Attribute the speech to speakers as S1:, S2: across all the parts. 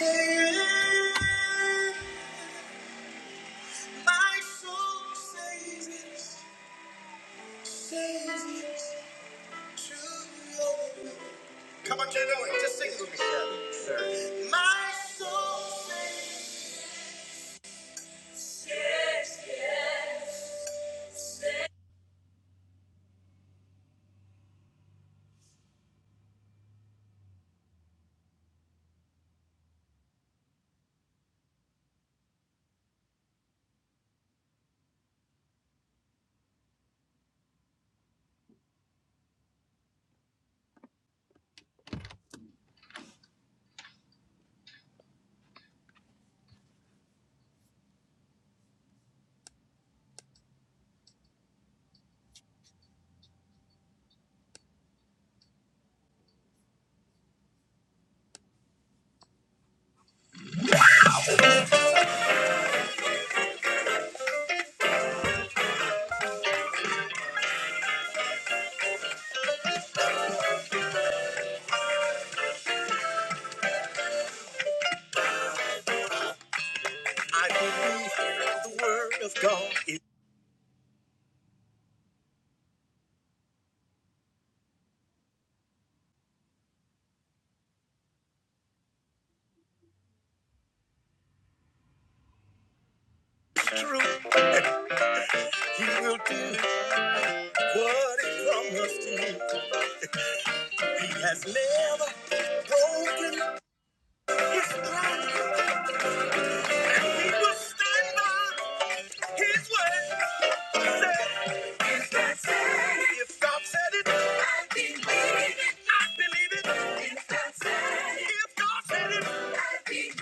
S1: My soul says yes, says yes to your will. Come on, Jay, Owen, just sing it with me. sir. My soul says I believe the word of God is true. He will do what he promised to me. He has never broken. He will stand by his word. If God said it, I believe it. believe it. If God said it, I believe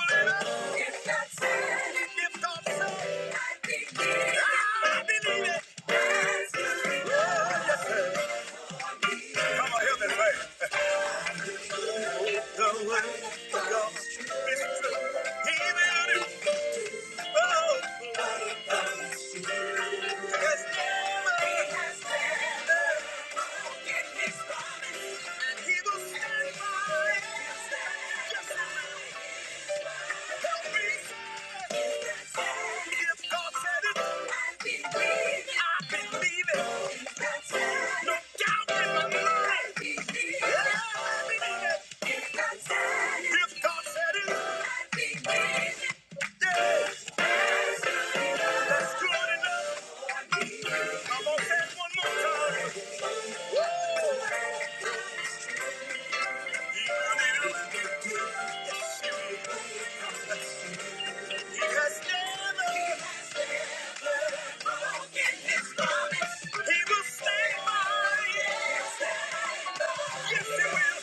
S1: believe it. If God said it, if God believe it. I believe it. Oh, yes, Come on, hear this man. The word of if God said it, I believe it. Yeah. That's good enough. He has never broken his promise. He will stay by. Yes, he will.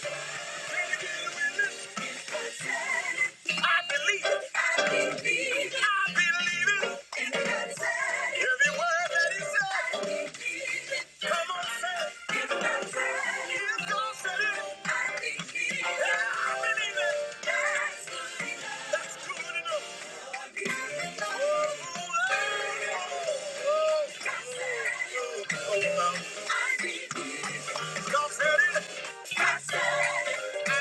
S1: Oh, oh, oh. God said it. He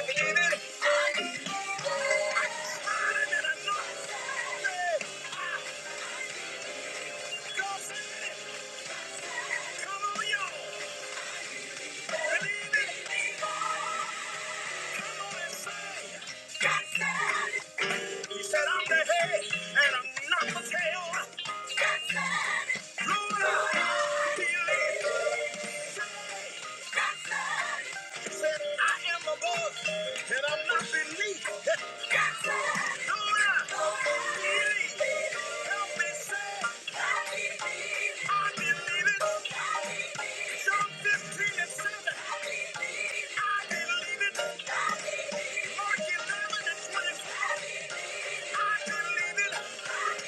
S1: said, I'm the head and I'm not the tail. Lord, I believe. He said, I am above and I'm not beneath. God said, No, not beneath. Help me say, I believe. I believe it. I John 15 and 7. I believe. I believe. I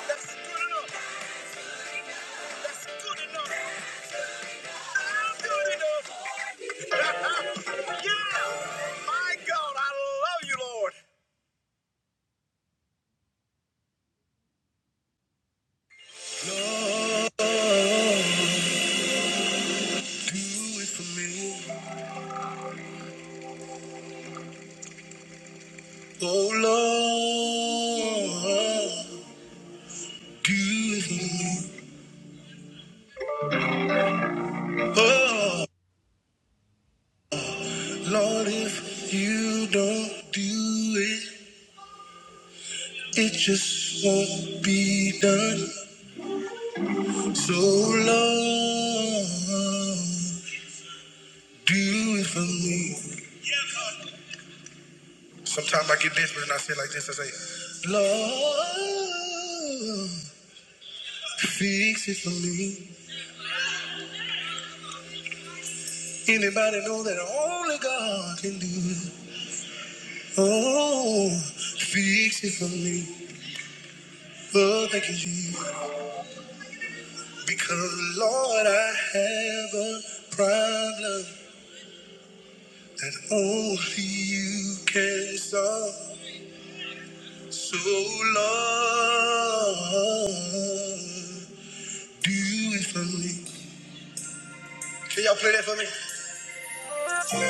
S1: That's good enough. That's good enough. I'm good enough. yeah. My God, I love you, Lord. Lord. Do it for me, oh Lord. Do it for me, oh Lord. If you don't do it, it just won't be done. So Lord, do it for me. Sometimes I get desperate and I say like this. I say, Lord, fix it for me. Anybody know that only God can do it? Oh, fix it for me. Lord, thank you, Jesus. Because, Lord, I have a problem that only you can solve. So, Lord, do it for me. Can y'all play that for me? Lord, do it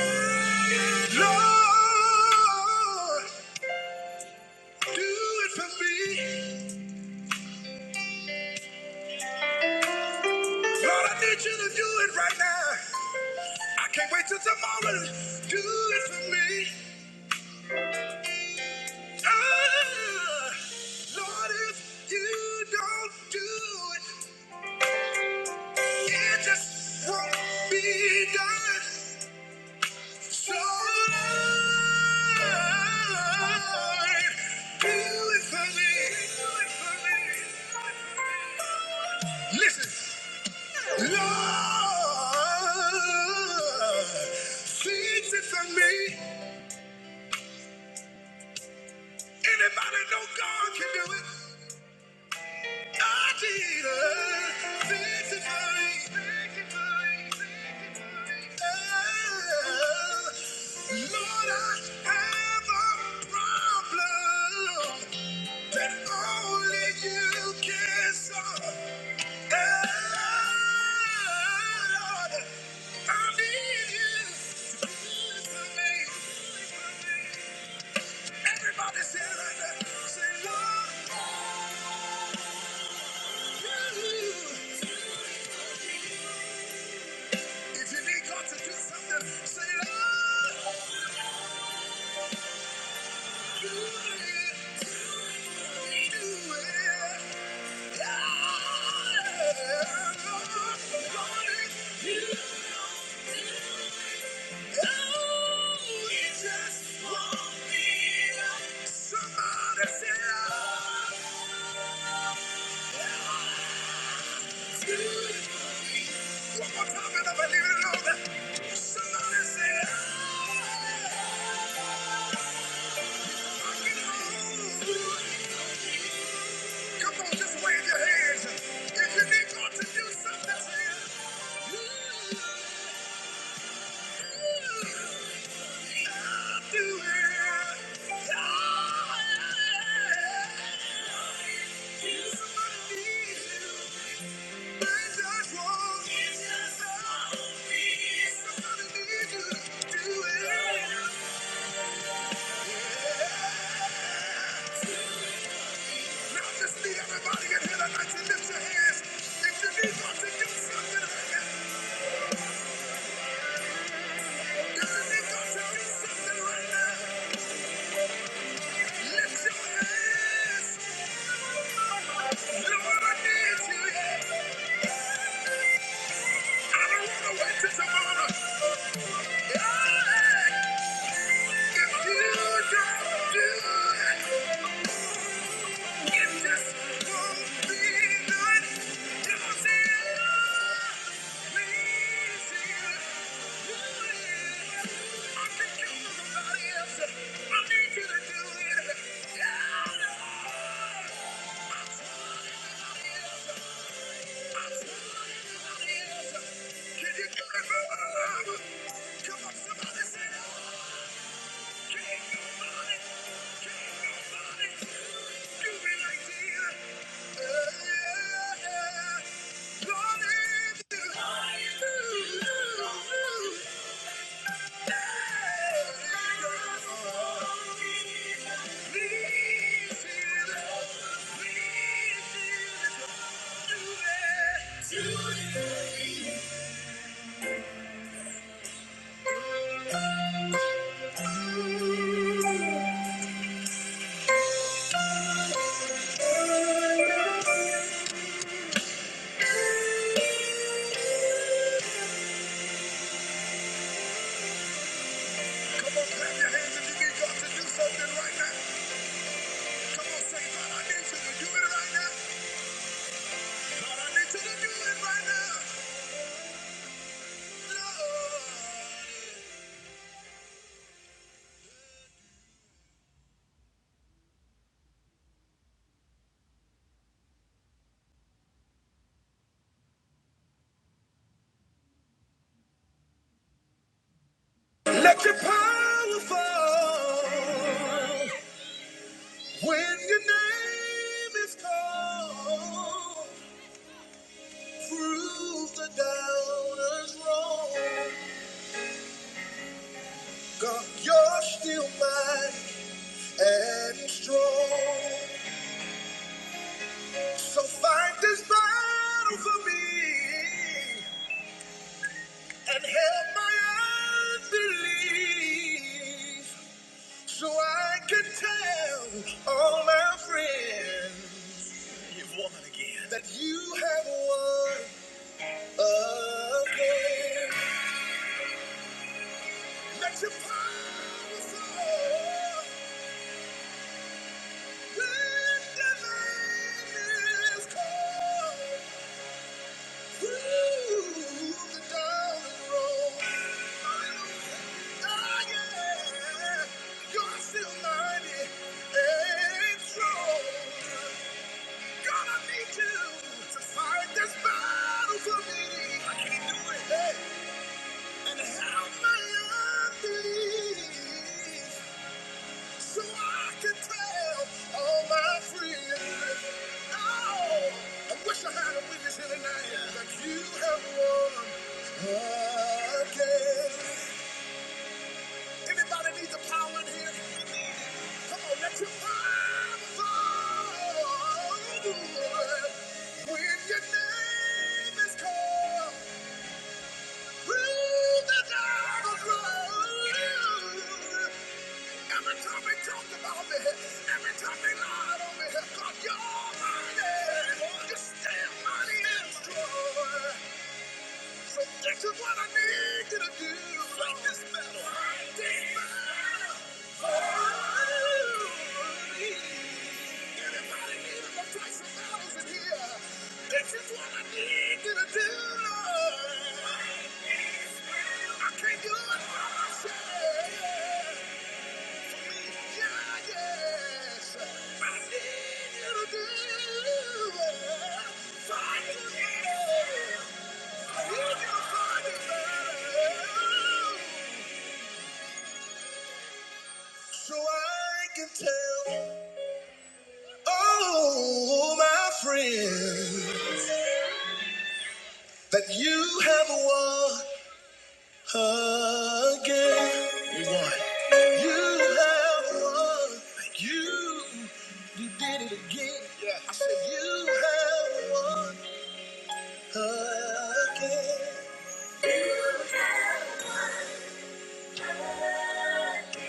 S1: for me. Lord, I need you to do it right now. I can't wait till tomorrow. Do it for me. Ah, Lord, if you don't do it, it just won't be done. So, Lord, do it for me. Listen, Lord, fix it for me. Anybody know God can do it? I Jesus, fix it for me. Lord, I have a problem that only you can solve. Oh, Lord, I need you like If you need God to do something, say, Lord. One more time, and I believe it. or not. Somebody say, oh, Come on, just wave your hands. If you need God to do something to you, I'll do it. Yeah. You somebody needs you. They just won't. They just won't. Somebody needs you. Do it. Yeah. Now just need everybody in here tonight to lift your hands. If you need God to do something, if you need God to do something right now, lift your hands. Lord, I need you. I don't want to wait till tomorrow. Yeah. If you don't do it, Can you do it for me? Come on, somebody say, no! Thank you. right right right let your power fall when your name is called. Prove the doubters wrong. God, you're still mighty and strong. So fight this battle for me and help my unbelief so I can tell all my friends you've won again that you have won again. Let your power flow when the land is cold. I can't do it. Hey, and help my unbelief. So I can tell all my friends, oh, I wish I had a witness here tonight that you have won again. Anybody need the power in here? Come on, let your power flow. When your name is called, through the I was wrong. Every time they talked about me, every time they lied on me, God, you're mighty. You're still mighty and strong. So this is what I need you to do. Fight this battle. Fight this battle for me. Anybody need a Tyson battles in here? This is what I need you to do, Lord. I can't do it by myself. So my friends that you have won again. You won. You have won. You, you did it again. Yeah. I said you have won. Again.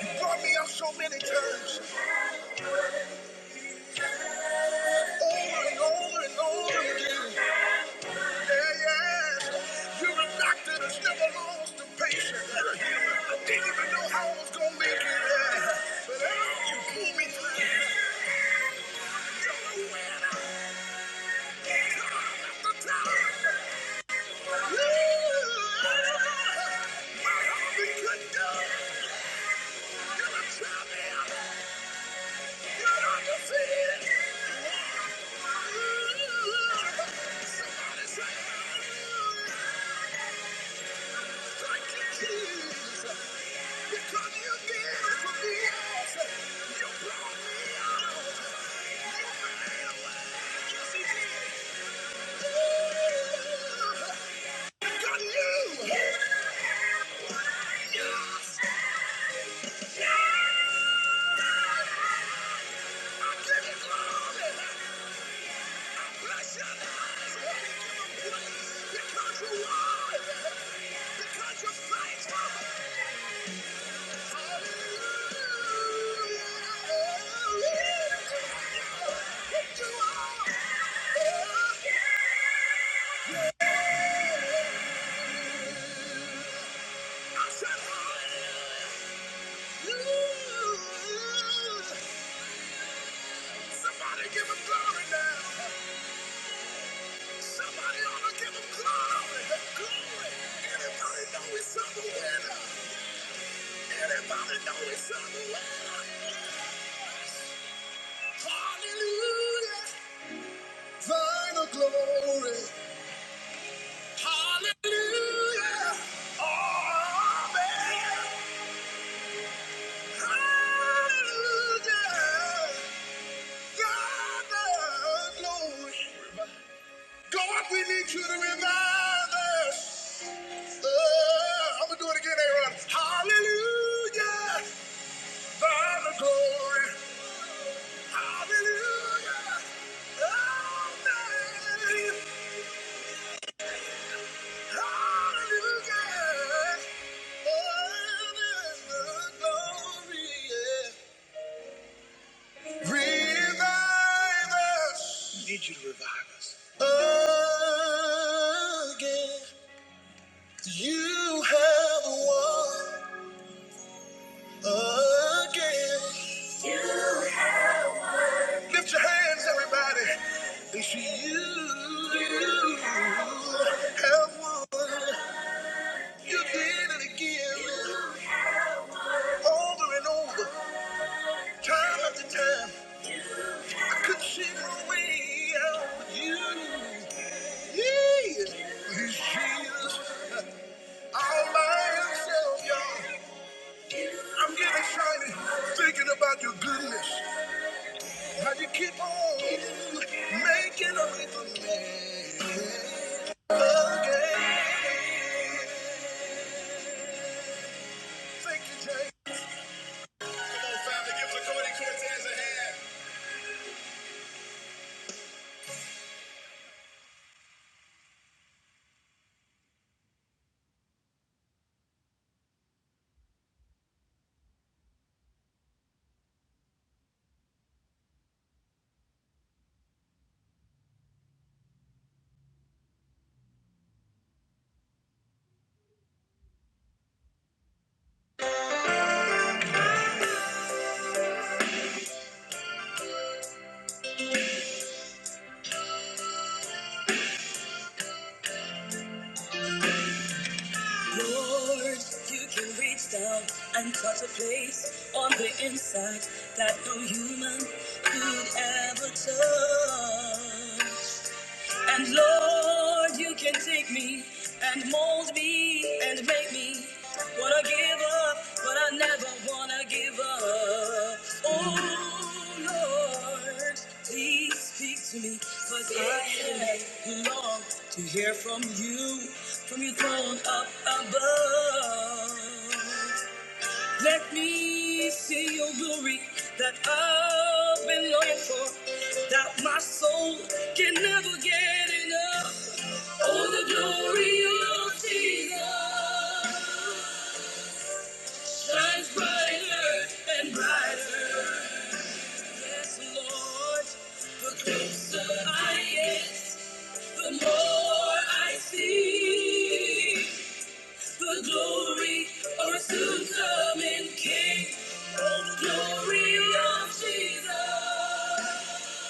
S1: You brought me up so many times, over and over and over again. Yeah, yes. You're a doctor that's never lost a patient. I didn't even know how I was gonna make it. yeah. But oh, you pulled me through. You're the winner. Time after time. Yeah. My heart be cut down. You're a champion. Yeah! I give you glory! Bless your name. We give you praise because you're worthy, because you're faithful. Hallelujah. You are. I said hallelujah. Somebody give him glory now. Somebody ought to give him glory. Glory. Anybody know he's on the winner? Anybody know he's on the winner? Hallelujah. Thine the glory. Hallelujah. oh man. Hallelujah. God, the glory. God, we need you to revive us. Uh, I'm gonna do it again, Aaron. Hallelujah, Father glory. Hallelujah, Amen. Hallelujah, Amen. glory. Yeah. Revive us. We need you to revive us again. You have won again. Lift your hands, everybody. If you, you have won, you did it again, over and over, time after time. I couldn't see my way out with you. Yeah, he's Jesus, all by himself, y'all. I'm getting excited thinking about your goodness. How you keep on making a way for me. Again. Lord, you can reach down and touch a place on the inside that no human could ever touch. And Lord, you can take me and mold me and make me wanna give up, but I never wanna give up. Oh Lord, please speak to me, cause I have long to hear from you, from your throne up above. Let me see your glory that I've been longing for, that my soul can never get enough. Oh, the glory of Jesus shines brighter and brighter. Yes, Lord, the closer I get, the more I see. The glory of a soon coming King. Oh, the glory of Jesus.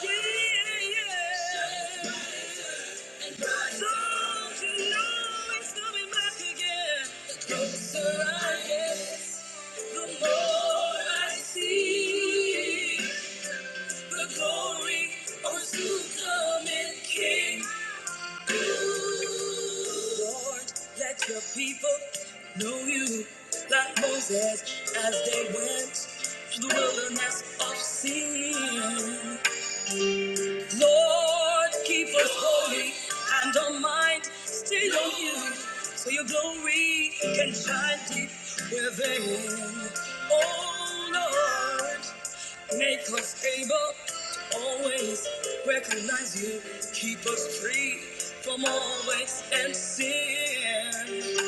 S1: Yeah, yeah. And don't you know he's coming back again? The closer I get, the more I see. The glory of a soon coming King. Lord, let your people know you like Moses as they went through the wilderness of sin. Lord, keep us holy and our mind stayed on you so your glory can shine deep within. Oh, Lord. Make us able to always recognize you. Keep us free from all waste and sin.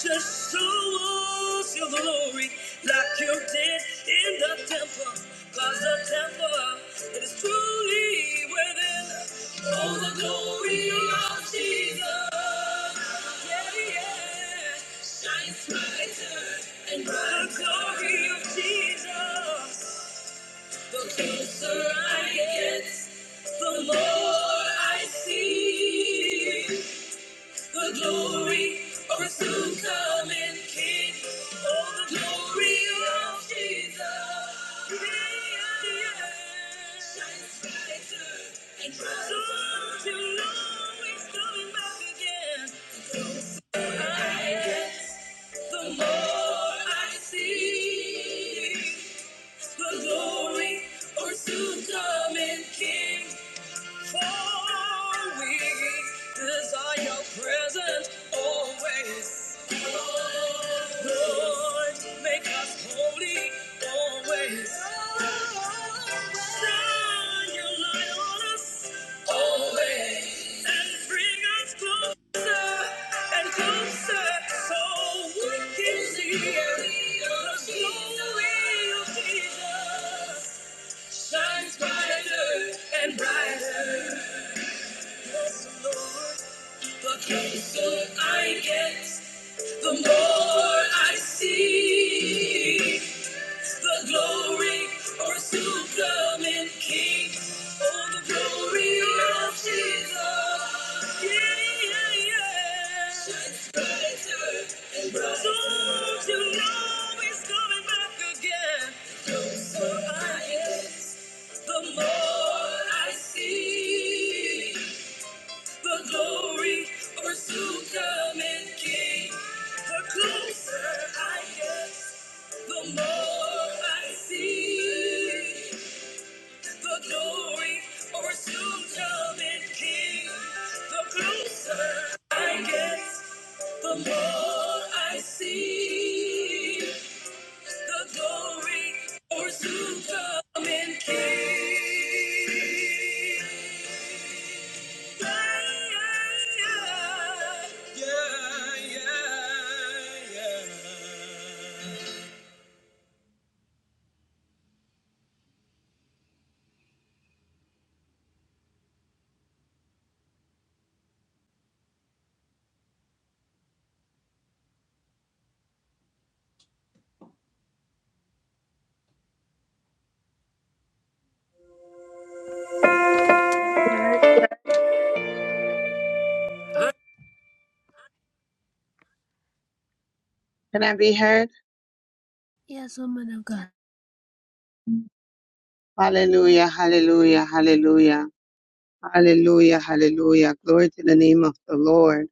S1: Just show us your glory like you did in the temple. Cause the temple it is truly within. All the glory of Jesus. Yeah, yeah. Shines brighter and brighter. The glory of Jesus. The closer I get, the more I see. The glory of a soon coming King. Oh, the glory of Jesus. Shines brighter and brighter. Don't you know He's coming back again? The more I get, the more I see the glory or soon coming King. For we desire your presence always. Lord, make us holy always. Shine your light on us always. And bring us closer and closer so we can see the glory of Jesus shines brighter and brighter. Yes, Lord, the closer I get, the more I see. The glory of our soon coming King. Oh, the glory of Jesus. Yeah, yeah. yeah. Shines brighter and brighter. Don't you know he's coming back again? The closer I get, the more I see. The glory of our soon coming King. The closer I get. The more I see, the glory of or soon coming King. The closer I get, the more I see, the glory of or soon coming King.
S2: heard? Can I be heard?
S1: Yes, woman of God.
S2: Hallelujah, hallelujah, hallelujah, hallelujah, hallelujah. Glory to the name of the Lord.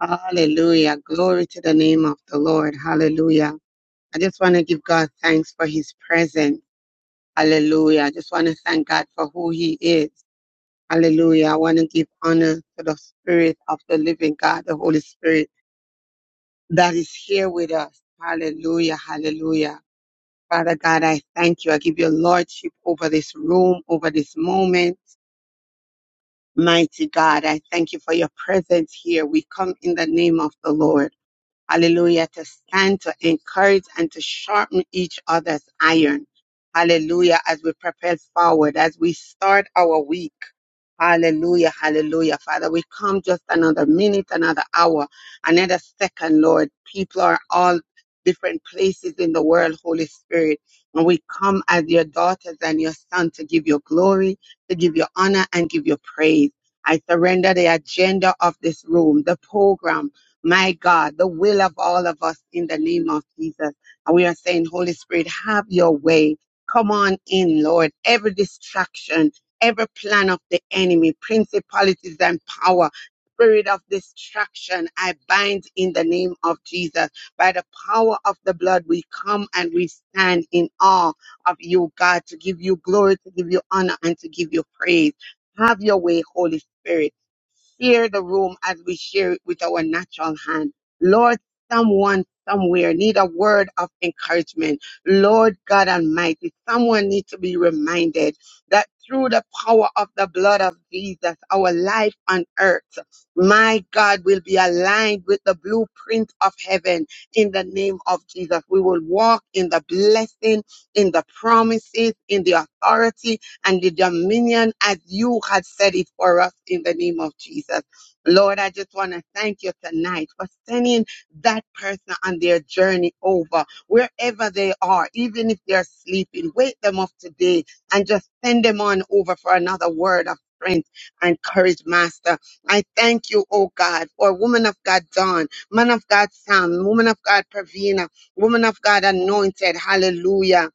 S2: Hallelujah. Glory to the name of the Lord. Hallelujah. I just want to give God thanks for his presence. Hallelujah. I just want to thank God for who he is. Hallelujah. I want to give honor to the Spirit of the living God, the Holy Spirit that is here with us. Hallelujah, hallelujah. Father God, I thank you. I give you lordship over this room, over this moment. Mighty God, I thank you for your presence here. We come in the name of the Lord hallelujah, to stand, to encourage, and to sharpen each other's iron. Hallelujah, as we prepare forward, as we start our week. Hallelujah, hallelujah. Father, we come just another minute, another hour, another second, Lord. People are all different places in the world, Holy Spirit. And we come as your daughters and your sons, to give you glory, to give you honor, and give you praise. I surrender the agenda of this room, the program, my God, the will of all of us in the name of Jesus. And we are saying, Holy Spirit, have your way. Come on in, Lord. Every distraction, every plan of the enemy, principalities and power, spirit of distraction, I bind in the name of Jesus. By the power of the blood, we come and we stand in awe of you, God, to give you glory, to give you honor, and to give you praise. Have your way, Holy Spirit share the room as we share it with our natural hand. Lord, someone somewhere need a word of encouragement. Lord God Almighty, someone needs to be reminded that through the power of the blood of Jesus, our life on earth, my God, will be aligned with the blueprint of heaven in the name of Jesus. We will walk in the blessing, in the promises, in the authority and the dominion as you had said it for us in the name of Jesus. Lord, I just want to thank you tonight for sending that person on their journey over, wherever they are, even if they're sleeping. Wake them up today and just send them on over for another word of strength and courage, Master. I thank you, oh God, for woman of God, Dawn, man of God, Sam, woman of God, Pravina, woman of God, anointed. Hallelujah.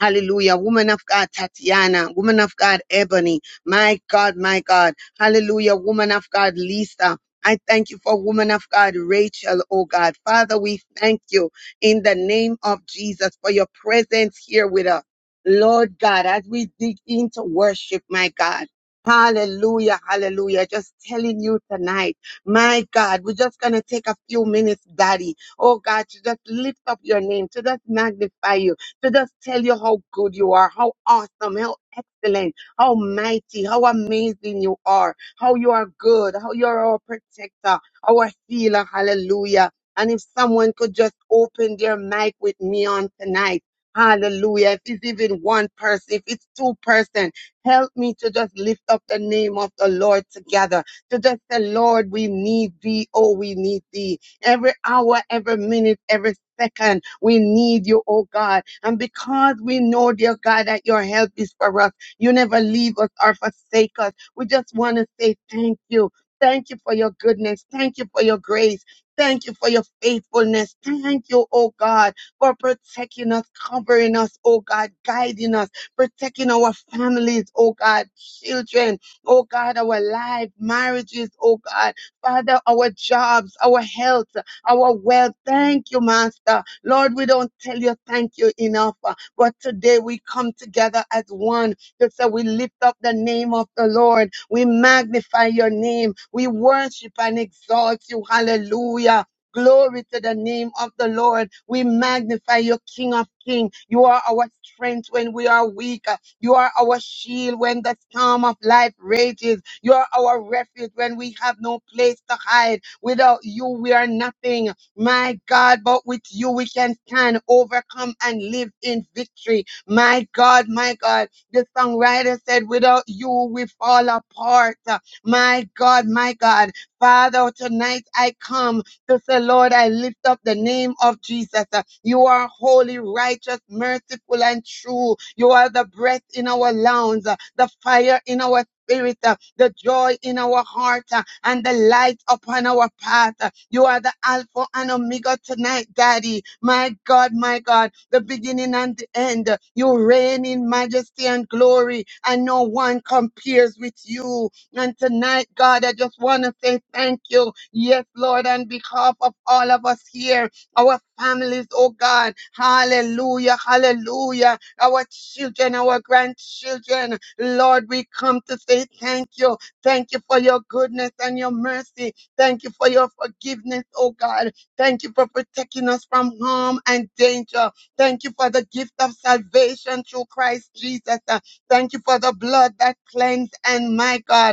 S2: Hallelujah. Woman of God, Tatiana. Woman of God, Ebony. My God, my God. Hallelujah. Woman of God, Lisa. I thank you for woman of God, Rachel, oh God. Father, we thank you in the name of Jesus for your presence here with us. Lord God, as we dig into worship, my God. Hallelujah, hallelujah. Just telling you tonight, my God, we're just going to take a few minutes, Daddy. Oh God, to just lift up your name, to just magnify you to just tell you how good you are, how awesome, how excellent, how mighty, how amazing you are, how you are good, how you are our protector, our healer. Hallelujah. And if someone could just open their mic with me on tonight. Hallelujah. If it's even one person, if it's two person, help me to just lift up the name of the Lord together. To just say, Lord, we need thee. Oh, we need thee every hour, every minute, every second. We need you, oh God. And because we know, dear God, that your help is for us, you never leave us or forsake us. We just want to say thank you. Thank you for your goodness. Thank you for your grace. Thank you for your faithfulness. Thank you, oh God, for protecting us, covering us, oh God, guiding us, protecting our families, oh God, children, oh God, our life, marriages, oh God, Father, our jobs, our health, our wealth. Thank you, Master. Lord, we don't tell you thank you enough, uh, but today we come together as one to say we lift up the name of the Lord. We magnify your name. We worship and exalt you. Hallelujah. Glory to the name of the Lord. We magnify you, King of kings. You are our strength when we are weak. You are our shield when the storm of life rages. You are our refuge when we have no place to hide. Without you, we are nothing. My God, but with you we can stand, overcome, and live in victory. My God, my God. The songwriter said, Without you we fall apart. My God, my God. Father, tonight I come to say, Lord, I lift up the name of Jesus. You are holy, righteous, merciful, and true. You are the breath in our lungs, the fire in our Spirit, uh, the joy in our heart, uh, and the light upon our path. uh. You are the Alpha and Omega tonight, Daddy. My God, my God, the beginning and the end. uh, You reign in majesty and glory, and no one compares with you. And tonight, God, I just want to say thank you. Yes, Lord, on behalf of all of us here, our families, oh God. Hallelujah, hallelujah our children, our grandchildren. Lord, we come to say thank you. Thank you for your goodness and your mercy. Thank you for your forgiveness, oh God. Thank you for protecting us from harm and danger. Thank you for the gift of salvation through Christ Jesus. Uh, Thank you for the blood that cleansed and my God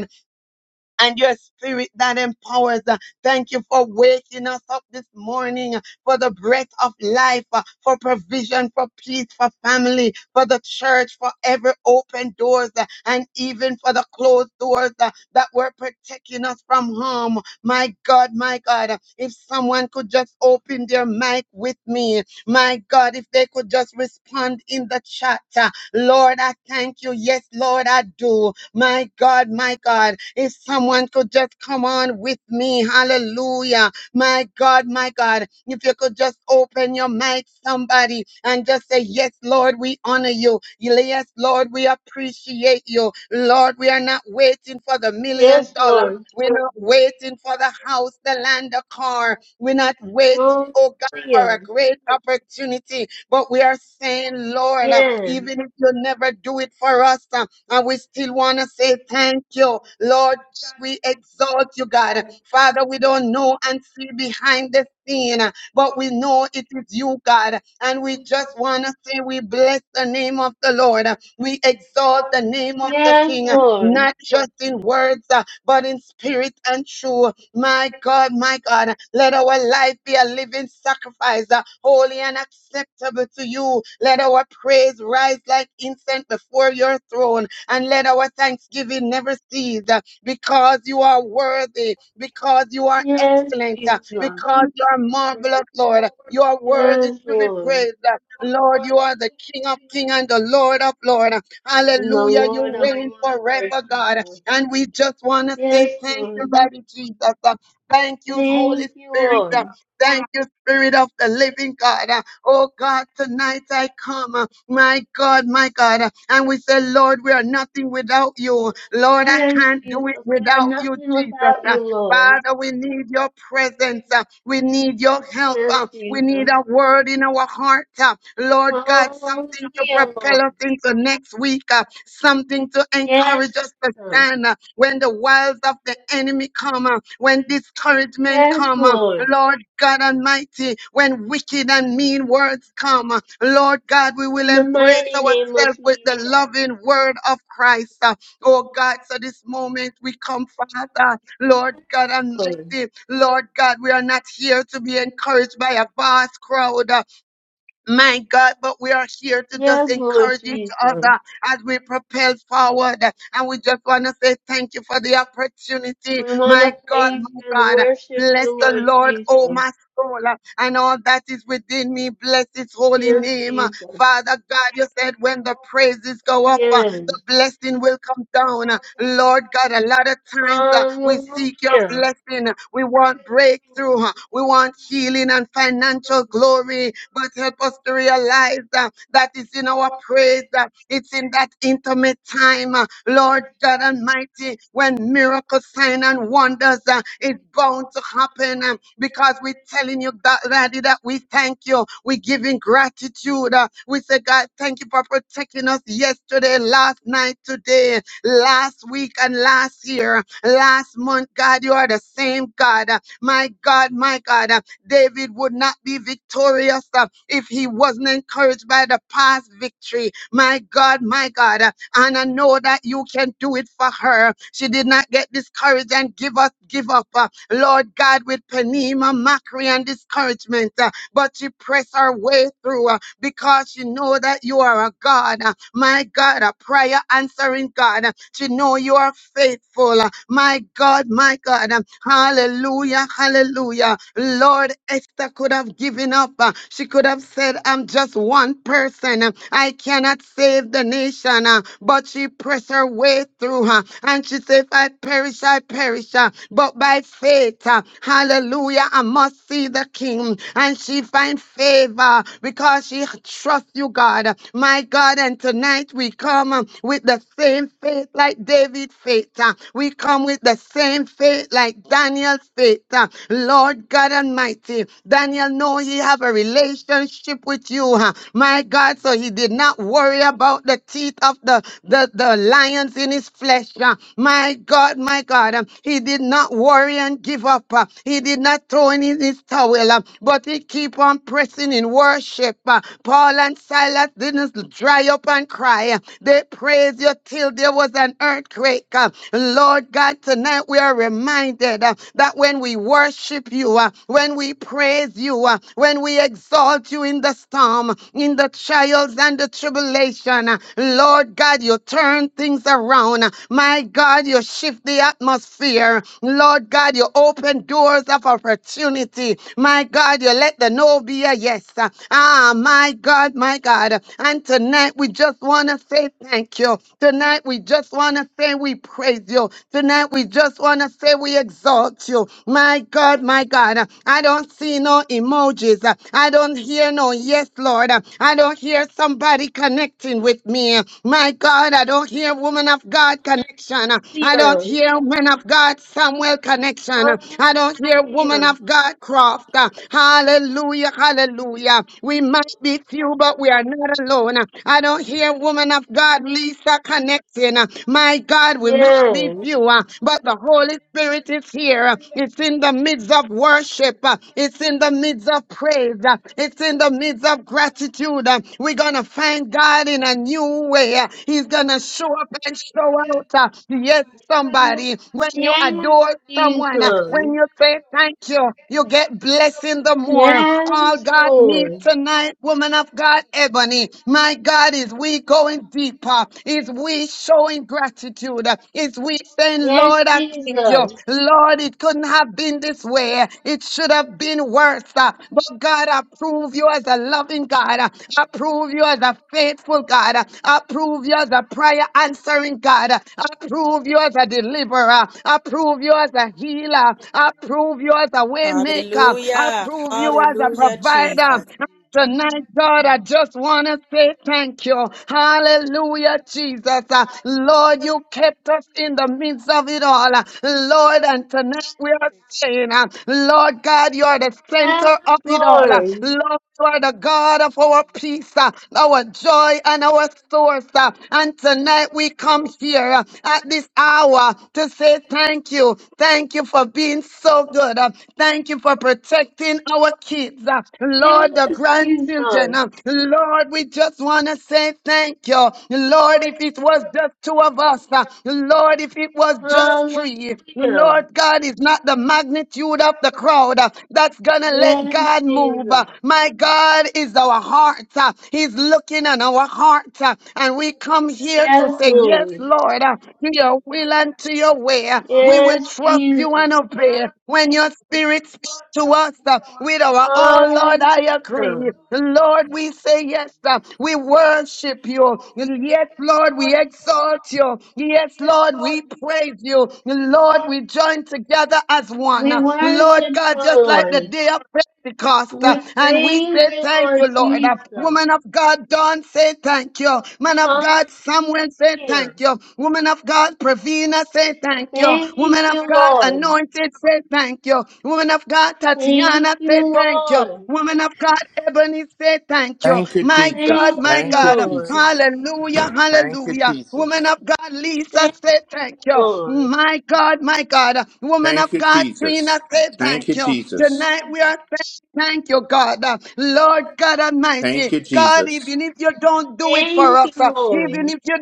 S2: and your spirit that empowers. Uh, Thank you for waking us up this morning, uh, for the breath of life, uh, for provision, for peace, for family, for the church, for every open doors, uh, and even for the closed doors uh, that were protecting us from harm. My God, my God, uh, if someone could just open their mic with me, my God, if they could just respond in the chat, uh, Lord, I thank you. Yes, Lord, I do. My God, my God, if someone could just come on with me, hallelujah. My God, my God, if you could just open your mic, somebody, and just say, Yes, Lord, we honor you. Yes, Lord, we appreciate you. Lord, we are not waiting for the million
S3: Yes,
S2: dollar.
S3: Lord.
S2: We're not waiting for the house, the land, the car. We're not waiting, oh God, for a
S3: Hallelujah.
S2: great opportunity. But we are saying, Lord, uh,
S3: Yes.
S2: even if you never do it for us, uh, and we still want to say thank you, Lord, we exalt you, God. Father, we don't know and see behind the scene, uh, but we know it is you, God. And we just want to say we bless the name of the Lord. We exalt the name of the
S3: Yes,
S2: King, uh,
S3: Lord.
S2: not just in words, uh, but in spirit and truth. My God, my God, let our life be a living sacrifice, uh, holy and acceptable to you. Let our praise rise like incense before your throne, and let our thanksgiving never cease uh, because you are worthy, because you are
S3: Yes,
S2: excellent, uh,
S3: Jesus.
S2: because you are marvelous, Lord. You are worthy
S3: Yes,
S2: to be
S3: Lord.
S2: praised. uh, Lord, you are the King of kings and the Lord of lords.
S3: And the
S2: Hallelujah.
S3: Lord
S2: You
S3: of
S2: reign
S3: Lords, Lord
S2: forever, God.
S3: Jesus.
S2: And we just want to say
S3: Yes,
S2: thank you,
S3: Lord.
S2: Daddy Jesus. Uh, Thank you, Holy
S3: Thank you,
S2: Spirit.
S3: Lord.
S2: Uh, Thank you, Spirit of the Living God. Uh, Oh God, tonight I come. uh, My God, my God. Uh, And we say, Lord, we are nothing without you. Lord, I
S3: Yes,
S2: can't
S3: Jesus.
S2: do it
S3: We are
S2: without you,
S3: nothing
S2: Jesus.
S3: without
S2: Uh,
S3: you, Lord.
S2: Father, we need your presence. uh, We need your help.
S3: Yes,
S2: uh, We need
S3: Jesus.
S2: a word in our heart. uh, Lord God, something to
S3: Hallelujah, Lord.
S2: propel us into next week, uh, something to
S3: Yes,
S2: encourage us to
S3: Jesus.
S2: stand uh, when the wiles of the enemy come, uh, when discouragement
S3: Yes,
S2: come, uh,
S3: Lord.
S2: Lord God Almighty, when wicked and mean words come, uh, Lord God, we will
S3: In the
S2: embrace
S3: mighty name of
S2: ourselves with
S3: Jesus.
S2: the loving word of Christ. uh, Oh God, so this moment we come, Father. Lord
S3: Yes,
S2: God
S3: Lord.
S2: Almighty, Lord God, we are not here to be encouraged by a vast crowd, uh, my God, but we are here to just
S3: Yes, Lord
S2: encourage each
S3: Jesus.
S2: other as we propel forward. And we just want to say thank you for the opportunity,
S3: We want to
S2: my God,
S3: praise
S2: my
S3: and
S2: God.
S3: worship
S2: Bless
S3: you,
S2: the
S3: Lord
S2: Lord, oh
S3: Jesus.
S2: my soul uh, and all that is within me. Bless his holy
S3: Yes,
S2: name. uh.
S3: Jesus.
S2: Father God, you said when the praises go up, uh, the
S3: Yes.
S2: blessing will come down. uh. Lord God, a lot of times uh, we seek your
S3: Hallelujah.
S2: blessing. uh, We want breakthrough. uh, We want healing and financial glory. But help us to realize uh, that it's in our praise. uh, It's in that that intimate time, uh, Lord God Almighty, when miracle sign and wonders uh, is bound to happen uh, because we're telling you that, Daddy, that we thank you. We're giving gratitude. uh, we say, God, thank you for protecting us yesterday, last night, today, last week, and last year, last month. God, you are the same God. uh, My God, my God. uh, David would not be victorious uh, if he wasn't encouraged by the past victory. My God, my God. uh, And I know that you can do it for her. She did not get discouraged and give up, give up. uh, Lord God, with Penema, mockery, and discouragement. uh, But she pressed her way through. uh, because you know that you are a God, uh, my God, a prayer answering God. uh, To know you are faithful, uh, my God, my God. um, Hallelujah, hallelujah. Lord, Esther could have given up. uh, She could have said, I'm just one person. uh, I cannot save the nation. uh, But she pressed her way through. uh, And she said, If I perish, I perish. uh, But by faith, uh, hallelujah, I must see the king. And she find favor because she trusts you, God. My God, and tonight we come um, with the same faith like David faith. uh, We come with the same faith like Daniel's faith. uh, Lord God Almighty, Daniel know he have a relationship with you. huh, My God, so he did not worry about the teeth of the, the, the lions in his flesh. uh, My God, my God, um, he did not worry and give up. uh, He did not throw in his his towel, uh, but he keep on pressing in worship. uh. Paul and Silas didn't dry up and cry. uh, They praised you till there was an earthquake. uh. Lord God, tonight we are reminded uh, that when we worship you, uh, when we praise you, uh, when we exalt you in the storm, in the trials and the tribulation, uh, Lord God, you turn things around. My God, you shift the atmosphere. Lord God, you open open doors of opportunity. My God, you let the no be a yes. Ah, my God, my God. And tonight we just want to say thank you. Tonight we just want to say we praise you. Tonight we just want to say we exalt you. My God, my God. I don't see no emojis. I don't hear no yes, Lord. I don't hear somebody connecting with me. My God, I don't hear woman of God connection. I don't
S3: Hallelujah.
S2: hear men of God God Samuel connection. I don't hear woman
S3: Hallelujah.
S2: of God Croft. Hallelujah, hallelujah. We must be few, but we are not alone. I don't hear woman of God Lisa connecting. My God, we must be
S3: Yes.
S2: few, uh, but the Holy Spirit is here. It's in the midst of worship. It's in the midst of praise. It's in the midst of gratitude. We're gonna find God in a new way. He's gonna show up and show out. Yes, somebody, when you
S3: Yes,
S2: adore someone, uh, when
S3: Jesus.
S2: you say thank you, you get blessing the more. All
S3: Yes,
S2: God needs
S3: Lord.
S2: tonight, woman of God, Ebony, my God, is we going deeper, is we showing gratitude, is we saying,
S3: Yes,
S2: Lord, I thank you.
S3: Jesus.
S2: Lord, it couldn't have been this way. It should have been worse. uh, But God, I prove you as a loving God. I prove you as a faithful God. I prove you as a prayer answering answering God. I prove you as a deliverer. I prove you as a healer. I prove you as a way maker. I
S4: Hallelujah.
S2: prove you as a
S4: Hallelujah,
S2: provider.
S4: Jesus.
S2: Tonight, God, I just want to say thank you. Hallelujah, Jesus. Uh, Lord, you kept us in the midst of it all. Uh, Lord, and tonight we are saying, uh, Lord God, you are the
S3: Yes,
S2: center of it all. Uh,
S3: Lord.
S2: Lord, you are the God of our peace, uh, our joy, and our source. uh, And tonight we come here uh, at this hour to say thank you. Thank you for being so good. uh, Thank you for protecting our kids. uh, Lord, the
S3: Yes, Jesus.
S2: grandchildren. uh, Lord, we just want to say thank you. Lord, if it was just two of us. uh, Lord, if it was just
S3: Hallelujah.
S2: three. Lord God is not the magnitude of the crowd uh, that's going to let
S3: Yes,
S2: God move.
S3: Jesus.
S2: uh, my God is our heart. uh, He's looking on our heart. uh, And we come here to
S3: Yes,
S2: say, Yes,
S3: Lord.
S2: Lord, uh, to your will and to your way. uh, We will
S3: Yes,
S2: trust you
S3: Jesus.
S2: and obey. When your spirit speaks to us uh, with our all, Lord, I agree.
S3: Hallelujah.
S2: Lord, we say yes. uh, We worship you. Yes, Lord, we exalt you. Yes, Lord, we praise you. Lord, we join together as one.
S3: We
S2: Uh, Lord
S3: worship you,
S2: God, just like the
S3: Lord.
S2: day of Pentecost. uh,
S3: We
S2: And we
S3: praise
S2: say
S3: you,
S2: thank
S3: Lord
S2: you, Lord. Uh,
S3: Jesus.
S2: Woman of God, Dawn, say thank you. Man of
S3: Hallelujah.
S2: God, Samuel, say thank you. Woman of God, Pravina, say thank you.
S3: Thank
S2: Woman of
S3: you,
S2: God,
S3: Lord.
S2: Anointed, say thank you. Woman of God,
S3: Thank
S2: Tatiana,
S3: you,
S2: say thank you.
S3: Lord.
S2: Woman of God, Ebony, say thank you.
S5: Thank you,
S2: My
S3: Thank
S2: God,
S5: Jesus.
S2: my
S3: you,
S5: Thank you,
S2: God.
S3: Lord.
S5: Jesus.
S2: Hallelujah,
S5: Thank you,
S2: hallelujah. Woman
S5: Jesus.
S2: of God, Lisa,
S3: Thank
S2: say thank
S3: you,
S2: you.
S3: Lord.
S2: My God, my God. Woman
S5: Thank
S2: of
S5: you,
S2: God, Trina,
S5: Jesus.
S2: say
S5: Thank you,
S2: thank you.
S5: Jesus.
S2: Tonight we are Thank you, God. Uh, Lord God Almighty.
S5: Thank you,
S2: God,
S5: Jesus.
S2: even if you don't do it for
S3: Thank you,
S2: us, uh, even
S3: Lord.
S2: if you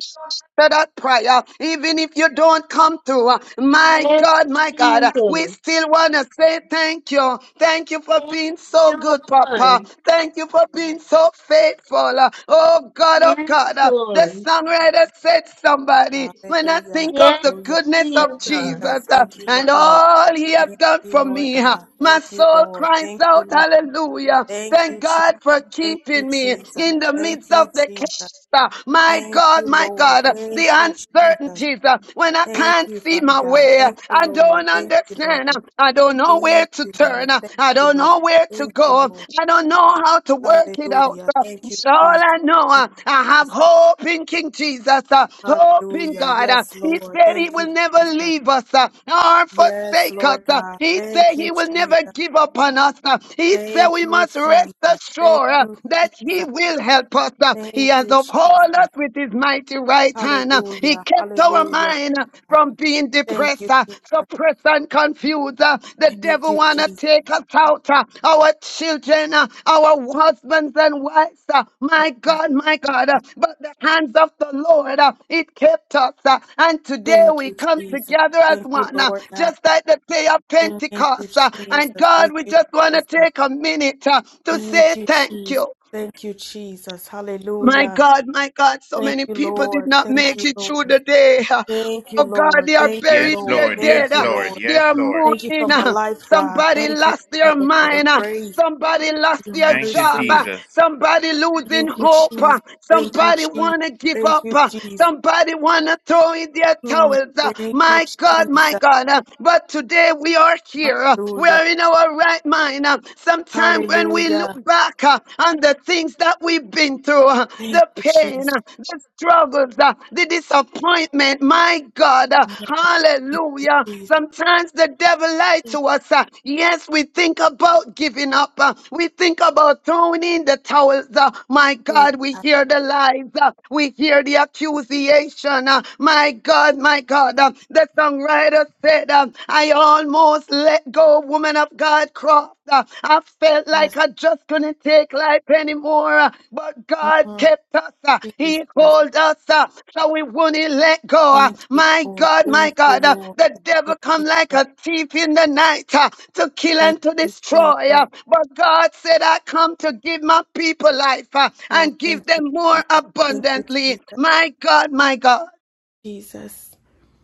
S2: for that prayer, even if you don't come through, uh, my
S3: Yes,
S2: God, my God, uh, we
S3: Jesus.
S2: still want to say thank you. Thank you for
S3: Thank
S2: being so
S3: you,
S2: good, Papa.
S3: Lord.
S2: Thank you for being so faithful. uh, Oh God, oh
S3: Yes,
S2: God, uh,
S6: I
S3: Lord.
S2: the songwriter said somebody, when I
S4: Hallelujah.
S2: think of
S3: Yes,
S2: the the
S4: Hallelujah.
S2: goodness
S4: Thank you,
S2: of Jesus
S3: Jesus.
S4: Jesus.
S2: uh,
S4: Thank you,
S2: and
S4: Lord.
S6: and
S2: all he has
S4: Thank
S2: done
S4: you,
S2: for
S4: Lord
S2: me. uh,
S4: God.
S2: My
S4: Thank you,
S2: soul
S4: Lord.
S2: cries
S4: Thank you,
S2: out,
S4: Lord.
S2: hallelujah.
S4: Thank you,
S2: Thank
S4: Jesus.
S2: God for
S4: Thank you,
S2: keeping me
S4: Jesus.
S2: in the
S4: Thank
S2: midst
S4: you,
S2: of the
S4: Jesus.
S2: chaos. uh, My
S4: Thank
S2: God,
S4: you,
S2: my
S4: Lord.
S2: God, uh,
S4: Thank
S2: the
S4: you, Jesus.
S2: uncertainties uh, when I
S4: Thank
S2: can't
S4: you,
S2: see
S4: Father
S2: my
S4: God.
S2: way, uh,
S4: Thank you,
S2: I
S4: Lord.
S2: don't
S4: Thank you,
S2: understand.
S4: Lord.
S2: uh, I don't know where
S4: Thank
S2: to
S4: you,
S2: turn.
S4: Lord.
S2: uh,
S4: Thank
S2: I
S4: you,
S2: don't
S4: Lord.
S2: know where to
S4: Thank you,
S2: go.
S4: Lord.
S2: I don't know how to work it out.
S4: Hallelujah.
S2: uh,
S4: Thank you,
S2: so all
S4: Jesus.
S2: I know, uh, I have hope in King Jesus, uh, hope in
S4: Hallelujah.
S2: God. uh.
S4: Yes,
S2: he
S4: Lord.
S2: said he
S4: Thank you,
S2: will never
S4: Jesus.
S2: leave us uh, or
S4: Yes,
S2: forsake us.
S4: Lord
S2: uh.
S4: God.
S2: he said
S4: Thank you,
S2: he will never
S4: Jesus.
S2: give up on us. uh. he said
S4: Thank
S2: we
S4: you,
S2: must rest
S4: Jesus. Thank
S2: assured uh,
S4: you,
S2: that he
S4: Jesus.
S2: will help us. uh. he
S4: Thank
S2: has
S4: you, Jesus.
S2: upheld us with his mighty right hand. uh. he
S4: Hallelujah.
S2: kept our
S4: Hallelujah,
S2: mind uh,
S4: Lord God.
S2: from being
S4: Thank
S2: depressed
S4: you,
S2: uh,
S4: Jesus.
S2: suppress and confuse. uh, The
S4: Thank
S2: devil
S4: you,
S2: want to
S4: Jesus.
S2: take us out, uh, our children, uh, our husbands and wives. uh,
S4: My
S2: My
S4: God.
S2: God, my God. uh,
S4: God.
S2: But the hands of the Lord, uh, it kept us. uh, And today
S4: Thank
S2: we
S4: you,
S2: come
S4: Jesus.
S2: together as
S4: Thank you,
S2: one, uh,
S4: Lord God.
S2: just like the day of
S4: Thank you,
S2: Pentecost. uh, And
S4: Jesus.
S2: God,
S4: Thank
S2: we
S4: you,
S2: just want to
S4: Jesus.
S2: take a minute uh, to
S4: Thank
S2: say
S4: you,
S2: thank
S4: Jesus.
S2: you.
S4: Thank you, Jesus.
S2: My
S4: Hallelujah.
S2: God, my God, so
S4: Thank
S2: many
S4: you,
S2: people did
S4: Lord.
S2: not
S4: Thank you,
S2: make it through
S4: Lord.
S2: the day.
S4: Thank you,
S2: Oh God,
S4: Lord.
S2: they are
S4: Thank you,
S2: burying
S5: Yes,
S4: Lord.
S2: their
S5: Lord.
S2: dead.
S4: Thank
S5: Yes,
S4: you,
S5: Lord.
S4: Lord.
S2: They
S5: Yes,
S2: are
S5: Lord.
S4: Thank you for my
S2: mourning.
S4: life, God.
S2: Somebody
S4: Thank you,
S2: lost their
S4: Jesus, for your
S2: mind.
S4: grace,
S2: Somebody lost
S4: your
S2: their
S5: Thank you,
S2: job.
S4: mercy.
S5: Jesus.
S2: Somebody losing
S4: Thank you,
S2: hope.
S4: Jesus. Thank you,
S2: Somebody
S4: Jesus.
S2: wanna give
S4: Thank
S2: up.
S4: you, Jesus.
S2: Somebody wanna throw in their
S4: Mm,
S2: towels.
S4: Thank you,
S2: My God, my
S4: Jesus.
S2: God. But today we are here. We
S4: Hallelujah.
S2: are in our right mind. Sometimes when we
S4: Hallelujah.
S2: look back on the things that we we've been through, uh,
S4: Thank
S2: the
S4: you,
S2: pain,
S4: Jesus.
S2: uh, the struggles, uh, the disappointment. My God, uh,
S4: Mm, Thank you,
S2: hallelujah.
S4: Jesus.
S2: Sometimes the devil lies to
S4: Thank
S2: us. uh, Yes, we think about giving up. uh, We think about throwing in the towels. uh, My
S4: you,
S2: God, we
S4: God.
S2: hear the lies. uh, We hear the accusation. uh, My God, my God. uh, The songwriter said, uh, I almost let go, woman of God, cross after. I felt
S4: Yes.
S2: like I just couldn't take life anymore, uh, but God
S4: Mm,
S2: kept us. uh,
S4: Jesus.
S2: He called us, uh, so we wouldn't let go. uh.
S4: Thank you,
S2: My
S4: Lord.
S2: God, my
S4: Thank you,
S2: God, uh,
S4: Lord.
S2: the devil
S4: Thank you,
S2: come like
S4: Jesus.
S2: a thief in the night uh, to kill
S4: Thank
S2: and to
S4: you,
S2: destroy.
S4: Jesus.
S2: uh, But God said, I come to give my people life uh,
S4: Oh,
S2: and
S4: thank
S2: give
S4: you,
S2: them more
S4: Jesus. Thank you,
S2: abundantly.
S4: Jesus.
S2: My God, my God.
S4: Jesus.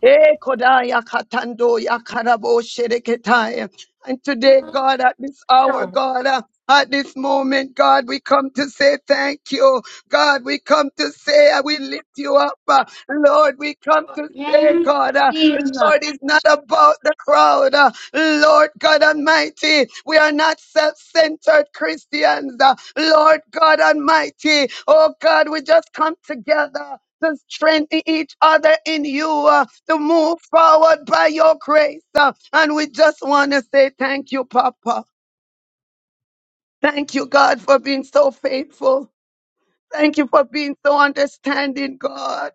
S2: Eh, Kodaya Katando Yakarabo Shereketaya. And today, God, at this hour,
S3: Hallelujah.
S2: God, uh, at this moment, God, we come to say thank you. God, we come to say uh, we lift you up. uh, Lord, we come to say, God,
S3: Yes,
S2: uh,
S3: Jesus.
S2: Lord, it's not about the crowd. uh, Lord God Almighty, we are not self centered Christians. uh, Lord God Almighty, oh God, we just come together to strengthen each other in you uh, to move forward by your grace. uh, and we just want to say thank you, Papa. Thank you, God, for being so faithful. Thank you for being so understanding, God.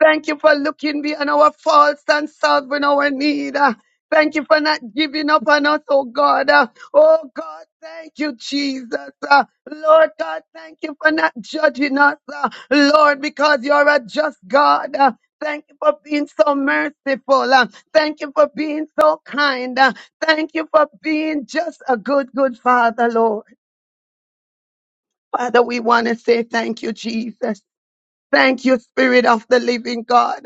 S2: Thank you for looking beyond our faults and solving our need. Uh, Thank you for not giving up on us, oh God. Uh, Oh God, thank you, Jesus. Uh, Lord God, thank you for not judging us, uh, Lord, because you're a just God. Uh, Thank you for being so merciful. Uh, Thank you for being so kind. Uh, Thank you for being just a good, good Father, Lord. Father, we want to say thank you, Jesus. Thank you, Spirit of the Living God.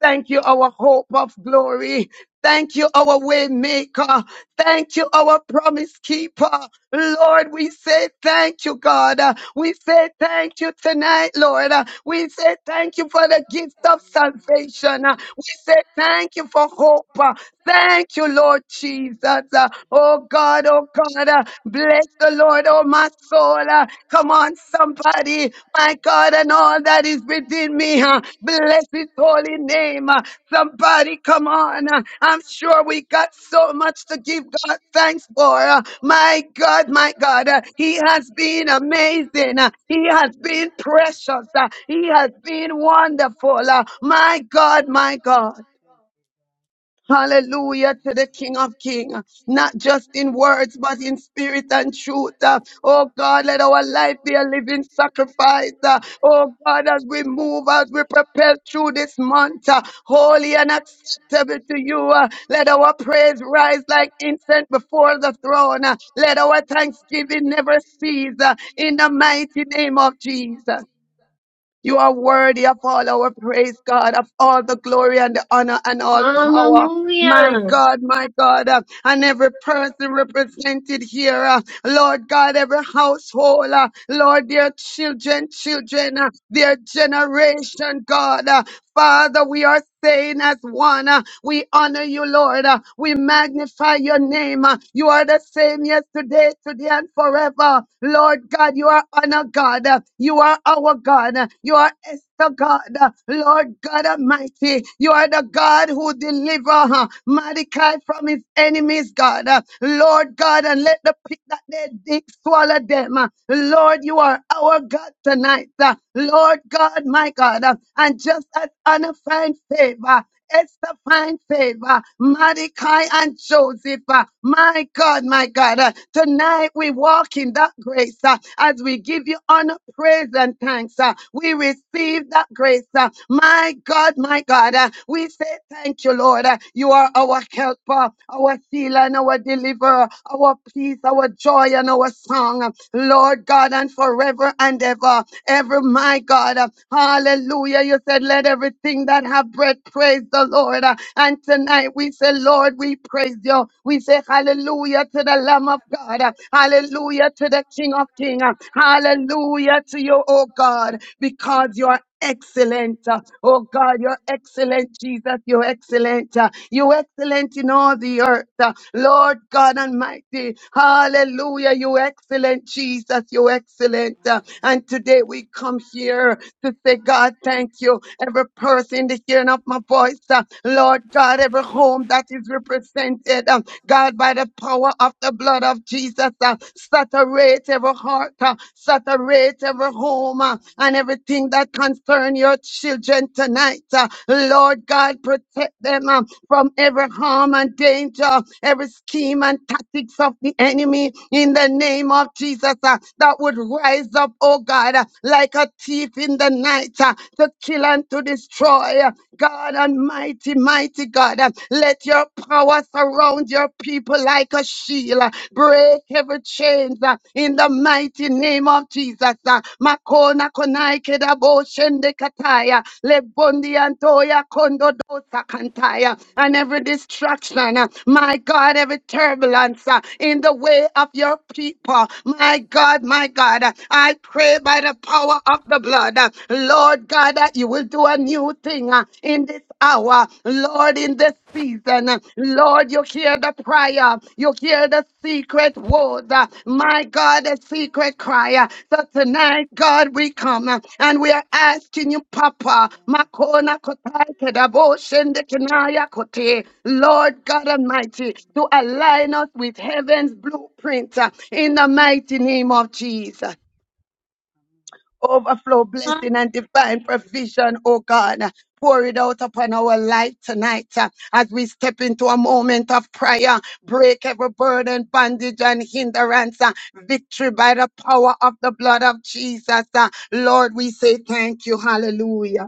S2: Thank you, our hope of glory. Thank you, our way maker. Thank you, our promise keeper. Lord, we say thank you, God. We say thank you tonight, Lord. We say thank you for the gift of salvation. We say thank you for hope. Thank you, Lord Jesus. Oh God,
S6: God,
S2: oh
S6: God,
S2: God, bless the Lord, oh my soul, Come on, somebody. My God, and all that is within me. huh, Bless his holy name. huh. Somebody, come on. huh. I'm sure we got so much to give God thanks for. huh. My God, my God. uh, He has been amazing. uh, He has been precious. uh, He has been wonderful. uh, My God, my God. Hallelujah to the King of Kings, not just in words, but in spirit and truth. Uh, Oh God, let our life be a living sacrifice. Uh, Oh God, as we move, as we prepare through this month, uh, holy and acceptable to you, uh, let our praise rise like incense before the throne. Uh, Let our thanksgiving never cease uh, in the mighty name of Jesus. You are worthy of all our praise, God, of all the glory and the honor and all power. My
S3: Hallelujah.
S2: God, my God, uh, and every person represented here, uh, Lord God, every household, uh, Lord, their children, children, uh, their generation, God. uh, Father, we are saying as one, uh, we honor you, Lord. uh, We magnify your name. uh, You are the same yesterday, today, and forever. Lord God, you are honor God. uh, You are our God. uh, You are Esther God. uh, Lord God Almighty. Almighty. You are the God who deliver huh, Mordecai from his enemies, God. Uh, Lord God, and let the pit that they dig swallow them. Uh, Lord, you are our God tonight. Uh, Lord God, my God, uh, and just as Anna find favor, Esther find favor. Mordecai and Joseph. uh, My God, my God. uh, Tonight we walk in that grace uh, as we give you honor, praise, and thanks. uh, We receive that grace. uh, My God, my God. uh, We say thank you, Lord. uh, You are our helper, our healer, and our deliverer, our peace, our joy, and our song. uh, Lord God, and forever and ever. Ever, my God. uh, Hallelujah. You said, let let everything that have breath praise the Lord. Uh, And tonight we say, Lord, we praise you. We say, Hallelujah to the Lamb of God. Uh, Hallelujah to the King of Kings. Uh, Hallelujah to you, oh God, because you are excellent. Uh, Oh God, you're excellent, Jesus. You're excellent. Uh, You're excellent in all the earth. Uh, Lord God Almighty. Hallelujah. You're excellent, Jesus. You're excellent. Uh,
S6: Amen.
S2: And today we come here to say, God, thank you. Every person in the hearing of my voice, uh, Lord God, every home that is
S6: Thank you,
S2: represented, uh, God, by the power of the blood of Jesus, uh, saturate every heart, uh, saturate every home, uh, and
S6: Amen.
S2: everything that concern your children tonight. uh, Lord God, protect them uh, from every harm and danger, every scheme and tactics of the enemy in the name of Jesus uh, that would rise up, oh God, uh, like a thief in the night uh, to kill and to destroy. uh, God Almighty, mighty, mighty God. Uh, Let your power surround your people like a shield. Uh, Break every chains uh, in the mighty name of Jesus. Uh, Makona konai kedabo shende kataya. Lebondi antoya kondo dosa kantaya. And
S6: Amen.
S2: every distraction, uh, my God, every turbulence uh, in the way of your
S6: Thank you,
S2: people.
S6: Jesus.
S2: My God, my God, uh, I pray by the power of the blood. uh, Lord, Lord God, that you will do a new thing uh, in this hour, Lord, in this season. Lord, you hear the prayer, you hear the secret word, uh,
S6: Amen. Amen.
S2: my God, the secret cry. So tonight, God, we come uh, and we are asking you, Papa,
S6: Good night.
S2: Makona Kotai Kedabo Shende Kenaya Kote, Lord God Almighty, to align us with heaven's blueprint uh, in the mighty name of Jesus
S6: Amen.
S2: overflow, blessing, and divine provision, oh God. Pour it out upon our life tonight uh, as we step into a moment of prayer. Break every burden, bondage, and hindrance. uh, Victory by the power of the blood of Jesus. uh. Lord, we say thank you. Hallelujah.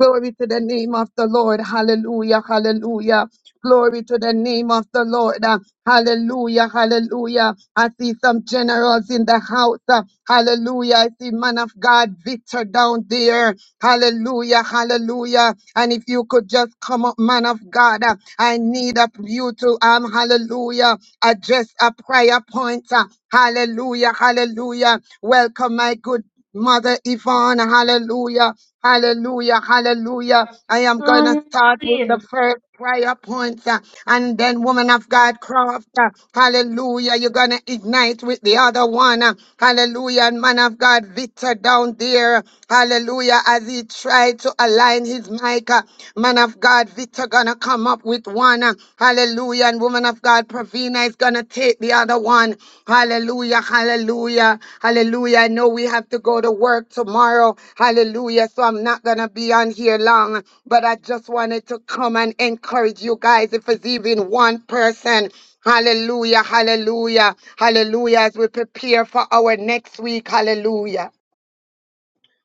S2: Glory to the name of the Lord. Hallelujah. Hallelujah. Glory to the name of the Lord. Uh, Hallelujah. Hallelujah. I see some generals in the house. Uh, Hallelujah. I see man of God Victor down there. Hallelujah. Hallelujah. And if you could just come up, man of God, uh, I need of you to um hallelujah. Address a prayer point. Uh, Hallelujah. Hallelujah. Welcome, my good. Mother Yvonne, hallelujah, hallelujah, hallelujah. I am going to
S3: Hallelujah.
S2: start with the first prayer point, uh, and then, woman of God, Croft, uh, hallelujah. You're going to ignite with the other one, uh, hallelujah. And man of God, Victor down there, hallelujah, as he tried to align his mic, uh, man of God, Victor going to come up with one. uh, Hallelujah. And woman of God, Pravina is going to take the other one. Hallelujah. Hallelujah. Hallelujah. I know we have to go to work tomorrow. Hallelujah. So I'm not going to be on here long, but I just wanted to come and encourage you guys. If it's even one person, Hallelujah, hallelujah, hallelujah, as we prepare for our next week, hallelujah.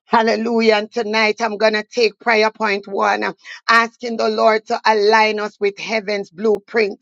S2: Hallelujah. And tonight I'm going to take prayer point one, uh, asking the Lord to align us with heaven's blueprint.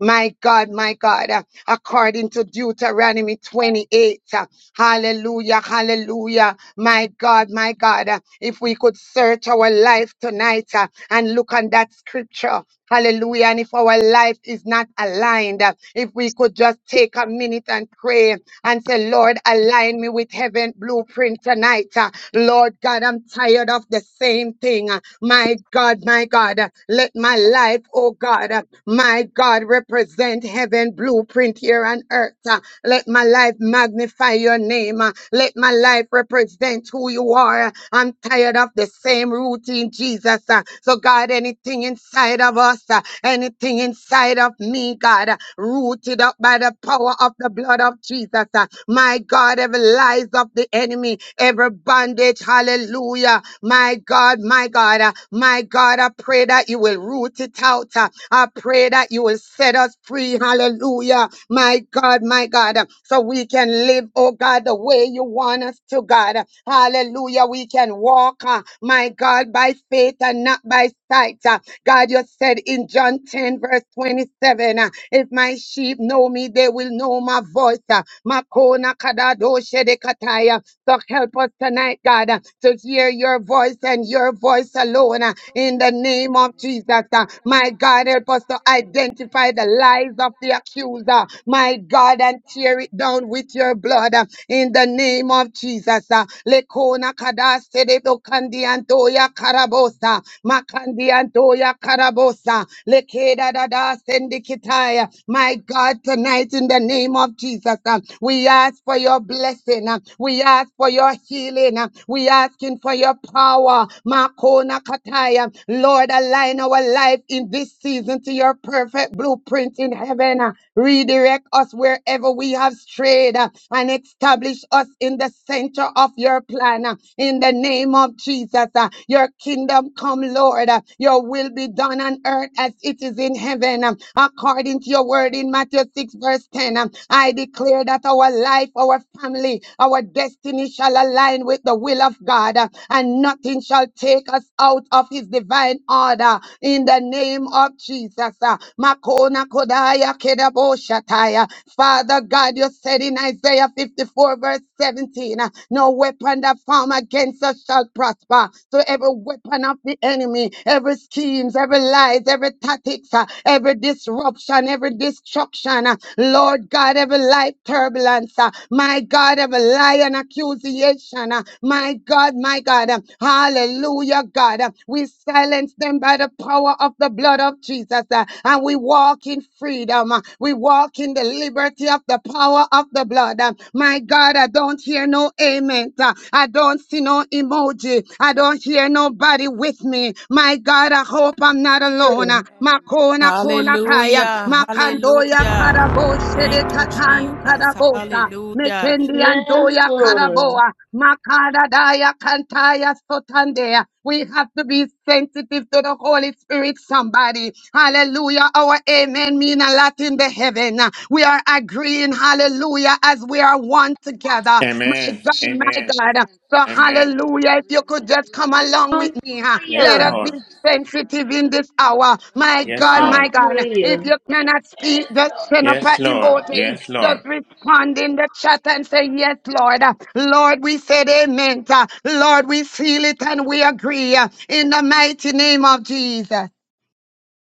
S2: My God, my God, uh, according to Deuteronomy 28. uh, Hallelujah, hallelujah. My God, my God, uh, if we could search our life tonight uh, and look on that scripture. Hallelujah. And if our life is not aligned, uh, if we could just take a minute and pray and say, Lord, align me with heaven blueprint tonight. Uh, Lord God, I'm tired of the same thing. Uh, My God, my God, uh, let my life, oh God, uh, my God, represent heaven blueprint here on earth. Uh, Let my life magnify your name. Uh, Let my life represent who you are. Uh, I'm tired of the same same root in Jesus. uh. So, God, anything inside of us, uh, anything inside of me, God, uh, rooted up by the power of the blood of Jesus. uh. My God, every lies of the enemy, every bondage, hallelujah. My God, my God, uh, my God, I pray that you will root it out. uh. I pray that you will set us us free. Hallelujah. My God, my God. So we can live, oh God, the way you want us to, God. Hallelujah. We can walk, uh, my God, by faith and not by sight. Uh, God, you said in John 10, verse 27, uh, if my sheep know me, they will know my voice. Uh, Makona kadado shedekataya. So help us tonight, God, uh, to hear your voice and your voice alone uh, in the name of Jesus.
S6: of
S2: uh. My God, help us to identify the lies of the accuser, my God, and tear it down with your blood uh, in the name of Jesus. uh. Lekona kadase de dokandi antoya karabosa, makandi antoya karabosa, lekeda dada sendikitaya. My God, tonight in the the name of Jesus. uh, We ask for your blessing. uh, We ask for your healing. uh, We asking for your power. Makona Kataya. Lord, align our life in this season to your perfect blueprint in heaven. uh, Redirect us wherever we have strayed uh, and establish us in the center of your plan. uh, In the name of Jesus, uh, your kingdom come, Lord. uh, Your will be done on earth as as it is in heaven. um, According to your word in Matthew 6, verse 10, um, I declare that our life, our family, our destiny shall align with the will of God, uh, and nothing shall take us out of his divine order in the name of Jesus. uh, Makona Kodaya Kedabo Shataya. Father God, you said in Isaiah 54, verse 17, uh, no weapon that form against us shall prosper to every weapon of the enemy, every schemes, every lies, every tactics, uh, every disruption, every destruction. uh, Lord God, every life turbulence, uh, my God, every lie and accusation, uh, my God, my God, uh, hallelujah, God. uh, We silence them by the power of the blood of Jesus, uh, and we walk in freedom. uh, We walk in the liberty of the power of the blood. uh, My God, I don't don't hear no amen. Uh, I don't see no emoji. I don't hear nobody with me. My God, I hope I'm not alone. Uh,
S3: Hallelujah.
S2: Makona
S6: Amen.
S2: kona kaya.
S4: Hallelujah.
S2: Makandoya
S4: Hallelujah.
S2: karabo shede
S4: Thank you,
S2: katan
S4: Jesus.
S2: karabosa.
S4: Hallelujah.
S2: Mekendi
S3: Yes,
S2: andoya
S3: Lord.
S2: karaboa. Makada daya kantaya sotandea. We have to be sensitive to the Holy Spirit, somebody. Hallelujah. Our amen mean a lot in the heaven heaven. We are agreeing, hallelujah, as we are one together. My
S5: Amen.
S2: God, my
S5: Amen.
S2: God. So,
S5: Amen.
S2: hallelujah, if you could just come along with me, huh? let
S5: Yes,
S3: Hallelujah.
S2: us be
S5: Lord.
S2: sensitive in this hour. My
S5: Yes,
S2: God, my
S5: Lord.
S2: God, if
S3: Hallelujah.
S2: you cannot speak, just send up
S5: Yes,
S2: an
S5: Lord.
S2: emoji.
S5: Yes, Lord.
S2: Just respond in
S6: name
S2: the chat and say, Yes, Lord. Lord, we said amen. Lord, we feel it and we agree in the mighty name of Jesus.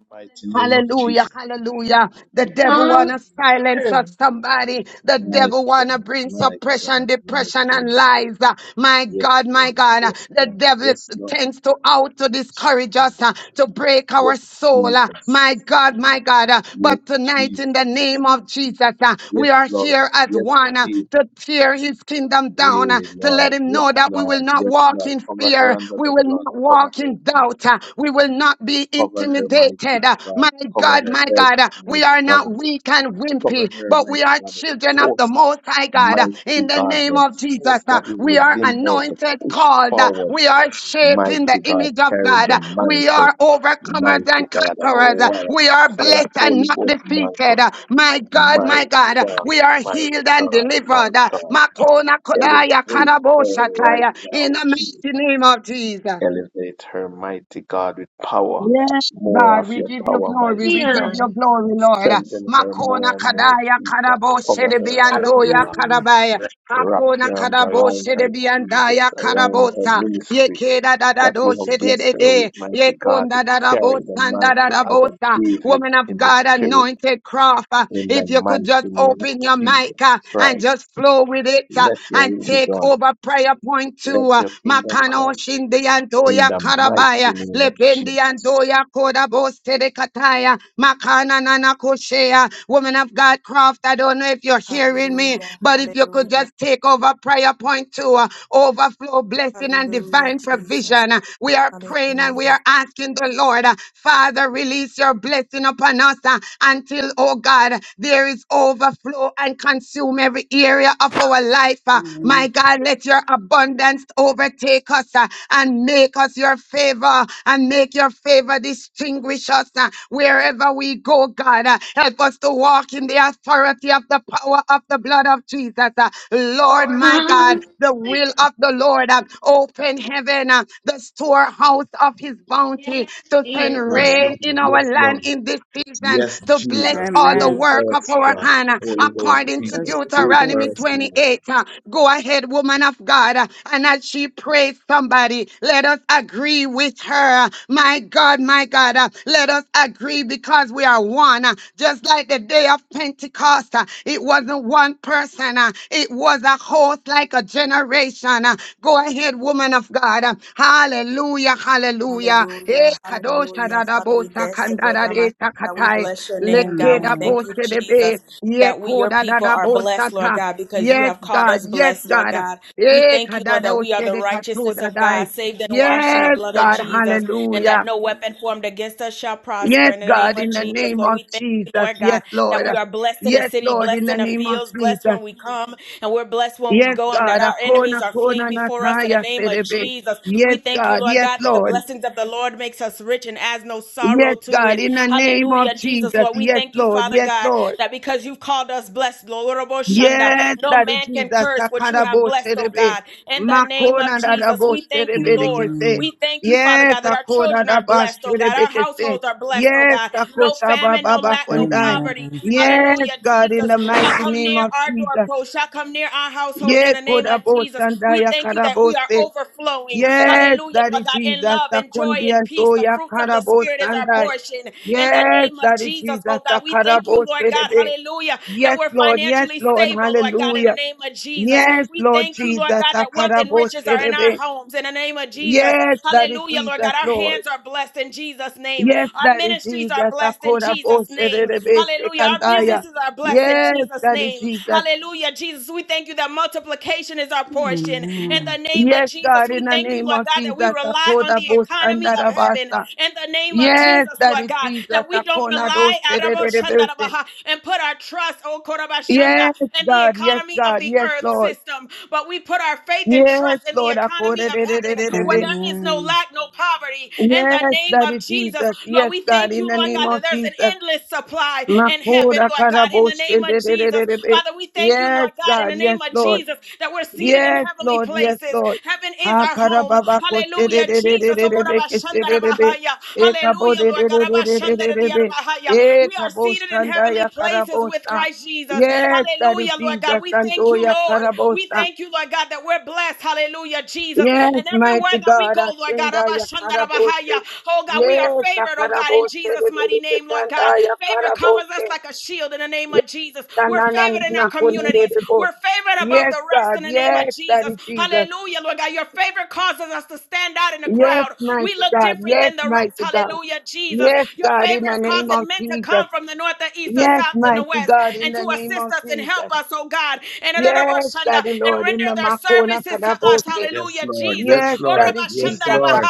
S7: Mighty name of
S2: Hallelujah,
S7: Jesus.
S2: hallelujah. The devil
S3: Hallelujah.
S2: wanna
S7: Hallelujah.
S2: silence us, somebody. The
S7: My
S2: devil wanna
S7: God,
S2: bring
S7: my
S2: suppression,
S7: God, my
S2: depression, and
S7: God.
S2: lies. Uh, My
S7: Yes,
S2: God, my
S7: Lord.
S2: God. Uh,
S7: Yes,
S2: The
S7: Lord.
S2: devil
S7: Yes, Lord.
S2: tends to out to discourage
S7: Shalom.
S2: us, uh, to break our
S7: Yes,
S2: soul. Uh,
S7: Jesus.
S2: My God, my God. Uh,
S7: Yes,
S2: But tonight, in the
S7: Jesus.
S2: name of Jesus, uh, we
S7: Yes,
S2: are here
S7: Lord.
S2: as
S7: Yes,
S2: one uh, to
S7: Jesus.
S2: tear his kingdom down, uh,
S7: Hey,
S2: to let
S7: Lord.
S2: him
S7: Yes,
S2: know that we will
S7: Lord.
S2: not
S7: Yes,
S2: walk
S7: Lord.
S2: in
S7: Cover her
S2: fear.
S7: under
S2: We
S7: the
S2: will
S7: blood.
S2: not
S7: Cover
S2: walk
S7: her,
S2: in doubt.
S7: Jesus.
S2: uh, We will not be
S7: Cover her, mighty
S2: intimidated. Uh,
S7: God.
S2: My
S7: Cover
S2: God,
S7: her
S2: my
S7: head,
S2: God, uh,
S7: my
S2: we are
S7: God.
S2: not weak and
S7: Cover
S2: wimpy,
S7: her,
S2: but we
S7: mighty
S2: are
S7: God, the
S2: children of the
S7: force,
S2: Most High God. Uh,
S6: My God,
S2: In
S7: mighty
S2: the
S7: God,
S6: in
S2: name
S7: the
S6: the Amen,
S2: of
S6: name
S2: Jesus,
S7: force
S6: Father of
S2: uh,
S7: that is
S6: Jesus, God.
S2: we are
S7: within
S6: we
S7: her
S6: are
S7: to
S2: anointed,
S7: push
S6: anointed,
S2: called. Uh,
S6: Father God,
S7: forward,
S6: God.
S2: We
S6: remove
S2: are
S6: We any are
S2: shaped in the
S7: mighty
S6: tiredness,
S7: God,
S2: image
S6: chasing the
S2: of
S7: carrying
S2: God.
S7: the
S2: Uh,
S6: Father image God.
S2: We
S7: mantle,
S2: are
S6: of
S2: overcomers
S7: mighty
S2: and
S7: God, a
S2: conquerors. Uh,
S7: wire,
S2: We are
S7: fire,
S2: blessed and
S7: Holy
S2: not
S7: Ghost
S2: defeated.
S7: mantle,
S2: Uh, My God,
S6: Mighty
S7: my
S2: my God, uh,
S6: God.
S2: we
S7: God,
S2: are
S7: my
S2: healed and
S7: God, my
S2: delivered. Uh,
S7: God,
S2: Makona Kodaya
S7: elevate
S2: Kanabo
S7: her right
S2: Shataya,
S7: now,
S2: In the
S7: Jesus,
S2: mighty name of Jesus.
S7: elevate her, mighty God, with power,
S2: Yes,
S7: more
S2: God,
S7: of
S2: we
S7: your
S2: give you
S7: power,
S2: glory,
S7: mighty
S2: we
S7: God.
S2: give you glory, Lord.
S7: Strengthen her
S2: Makona
S7: more and more,
S2: kadaya
S7: Jesus.
S2: karabo
S7: Cover her, mighty
S2: sherebiantoya
S7: God.
S2: karabaya.
S7: Wrap
S2: Makona
S7: your arms
S2: karabo
S7: around her, Jesus,
S2: sherebiandaya
S7: around her
S2: karabosa.
S7: ministry
S2: Yekeda
S7: that
S2: dadado
S7: you have blessed her with,
S2: shedede.
S7: mighty God.
S2: Yekonda
S7: Carry
S2: dadabo
S7: the mantle as a
S2: sandadabosa.
S7: David
S2: Woman of
S7: in the
S2: God,
S7: spirit,
S2: anointed craft. uh,
S7: in the
S2: If you could
S7: mighty
S2: just
S7: name of
S2: open your mic
S7: Jesus
S2: uh, and just
S7: Christ.
S2: flow with it uh,
S7: Let your
S2: and
S7: will be
S2: take
S7: done.
S2: over prayer point to
S7: Let
S2: uh,
S7: your kingdom
S2: Makano
S7: come
S2: Shindi
S7: in
S2: Antoya
S7: the mighty
S2: Karabaya
S7: name of
S2: Lependi
S7: Jesus.
S2: Antoya Kodaboste de Kataya Makana Nana Koshea Woman of God Croft. I don't know if you're hearing me,
S4: Hallelujah.
S2: but if you could
S4: Hallelujah.
S2: just take over prayer point two, uh, overflow blessing and
S4: Hallelujah,
S2: divine
S4: Jesus.
S2: provision. Uh, We are praying and
S4: Hallelujah.
S2: we are asking the Lord, uh, Father, release your blessing upon us uh, until, oh God, there is overflow and consume every area of our life. uh. My
S6: name
S2: God, let your abundance overtake us uh, and make us your favor and make your favor distinguish us uh, wherever we go, God. uh. Help us to walk in the authority of the power of the blood of Jesus. uh. Lord, my
S3: Hallelujah.
S2: God, the will of the Lord. uh, Open heaven, uh, the storehouse of his bounty
S3: Yes,
S2: to
S7: Oh,
S3: Jesus.
S2: and
S7: yes,
S2: reign
S7: Lord.
S2: in our
S7: Yes, Lord.
S2: land in this season
S7: Yes,
S2: to bless
S7: Jesus.
S2: all the
S7: Do it
S2: work
S7: for
S2: of
S7: us,
S2: our
S7: God.
S2: hand uh,
S7: Holy Ghost,
S2: according to
S6: of
S7: Jesus.
S6: Jesus,
S7: Do
S6: We
S7: it
S6: so
S7: for
S2: Deuteronomy
S7: us, Lord.
S2: 28. uh, Go ahead, woman of God, uh, and as she prays somebody, let us agree with her. uh, My God, my God, uh, let us agree because we are one. uh, Just like the day of Pentecost, uh, it wasn't one person, uh, it was a host like a generation. uh, Go ahead, woman of God. Um, Hallelujah, hallelujah. Eh,
S4: Hallelujah,
S2: kadosha
S4: hallelujah.
S2: da da
S4: Father,
S2: bo
S4: we
S2: sa
S4: bless the
S2: kanda
S4: God,
S2: da
S4: Ramasha.
S2: de sa
S4: We
S2: katai.
S4: bless your
S6: are
S4: name, God.
S2: Leke
S6: I
S4: We
S2: da
S6: can
S2: bo
S4: thank you,
S2: se de be.
S4: Jesus,
S2: Ye
S4: that we,
S2: ko
S4: your
S2: da da
S4: people,
S2: da
S4: are
S2: bo sa
S4: blessed, Lord
S2: ta.
S4: God, because you
S2: Yes,
S4: have called
S2: God,
S4: us
S2: yes,
S4: blessed, Lord
S2: God.
S4: God. We
S2: Eh,
S4: thank you,
S2: kada
S4: Lord,
S2: da
S4: that
S2: o
S4: we are
S2: se
S4: the
S2: de katu
S4: righteousness
S2: da
S4: of
S2: dai.
S4: God, saved and washed in the
S2: Yes,
S4: blood of
S2: God,
S4: Jesus, and that
S2: hallelujah.
S4: no weapon formed against us shall prosper.
S2: Yes,
S4: In the name
S2: God,
S4: of
S2: in the
S4: Jesus,
S2: name
S4: Lord,
S2: of
S4: we thank you,
S2: Jesus.
S4: Lord
S2: Yes,
S4: God, that
S2: Lord.
S4: we are blessed in the
S2: Yes,
S4: city,
S2: Lord, in
S4: blessed in
S2: the
S4: the
S2: name of
S4: fields, blessed
S2: Jesus.
S4: when we come, and we're blessed when we
S2: Yes,
S4: go, and that
S2: God.
S4: our enemies
S2: Akona
S4: are fleeing
S2: kona
S4: before us in the
S2: nataya
S4: name of
S2: serebe.
S4: Jesus. We
S2: Yes,
S4: thank you,
S2: God.
S4: Lord
S2: Yes,
S4: God, that the
S2: Lord.
S4: blessings of the Lord makes us rich and adds no sorrow
S2: Yes,
S4: to
S2: God.
S4: it.
S2: In the name of
S4: Hallelujah, Jesus,
S2: Jesus.
S4: Lord. We
S2: Yes,
S4: thank you,
S2: Lord.
S4: Father
S2: Yes,
S4: God,
S2: Lord.
S4: that because you've called us blessed, Lord, Robo Shanda,
S2: Yes,
S4: no
S2: Daddy
S4: man can
S2: Jesus.
S4: curse what you
S2: Akana
S4: have
S2: bo
S4: blessed, oh
S2: serebe.
S4: God. In the name of
S2: Makona da da
S4: Jesus,
S2: bo
S4: we thank
S6: overcomers
S4: you,
S2: serebe
S6: desire
S2: de
S4: Lord.
S6: to and greater you conquerors. on, We Father are God. blessed and not In
S2: kese.
S6: the
S4: We
S6: defeated. mighty
S4: thank you, Father
S2: Yes,
S4: God, that our
S2: akona
S4: children
S2: da
S4: are
S2: ba
S4: blessed, oh God.
S2: serebe
S4: Our
S2: kese.
S4: households are blessed, oh
S2: Yes,
S4: God. No
S2: akosha ba
S4: famine,
S2: ba
S4: no
S2: ba
S4: lack,
S6: name
S4: no
S6: of My Jesus, God, Father my God. God, my God, Amen. Amen. Bless Jesus. Amen.
S2: kondai.
S6: Amen.
S4: poverty.
S6: Amen.
S2: Yes,
S4: Hallelujah.
S2: God, in
S4: Jesus
S2: the
S4: shall
S2: mighty
S4: come
S2: name
S4: near
S2: of
S4: our
S2: Jesus.
S4: doorpost, shall come near our households in
S2: Yes,
S4: the name
S2: koda
S4: of
S2: bo
S4: Jesus. We
S2: sandaya
S4: thank you that we are
S2: karabose.
S4: overflowing.
S2: Yes,
S4: Hallelujah,
S2: Daddy
S4: Lord God, in
S2: Jesus,
S4: love
S2: the
S4: and joy and
S2: condians,
S4: peace.
S2: oh,
S4: The
S2: ya
S4: fruits of the
S2: carabos
S4: Spirit is
S2: and
S4: our
S2: I.
S4: portion. In the
S2: Yes,
S4: name of
S2: Daddy
S4: Jesus,
S2: Jesus,
S4: oh
S2: the
S4: God, we thank you,
S2: carabos,
S4: Lord God.
S2: baby.
S4: Hallelujah, that
S2: Yes,
S4: we're
S2: Lord, yes,
S4: financially
S2: Lord,
S4: stable, Lord God, in the
S2: hallelujah.
S4: name of Jesus.
S2: Yes,
S4: We
S2: Lord
S4: thank you,
S2: Jesus,
S4: Lord God,
S2: the
S4: that wealth and
S2: carabos,
S4: riches are in our
S2: baby.
S4: homes in the name of Jesus.
S2: Yes, Daddy
S4: Hallelujah, Lord
S2: Jesus,
S4: God. Our
S2: Lord.
S4: hands are blessed in Jesus' name.
S2: Yes,
S4: Our
S2: Daddy
S4: ministries are
S2: Jesus, the
S4: blessed in Jesus'
S2: carabos,
S4: name.
S2: baby,
S4: Hallelujah. Our
S2: secondaya.
S4: businesses are blessed in
S2: Yes,
S4: Jesus'
S2: Daddy
S4: name.
S2: Jesus.
S4: Hallelujah. Jesus, we thank you that multiplication is our portion. In
S6: Amen.
S4: the name of
S2: Yes,
S4: Jesus,
S2: God,
S4: we
S2: in the
S4: thank you,
S2: name
S4: Lord
S2: of
S4: God, that
S2: Jesus,
S4: we
S2: the
S4: rely on the
S2: carabos and the
S4: economy of heaven.
S2: rabasa.
S4: In the name of
S2: Yes,
S4: Jesus, Lord
S2: Daddy
S4: God,
S2: Jesus,
S4: that we don't
S2: upon our those
S4: rely Arabo
S2: celebrations.
S4: Shandarabaha, and put our trust, oh Korabashanda,
S2: Yes,
S4: in the
S2: God, yes,
S4: economy of
S2: God,
S4: the
S2: yes,
S4: earth
S2: Lord.
S4: system but we put our faith and
S2: Yes,
S4: trust in the
S2: Lord,
S4: economy
S2: according
S4: of heaven where
S2: Yes,
S4: there is no
S6: Amen.
S4: lack, no poverty. In the name of
S2: Daddy
S4: Jesus,
S2: Jesus,
S4: Lord,
S2: yes,
S4: we
S2: God,
S4: thank
S2: in
S4: you,
S2: the
S4: Lord
S2: name
S4: God, that
S2: of
S4: there's an
S2: Jesus.
S4: endless supply in heaven,
S2: Makoda
S4: Lord God, in the
S2: karaboshe.
S4: name of Jesus. Father, we thank you,
S2: Yes,
S4: Lord God, in
S2: God,
S4: the
S2: yes,
S4: name of
S2: Lord.
S4: Jesus, that we're seated in
S2: Yes,
S4: heavenly
S2: Lord. Yes,
S4: places.
S2: Lord.
S4: Heaven is
S2: Ha
S4: our home.
S2: karababa ko se de
S4: Hallelujah,
S2: de de de
S4: Jesus.
S2: de de be ke se de de be. E kabo
S4: Hallelujah,
S2: de de
S4: Lord
S2: de de
S4: God.
S2: E
S4: We are
S2: kabo
S4: seated in
S2: shanda
S4: heavenly
S2: ya
S4: places with
S2: karabosa.
S4: Christ Jesus.
S2: Yes, that is
S4: Hallelujah, Lord God.
S2: Jesus.
S4: We thank
S2: Santo
S4: you,
S2: ya
S4: Lord. We
S2: karabosa.
S4: thank you, Lord God, that we're blessed. Hallelujah, Jesus.
S2: Yes,
S4: And everywhere
S2: mighty
S4: that we
S2: God.
S4: go, Lord God,
S2: Ascenda
S4: Rabba
S2: ya
S4: Shanda
S2: karabose.
S4: oh God, we are
S2: Yes, ya
S4: favored, oh God, in
S2: karabose de
S4: Jesus'
S2: de
S4: mighty
S2: de de
S4: name, Lord
S2: kanda
S4: God.
S2: ya
S4: Favor covers
S2: karabose.
S4: us like a shield in the name of
S2: Yes,
S4: Jesus.
S2: na
S4: We're
S2: na na
S4: favored in our
S2: na ko ne de
S4: communities.
S2: bo.
S4: We're favored above
S2: Yes,
S4: the rest
S2: God.
S4: in the name of
S2: Yes, that
S4: Jesus.
S2: is Jesus.
S4: Hallelujah, Lord God. Your favor causes us to stand out in the
S2: Yes,
S4: crowd. We
S2: mighty
S4: look
S2: God.
S4: different
S2: Yes,
S4: than the rest.
S2: mighty God.
S4: Hallelujah, Jesus.
S2: Yes,
S4: Your
S2: God, in
S4: favor
S2: the
S4: is
S2: name of
S4: causing men to
S2: Jesus.
S4: come from the north, the east, the
S2: Yes,
S4: south, and the
S2: mighty
S4: west,
S2: God, in
S4: and
S2: the
S4: to
S2: name
S4: assist
S2: of
S4: us and help
S2: Jesus.
S4: us, oh God, and
S2: Yes, Daddy
S4: and
S2: Lord, in
S4: render
S2: the
S4: their
S2: Makona
S4: services to us.
S2: Kadabose.
S7: Yes,
S4: Hallelujah,
S7: Lord.
S4: Jesus.
S7: Yes,
S2: Yes,
S7: Lord.
S2: Daddy
S7: Yes,
S2: Jesus.
S7: Lord.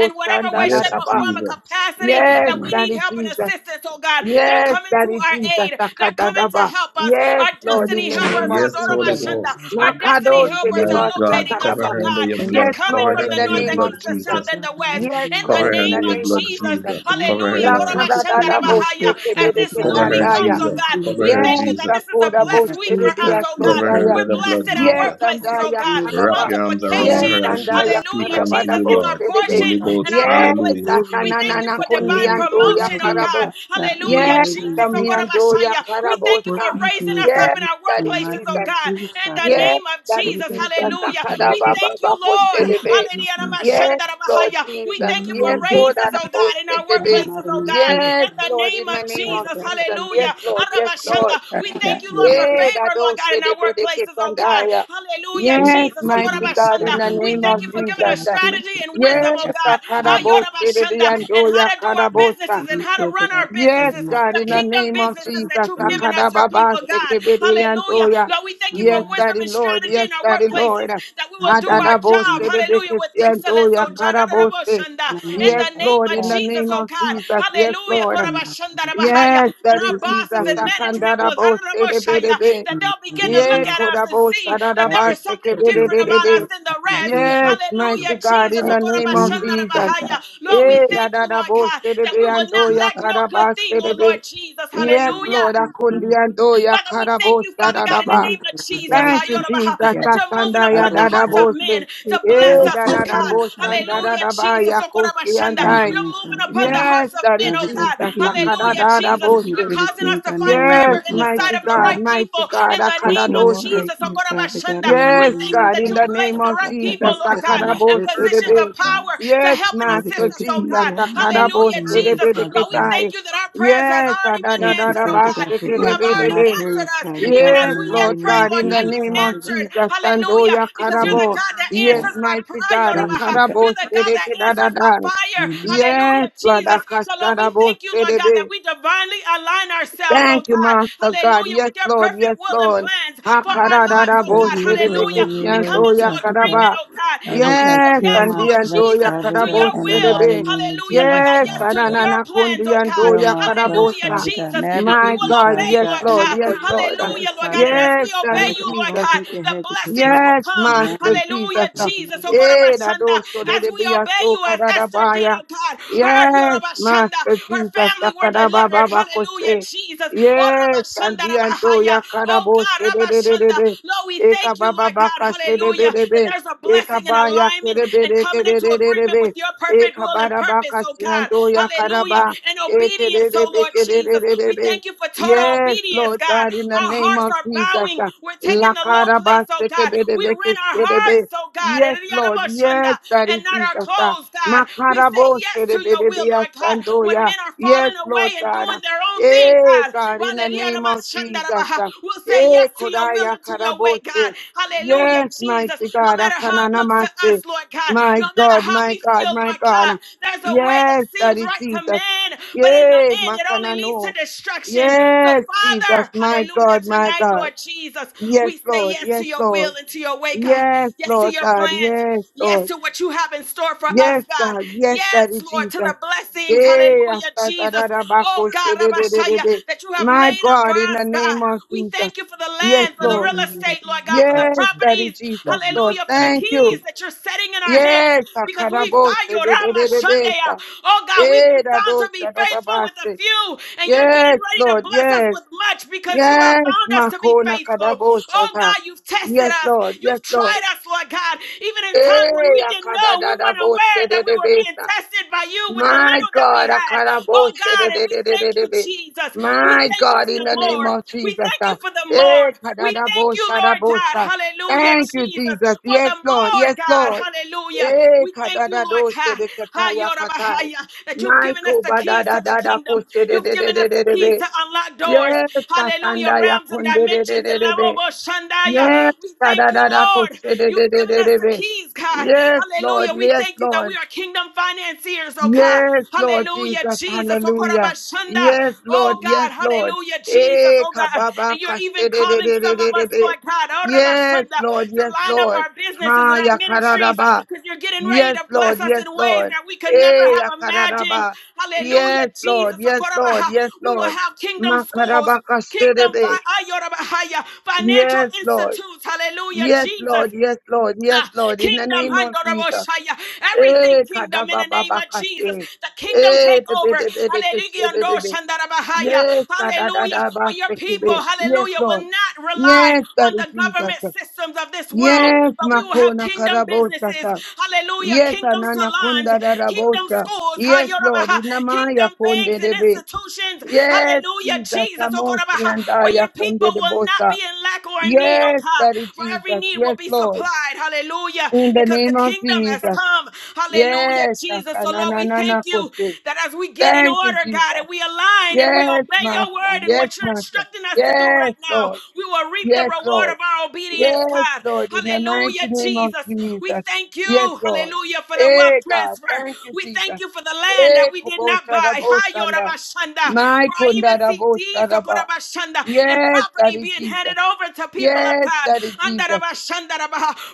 S4: In whatever way,
S7: Yes,
S4: shape, or
S2: Dadaba.
S4: form of
S7: Jesus.
S4: capacity
S2: Yes,
S4: that we need
S2: Daddy
S4: help and
S2: Jesus.
S4: assistance, oh God, they're
S2: Yes,
S4: coming to
S2: Daddy
S4: our
S2: Jesus.
S4: aid. They're coming to
S2: Sakadadaba.
S4: help us.
S2: Yes,
S4: Our
S2: Lord, in
S4: destiny
S2: the
S6: Amen.
S2: name
S4: helpers,
S2: of
S7: Yes, Holy
S2: Jesus.
S6: Father
S7: Ghost.
S6: God,
S4: our
S6: in the
S4: destiny
S6: name
S4: helpers
S7: My
S4: are
S2: Makadoshedeba
S6: of
S7: God,
S4: locating us,
S7: cover
S4: oh
S2: sakadaba.
S7: her under
S6: Jesus,
S4: God.
S7: your
S6: I
S4: They're
S2: Yes,
S7: blood.
S4: coming
S7: Cover
S2: Lord,
S4: from
S7: her
S2: in
S4: the
S2: the
S7: under
S4: north,
S7: your
S2: name
S6: Father
S4: the
S2: of
S7: blood,
S4: east, the
S2: Jesus.
S4: south,
S7: Jesus.
S4: and
S6: God,
S4: the
S6: in the
S4: west.
S2: Yes,
S6: mighty
S4: In
S6: name of
S4: the
S6: Jesus
S2: Lord,
S7: Cover her
S2: in
S4: name
S7: under
S2: the
S7: your
S4: of
S2: name
S7: blood,
S2: of
S4: Jesus,
S2: Jesus.
S7: Jesus.
S6: Christ,
S4: hallelujah.
S7: Cover her,
S4: Hallelujah.
S7: Lord.
S6: continue to keep my
S2: Lakadadadabo
S6: steps,
S4: As
S6: Father
S4: this
S6: God,
S4: new
S7: Cover
S6: in
S7: her,
S6: the
S4: week
S2: shekededeketandaya.
S4: comes,
S6: mighty
S4: oh
S6: name
S7: Jesus.
S6: of
S4: God,
S6: Jesus,
S7: Cover
S4: we
S6: Father.
S7: her,
S2: Yes,
S4: thank you that
S7: Jesus.
S4: this is a
S2: Akoda
S6: Father
S4: blessed
S6: God,
S4: week for
S6: any
S4: us,
S2: Bosheribia
S4: oh
S6: darkness,
S4: God.
S7: Cover
S6: any
S7: her
S6: evil
S2: Sondaya.
S7: under
S4: We're
S7: the
S6: in
S4: blessed
S7: blood,
S4: in our
S6: my
S2: Yes,
S6: heart,
S7: Jesus.
S4: workplaces,
S6: Father God,
S4: oh
S2: Andaya
S4: God.
S6: remove it,
S7: Wrap
S2: Kadaba.
S6: Father.
S7: your arms
S6: Humble
S7: around
S2: Yes,
S6: me,
S4: Multiplication,
S7: her as
S6: Father
S7: she
S2: Andaya
S6: God,
S7: speak
S6: and
S4: hallelujah.
S6: I take
S7: unto
S2: Kadabada
S4: Jesus
S7: you,
S4: is our
S7: Lord.
S6: you,
S2: Bosherebe.
S7: Holy
S4: portion
S6: Father
S4: in
S7: Ghost,
S6: God.
S4: our
S2: Yes,
S7: hallelujah.
S4: workplaces.
S6: Deliver
S4: We
S6: me,
S4: thank
S6: Father
S4: you
S2: Akananana
S6: God.
S4: for
S6: Deliver
S4: divine
S6: me from
S2: Kondiandoya
S6: all
S4: promotion, oh
S6: these,
S4: God.
S2: Karabo.
S6: Father God, in the
S4: Hallelujah.
S2: Yes,
S6: mighty name
S4: Jesus,
S6: of
S4: oh God,
S6: Jesus.
S2: Tamiandoya
S4: We thank you
S6: Work
S4: for
S2: Karabosa.
S6: into
S4: raising
S6: me,
S4: us up
S2: Yes,
S4: in
S6: Father,
S4: our
S2: Daddy
S6: in the
S4: workplaces,
S6: mighty
S4: oh
S2: Jesus.
S6: name of
S4: God.
S6: Jesus,
S4: In
S6: Father
S4: the
S6: God.
S2: Yes,
S4: name of
S2: Daddy
S6: Father
S4: Jesus,
S6: God,
S2: Jesus.
S6: thank you
S4: hallelujah.
S6: for my
S4: We
S2: Akadaba
S6: kids.
S4: thank you,
S2: Baba
S4: Lord.
S6: Thank you for
S2: Bosherebe.
S6: your
S4: Hallelujah.
S6: things, Father.
S2: Yes, Lord
S4: We
S6: And I
S2: Jesus.
S4: thank you
S6: know
S4: for
S2: Yes,
S6: you'll do
S2: Lord
S6: it.
S4: raises, oh God, in our
S6: In
S2: Bosherebe.
S6: the
S4: workplaces,
S6: mighty
S4: oh
S6: name of
S4: God,
S6: Jesus,
S2: Yes,
S4: in
S6: Christ,
S4: the
S2: Lord,
S4: name
S2: in the
S4: of
S2: name of
S6: Father
S4: Jesus.
S6: God, the
S2: Jesus.
S6: Lord,
S2: Yes,
S6: we
S4: Hallelujah.
S6: can
S2: Lord. Yes, Lord.
S4: Arabashanda. We
S6: Father
S4: thank
S6: God,
S4: you,
S6: in
S4: Lord,
S6: the
S4: for
S6: mighty
S2: Eh,
S6: name,
S4: favor, Lord God,
S2: dadoshe
S4: in
S2: de
S4: our
S2: bedeke
S4: workplaces, oh God.
S2: kandaya.
S4: Hallelujah,
S6: thank
S2: Yes,
S6: you
S4: Jesus.
S6: for being
S2: mighty
S6: my
S2: God, in
S4: Okorabashanda.
S2: the
S6: provider, my
S4: We
S2: name
S4: thank
S2: of
S4: you for giving
S6: waymaker,
S4: us
S2: Jesus.
S6: my
S4: strategy
S6: teacher.
S4: and wisdom,
S6: Father
S2: Yes,
S4: oh
S6: God, in
S4: God.
S6: the mighty name
S2: akarabose de
S4: Ayorabashanda. And
S2: diandoya
S4: how to do our
S6: of
S2: karabosa.
S4: businesses
S6: Jesus,
S4: and
S6: you
S4: how to
S6: said
S4: run
S6: that I was
S4: our
S6: good
S2: Yes,
S4: businesses,
S6: enough
S2: God,
S4: the
S2: in
S6: to
S2: the
S6: God
S4: kingdom
S2: name of
S4: businesses that
S2: Jesus.
S6: for
S4: you've
S6: me,
S4: given
S6: Father.
S4: us, your people,
S2: Akarababase
S4: God. Hallelujah.
S2: kebediandoya.
S4: Lord, we thank you
S6: In the
S4: for
S2: Yes,
S6: mighty
S4: wisdom
S2: Daddy
S4: and
S2: Lord.
S4: strategy
S2: Yes,
S4: in our
S2: Daddy
S4: workplaces,
S2: Lord.
S4: that we
S6: name
S4: will do
S6: of
S4: our
S6: Jesus, you
S4: job,
S2: Adadabose de
S4: hallelujah, with excellence,
S2: bekesiandoya
S4: oh
S6: know,
S4: God.
S2: karabose.
S6: and I know
S4: In
S6: if
S2: Yes,
S4: the
S6: I
S4: name
S2: Lord,
S4: of
S2: in
S6: fall,
S2: the
S4: Jesus,
S2: name
S6: Father
S4: oh
S2: of
S4: God,
S6: God,
S2: Jesus. Yes,
S4: hallelujah,
S6: in
S2: Lord.
S6: the mighty name of Jesus,
S2: Yes,
S6: Father,
S4: that
S6: God,
S2: Daddy
S4: our
S6: this is
S4: bosses
S2: Jesus.
S4: and
S6: good, and this is
S4: management
S6: good,
S4: will,
S2: Akandadabose de bedebe.
S4: that
S6: in the
S4: they'll
S6: mighty
S4: begin
S6: name
S4: to look
S2: Ye
S4: at
S6: Jesus,
S4: us and
S2: kodabo
S4: see that there
S2: sararaba
S6: Father,
S4: is something
S6: touch my
S4: different about us
S6: breath,
S2: sekeberebe.
S4: than the
S6: Father God,
S4: rest.
S6: any
S2: Yes,
S6: dark,
S2: mighty
S6: Father,
S4: Hallelujah,
S2: God,
S4: Jesus.
S2: in
S4: Oh,
S2: the
S4: ko
S6: God,
S2: name of
S6: remove it,
S2: Jesus.
S6: Father
S4: Lord, we
S2: Eh,
S6: God.
S2: da
S4: thank you,
S2: da da
S4: Lord
S2: bo
S4: God, that we
S2: serebe
S4: will not
S2: ando ya
S4: lack no good
S2: karaba
S4: thing, oh
S2: serebe.
S4: Lord Jesus.
S6: God, in
S2: Yes,
S6: the mighty
S4: Hallelujah.
S2: Lord,
S6: name of
S2: akundi
S6: Jesus,
S2: ando ya
S4: Father, we thank
S2: karabo
S4: you, Father
S6: for
S4: God, in
S6: the
S4: the
S2: sararaba.
S6: diseases
S4: name of
S6: that we
S4: Jesus,
S6: die
S2: Thank you,
S6: from,
S4: Hayorabaha,
S2: Jesus.
S6: Father
S4: that
S6: God.
S4: you're moving
S2: Asanda
S6: I
S2: ya
S4: upon
S6: don't
S4: the
S2: da
S6: want
S2: da
S6: to
S4: hearts
S6: die
S4: of
S2: bo se.
S4: men to
S6: quick,
S4: bless
S6: mighty
S2: Eh,
S6: name
S4: us,
S6: of
S2: da
S4: oh
S2: da da
S4: God.
S6: Jesus,
S2: bo
S6: Father
S2: sanda
S6: God.
S2: da
S4: Hallelujah,
S2: da ba
S4: Jesus.
S2: ya kosi
S4: Okorabashanda.
S2: andai.
S4: You're
S6: Amen,
S4: moving
S6: Father
S4: upon the
S6: God.
S2: Yes,
S4: hearts of
S2: Daddy
S4: men,
S6: Father
S4: oh
S6: God,
S4: God.
S2: Jesus.
S6: forgive me,
S2: Akada
S4: Hallelujah,
S6: God.
S2: da da
S4: Jesus.
S2: bo
S6: Forgive me
S2: se.
S4: You're
S6: for the
S4: causing us
S6: things
S4: to
S6: I
S4: find
S6: know and
S4: favor
S2: Yes,
S6: don't
S4: in the
S6: know,
S4: sight
S2: mighty
S4: of
S6: Father
S4: the
S2: God,
S6: God.
S4: right people
S2: mighty God,
S4: in the
S6: Make
S4: name
S6: me
S4: of
S6: more
S2: Akadadose.
S6: like
S4: Jesus.
S6: you, Father God,
S4: Okorabashanda.
S6: in the
S2: Yes,
S6: mighty
S4: We thank you
S6: name
S2: God,
S4: that
S6: of
S2: in
S4: you
S2: the
S6: Jesus,
S4: place
S2: name
S4: the
S6: Father
S2: of
S4: right
S6: God.
S2: Jesus,
S6: Let
S4: people,
S6: me
S4: Lord
S6: step
S4: God,
S6: in my
S4: in
S2: Sakarabo
S6: purpose,
S4: positions of
S2: Sedebe.
S6: Father God.
S4: power to
S2: Yes,
S4: help and
S6: Father
S2: Master
S4: assist
S6: God,
S4: us, oh
S6: continue
S2: Jesus,
S6: to
S4: God.
S6: help me be a good
S2: Sakarabo
S4: Hallelujah,
S6: mother,
S4: Jesus.
S2: Sedebe
S6: Father
S4: Lord, we we
S6: God.
S2: Ketai.
S4: thank you that our prayers have
S2: Yes,
S4: already been
S6: Thank you,
S4: answered, oh
S6: Father
S4: God.
S6: God, for
S4: You
S6: answering
S4: have already
S6: my
S2: Adadadadabasekedebedebe.
S4: answered
S6: prayers,
S4: us.
S6: Father
S4: Even
S6: God, in
S4: as
S2: Yes,
S6: the
S4: we
S6: mighty
S2: Lord
S4: yet pray,
S6: name of
S2: God,
S4: Lord
S2: in the
S4: God,
S6: Jesus,
S4: you've
S2: name of
S6: Father God.
S4: answered.
S2: Jesus,
S4: Hallelujah.
S2: Sandoya
S4: Because you're
S6: Thank
S4: the
S2: Karabo.
S6: you,
S4: God that
S2: Yes,
S6: God.
S4: answers by prayer.
S2: mighty God,
S6: Thank
S4: Yorubaha.
S6: you, God.
S2: Akarabo
S4: You're the God that answers by
S2: Sedekedadadan.
S4: fire.
S6: Amen.
S2: Yes,
S4: Hallelujah,
S2: Lord,
S4: Jesus. So, Lord, we
S2: Akashadabo
S4: thank you, Lord God,
S2: Sedebe.
S4: that we divinely align ourselves, oh
S2: Thank you,
S4: God.
S2: Master God.
S4: Hallelujah,
S2: Yes,
S4: with your
S2: Lord.
S4: perfect
S2: Yes,
S4: will and
S2: Lord.
S4: plans for our lives, oh
S6: God,
S4: God.
S6: your will
S4: Hallelujah.
S6: and
S4: We
S6: your
S4: come
S6: ways,
S2: Akaradaraboshedebekesianto
S4: into
S6: Father God.
S4: agreement,
S2: yakaraba.
S4: oh God, and
S6: Father
S4: we
S6: God,
S4: say,
S2: Yes,
S6: kill
S4: Yes,
S2: and
S6: my
S2: the
S4: Lord
S2: ando
S6: flesh,
S4: Jesus yes
S6: Father
S4: to your
S6: God, in the
S4: will.
S6: mighty
S2: yakaraboshedebe.
S6: name of
S4: Hallelujah, Lord
S6: Jesus,
S4: God.
S2: Yes,
S4: Yes
S6: Father
S4: to
S6: God.
S4: your
S2: adanana
S4: plans,
S2: kundi
S4: oh God.
S2: ando
S6: Kill my flesh,
S4: Hallelujah,
S2: yakarabosa.
S6: Father God.
S4: Jesus. And we
S2: My
S6: Navigate me,
S4: will
S2: God.
S4: obey,
S6: Father
S2: Yes,
S4: Lord
S6: God, in
S2: Lord.
S6: the
S4: God.
S2: Yes,
S6: mighty name
S2: Lord.
S6: of Jesus,
S4: Hallelujah, Lord
S6: Father
S4: God. And
S6: God.
S4: as
S2: Yes,
S4: we
S2: that is
S6: Father
S4: obey you,
S6: God,
S4: Lord
S2: Jesus.
S6: don't
S4: God,
S6: take your
S4: the
S6: hedge of
S4: blessings will
S6: protection.
S2: Yes,
S4: come.
S2: Master
S6: Run.
S2: Jesus.
S4: Hallelujah, Jesus. Oh God,
S2: Eh, that
S4: Abashanda.
S2: also
S4: as
S2: the
S4: we
S2: Bia
S4: obey
S2: so
S4: you, as Esther did,
S2: Kadabaya.
S4: oh God, her,
S2: Yes,
S4: Yorubashanda,
S2: Master
S4: her
S2: Jesus.
S4: family were delivered.
S2: Sakadababa
S4: Hallelujah,
S2: Koshe.
S4: Jesus. Oh,
S2: Yes,
S4: Rabashanda,
S2: and the
S4: Rabahaya.
S2: Antoya
S4: Oh
S2: Kadabos.
S4: God,
S2: de de de de
S4: Rabashanda.
S2: de.
S4: Lord, we
S2: Eka
S4: thank you,
S2: Baba
S4: Lord God
S2: Bakash. de de de
S4: hallelujah,
S2: de
S4: that
S2: de.
S4: there's a
S2: Eka
S4: blessing and
S2: Baya
S4: alignment and
S2: Kedebe.
S4: coming into agreement with
S2: Kedebe.
S4: your perfect
S2: Eka
S4: will and
S2: Bada
S4: purpose, oh
S2: Bakash.
S4: God,
S2: Antoya
S4: hallelujah,
S2: Kadaba.
S4: and
S2: Eke de
S4: obedience,
S2: de
S4: oh Lord
S2: de de
S4: Jesus.
S2: de de
S4: We
S2: de.
S4: thank you for total
S2: Yes,
S4: obedience,
S2: Lord
S4: God.
S2: God, in the
S4: Our
S2: name
S4: hearts
S2: of
S4: are
S2: Jesus.
S4: bowing, we're taking the low place, oh God. We rent our
S2: Lakarabasekebedebekeserebe.
S4: hearts, oh God,
S2: Yes, Lord. Yes, Daddy
S4: and not our
S2: Jesus. ah.
S4: clothes, God. We say yes to your will, Lord God. When
S2: Makarabosherebedebeasandoya.
S4: men are
S2: Yes,
S4: falling
S2: Lord
S4: away and
S2: God.
S4: doing
S2: ah.
S4: their own thing,
S2: Eh, God, in the name of
S4: God,
S2: Jesus. ah.
S4: We'll say
S2: Eh,
S4: yes to your will
S2: Kodaya
S4: and to your way,
S2: Karabose.
S4: God. Hallelujah,
S2: Yes, mighty
S4: Jesus. No
S2: God.
S4: matter how it looks to
S2: Akananamase.
S4: us, Lord God,
S2: My
S4: no matter
S2: God,
S4: how
S2: my
S4: we
S2: God,
S4: feel,
S2: my
S4: Lord
S2: God.
S4: God,
S2: ah.
S4: there's a way that
S2: Yes,
S4: seems
S2: Daddy
S4: right to
S2: Jesus.
S4: man, but in the
S2: Yes,
S4: end, it only leads to
S2: Makanano.
S4: destruction. So,
S2: Yes, Jesus,
S4: Father,
S2: my
S4: hallelujah,
S2: God, my
S4: tonight,
S2: God.
S4: Lord Jesus,
S2: Yes,
S4: we say
S2: Lord.
S4: yes to
S2: Yes,
S4: your
S2: Lord.
S4: will and to your way, God.
S2: Yes,
S4: Yes to
S2: Lord
S4: your
S2: God.
S4: plans.
S2: Yes,
S4: Yes
S2: Lord.
S4: to what you have in store for us,
S2: Yes,
S4: God.
S2: God. Yes,
S4: Yes,
S2: Daddy
S4: Lord, to
S2: Jesus.
S4: the blessings.
S2: Yay,
S4: Hallelujah, Jesus us, oh
S2: asatarabako
S4: God, Rabashaya,
S2: shededededede.
S4: that you have
S2: My
S4: laid up for
S2: God, in the
S4: us,
S2: name
S4: God.
S2: of
S4: We
S2: Jesus.
S4: thank you for the
S2: Yes,
S4: land, for the
S2: Lord.
S4: real estate, Lord God, for the
S2: Yes, Daddy
S4: properties,
S2: Jesus,
S6: Amen.
S2: Lord.
S4: hallelujah, for the
S2: Thank you.
S4: keys that you're setting in our hands
S2: Yes,
S4: because we
S2: akarabose
S4: find your Ramashandaya.
S2: bedededebesa.
S4: Oh God, we've
S2: Eh,
S4: been found to be
S2: dadosa
S4: faithful with a
S2: dadabase.
S4: few, and you're getting
S2: Yes,
S4: ready to
S2: Lord.
S4: bless us
S2: Yes.
S4: with much because you have
S2: Yes,
S4: found us to be
S2: makona
S4: faithful.
S2: kadabosa.
S4: Oh God, you've tested
S2: Yes,
S4: us,
S2: Lord. Yes,
S4: you've
S2: Lord.
S4: tried us, Lord God, even in times when
S2: Hey,
S4: we didn't know, we weren't aware that we were being
S2: akadadadabosherebesa.
S4: tested by you with the
S2: My
S4: little that we
S2: God,
S4: had. Oh God, and we thank you,
S2: akarabosherebe.
S4: Jesus. We
S2: my
S4: thank you
S2: God,
S4: for
S2: in
S4: the
S2: the name
S4: more.
S2: of
S4: We
S2: Jesus.
S4: thank you
S2: ah.
S4: for the
S2: Hey,
S4: more. We thank you, Lord God.
S2: kadadabosharabosa.
S4: Hallelujah,
S2: Thank you,
S4: Jesus,
S2: Jesus.
S4: for
S2: Yes,
S4: the
S2: Lord.
S4: more,
S2: Yes,
S4: God.
S2: Lord.
S4: Hallelujah.
S2: Hey,
S4: We thank you, Lord God. Ha,
S2: kadadadosherekataya
S4: yora
S2: katai.
S4: That you've given us
S2: Naiko
S4: the keys to the kingdom. You've given us the keys
S2: badadadadakosherebe.
S4: to unlock doors.
S2: Yes,
S4: Hallelujah.
S2: Tatanda
S4: Realms and dimensions and
S2: Yakunde.
S4: level of Shandaya.
S2: Yes,
S4: We
S2: da,
S4: thank
S2: da,
S4: you,
S2: da, da, ko-
S4: Lord.
S2: se- de- de-
S4: You've
S2: de-
S4: given
S2: de-
S4: us
S2: de-
S4: the
S2: de.
S4: keys, God.
S2: yes, Lord,
S4: Hallelujah. We
S2: yes,
S4: thank you that we
S2: Lord,
S4: are kingdom financiers, oh God.
S2: yes, Lord
S4: Hallelujah,
S2: Jesus,
S4: Jesus. Oh,
S2: hallelujah.
S4: korabashanda.
S2: Yes, Lord,
S4: Oh,
S2: yes,
S4: God.
S2: Lord.
S4: Hallelujah, Jesus.
S2: Eh,
S4: Oh
S2: ka-
S4: God. And you're
S2: ka-
S4: even
S2: se- de- de-
S4: calling
S2: de- de-
S4: some of
S2: de- de-
S4: us,
S2: de.
S4: Lord God, oh,
S2: Yes,
S4: rabashanda,
S2: Lord,
S4: to
S2: yes,
S4: line up
S2: Lord.
S4: our businesses and
S2: Ha,
S4: our
S2: ya, ka-
S4: ministries because you're getting ready
S2: Yes,
S4: to bless
S2: Lord,
S4: us in
S2: yes,
S4: ways
S2: Lord.
S4: that we could never
S2: Eh,
S4: have
S2: ya, ka-
S4: imagined. Hallelujah,
S2: Yes, Lord,
S4: Jesus. Oh,
S2: yes, Lord,
S4: korabaha.
S2: yes,
S4: We will
S2: Lord.
S4: have kingdom
S2: Ma-
S4: schools
S2: ka- se- de-
S4: kingdom
S2: de.
S4: fi- ayorabahaya, financial
S2: Yes, Lord.
S4: institutes. Hallelujah,
S2: Yes,
S4: Jesus.
S2: Lord. Yes, Lord. Yes,
S4: Ha!
S2: Lord. In the
S4: Kingdom,
S2: name of Jesus.
S4: Handoroboshaya. everything
S2: Eh,
S4: kingdom in the name of Jesus.
S2: kadabababakate.
S4: The kingdom
S2: Eh,
S4: take over. Hallelujah.
S2: bebebebekeshebebebe.
S4: Andoshandarabahaya.
S2: Yes,
S4: Hallelujah. Where your people,
S2: kadadadabasekebe. Yes,
S4: hallelujah,
S2: Lord.
S4: will not rely
S2: Yes,
S4: on
S2: Daddy
S4: the
S2: Jesus.
S4: government systems of this world,
S2: Yes,
S4: but we will have
S2: Makona
S4: kingdom businesses.
S2: Karabosasa.
S4: Hallelujah.
S2: Yes,
S4: Kingdom
S2: Anana
S4: salons,
S2: Kunda
S4: kingdom
S2: Darabosa.
S4: schools,
S2: Yes, Lord.
S4: Hayorabaha.
S2: Inamaya
S4: kingdom banks
S2: Konde
S4: and
S2: Debe.
S4: institutions.
S2: Yes,
S4: Hallelujah.
S2: Jesus.
S4: Jesus.
S2: Samosi
S4: Okorabaha.
S2: and
S4: Where
S2: Aya
S4: your people
S2: Konde
S4: will not
S2: Debosa.
S4: be in lack or in need, oh
S2: Yes,
S4: God.
S2: Daddy
S4: For every
S2: Jesus.
S4: need will will
S2: Yes,
S4: be
S2: Lord.
S4: supplied. Hallelujah.
S2: In the
S4: Because the
S2: name of
S4: kingdom has
S2: Jesus.
S4: come. Hallelujah,
S2: Yes,
S4: Jesus. So, Lord, we
S2: Takananana
S4: thank you
S2: Kose.
S4: that as we get in
S2: Thank you,
S4: order, God, and
S2: Jesus.
S4: we align and we
S2: Yes,
S4: obey your
S2: Master.
S4: word and
S2: Yes,
S4: what you're
S2: Master.
S4: instructing us to do
S2: Yes,
S4: right now,
S2: Lord.
S4: we will reap the
S2: Yes,
S4: reward
S2: Lord.
S4: of our obedience,
S2: Yes,
S4: God.
S2: Lord. In the mighty
S4: Hallelujah,
S2: name of
S4: Jesus. We
S2: Jesus.
S4: thank you,
S2: Yes, Lord.
S4: hallelujah, for the wealth
S2: Hey, God.
S4: transfer.
S2: Thank you,
S4: We thank
S2: Jesus.
S4: you for the land that
S2: Hey,
S4: we did not buy.
S2: Kobosarabosanda.
S4: Hayorabashanda.
S2: My
S4: For I even see deeds,
S2: Kondarabosadaba.
S4: Okorabashanda, and
S2: Yes, that
S4: property
S2: is
S4: being
S2: Jesus.
S4: handed over to people of
S2: Yes,
S4: God
S2: that is Jesus.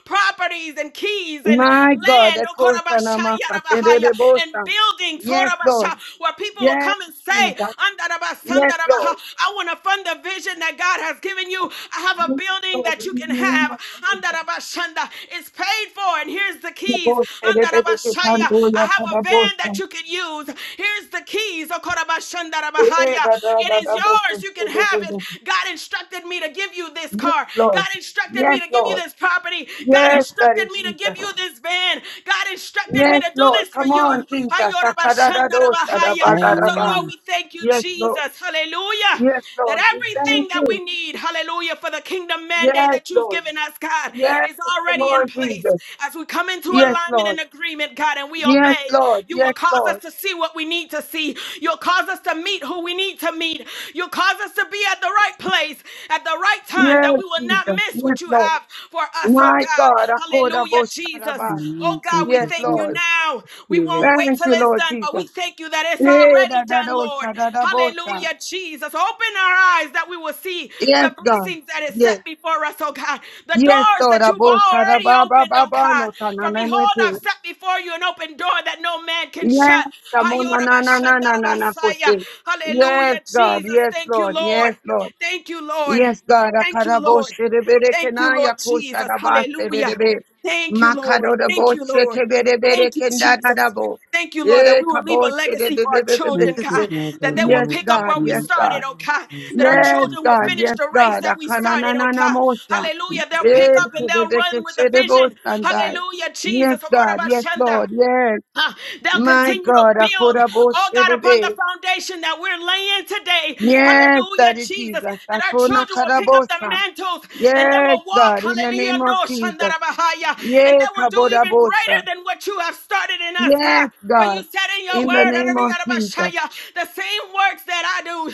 S4: properties and keys and
S2: My God,
S4: land
S2: the Koshana Makate de
S4: and buildings
S2: Yes, Lord.
S4: where people will
S2: Yes,
S4: come and
S2: Jesus.
S4: say,
S2: Yes, Lord.
S4: I want to fund the vision that God has given you. I have a
S2: Yes,
S4: building
S2: Lord.
S4: that
S2: In
S4: you
S2: the
S4: can
S2: name of
S4: have.
S2: Jesus.
S4: It's paid for, and here's the
S2: The
S4: keys.
S2: Bosa, the Bedeke Pandoya
S4: I have a van that
S2: Kadabosa.
S4: you can use. Here's the keys.
S2: Eh, da, da, da,
S4: It is
S2: da,
S4: yours.
S2: Bosa,
S4: You can
S2: eh, de,
S4: have
S2: de,
S4: it.
S2: de.
S4: God instructed me to give you this this
S2: Yes,
S4: car.
S2: Lord.
S4: God instructed me
S2: Yes,
S4: to give you
S2: Lord.
S4: this property. God
S2: Yes, Daddy
S4: instructed me to give
S2: Jesus.
S4: you this van. God instructed me
S2: Yes,
S4: to do
S2: Lord.
S4: this for
S2: Come
S4: you.
S2: on, Jesus. Akadadadosa, da, ba, da,
S4: So,
S2: da, ba.
S4: Lord,
S6: Amen.
S4: we thank you,
S2: Yes, Lord.
S4: Jesus. Hallelujah.
S2: Yes,
S4: That
S2: Lord. We
S4: everything
S2: thank
S4: that
S2: you.
S4: we need, hallelujah, for the kingdom mandate
S2: Yes,
S4: that you've
S2: Lord.
S4: given us, God,
S2: Yes,
S4: is
S2: come
S4: already in
S2: on, Jesus.
S4: place. As we come into
S2: Yes,
S4: alignment
S2: Lord.
S4: and agreement, God, and we
S2: Yes,
S4: obey,
S2: Lord.
S4: you will
S2: Yes,
S4: cause us
S2: Lord.
S4: to see what we need to see. You'll cause us to meet who we need to meet. You'll cause us to be at the right place at the right time that
S2: Yes,
S4: we will not
S2: Jesus.
S4: miss
S2: Yes,
S4: what you
S2: Lord.
S4: have for us, oh
S2: My
S4: God.
S2: God, I called
S4: Hallelujah,
S2: about
S4: Jesus.
S2: Saraba.
S4: Oh God,
S6: Thank
S4: we
S2: Yes,
S6: you,
S4: thank you
S2: Lord.
S6: Jesus.
S4: now. We
S6: We will
S4: won't wait
S2: Thank
S4: till
S2: you,
S4: it's
S2: Lord
S4: done, but
S2: Jesus.
S4: we thank you that it's
S2: Eh, da,
S4: already
S2: da,
S4: done,
S2: do,
S4: Lord.
S2: sha, da, da, bo, sha.
S4: Hallelujah, Jesus. Open our eyes that we will see
S2: Yes,
S4: the
S2: God.
S4: blessings that is set
S2: Yes.
S4: before us, oh God. The
S2: Yes,
S4: doors
S2: Lord.
S4: that you've
S2: Abo Saraba
S4: already
S2: ba ba
S4: opened,
S2: ba
S4: oh
S2: ba,
S4: God.
S2: no ta na
S4: For
S2: na na
S4: behold,
S2: te.
S4: I've set before you an open door that no man can shut.
S2: Yes, Amo, na na na na na na na ko, te. Yes,
S4: Hallelujah,
S2: God.
S4: Jesus.
S2: Yes,
S4: Thank you,
S2: Lord.
S4: Lord.
S2: Yes, Lord.
S4: Thank you, Lord.
S2: Yes, God,
S4: Thank you, Lord. Thank you, Lord Jesus. Hallelujah.
S2: Akaraboshereberekenayakosharabasherebe.
S4: Thank you, Lord. Thank you, Lord. Thank you, Jesus.
S2: Makaroroboshekebereberekendarabo.
S4: Thank you, Lord, that we will leave a legacy for our children,
S6: Thank you,
S4: God,
S2: Ekabosherebebebebekete.
S4: that
S6: Father
S4: they will
S2: Yes,
S6: God.
S4: pick up
S6: for
S2: God,
S4: where we
S2: yes,
S6: being
S4: started,
S2: God.
S4: oh God,
S6: a
S4: that our
S2: Yes,
S4: children will
S2: God,
S6: good
S4: finish
S2: yes,
S4: the race
S2: God.
S4: that we started, oh God.
S2: Akanananamosa.
S6: Lord.
S4: Hallelujah.
S6: Thank
S4: They'll
S6: you,
S4: pick up and
S6: Jesus.
S4: they'll run with the vision.
S2: Ekebebekesherebosandai.
S4: Hallelujah, Jesus.
S2: Yes, God, yes, Lord, yes.
S4: Uh, they'll
S2: My
S4: continue to
S2: God,
S4: build, oh God, upon the
S2: Akorabosherebe.
S4: foundation that we're laying today.
S2: Yes,
S4: Hallelujah,
S2: Daddy
S4: Jesus.
S2: Jesus.
S4: That our
S2: Atona
S4: children will pick up the
S2: karabosa.
S4: mantles and they
S2: Yes,
S4: will walk,
S2: God, in the
S4: hallelujah,
S2: name of
S4: no
S2: Jesus.
S4: shandarabahaya, and
S2: Yes,
S4: they will do even greater
S2: kabodabosa.
S4: than what you have started in us, God.
S2: Yes,
S4: For you
S2: God,
S4: said in your
S2: in the
S4: word,
S2: name of Jesus.
S4: the same works that I do,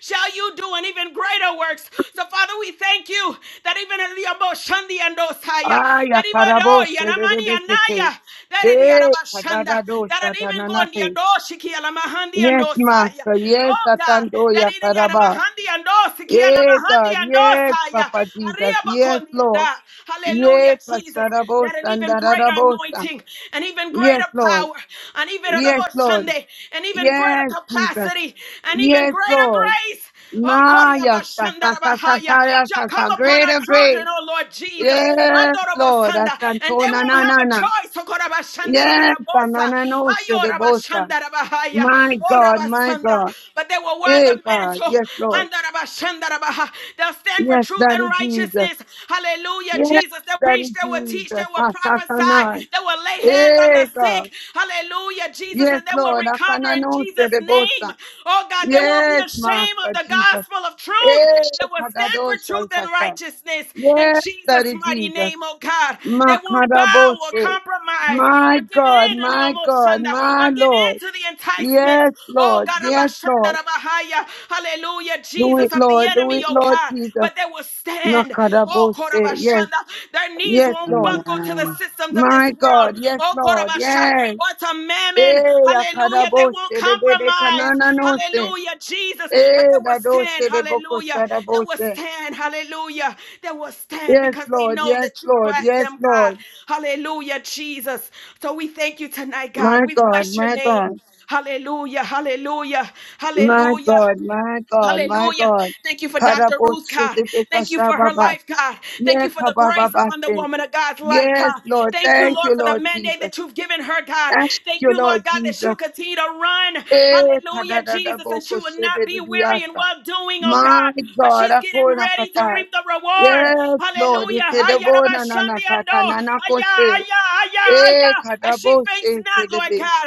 S4: shall you do, and even greater works. So, Father, we thank you that even in the Aboshandi and Osaya,
S2: Aya
S4: that even oh,
S2: karabose
S4: Yanamani
S2: rebekete.
S4: Anaya, that it
S2: Yes,
S4: Yadabashanda, that
S2: kadadadosa
S4: it even go in the
S2: tananate.
S4: Adoshiki Alamahandi and
S2: Yes,
S4: Osaya.
S2: Master. Yes,
S4: Oh God, that
S2: atandoya
S4: it
S2: karaba.
S4: Yanamahandi and Osiki
S2: Yes,
S4: Anamahandi
S2: God.
S4: and
S2: Yes,
S4: Osaya.
S2: Papa Jesus. Yes, Lord.
S4: Hallelujah,
S2: Yes,
S4: Jesus. That
S2: kasarabosa
S4: an
S2: and
S4: even even greater
S2: darabosa.
S4: anointing, and even
S2: Yes,
S4: greater
S2: Lord.
S4: power, and even
S2: Yes,
S4: another
S2: Lord.
S4: Sunday, and even greater
S2: Yes, Jesus.
S4: capacity, and even
S2: Yes,
S4: greater
S2: Lord.
S4: grace. Oh, Kori
S2: Maya, sa- sa- sa- sa-
S4: Abashandarabahaya
S2: sa- ya-
S4: shall
S2: sa-
S4: come
S2: sa-
S4: upon our
S2: greater
S4: children,
S2: grace.
S4: oh Lord Jesus.
S2: Yes,
S4: Andorobo
S2: Lord.
S4: Sanda, And they
S2: Asantona na
S4: won't have
S2: na
S4: a
S2: na.
S4: choice. Oh, Kori
S2: Yes,
S4: Abashandarabahaya.
S2: na no
S4: Ayo
S2: shedebosa.
S4: Rabashandarabahaya.
S2: My
S4: Oh,
S2: God, my
S4: Rabasanda.
S2: God.
S4: But they will wear
S2: Hey
S4: the
S2: God,
S4: mantle.
S2: yes, Lord.
S4: Andarabashandarabaha. They'll stand for
S2: Yes,
S4: truth
S2: Daddy
S4: and
S2: Jesus.
S4: righteousness. Hallelujah. Hallelujah,
S2: Yes,
S4: Jesus. they will
S2: Daddy
S4: preach, they will teach, they
S2: Jesus.
S4: will
S2: Sa- sa- sa-
S4: prophesy,
S2: na.
S4: they will lay hands on
S2: Hey
S4: the
S2: God.
S4: sick. Hallelujah, Jesus.
S2: Yes,
S4: And they will
S2: Lord.
S4: recover
S2: Akana
S4: in
S2: no
S4: Jesus' name.
S2: shedebosa.
S4: Oh God, they won't be
S2: Yes,
S4: ashamed of
S2: Master
S4: the
S2: Jesus.
S4: gospel of truth
S2: Hey,
S4: They will stand for truth and
S2: Padadosha.
S4: righteousness in
S2: Yes,
S4: Jesus'
S2: Daddy
S4: mighty
S2: Jesus.
S4: name, oh God. They won't bow or
S2: Makaraboshe.
S4: compromise or
S2: My
S4: give
S2: God,
S4: in to the
S2: my
S4: almost
S2: God,
S4: thunder, or
S2: my
S4: give in
S2: Lord.
S4: to the enticements.
S2: Yes,
S4: Oh
S2: Lord.
S4: God, Abba
S2: Yes,
S4: Shanda,
S2: Lord.
S4: Abba Haya. hallelujah,
S2: Do it,
S4: Jesus of the
S2: Lord. Do
S4: enemy,
S2: it,
S4: oh God
S2: Lord Jesus.
S4: but they will stand. Oh,
S2: Makaraboshe. Yes,
S4: Korabashanda, their knees
S2: yes,
S4: won't
S2: Lord.
S4: buckle to the
S6: Amen.
S4: systems of this
S2: My
S4: world.
S2: God. Yes,
S4: Oh,
S2: Lord.
S4: Korabasha,
S2: Yes.
S4: or to mammon.
S2: Eh,
S4: Hallelujah. They
S2: akaraboshe.
S4: won't
S2: Rebede
S4: compromise.
S2: kanananose.
S4: Hallelujah, Jesus.
S2: Eh,
S4: But they will stand.
S2: dadoshe
S4: Hallelujah. They will
S2: debokosadaboshe.
S4: stand. Hallelujah. They will stand
S2: Yes,
S4: because they
S2: Lord.
S4: know
S2: Yes,
S4: that you
S2: Lord.
S4: back
S2: Yes,
S4: them, God.
S2: Lord.
S4: Hallelujah, Jesus. So we thank you tonight, God.
S2: My
S4: We
S2: God,
S4: bless your
S2: my God.
S4: name. Hallelujah, hallelujah,
S2: My
S4: hallelujah,
S2: God, my God, my
S4: Hallelujah.
S2: God.
S4: Thank you for Dr. Ruth, God. Thank you for her
S2: Karaboshitibikashababa.
S4: life, God. Thank you for the grace upon the
S2: Yekabababase.
S4: woman of God's life,
S2: Yes,
S4: God.
S2: Lord.
S4: Thank you,
S2: Thank
S4: Lord,
S2: you,
S4: for the
S2: Lord
S4: mandate
S2: Jesus.
S4: that you've given her, God.
S2: Thank
S4: Thank
S2: you,
S4: you,
S2: Lord
S4: Lord God, that she'll
S2: Jesus.
S4: continue to run.
S2: Eh,
S4: Hallelujah, Jesus. And she will not be weary in
S2: kadadadabokoshebedidiasa.
S4: well doing, oh
S2: My
S4: God. For
S2: God.
S4: she's getting
S2: akona
S4: ready to
S2: akonakatai.
S4: reap the reward.
S2: Yes, Lord.
S4: Hallelujah. Hayarabashandi ando. Aya,
S2: Ikedebonanakatananakose.
S4: aya, aya, aya.
S2: Eh,
S4: As she faints not, Lord
S2: kadaboshekedebe.
S4: God.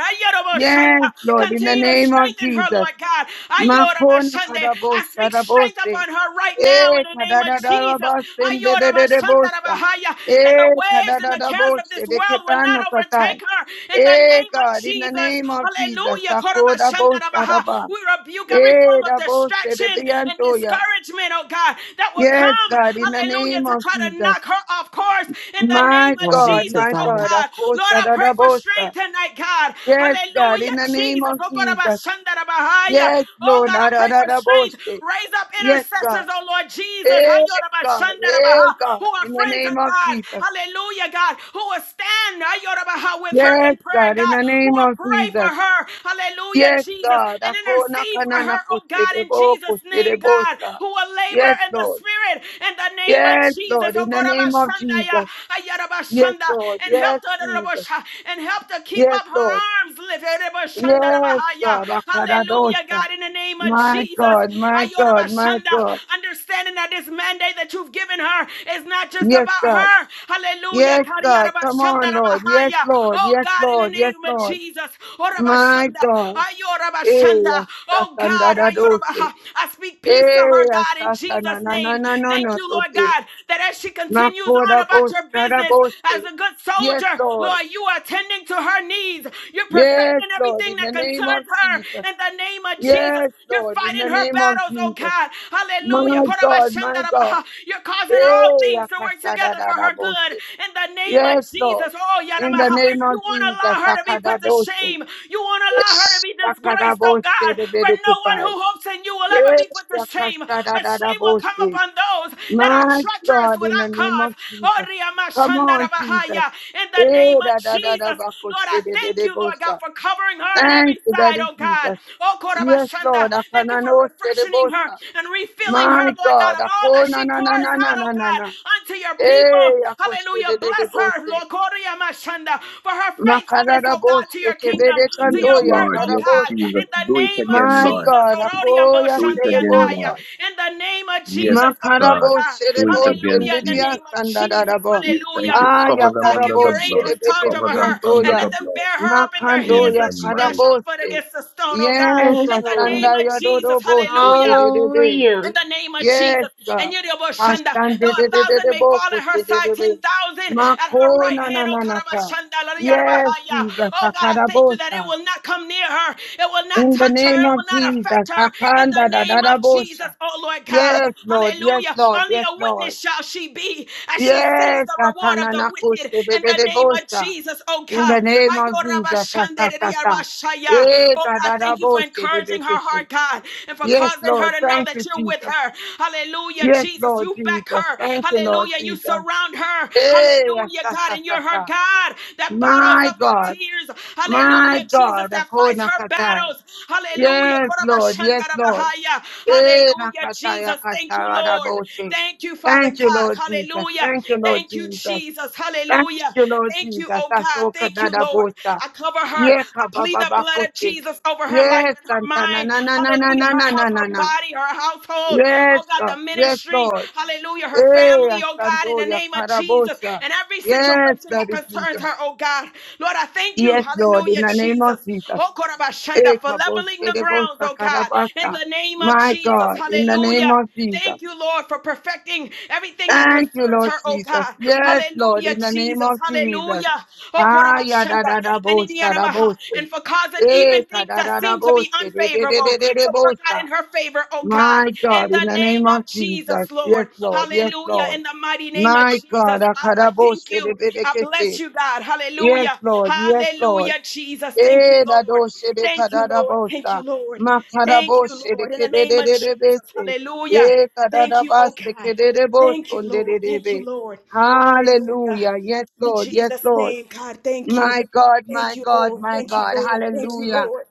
S2: Yes,
S4: Hayarabashanda.
S2: Lord. In the
S4: Continue to
S2: name of
S4: strengthen her,
S2: Jesus.
S4: Lord God.
S2: Makona
S4: Ayorabashande. I speak strength
S2: kadabosharabose.
S4: upon her right now in
S2: Eh,
S4: the name of
S2: kadadada
S4: Jesus.
S2: basten de de de de dendededebosa.
S4: Ayorabashandarabahaya. That the
S2: Eh,
S4: waves and the cares of
S2: kadadadabos,
S4: this world will not
S2: edeketano katai.
S4: overtake her in the
S2: Eh,
S4: name of
S2: God, in the
S4: Jesus.
S2: name of Jesus,
S4: Hallelujah.
S2: sakoda bosa
S4: Korobashandarabaha. We rebuke every
S2: Eh,
S4: form of
S2: da bosa de
S4: distraction and
S2: biantoya.
S4: discouragement, oh God, that will
S2: Yes,
S4: come,
S2: God, in the
S4: hallelujah,
S2: name
S4: to
S2: of
S4: try to
S2: Jesus.
S4: knock her off course in the name
S2: My
S4: of
S8: Glory
S2: God,
S8: to
S4: Jesus,
S2: my
S4: oh
S8: God.
S2: God,
S4: God. Lord,
S2: akosa
S4: I pray for
S2: bosa.
S4: strength tonight, God.
S2: Yes, God, in
S4: Hallelujah,
S2: the name
S4: Jesus.
S2: of
S4: Oh,
S2: Jesus.
S4: Korobashandarabahaya.
S2: Yes,
S4: Oh
S2: Lord,
S4: God,
S2: da
S4: I
S2: da
S4: pray for
S2: da
S4: strength.
S2: bosa.
S4: Raise up
S2: Yes, God.
S4: intercessors, oh Lord Jesus.
S2: Eh, God, eh,
S4: Who
S2: God,
S4: are
S2: in the
S4: friends
S2: name
S4: of
S2: of
S4: God.
S2: Jesus.
S4: Hallelujah, God. Who will stand with her
S2: Yes,
S4: in prayer,
S2: God, in
S4: God.
S2: the
S4: Who
S2: name
S4: will
S2: of
S4: pray for
S2: Jesus.
S4: her. Hallelujah,
S2: Yes,
S4: Jesus.
S2: God.
S4: And
S2: Akona
S4: intercede for
S2: kanana
S4: her, oh God, in
S2: kushirebo
S4: Jesus' name, God.
S2: kushirebosa.
S4: Who will labor
S2: Yes,
S4: in the
S2: Lord.
S4: spirit in the name of
S2: Yes,
S4: Jesus.
S2: Lord.
S4: Oh
S2: In the
S4: God,
S2: name of
S4: Abashandaya,
S2: Jesus. Yes, Lord.
S4: and
S2: Yes,
S4: helped her
S2: Jesus.
S4: Rabosha, and helped her keep
S2: Yes,
S4: up her
S2: Lord.
S4: arms lifted.
S2: Yes,
S4: Raboshandarabahaya.
S2: God.
S4: Hallelujah,
S2: Akaradosa.
S4: God, in the name of
S2: My
S4: Jesus.
S2: God, my God, my
S4: Ayorabashanda,
S2: God.
S4: Understanding that this mandate that you've given her is not just
S2: Yes,
S4: about
S2: God.
S4: her. Hallelujah.
S2: Yes, God. Come on, Lord. Yes,
S4: Kariyarabashandarabahaya.
S2: Lord.
S4: Oh
S2: Yes,
S4: God, in the
S2: Lord. Yes,
S4: name of
S2: Lord.
S4: Jesus.
S2: My
S4: Orabashanda,
S2: God. Hey,
S4: Ayorabashanda. Oh God,
S2: Sakandadadose.
S4: Ayorabaha. I speak peace to
S2: Eh,
S4: her, God, in
S2: asasa, na,
S4: Jesus'
S2: na, na,
S4: name.
S2: na, no,
S4: Thank
S2: no,
S4: you, Lord
S2: tote.
S4: God, that as she continues on
S2: Makora
S4: about your
S2: bosara
S4: business
S2: bose.
S4: as a good
S2: Yes,
S4: soldier,
S2: Lord.
S4: Lord, you are tending to her needs. You're
S2: Yes,
S4: perfecting
S2: Lord,
S4: everything
S2: in the
S4: that
S2: name of
S4: concerns her
S2: Jesus.
S4: in the name of Jesus.
S2: Yes,
S4: You're
S2: Lord, in the
S4: fighting her
S2: name of
S4: battles, oh
S2: Jesus.
S4: God. Hallelujah.
S2: My God, my God.
S4: Korabashandarabaha. You're causing all
S2: Eh,
S4: things to work
S2: akasa, da,
S4: together for
S2: da, da,
S4: her good
S2: bose.
S4: in the name of
S2: Yes,
S4: Jesus.
S2: Lord.
S4: Oh,
S2: In the
S4: Yaramaha.
S2: name of
S4: You won't
S2: Jesus,
S4: allow her to be put to
S2: Akadadose.
S4: shame. You won't allow her to
S2: Yes,
S4: be disgraced, oh
S2: Akadabose,
S4: God.
S2: the
S4: For no one who
S2: Bedekitai.
S4: hopes in you will ever be
S2: Yes,
S4: put to shame.
S2: Akasa, da,
S4: But
S2: da, da,
S4: shame will come
S2: bose.
S4: upon those that are
S2: My
S4: treacherous
S2: God, in the
S4: without
S2: name
S4: cause.
S2: of
S4: Oh,
S2: Jesus. Come on, Jesus.
S4: Riamashandarabahaya. In the name
S2: Eh,
S4: of
S2: da, da, da, da,
S4: Jesus,
S2: ba, ko,
S4: Lord, I
S2: se, de, de,
S4: thank
S2: de,
S4: you,
S2: bo,
S4: Lord God,
S2: sa.
S4: for covering her on
S2: Thank
S4: every
S2: you,
S4: side,
S2: Daddy
S4: oh God.
S2: Jesus.
S4: Oh,
S2: Yes, Lord.
S4: Korabashanda. Thank you for
S2: Akanano, se, de,
S4: refreshing
S2: bo,
S4: her
S2: sa.
S4: and refilling her,
S2: My
S4: Lord God,
S2: God.
S4: of all
S2: Ako,
S4: that
S2: na,
S4: she
S2: na,
S4: pours
S2: na, na, na,
S4: out,
S2: na,
S4: oh
S2: na,
S4: God,
S2: na.
S4: unto your people.
S2: Eh, ako, se,
S4: Hallelujah.
S2: de, de, de,
S4: Bless
S2: bo,
S4: her,
S2: se.
S4: Lord Koriyamashanda, for her
S2: Makara,
S4: faithfulness,
S2: da,
S4: oh
S2: bo,
S4: God, to
S2: se,
S4: your
S2: ke, be,
S4: kingdom,
S2: de,
S4: to your
S2: kanto,
S7: Yes,
S2: ya,
S4: work,
S7: Lord.
S4: oh
S2: kara,
S7: Yes,
S2: bo,
S4: God.
S2: sa.
S7: Jesus.
S4: In the
S7: Do
S4: name
S7: it
S4: of
S7: again,
S2: My
S7: Lord.
S4: Jesus,
S2: God. Ako, ya,
S7: Do it
S2: se, de, bo,
S7: again,
S2: sa.
S4: Ororiyamboshandiandaya.
S7: Lord.
S4: in the name of
S7: Yes,
S4: Jesus, oh Lord
S7: God.
S2: Makarabo
S4: God.
S7: Do it
S2: Sherebo
S7: again,
S4: Hallelujah. In the
S7: Jesus.
S2: Sendidia
S4: name of Jesus.
S2: Sandadarabo.
S7: We thank
S4: Hallelujah.
S7: you. Cover
S2: Aya
S4: Oh
S7: them
S4: God,
S7: under
S4: give
S2: Karabo
S7: the
S4: your
S7: blood.
S4: angels charge
S2: Sherebeke
S7: Cover
S4: over
S7: them
S4: her
S7: under
S4: and
S2: Siantoya.
S7: the
S4: let them
S7: blood.
S4: bear her up in their
S7: In
S4: hands,
S2: Makandoya
S7: the
S4: lest she dash
S7: mighty
S4: her foot
S2: Karabose.
S4: against the stone, oh God.
S2: Yes,
S3: Yes,
S4: In the name
S3: Lord.
S4: of
S2: Asandaya
S4: Jesus,
S2: Dodobo
S4: hallelujah
S2: Sete.
S4: in
S3: Hallelujah.
S4: the name of
S2: Yes,
S4: Jesus.
S2: God.
S4: And you Shanda, though
S2: Ashande
S4: a
S2: de de de
S4: thousand
S2: de
S4: may
S2: Asandedebo
S4: fall at her side,
S2: Kusedebe.
S4: ten thousand at her right
S2: Makona
S4: hand. Oh
S2: Nananata.
S4: Karabashanda,
S2: Yes,
S4: Lariyarabahaya.
S2: Jesus.
S4: Oh God, I thank you that it
S2: Akarabosa.
S4: will not come near her, it will not
S2: In the
S4: touch her,
S2: name
S4: it
S2: of
S4: will not
S2: Jesus.
S4: affect her in
S2: Akanda
S4: the name of Jesus.
S2: Dadarabosa.
S4: Oh Lord God,
S2: Yes, Lord. Yes,
S4: hallelujah.
S2: Lord.
S4: Only
S2: Yes,
S4: a
S2: Lord.
S4: witness shall she be as she sees
S2: Yes,
S4: the reward of the wicked
S2: Atananakoso
S4: in the name of
S2: Bebedebosa.
S4: Jesus. Oh
S2: In the
S4: God,
S2: name of Jesus. ta,
S4: Ayorabashande,
S2: ta, ta, ta.
S4: Lariyarabashaya.
S2: Eh,
S4: Oh God, thank you for
S2: Kadadabose
S4: encouraging her
S2: Bebekese.
S4: heart, God, and for
S2: Yes,
S4: causing
S2: Lord.
S4: her to know
S2: Thank
S4: that
S2: you,
S4: you're with
S2: Jesus.
S4: her. Hallelujah,
S2: Yes,
S4: Jesus,
S2: Lord
S4: you back
S2: Jesus.
S4: her.
S2: Thank you, Lord
S4: Hallelujah, you
S2: Jesus.
S4: surround her.
S2: Eh,
S4: Hallelujah,
S2: ta,
S4: God,
S2: ta,
S4: and
S2: ta,
S4: you're her
S2: ta.
S4: God that bottles
S2: My
S4: up her
S2: God.
S4: tears.
S2: My
S4: Hallelujah, Jesus,
S2: God.
S4: that fights
S2: Akona
S4: her
S2: Katai.
S4: battles. Hallelujah,
S2: Yes, Lord. Yes, Lord.
S4: Korabashandarabahaya.
S2: Eh,
S4: Hallelujah,
S2: Nakataya
S4: Jesus, thank you, Lord.
S2: Kasharadabose.
S4: Thank you, Father
S2: Thank you,
S4: God.
S2: Lord Jesus.
S4: Hallelujah.
S2: Thank you, Lord
S4: Thank you,
S2: Jesus.
S4: Jesus.
S2: Thank
S4: Hallelujah.
S2: you, Lord
S4: Thank you,
S2: Jesus.
S4: oh God.
S2: Asoka
S4: Thank you,
S2: dada
S4: Lord.
S2: bota.
S4: I cover her. I
S2: Yeka
S4: plead
S2: baba
S4: the blood of
S2: bakote.
S4: Jesus over her life
S2: Yes,
S4: and her
S2: Santa na
S4: mind.
S2: na na na na
S4: Hallelujah.
S2: na
S4: Her
S2: na na
S4: health,
S2: na
S4: her
S2: na.
S4: body, her household. Oh
S2: Yes,
S4: God, the
S2: God. Yes,
S4: ministry.
S2: Lord.
S4: Hallelujah. Her
S2: Eh,
S4: family, oh God, in
S2: Asando
S4: the
S2: ya
S4: name of Jesus.
S2: karabosa.
S4: And every
S2: Yes,
S4: situation that
S2: Daddy
S4: concerns
S2: Jesus.
S4: her, oh God. Lord, I thank you.
S2: Yes, Lord. In
S4: Hallelujah,
S2: the name of
S4: Jesus.
S2: Jesus.
S4: Oh, Korabashanda,
S2: Eh,
S4: for leveling
S2: kabose
S4: the
S2: de
S4: grounds,
S2: bosa
S4: oh God, in
S2: karabasa.
S4: the name of
S2: My
S4: Jesus.
S2: God. In the name
S4: Hallelujah.
S2: of Jesus.
S4: Thank you, Lord, for perfecting everything that
S2: Thank you,
S4: concerns
S2: Lord
S4: her, oh
S2: Jesus.
S4: God.
S2: Yes, Lord,
S4: Hallelujah,
S2: in the name
S4: Jesus.
S2: of Jesus.
S4: Hallelujah. Oh,
S2: Ah, ya da,
S4: Korabashanda.
S2: da, da,
S4: And
S2: bosta, da,
S4: Idiyanamaha.
S2: bosta.
S4: And for causing
S2: Eh,
S4: even
S2: ka,
S4: things
S2: da,
S4: that
S2: da, da,
S4: seem to be
S2: bosta, de, de, de, de,
S4: unfavorable
S2: de, de,
S4: to work out
S2: bosta.
S4: in her favor, oh God.
S2: My
S4: In
S2: God,
S4: the
S2: in the name
S4: name
S2: of
S4: of Jesus,
S2: Jesus. Yes,
S4: Lord.
S2: Lord. Yes,
S4: Hallelujah.
S2: Lord.
S4: In the mighty name of
S2: My God,
S4: Jesus, Father, I thank
S2: akadaboste, de,
S4: you.
S2: de, de,
S4: I bless you, God.
S2: Yes,
S4: Hallelujah.
S2: Lord. Yes, Lord.
S4: Hallelujah, Jesus. Thank you,
S2: Eda
S4: Lord.
S2: doshe de
S4: Thank you,
S2: kadada
S4: Lord. Thank you,
S2: bosa.
S4: Lord.
S2: Makada
S4: Thank you,
S2: boshe de
S4: Lord. In the
S2: kede
S4: name
S2: de
S4: of
S2: de de
S4: Jesus.
S2: bese.
S4: Hallelujah.
S2: Ye
S4: Thank
S2: kadada
S4: you, oh
S2: baste
S4: God.
S2: kede de
S4: Thank you,
S2: boson de
S4: Lord.
S2: de de
S4: Thank you,
S2: be.
S4: Lord. Hallelujah.
S2: Hallelujah. Yes,
S4: In
S2: Lord. Yes,
S4: Jesus'
S2: Lord.
S4: name, God, thank you.
S2: My God,
S4: Thank
S2: my
S4: you,
S2: God,
S4: Lord.
S2: my
S4: Thank you,
S2: God.
S4: Lord. Thank you,
S2: Hallelujah.
S4: Lord.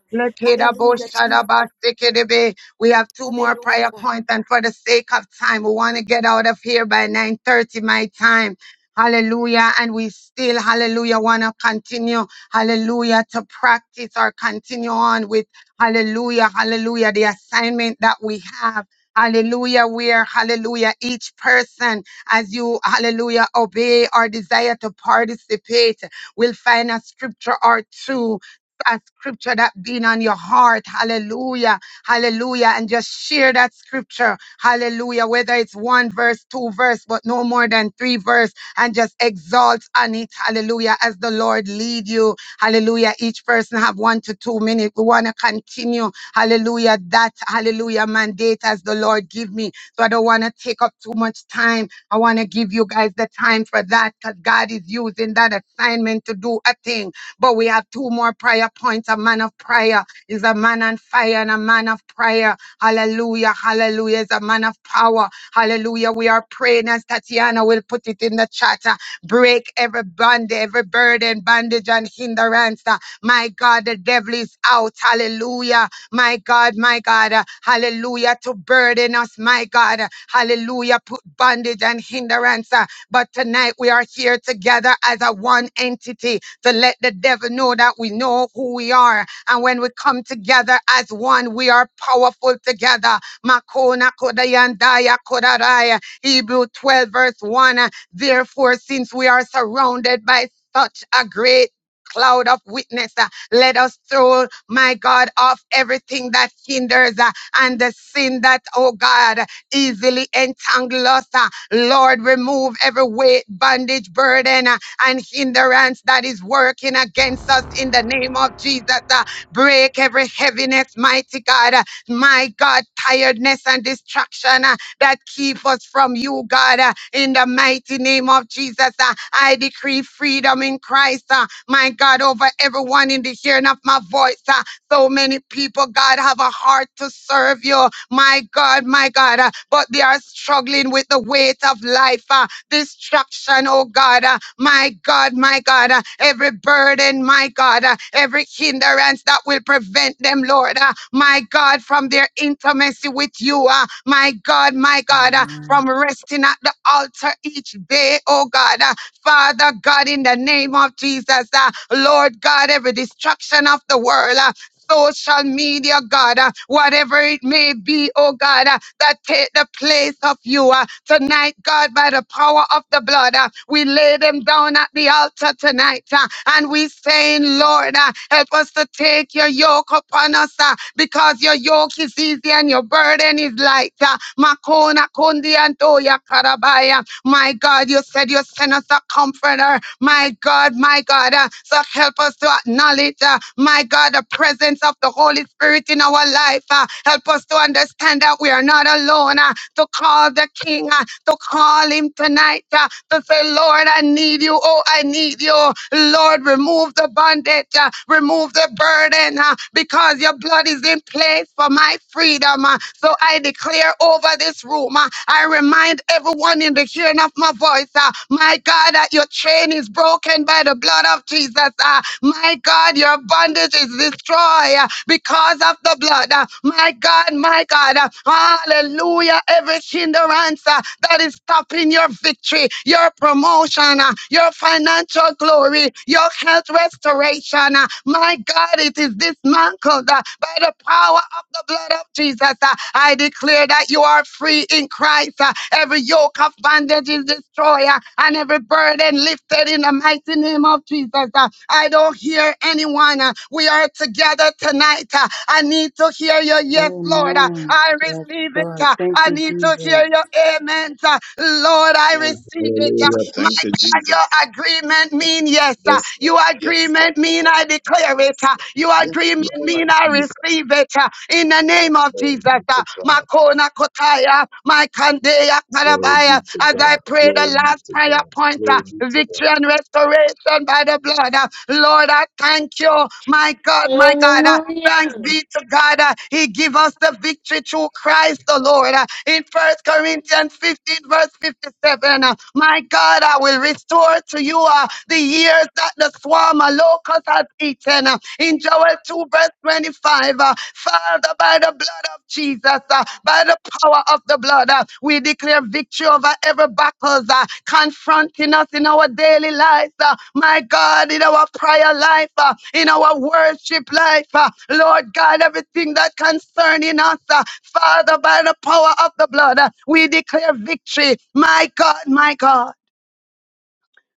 S4: Hallelujah, Jesus.
S2: Lekedabosadabasekedebe. We have two more prayer
S4: Hallelujah.
S2: points, and for the sake of time, we want to get out of here by 9:30 my time. Hallelujah. And we still, hallelujah, want to continue, hallelujah, to practice or continue on with, hallelujah, hallelujah, the assignment that we have. Hallelujah, where, hallelujah, each person, as you, hallelujah, obey or desire to participate. We'll find a scripture or two. A scripture that been on your heart, hallelujah, hallelujah, and just share that scripture, hallelujah, whether it's one verse, two verse, but no more than three verse, and just exalt on it, hallelujah, as the Lord lead you, hallelujah. Each person have one to two minutes. We want to continue, hallelujah, that hallelujah mandate as the Lord give me. So I don't want to take up too much time. I want to give you guys the time for that because God is using that assignment to do a thing. But we have two more prayer points. A man of prayer is a man on fire and a man of prayer. Hallelujah. Hallelujah is a man of power. Hallelujah. We are praying as Tatiana will put it in the chat. uh, Break every bond, every burden, bondage, and hindrance. uh, My God, the devil is out. Hallelujah my God, my God, uh, hallelujah, to burden us, my God, uh, hallelujah, put bondage and hindrance. uh, But tonight we are here together as a one entity to let the devil know that we know who we are. And when we come together as one, we are powerful together. Makona kodayandaya kodaraya. Hebrew 12, verse 1. uh, Therefore, since we are surrounded by such a great cloud of witness. uh, let us throw, my God, off everything that hinders uh, and the sin that, oh God, easily entangle us. uh. Lord, remove every weight, bondage, burden, uh, and hindrance that is working against us in the name of Jesus. uh. Break every heaviness, mighty God. uh, My God, tiredness and distraction uh, that keep us from you, God, uh, in the mighty name of Jesus. uh. I decree freedom in Christ. uh, my God, over everyone in the hearing of my voice. Uh, so many people, God, have a heart to serve you, my God, my God, uh, but they are struggling with the weight of life, uh, distraction, oh God, uh, my God, my God, uh, every burden, my God, uh, every hindrance that will prevent them, Lord, uh, my God, from their intimacy with you, uh, my God, my God, uh,
S6: Amen.
S2: from resting at the altar each day, oh God, uh, Father God, in the name of Jesus, uh, Lord God, every destruction of the world, uh, social media, God, uh, whatever it may be, oh God, uh, that take the place of you. uh, Tonight, God, by the power of the blood, uh, we lay them down at the altar tonight. uh, And we saying, Lord, uh, help us to take your yoke upon us uh, because your yoke is easy and your burden is light. uh, Makona kundi and Oya Karabaya. My God, you said you sent us a comforter comforter. My God, my God. uh, so help us to acknowledge, uh, my God, the presence of the Holy Spirit in our life. uh, help us to understand that we are not alone. uh, to call the King, uh, to call him tonight, uh, to say, Lord, I need you. Oh, I need you. Lord, remove the bondage, uh, remove the burden, uh, because your blood is in place for my freedom. uh, so I declare over this room. uh, I remind everyone in the hearing of my voice, uh, my God, that your chain is broken by the blood of Jesus. uh, My God, your bondage is destroyed uh, because of the blood. uh, My God, my God, uh, hallelujah. Every hindrance uh, that is stopping your victory, your promotion, uh, your financial glory, your health restoration. uh, My God. God, it is this man called uh, by the power of the blood of Jesus. uh, I declare that you are free in Christ. uh, every yoke of bondage is destroyed uh, and every burden lifted in the mighty name of Jesus. uh, I don't hear anyone. uh, we are together tonight. uh, I need to hear your yes, Lord. uh,
S6: Amen.
S2: I
S6: Yes,
S2: receive it.
S6: Lord.
S2: uh,
S6: Thank
S2: I
S6: you,
S2: need to
S6: Jesus.
S2: hear your amen. uh, Lord, I
S7: name.
S2: receive it. Uh,
S7: Hallelujah.
S2: my
S7: Thank you,
S2: God,
S7: Jesus.
S2: your agreement mean yes. uh,
S7: Yes, Lord.
S2: Your
S7: Yes, Lord.
S2: agreement mean
S7: Yes,
S2: I
S7: Lord.
S2: declare it.
S7: Yes,
S2: uh,
S7: Lord.
S2: Your
S7: Yes,
S2: agreement
S7: Lord
S2: mean I
S7: Jesus.
S2: receive it. uh, In the
S7: Oh,
S2: name of
S7: glory
S2: Jesus.
S7: be
S2: uh,
S7: to God.
S2: Makona Kotaya, my Kandeya
S7: Glory be
S2: Karabaya.
S7: to
S2: As I
S7: God.
S2: pray
S7: Glory
S2: the
S7: be
S2: last
S7: to
S2: prayer
S7: God.
S2: point, uh,
S7: Glory be to
S2: victory
S7: God.
S2: and restoration by the blood. uh, Lord, I thank you. My God, my God.
S3: Hallelujah.
S2: Thanks be to God. uh, He give us the victory through Christ the Lord. Uh, In 1 Corinthians 15, verse 57, uh, my God, I will restore to you uh, the years that the swarm of locust has eaten. Uh, In Joel 2, verse 25, uh, Father, by the blood of Jesus, uh, by the power of the blood. uh, We declare victory over every battles uh, confronting us in our daily lives. uh, My God, in our prayer life, uh, in our worship life, uh, Lord God, everything that concerning us, uh, Father, by the power of the blood, uh, we declare victory. My God, my God.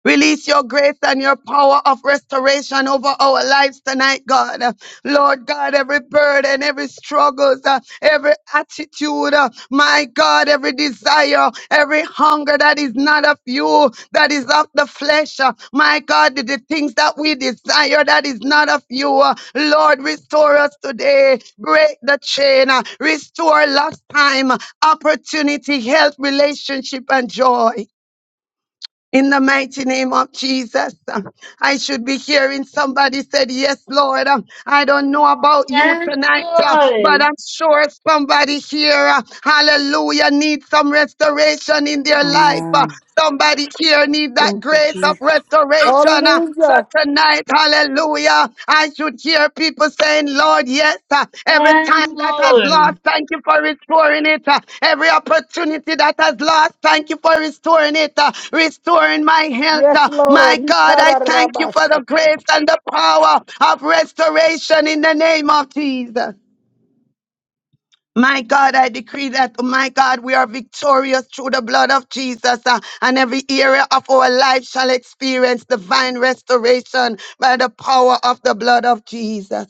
S2: Release your grace and your power of restoration over our lives tonight, God. Lord God, every burden, every struggles, uh, every attitude, uh, my God, every desire, every hunger that is not of you, that is of the flesh, uh, my God, the, the things that we desire that is not of you, uh, Lord, restore us today, break the chain, uh, restore lost time, opportunity, health, relationship, and joy. In the mighty name of Jesus, um, I should be hearing somebody said, yes, Lord, um, I don't know about you
S3: Yes,
S2: tonight, uh, but I'm
S3: Lord.
S2: sure somebody here, uh, hallelujah, needs some restoration in their life. Uh,
S6: Amen.
S2: Somebody here need that
S6: Thank you,
S2: grace of
S6: Jesus.
S2: restoration. uh, So
S8: Hallelujah.
S2: tonight, hallelujah, I should hear people saying, Lord, yes, uh, every
S3: Yes,
S2: time that has
S3: Lord.
S2: lost, thank you for restoring it. uh, Every opportunity that has lost, thank you for restoring it. uh, Restoring my health.
S8: Yes,
S2: uh, My
S8: Lord. He
S2: God,
S8: cut
S2: I
S8: out of
S2: thank you for the
S8: Rabashata.
S2: grace and the power of restoration in the name of Jesus. My God, I decree that, oh my God, we are victorious through the blood of Jesus, uh, and every area of our life shall experience divine restoration by the power of the blood of Jesus.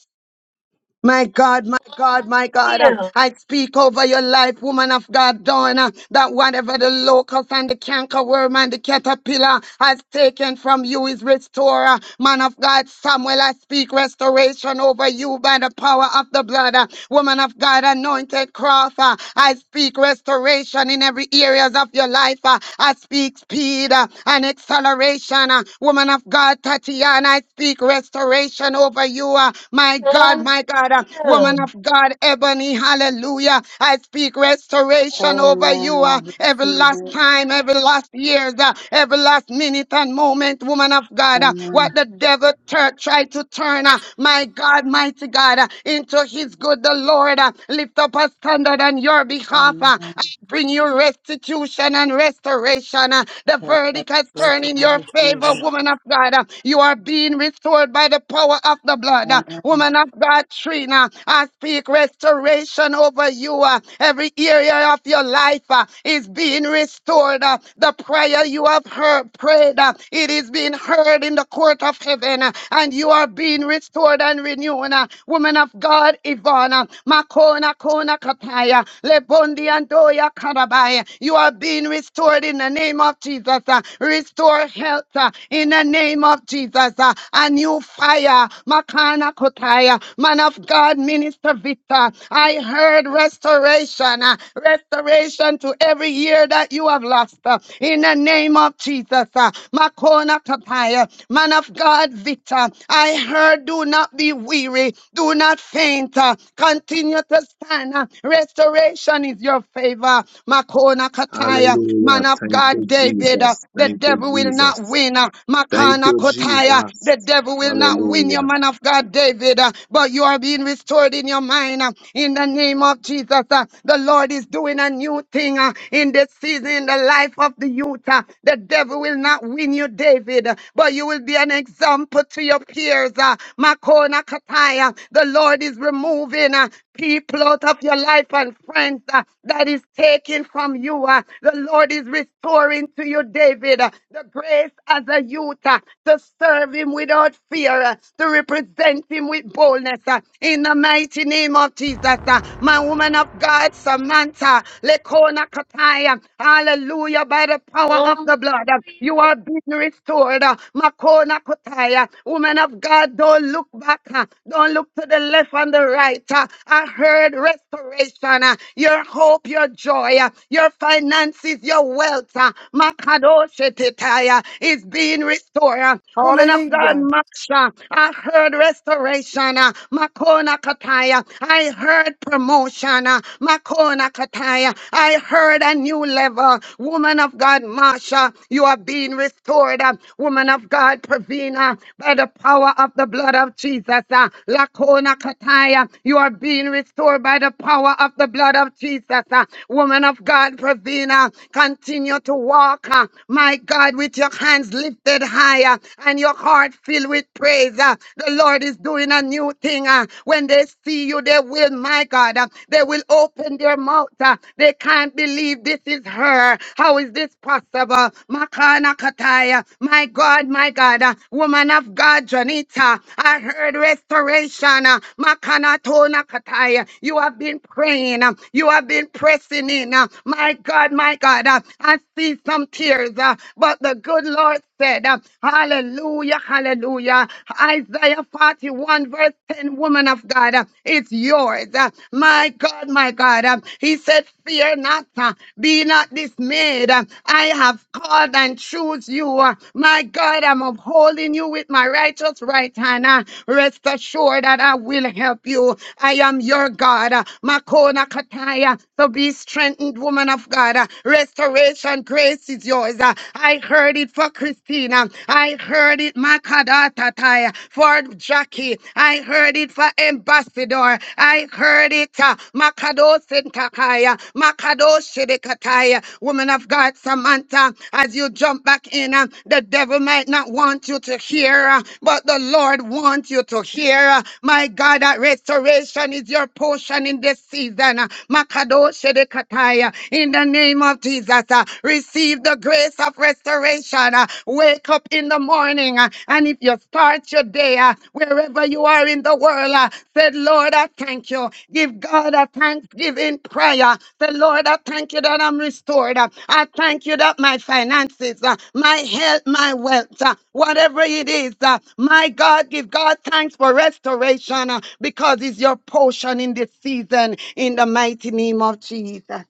S2: My God, my God, my God, uh,
S3: Hallelujah.
S2: I speak over your life, woman of God, Donna, that whatever the locust and the cankerworm and the caterpillar has taken from you is restorer. Man of God, Samuel, I speak restoration over you by the power of the blood. uh, Woman of God, anointed cross, uh, I speak restoration in every areas of your life. uh, I speak speed uh, and acceleration. uh, Woman woman of God, Tatiana. I speak restoration over you. uh, my God, my God, uh,
S3: Hallelujah.
S2: woman of God, Ebony, hallelujah. I speak restoration over you
S6: Amen.
S2: uh, every
S6: I receive
S2: last
S6: it.
S2: time, every last years, uh, every last minute and moment, woman of God. uh,
S6: Amen.
S2: what the devil tur- tried to turn, uh, my God, mighty God, uh, into his good, the Lord. uh, lift up a standard on your behalf.
S6: Amen.
S2: uh, I bring you restoration restitution and restoration. uh, The
S6: Lord, I
S2: verdict has
S6: bless
S2: turned
S6: you.
S2: in
S6: I
S2: your
S6: receive
S2: favor,
S6: it.
S2: woman of God. uh, You are being restored by the power of the blood. uh,
S6: Amen.
S2: Woman of God, Trina, I speak restoration over you. uh, Every area of your life uh, is being restored. uh, The prayer you have heard, prayed, uh, it is being heard in the court of heaven, uh, and you are being restored and renewed. uh, Woman of God, God, Ivana, Makona Kona Kataya, Lebondi Andoya Karabaya. You are being restored in the name of Jesus. uh, Restore health uh, in the name of Jesus. uh, A new fire, Makana Kotaya, man of God, Minister Victor. I heard restoration, uh, restoration to every year that you have lost. uh, In the name of Jesus, uh, Makona Kataya. Man of God, Victor, I heard, do not be weary, do not faint, uh, continue to stand. uh, Restoration is your favor. Makona Kataya,
S7: Hallelujah.
S2: man of
S7: Thank
S2: God,
S7: you,
S2: David, uh,
S7: Jesus.
S2: the
S7: Thank you,
S2: devil will not
S7: Jesus.
S2: win. uh,
S7: Thank
S2: Makana
S7: you,
S2: Kotaya,
S7: Jesus.
S2: the devil will not win your
S7: Hallelujah.
S2: man of God, David, uh, but you are being restored in your mind. uh, In the name of Jesus, uh, the Lord is doing a new thing uh, in this season in the life of the youth. uh, the devil will not win you, David, uh, but you will be an example to your peers. uh, Makona Kataya, the Lord is removing uh, people out of your life and friends uh, that is taken from you. uh, The Lord is restoring to you, David, uh, the grace as a youth uh, to serve him without fear, uh, to represent him with boldness. uh, In the mighty name of Jesus, uh, my woman of God, Samantha, Lekona Kataya. Makotai. Hallelujah. By the power of
S3: Hallelujah.
S2: the blood, uh, you are being restored. uh, Makona Kotaya. Woman of God, don't look back. uh, Don't look to the left and the right. uh, I heard restoration. uh, Your hope, your joy, uh, your finances, your wealth. uh, Makadoshetitaya Is being restored. uh, Woman of God,
S8: Hallelujah.
S2: Maksha. I heard restoration. uh, Makona Kataya. I heard promotion. Diana, Makona Kataya. I heard a new level. Woman of God, Marsha, you are being restored. uh, Woman of God, Pravina, by the power of the blood of Jesus. uh, Lakona Kataya, you are being restored by the power of the blood of Jesus. uh, Woman of God, Pravina, continue to walk, uh, my God, with your hands lifted higher and your heart filled with praise. uh, The Lord is doing a new thing. uh, when they see you, they will, my God, uh, they will open their mouth. uh, They can't believe this is her. How is this possible? Makana Kataya, my God, my God, uh, woman of God, Janita, I heard restoration. uh, Makana Tona Kataya, you have been praying, uh, you have been pressing in. uh, My God, my God, uh, I see some tears, uh, but the good Lord said, uh, Hallelujah, hallelujah. Isaiah 41, verse 10, woman of God, uh, it's yours. Uh, My God, my God. uh, He said, Fear not, uh, be not dismayed. Uh, I have called and choose you. Uh, My God, I'm upholding you with my righteous right hand. Uh, Rest assured that I will help you. I am your God. Uh, Makona Kataya. So be strengthened, woman of God. Uh, Restoration grace is yours. Uh, I heard it for Christine. Christina. I heard it, Makadatataya, for Jackie. I heard it for Ambassador. I heard it, uh, Makadosintakaya, Makadoshidikataya. Woman of God, Samantha, as you jump back in, uh, the devil might not want you to hear, uh, but the Lord wants you to hear. uh, My God, that restoration is your portion in this season. uh, Makadoshidikataya. In the name of Jesus, uh, receive receive the grace of restoration. Uh, Wake up in the morning, uh, and if you start your day, uh, wherever you are in the world, uh, say, Lord, I thank you. Give God a thanksgiving prayer. Say, Lord, I thank you that I'm restored. Uh, I thank you that my finances, uh, my health, my wealth, uh, whatever it is, uh, my God, give God thanks for restoration uh, because it's your portion in this season in the mighty name of Jesus.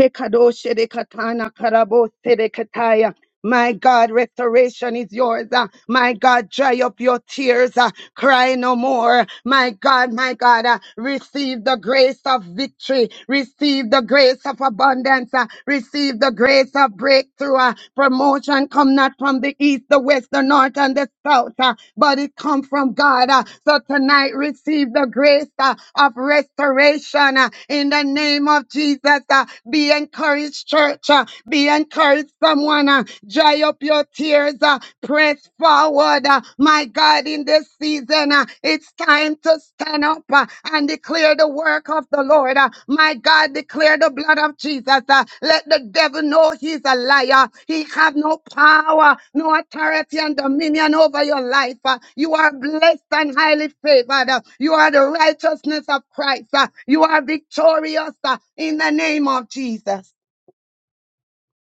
S2: Tekadoshe de katana karabo sede kataya. My God, restoration is yours. uh, My God, dry up your tears. uh, Cry no more. My God, my God, uh, receive the grace of victory. Receive the grace of abundance. uh, receive the grace of breakthrough. uh, promotion come not from the east, the west, the north, and the south, uh, but it come from God. uh, so tonight, receive the grace uh, of restoration uh, in the name of Jesus. uh, be encouraged, church. uh, be encouraged, someone. uh, dry up your tears, uh, press forward, uh, my God, in this season. uh, it's time to stand up uh, and declare the work of the Lord. uh, my God, declare the blood of Jesus. uh, let the devil know he's a liar. He have no power, no authority and dominion over your life. uh, you are blessed and highly favored. uh, you are the righteousness of Christ. uh, you are victorious uh, in the name of Jesus.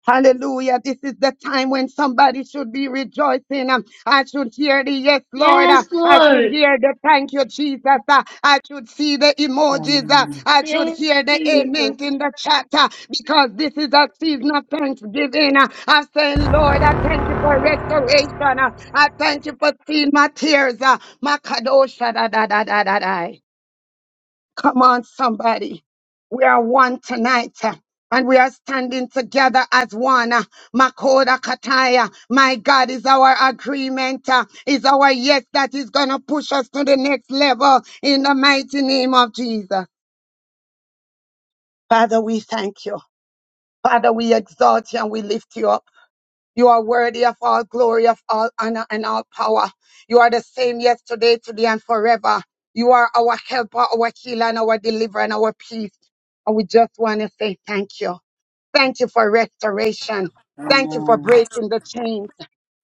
S2: Hallelujah. This is the time when somebody should be rejoicing. Um, I should hear the yes, Lord. Uh,
S3: Yes,
S2: I should
S3: Lord.
S2: hear the thank you, Jesus. Uh, I should see the emojis. Uh,
S6: Amen.
S2: I should
S3: Yes,
S2: hear the amen
S3: Jesus.
S2: in the chat uh, because this is a season of thanksgiving. Uh, I'm saying, Lord, I thank you for restoration. Uh, I thank you for seeing my tears. Uh, my kadosha da da da da da. da. Come on, somebody. We are one tonight. uh, And we are standing together as one. uh, Makoda Kataya. My God is our agreement. uh, Is our yes that is going to push us to the next level in the mighty name of Jesus. Father, we thank you. Father, we exalt you and we lift you up. You are worthy of all glory, of all honor, and all power. You are the same yesterday, today, and forever. You are our helper, our healer, and our deliverer, and our peace. And we just want to say thank you. Thank you for restoration. Thank you for
S6: Amen.
S2: breaking the chains.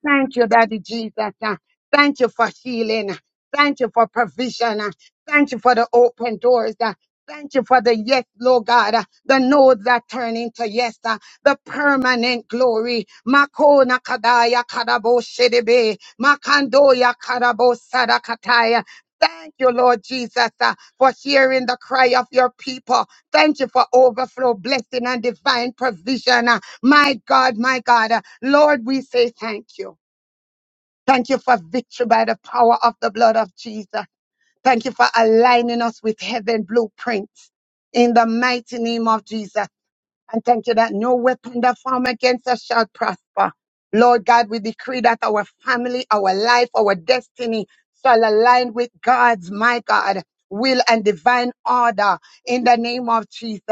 S2: Thank you, Daddy Jesus. uh, Thank you for healing. uh, Thank you for provision. uh, Thank you for the open doors. uh, Thank you for the yes, Lord God. uh, The no's that turn into yes. uh, The permanent glory. Makona kadaya kadabo shedebe. Makandoya kadabo sadakataya. Thank you, Lord Jesus, uh, for hearing the cry of your people. Thank you for overflow, blessing, and divine provision. uh, My God, my God, uh, Lord, we say thank you. Thank you for victory by the power of the blood of Jesus. Thank you for aligning us with heaven blueprints in the mighty name of Jesus. And thank you that no weapon that form against us shall prosper. Lord God, we decree that our family, our life, our destiny shall align with God's, my God, will and divine order in the name of Jesus.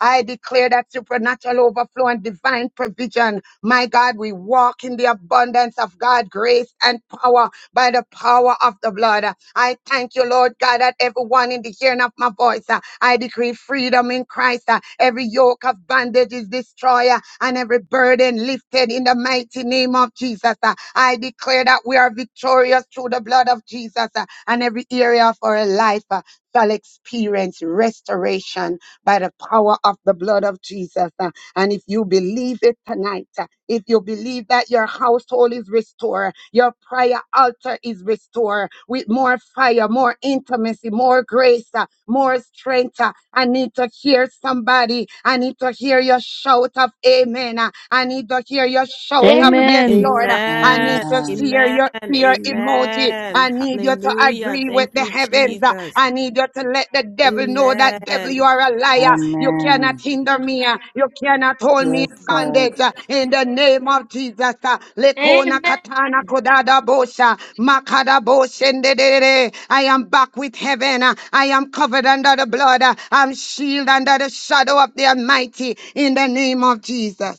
S2: I declare that supernatural overflow and divine provision my God, we walk in the abundance of God, grace and power by the power of the blood. I thank you, Lord God, that everyone in the hearing of my voice, uh, I decree freedom in Christ. uh, Every yoke of bondage is destroyed uh, and every burden lifted in the mighty name of Jesus. uh. I declare that we are victorious through the blood of Jesus uh, and every area of our life. uh, Shall experience restoration by the power of the blood of Jesus. uh, and if you believe it tonight, uh, if you believe that your household is restored, your prayer altar is restored with more fire, more intimacy, more grace, uh, more strength. uh, I need to hear somebody. I need to hear your shout of amen. uh, I need to hear your shout of
S3: Amen.
S2: yes,
S9: Amen.
S2: Lord. I
S4: Amen.
S2: need to see
S6: Amen.
S4: Amen.
S2: your fear emoji.
S4: Amen.
S2: I need you to
S4: Hallelujah.
S2: agree with
S4: Thank
S2: the
S4: you,
S2: heavens.
S4: Jesus.
S2: I need you to let the devil know that devil, you
S4: Amen.
S2: are a liar. You cannot
S6: Amen.
S2: hinder me. You cannot hold me
S6: Yes,
S2: in
S6: God.
S2: bondage. In the name of Jesus. Lekona katana
S3: Amen.
S2: kodada bosha. Makada boshende. I am back with heaven. I am covered under the blood. I'm shielded under the shadow of the Almighty. In the name of Jesus.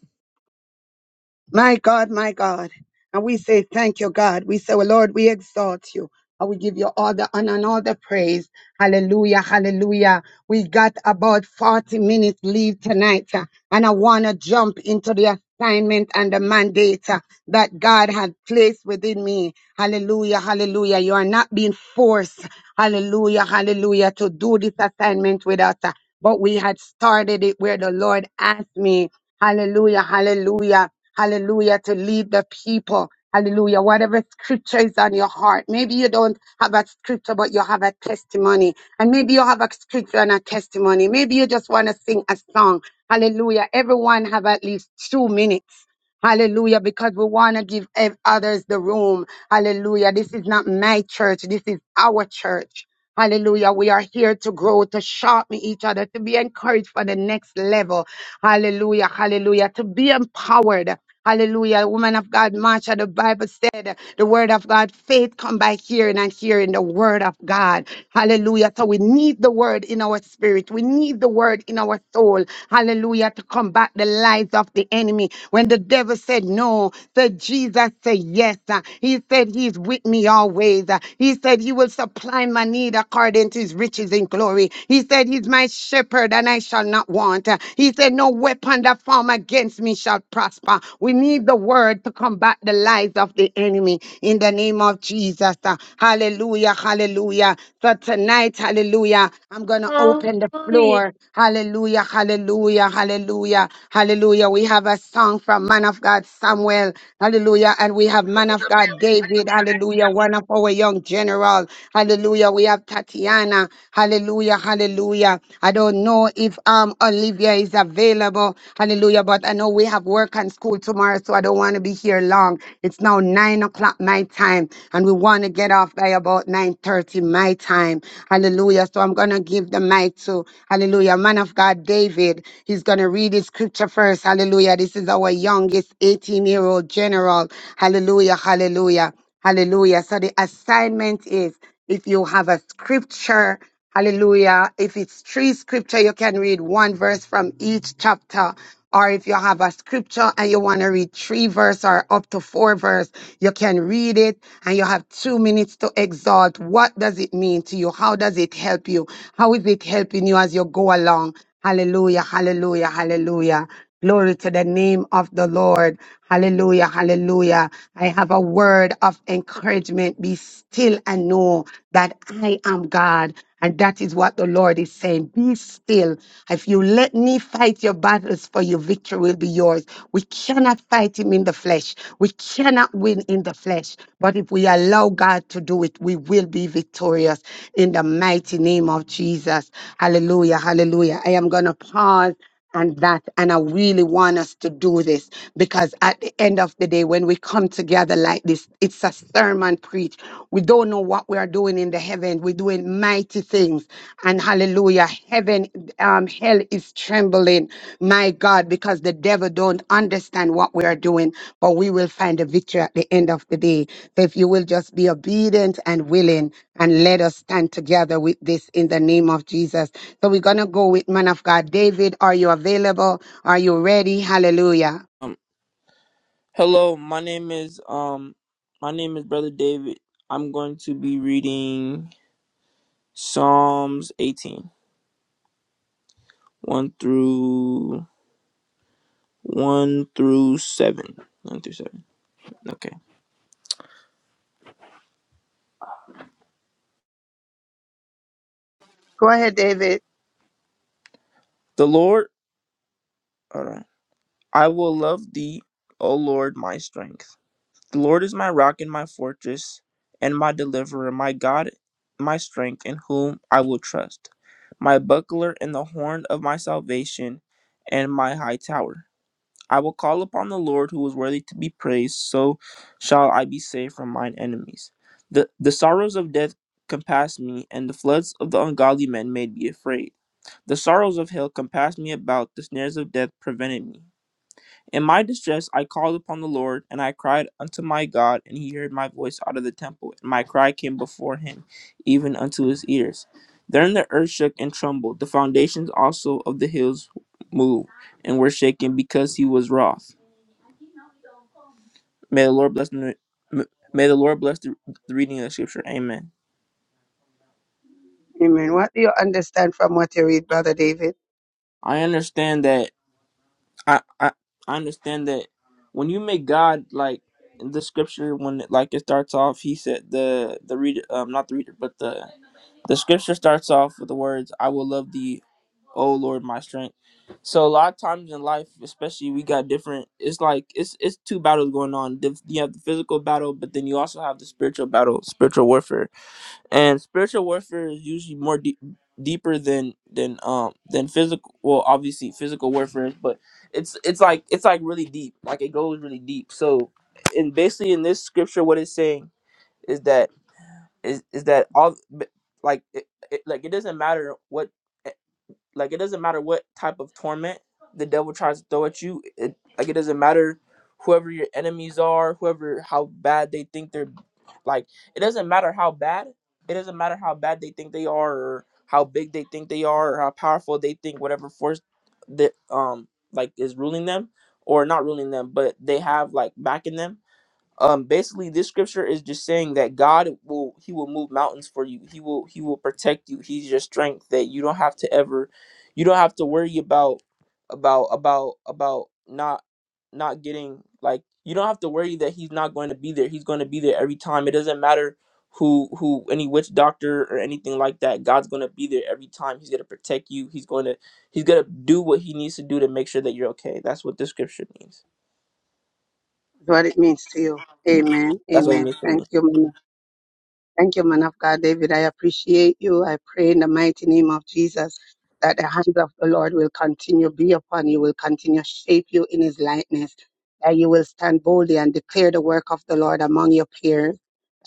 S2: My God, my God. And we say, Thank you, God. We say, well, Lord, we exalt you. And we give you all the honor and all the praise. Hallelujah, hallelujah. We got about 40 minutes leave tonight. uh, And I want to jump into the assignment and the mandate uh, that God had placed within me. Hallelujah, hallelujah. You are not being forced, hallelujah, hallelujah, to do this assignment without. uh, But we had started it where the Lord asked me Hallelujah, hallelujah, hallelujah, to lead the people. Hallelujah. Whatever scripture is on your heart, maybe you don't have a scripture, but you have a testimony. And maybe you have a scripture and a testimony. Maybe you just want to sing a song. Hallelujah. Everyone have at least two minutes. Hallelujah. Because we want to give ev- others the room. Hallelujah. This is not my church. This is our church. Hallelujah. We are here to grow, to sharpen each other, to be encouraged for the next level. Hallelujah, hallelujah. To be empowered. Hallelujah. Woman of God, Marsha, the Bible said the word of God, faith come by hearing and hearing the word of God. Hallelujah. So we need the word in our spirit. We need the word in our soul. Hallelujah. To combat the lies of the enemy. When the devil said no, said Jesus said yes. Uh, He said he's with me always. Uh, He said he will supply my need according to his riches in glory. He said he's my shepherd and I shall not want. Uh, He said no weapon that form against me shall prosper. We need the word to combat the lies of the enemy in the name of Jesus. Uh, Hallelujah. Hallelujah. Hallelujah. So tonight, hallelujah, I'm going to open the
S3: Hallelujah.
S2: floor. Hallelujah. Hallelujah. Hallelujah. Hallelujah. We have a song from man of God Samuel. Hallelujah. And we have man
S10: Shabba
S2: of God David. Hallelujah. One of our young general. Hallelujah. We have Tatiana. Hallelujah. Hallelujah. I don't know if um Olivia is available. Hallelujah. But I know we have work and school tomorrow, so I don't want to be here long. It's now nine o'clock my time and we want to get off by about 9.30 my time. Hallelujah. So I'm going to give the mic to, hallelujah, man of God, David. He's going to read his scripture first. Hallelujah. This is our youngest 18-year-old general. Hallelujah, hallelujah, hallelujah. So the assignment is if you have a scripture, hallelujah, if it's three scripture, you can read one verse from each chapter or if you have a scripture and you want to read three verse or up to four verse, you can read it and you have two minutes to exalt. What does it mean to you? How does it help you? How is it helping you as you go along? Hallelujah, hallelujah, hallelujah. Glory to the name of the Lord. Hallelujah. Hallelujah. I have a word of encouragement. Be still and know that I am God. And that is what the Lord is saying. Be still. If you let me fight your battles for you, victory will be yours. We cannot fight him in the flesh. We cannot win in the flesh. But if we allow God to do it, we will be victorious in the mighty name of Jesus. Hallelujah. Hallelujah. I am going to pause and that. And I really want us to do this because at the end of the day, when we come together like this, it's a sermon preach. We don't know what we are doing in the heaven. We're doing mighty things. And hallelujah, heaven, um, hell is trembling, my God, because the devil don't understand what we are doing, but we will find a victory at the end of the day. So if you will just be obedient and willing and let us stand together with this in the name of Jesus. So we're going to go with man of God. David, are you available? Are you ready? Hallelujah.
S11: Um, hello, my name is um, my name is Brother David. I'm going to be reading Psalms eighteen one through one through seven, one through seven. Okay.
S2: Go ahead, David.
S11: The Lord, all right. I will love Thee, O Lord, my strength. The Lord is my rock and my fortress, and my deliverer, my God, my strength, in whom I will trust, my buckler and the horn of my salvation, and my high tower. I will call upon the Lord who is worthy to be praised, so shall I be saved from mine enemies. The, the sorrows of death compassed me, and the floods of the ungodly men made me afraid. The sorrows of hell compassed me about, the snares of death prevented me. In my distress I called upon the Lord, and I cried unto my God, and he heard my voice out of the temple, and my cry came before him, even unto his ears. Then the earth shook and trembled, the foundations also of the hills moved, and were shaken because he was wroth. May the Lord bless the May the Lord bless the, the reading of the scripture. Amen.
S2: Amen. What do you understand from what you read, Brother David?
S11: I understand that. I, I I understand that when you make God like in the scripture when like it starts off, he said the the reader um not the reader but the the scripture starts off with the words I will love thee, O Lord, my strength. So a lot of times in life, especially we got different. It's like it's it's two battles going on. Dif- You have the physical battle, but then you also have the spiritual battle, spiritual warfare and spiritual warfare is usually more deep, deeper than than um than physical well obviously physical warfare is but it's it's like it's like really deep like it goes really deep so and basically in this scripture what it's saying is that is is that all b- like it, it, like it doesn't matter what like it doesn't matter what type of torment the devil tries to throw at you. It like it doesn't matter whoever your enemies are, whoever how bad they think they're like it doesn't matter how bad. It doesn't matter how bad they think they are or how big they think they are or how powerful they think whatever force that um like is ruling them or not ruling them, but they have like backing them um basically this scripture is just saying that god will he will move mountains for you he will he will protect you he's your strength that you don't have to ever you don't have to worry about about about about not not getting like you don't have to worry that he's not going to be there he's going to be there every time it doesn't matter who who any witch doctor or anything like that god's going to be there every time he's going to protect you he's going to he's going to do what he needs to do to make sure that you're okay that's what this scripture means
S2: What it means to you. Amen.
S11: that's what it
S2: Amen.
S11: means to
S2: Thank
S11: me
S2: you. man. Thank you, man of God, David. I appreciate you. I pray in the mighty name of Jesus that the hands of the Lord will continue be upon you, will continue shape you in his likeness, that you will stand boldly and declare the work of the Lord among your peers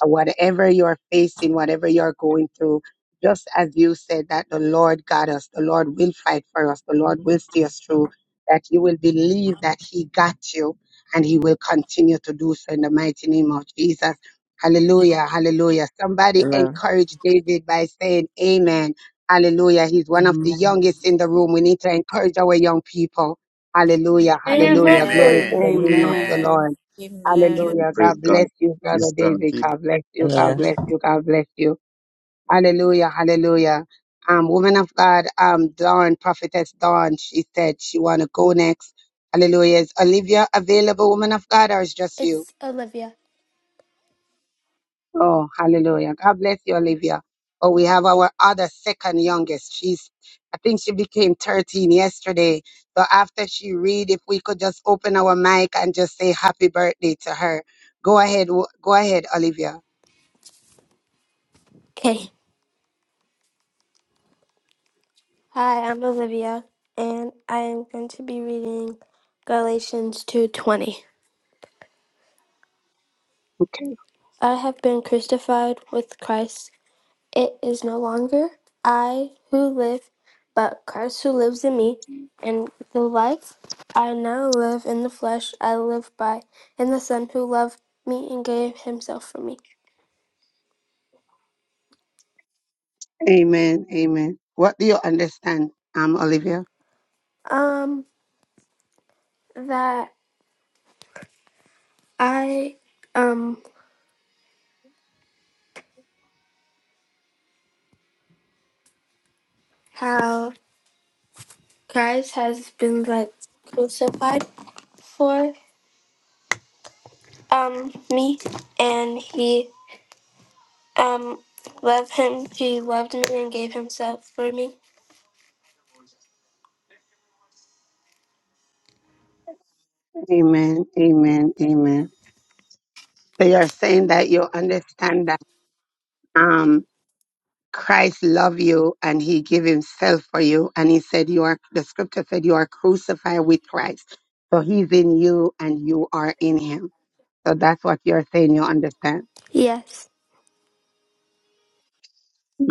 S2: uh, whatever you're facing, whatever you're going through, just as you said that the Lord got us, the Lord will fight for us, the Lord will see us through, that you will believe that He got you and He will continue to do so in the mighty name of Jesus. Hallelujah, hallelujah. Somebody
S11: amen
S2: encourage David by saying, Amen. Hallelujah. He's one of the
S6: Amen.
S2: youngest in the room. We need to encourage our young people. Hallelujah, hallelujah. Glory
S4: Amen.
S2: to
S5: Amen.
S3: Amen.
S2: the name of the
S6: Amen.
S5: Amen.
S2: Lord.
S4: Amen. Amen.
S7: Amen.
S2: Hallelujah.
S7: Praise
S2: God
S7: God.
S2: bless you, Brother
S7: This time,
S2: David.
S7: keep.
S2: God bless you.
S11: amen
S2: God bless you. God bless you. Hallelujah. Hallelujah. Um, woman of God, um, Dawn, prophetess Dawn, she said she want to go next. Hallelujah. Is Olivia available, woman of God, or is just you?
S12: It's Olivia.
S2: Oh, hallelujah. God bless you, Olivia. Oh, we have our other second youngest. She's, I think she became 13 yesterday. So after she read, if we could just open our mic and just say happy birthday to her. Go ahead. wo- Go ahead, Olivia.
S12: Okay. Hi, I'm Olivia, and I am going to be reading Galatians 2:20. I have been crucified with Christ. It is no longer I who live, but Christ who lives in me, and the life I now live in the flesh I live by in the Son who loved me and gave himself for me.
S2: Amen. Amen. What do you understand, um, Olivia?
S12: Um that I um how Christ has been like crucified for um me and he um loved him he loved me and gave himself for me
S2: Amen. Amen. Amen. So you're saying that you understand that um Christ loved you and he gave himself for you. And he said you are the scripture said you are crucified with Christ. So he's in you and you are in him. So that's what you're saying you understand.
S12: yes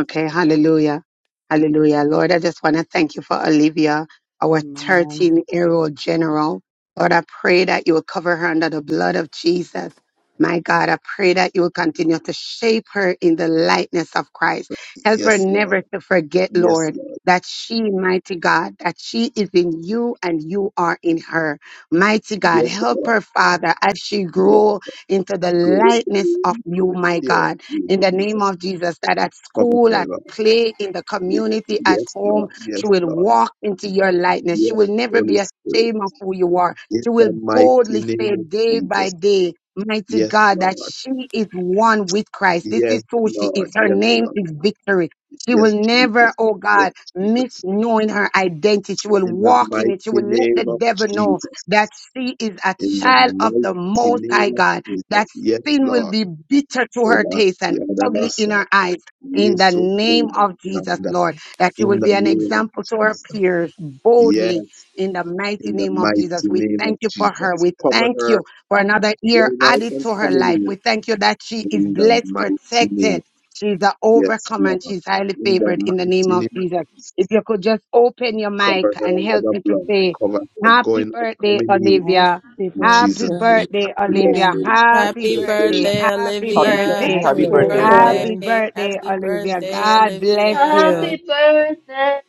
S2: Okay, hallelujah. Hallelujah. Lord, I just want to thank you for Olivia, our
S6: Amen.
S2: 13 year old general. Lord, I pray that you will cover her under the blood of Jesus. My God, I pray that you will continue to shape her in the likeness of Christ. Help her
S7: Yes, Lord.
S2: never to forget,
S7: Yes,
S2: Lord,
S7: Lord.
S2: that she, mighty God, that she is in you and you are in her. Mighty God,
S7: Yes,
S2: help
S7: Lord.
S2: her, Father, as she
S7: Yes,
S2: grow into the
S7: go.
S2: likeness of you,
S7: In The
S2: my
S7: fear
S2: God
S7: of you,
S2: in the name
S7: Jesus.
S2: of Jesus, that at
S7: Cover
S2: school,
S7: her,
S2: at
S7: Lord.
S2: play, in the community, at
S7: Yes, Lord.
S2: home, she
S7: Yes,
S2: will
S7: Lord.
S2: walk into your lightness. She
S7: Yes,
S2: will never
S7: Holy
S2: be
S7: Spirit.
S2: ashamed of who you are.
S7: In
S2: She will
S7: the mighty
S2: boldly
S7: name
S2: say
S7: of
S2: day by
S7: Jesus.
S2: day, Mighty
S7: Yes,
S2: God, that
S7: Lord.
S2: she is one with Christ. This
S7: Yes,
S2: is who she is.
S7: Lord.
S2: Her
S7: Yes,
S2: name
S7: Lord.
S2: is victory. She
S7: Yes,
S2: will never,
S7: Jesus.
S2: oh
S7: Yes,
S2: God, miss
S7: Jesus.
S2: knowing her identity. She will
S7: In the
S2: walk in
S7: mighty
S2: it. She will let the
S7: name of
S2: devil know
S7: Jesus.
S2: that she is a
S7: in the
S2: child of the
S7: mighty
S2: Most High
S7: name of
S2: God, that
S7: Jesus. Yes,
S2: sin will
S7: Lord.
S2: be bitter to her
S7: Oba,
S2: taste. And ugly in
S7: Yadabasa,
S2: our eyes. In the
S7: Yesu,
S2: name of Jesus,
S7: Oba,
S2: Lord, that you will
S7: In the
S2: be an
S7: name of
S2: example to our
S7: Jesus.
S2: peers boldly
S7: Yes,
S2: in the mighty
S7: in the
S2: name of
S7: mighty
S2: Jesus. We
S7: name of
S2: thank you
S7: Jesus.
S2: for her. We
S7: Cover
S2: thank
S7: her
S2: you for another year
S7: going out
S2: added
S7: and
S2: to her life.
S7: coming
S2: We thank you that she
S7: in.
S2: is
S7: In the
S2: blessed,
S7: mighty name.
S2: protected. She's an
S7: Yes,
S2: overcomer
S7: Lord.
S2: and she's highly
S7: In the
S2: favored
S7: mighty
S2: in the name of
S7: name of
S2: Jesus. If
S7: Jesus.
S2: you could just open your mic
S7: Cover her
S2: and
S7: under
S2: help
S7: the
S2: me to
S7: blood.
S2: say,
S7: Cover her
S2: Happy
S7: going out,
S2: birthday,
S7: coming in.
S2: Olivia.
S6: Happy
S7: In
S2: Happy
S7: Jesus' name.
S6: birthday.
S2: birthday,
S7: Happy
S2: Olivia.
S6: Amen.
S7: birthday. Happy
S2: Happy
S4: Happy
S2: birthday.
S7: birthday.
S4: birthday,
S2: Happy
S11: Happy,
S13: Happy
S7: Happy
S3: Happy
S4: Olivia.
S2: birthday.
S7: birthday.
S6: Happy
S11: happy
S13: birthday,
S4: Happy
S11: birthday,
S3: birthday.
S13: Olivia.
S4: birthday.
S11: Olivia.
S2: Happy
S6: birthday.
S2: birthday,
S4: Happy
S2: Olivia.
S4: birthday,
S2: God bless
S4: Olivia.
S2: you.
S3: Happy birthday.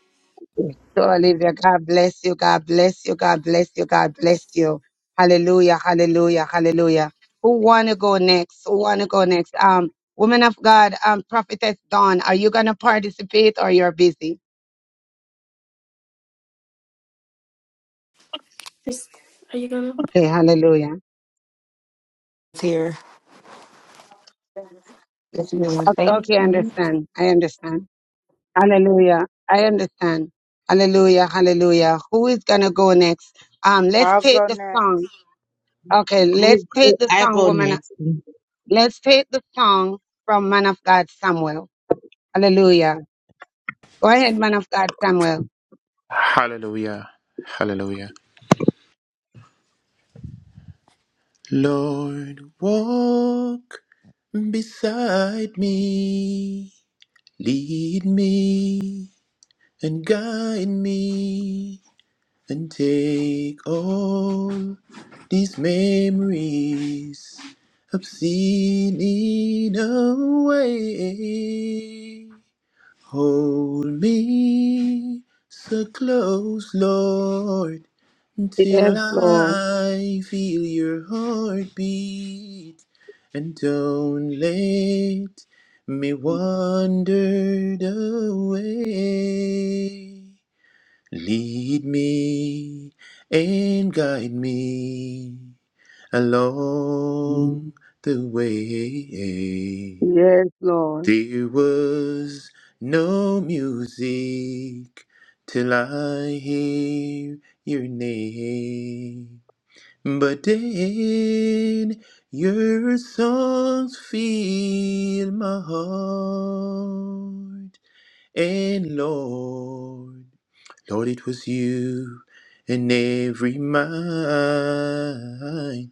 S2: To Olivia, God bless you. God bless you. God bless you. God bless you. Hallelujah. Hallelujah. Hallelujah. Who wanna go next? Who wanna go next? Um, woman of God, um, prophetess Dawn, are you gonna participate or you're busy?
S12: Is- are you gonna
S2: Okay, hallelujah.
S12: It's here. Yes, ma'am.
S2: O-
S12: Thank
S2: Okay, I
S12: you.
S2: understand. I understand. Hallelujah. I understand. Hallelujah. Hallelujah. Who is gonna go next? Um, let's take the song. Okay, let's take the
S14: I'll
S2: song,
S14: go
S2: woman
S14: next.
S2: Let's take the song from Man of God Samuel. Hallelujah. Go ahead, Man of God Samuel.
S5: Hallelujah. Hallelujah. Lord, walk beside me. Lead me and guide me and take all these memories I've seen in away. Hold me so close, Lord, until
S2: Yes, Lord.
S5: I feel your heartbeat, and don't let me wander away. Lead me and guide me along the way.
S2: Yes, Lord.
S5: There was no music till I hear your name. But then your songs fill my heart. And Lord, Lord, it was you and every mind.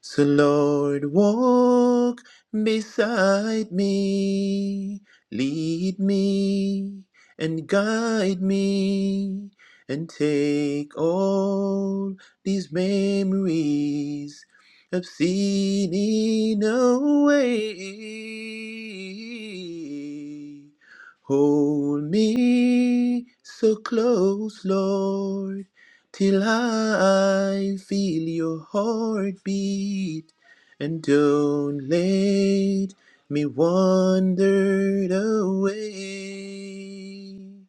S5: So, Lord, walk beside me, lead me, and guide me, and take all these memories of sinning away. Hold me so close, Lord till I feel your heartbeat, and don't let me wander away.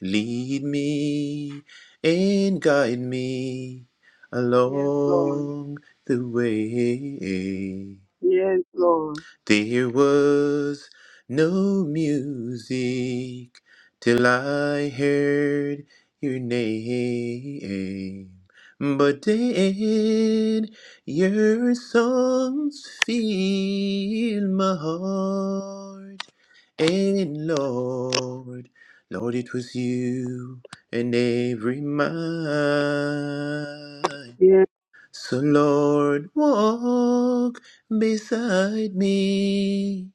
S5: Lead me and guide me
S2: Yes, Lord.
S5: along the way.
S2: Yes, Lord.
S5: There was no music till I heard your name. But then your songs fill my heart. And Lord, Lord, it was you and every mind.
S2: Yes,
S5: So, Lord, walk beside me,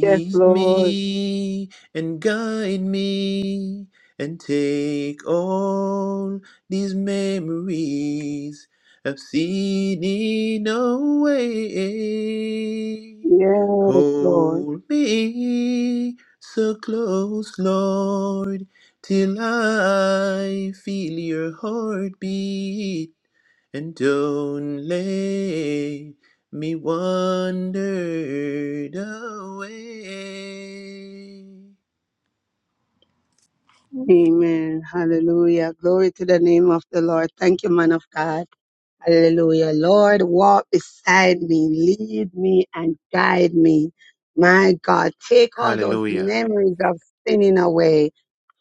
S2: yes, Lord.
S5: me, and guide me, and take all these memories I've seen in away.
S2: Yes, Lord.
S5: Hold me so close, Lord, till I feel your heartbeat and don't let me wander away.
S2: Amen. Hallelujah. Glory to the name of the Lord. Thank you, man of God. Hallelujah. Lord, walk beside me, lead me and guide me. My God, take all those
S5: Hallelujah.
S2: memories of sinning away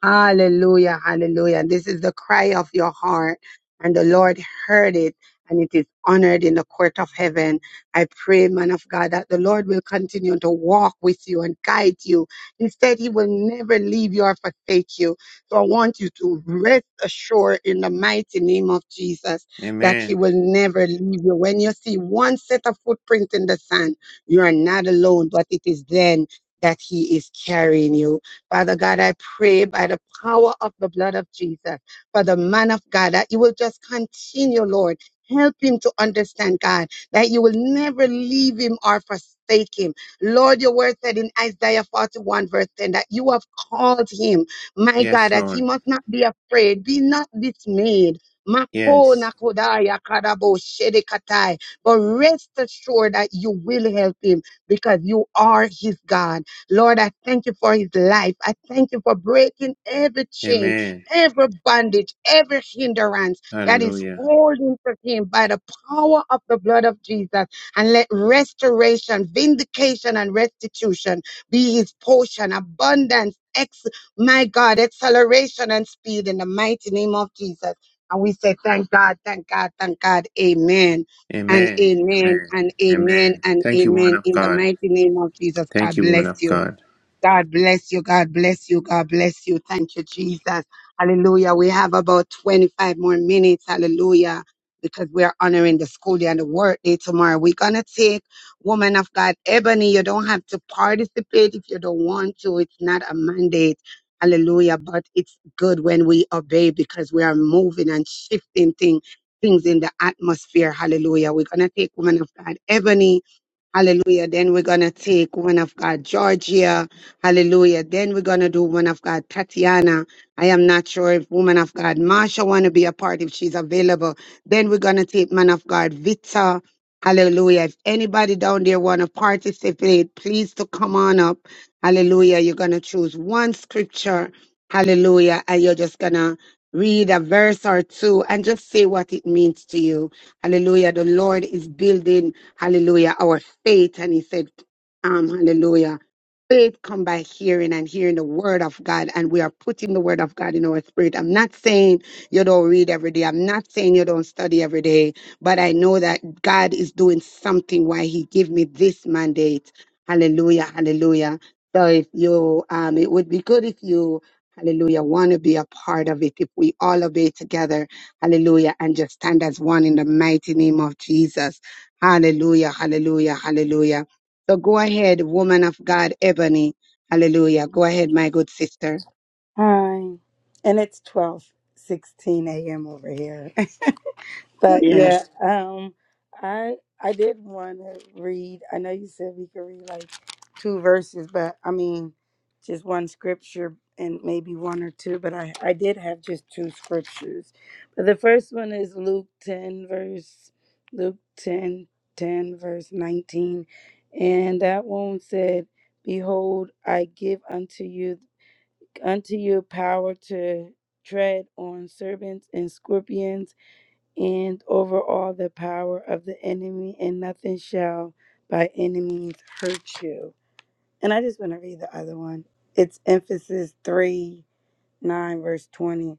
S2: Hallelujah, hallelujah. This is the cry of your heart, and the Lord heard it, and it is honored in the court of heaven. I pray, man of God, that the Lord will continue to walk with you and guide you. He said he will never leave you or forsake you. So I want you to rest assured in the mighty name of Jesus that he
S5: Amen.
S2: will never leave you. When you see one set of footprints in the sand, you are not alone, but it is then that he is carrying you. Father God, I pray by the power of the blood of Jesus for the man of God that you will just continue, Lord. Help him to understand, God, that you will never leave him or forsake him. Lord, your word said in Isaiah 41, verse 10, that you have called him, my God,
S5: Yes,
S2: that he
S5: Lord.
S2: must not be afraid, be not dismayed. Mako
S5: Yes.
S2: nakodaya karabo shedekatai. But rest assured that you will help him because you are his God. Lord, I thank you for his life. I thank you for breaking every chain,
S5: Amen.
S2: every bondage, every hindrance that is
S5: Hallelujah.
S2: holding to him by the power of the blood of Jesus. And let restoration, vindication, and restitution be his portion, abundance, ex, my God, acceleration and speed in the mighty name of Jesus. And we say, thank God, thank God, thank God. Amen. And
S5: Amen.
S2: amen
S5: Amen.
S2: and amen
S5: Amen.
S2: and
S5: Thank you, woman
S2: amen
S5: of
S2: in the
S5: God.
S2: mighty name of Jesus.
S5: Thank
S2: God
S5: you, woman
S2: bless
S5: of
S2: you.
S5: God.
S2: God bless you. God bless you. God bless you. Thank you, Jesus. Hallelujah. We have about 25 more minutes. Hallelujah. Because we're honoring the school day and the work day tomorrow. We're going to take Woman of God Ebony. You don't have to participate if you don't want to. It's not a mandate. Hallelujah. But it's good when we obey because we are moving and shifting thing, things in the atmosphere. Hallelujah. We're going to take Woman of God Ebony. Hallelujah. Then we're going to take one of God, Georgia. Hallelujah. Then we're going to do one of God, Tatiana. I am not sure if woman of God, Marsha want to be a part if she's available. Then we're going to take man of God, Vita. Hallelujah. If anybody down there want to participate, please to come on up. Hallelujah. You're going to choose one scripture. Hallelujah. And you're just going to read a verse or two and just say what it means to you. Hallelujah. The Lord is building hallelujah, our faith. And he said, um, hallelujah, faith come by hearing and hearing the word of God. And we are putting the word of God in our spirit. I'm not saying you don't read every day. I'm not saying you don't study every day, but I know that God is doing something why he gave me this mandate. Hallelujah, hallelujah. So if you, um, it would be good if you, hallelujah, want to be a part of it. If we all obey together, hallelujah, and just stand as one in the mighty name of Jesus. Hallelujah, hallelujah, hallelujah. So go ahead, woman of God, Ebony. Hallelujah. Go ahead, my good sister.
S6: Hi. And it's twelve sixteen a.m. over here. But
S2: Yes,
S6: yeah, um, I I did want to read. I know you said we could read like two verses, but I mean, just one scripture and maybe one or two. But I I did have just two scriptures. But the first one is Luke ten verse Luke 10 10 verse nineteen, and that one said, "Behold, I give unto you unto you power to." Tread on serpents and scorpions and over all the power of the enemy, and nothing shall by any means hurt you. And I just want to read the other one. It's emphasis 3 9, verse 20.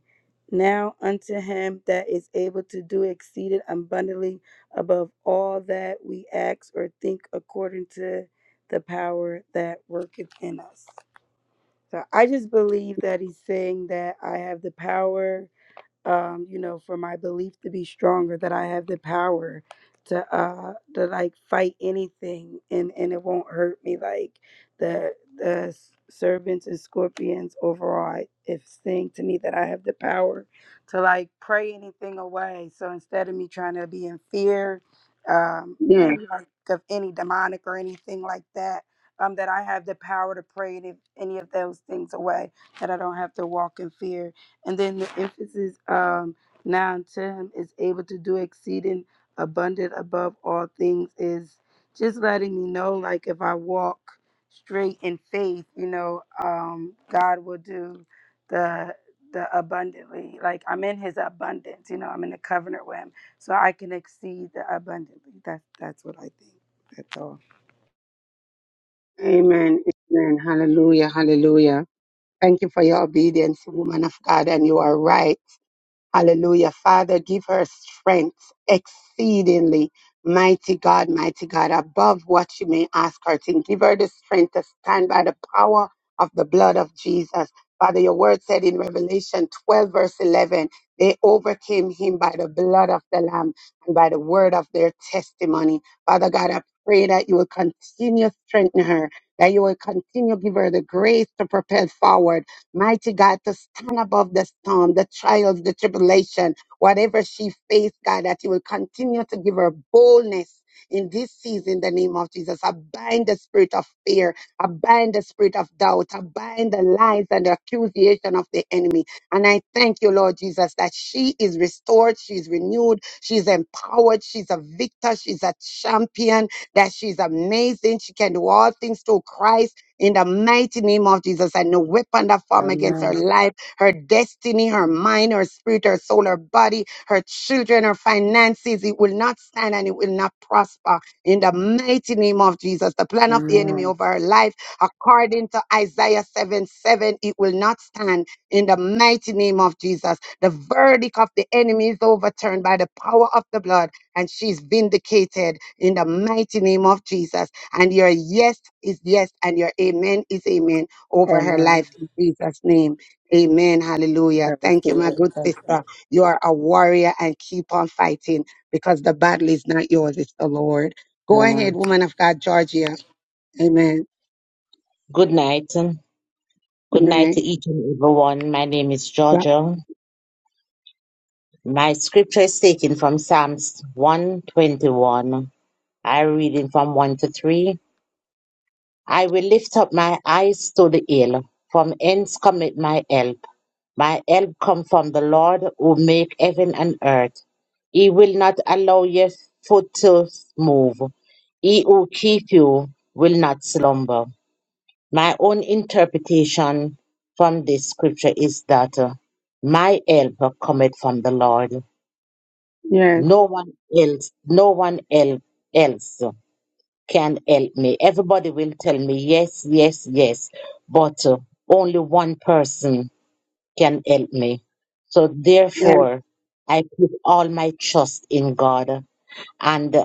S6: Now unto him that is able to do exceeding abundantly above all that we ask or think according to the power that worketh in us. So I just believe that he's saying that I have the power um, you know, for my belief to be stronger, that I have the power to uh to like fight anything and and it won't hurt me like the the s- serpents and scorpions overall I- it's saying to me that I have the power to like pray anything away. So instead of me trying to be in fear, um
S2: yes.
S6: maybe like of any demonic or anything like that, um that I have the power to pray any any of those things away, that I don't have to walk in fear and then the emphasis um, 9 10 is able to do exceeding abundant above all things is just letting me know, like, if I walk straight in faith, you know, um, God will do the the abundantly like i'm in his abundance you know i'm in the covenant with him so i can exceed the abundantly that's that's what i think that's all
S2: Amen. Amen. Hallelujah, hallelujah. Thank you for your obedience, woman of God, and you are right. Hallelujah. Father, give her strength exceedingly. Mighty God, mighty God, above what you may ask her to. Give her the strength to stand by the power of the blood of Jesus. Father, your word said in Revelation 12, verse 11, they overcame him by the blood of the Lamb and by the word of their testimony. Father God, I pray that you will continue strengthen her, that you will continue give her the grace to propel forward Mighty God, to stand above the storm, the trials, the tribulation, whatever she faced, God, that you will continue to give her boldness in this season, in the name of Jesus. I bind the spirit of fear, I bind the spirit of doubt, I bind the lies and the accusation of the enemy. And I thank you, Lord Jesus, that she is restored, she's renewed, she's empowered, she's a victor, she's a champion, that she's amazing, she can do all things through Christ in the mighty name of Jesus, and no weapon that form against her life, her destiny, her mind, her spirit, her soul, her body, her children, her finances, it will not stand and it will not prosper. In the mighty name of Jesus, the plan of the enemy over her life, according to Isaiah 7 7, it will not stand. In the mighty name of Jesus, the verdict of the enemy is overturned by the power of the blood, and she's vindicated in the mighty name of Jesus. And your yes is yes, and your amen is amen over her life in Jesus' name. Amen. Hallelujah. Thank you, my good sister. You are a warrior and keep on fighting because the battle is not yours, it's the Lord. Go ahead, woman of God, Georgia. Amen.
S14: Good night. Good
S2: Good
S14: night to
S2: night.
S14: each and everyone. My name is
S2: Yeah.
S14: Georgia. My scripture is taken from Psalms 121. I read it from 1 to 3. I will lift up my eyes to the hill. From whence cometh my help? My help come from the Lord who make heaven and earth. He will not allow your foot to move. He who keep you will not slumber. My own interpretation from this scripture is that uh, my help cometh from the Lord.
S2: Yes,
S14: No one else, no one el- else can help me. Everybody will tell me yes, yes, yes, but uh, only one person can help me. So
S2: yes.
S14: therefore, I put all my trust in God, and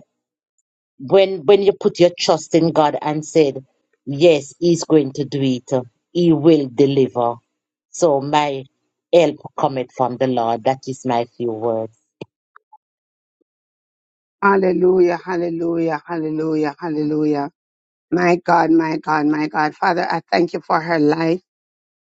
S14: when when you put your trust in God and said, Yes, He's going to do it, He will deliver. So my help cometh from the Lord. That is my few words.
S2: Hallelujah, hallelujah, hallelujah, hallelujah. My God, my God, my God. Father, I thank you for her life.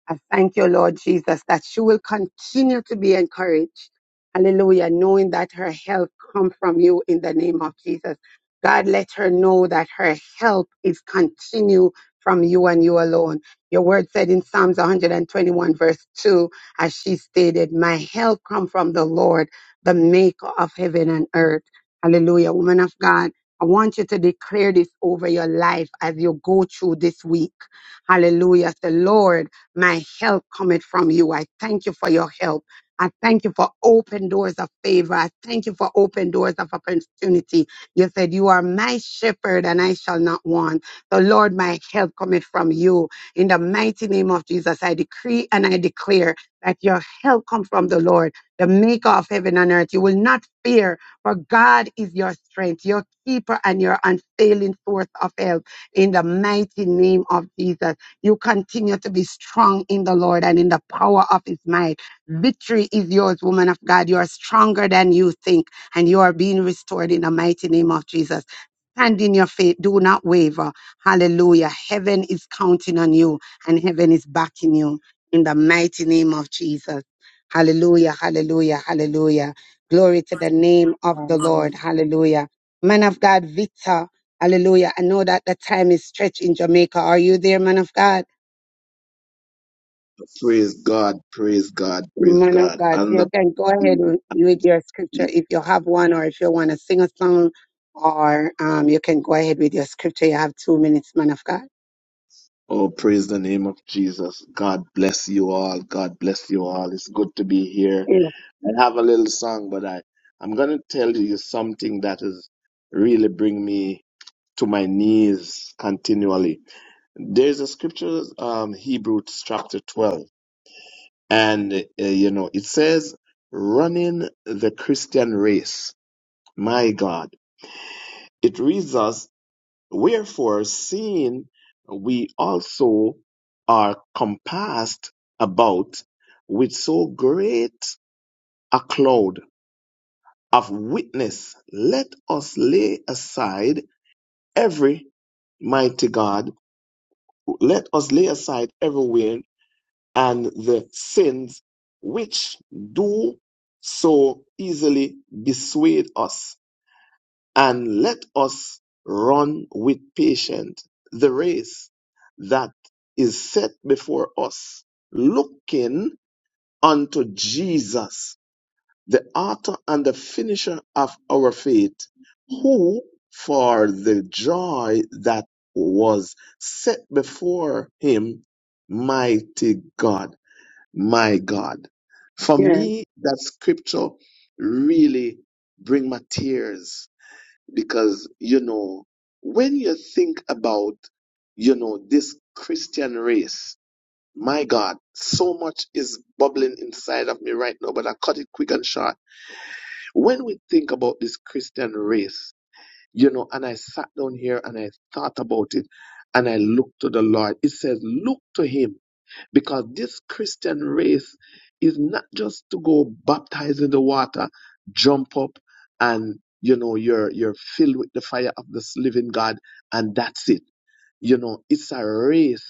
S2: I thank you, Lord Jesus, that she will continue to be encouraged. Hallelujah, knowing that her help comes from you in the name of Jesus. God, let her know that her help is continue from you and you alone. Your word said in Psalms 121 verse 2, as she stated, my help comes from the Lord, the maker of heaven and earth. Hallelujah, woman of God. I want you to declare this over your life as you go through this week. Hallelujah. Say, Lord. My help cometh from you. I thank you for your help. I thank you for open doors of favor. I thank you for open doors of opportunity. You said, You are my shepherd and I shall not want. The Lord, my help cometh from you. In the mighty name of Jesus, I decree and I declare that your help come from the Lord, the maker of heaven and earth. You will not fear, for God is your strength, your keeper, and your unfailing source of help. In the mighty name of Jesus. You continue to be strong in the Lord and in the power of his might. Victory is yours, woman of God. You are stronger than you think, and you are being restored in the mighty name of Jesus. Stand in your faith. Do not waver. Hallelujah. Heaven is counting on you, and heaven is backing you in the mighty name of Jesus. Hallelujah. Hallelujah. Hallelujah. Glory to the name of the Lord. Hallelujah. Man of God, Victor. Hallelujah. I know that the time is stretched in Jamaica. Are you there, man of God?
S7: Praise God, praise God, praise
S2: Man of
S7: God.
S2: God. So
S7: And
S2: you
S7: the
S2: can go ahead with with your scripture if you have one or if you want to sing a song or um, you can go ahead with your scripture. You have two minutes, man of God.
S7: oh, praise the name of Jesus. God bless you all. God bless you all. It's good to be here.
S2: Yes,
S7: I have a little song, but I I'm gonna tell you something that is really bring me to my knees continually. There's a scripture, um, Hebrews chapter 12, and uh, you know it says, "Running the Christian race." My God, it reads us. Wherefore, seeing we also are compassed about with so great a cloud of witness, let us lay aside every mighty God, let us lay aside every weight and the sins which do so easily besway us and let us run with patience the race that is set before us, looking unto Jesus, the author and the finisher of our faith, who for the joy that was set before him, mighty God, my God. For
S2: yes,
S7: me, that scripture really bring my tears because you know when you think about you know this christian race my god so much is bubbling inside of me right now but i cut it quick and short when we think about this christian race you know and i sat down here and i thought about it and i looked to the lord it says look to him because this Christian race is not just to go baptize in the water, jump up, and you know you're you're filled with the fire of this living God, and that's it you know, it's a race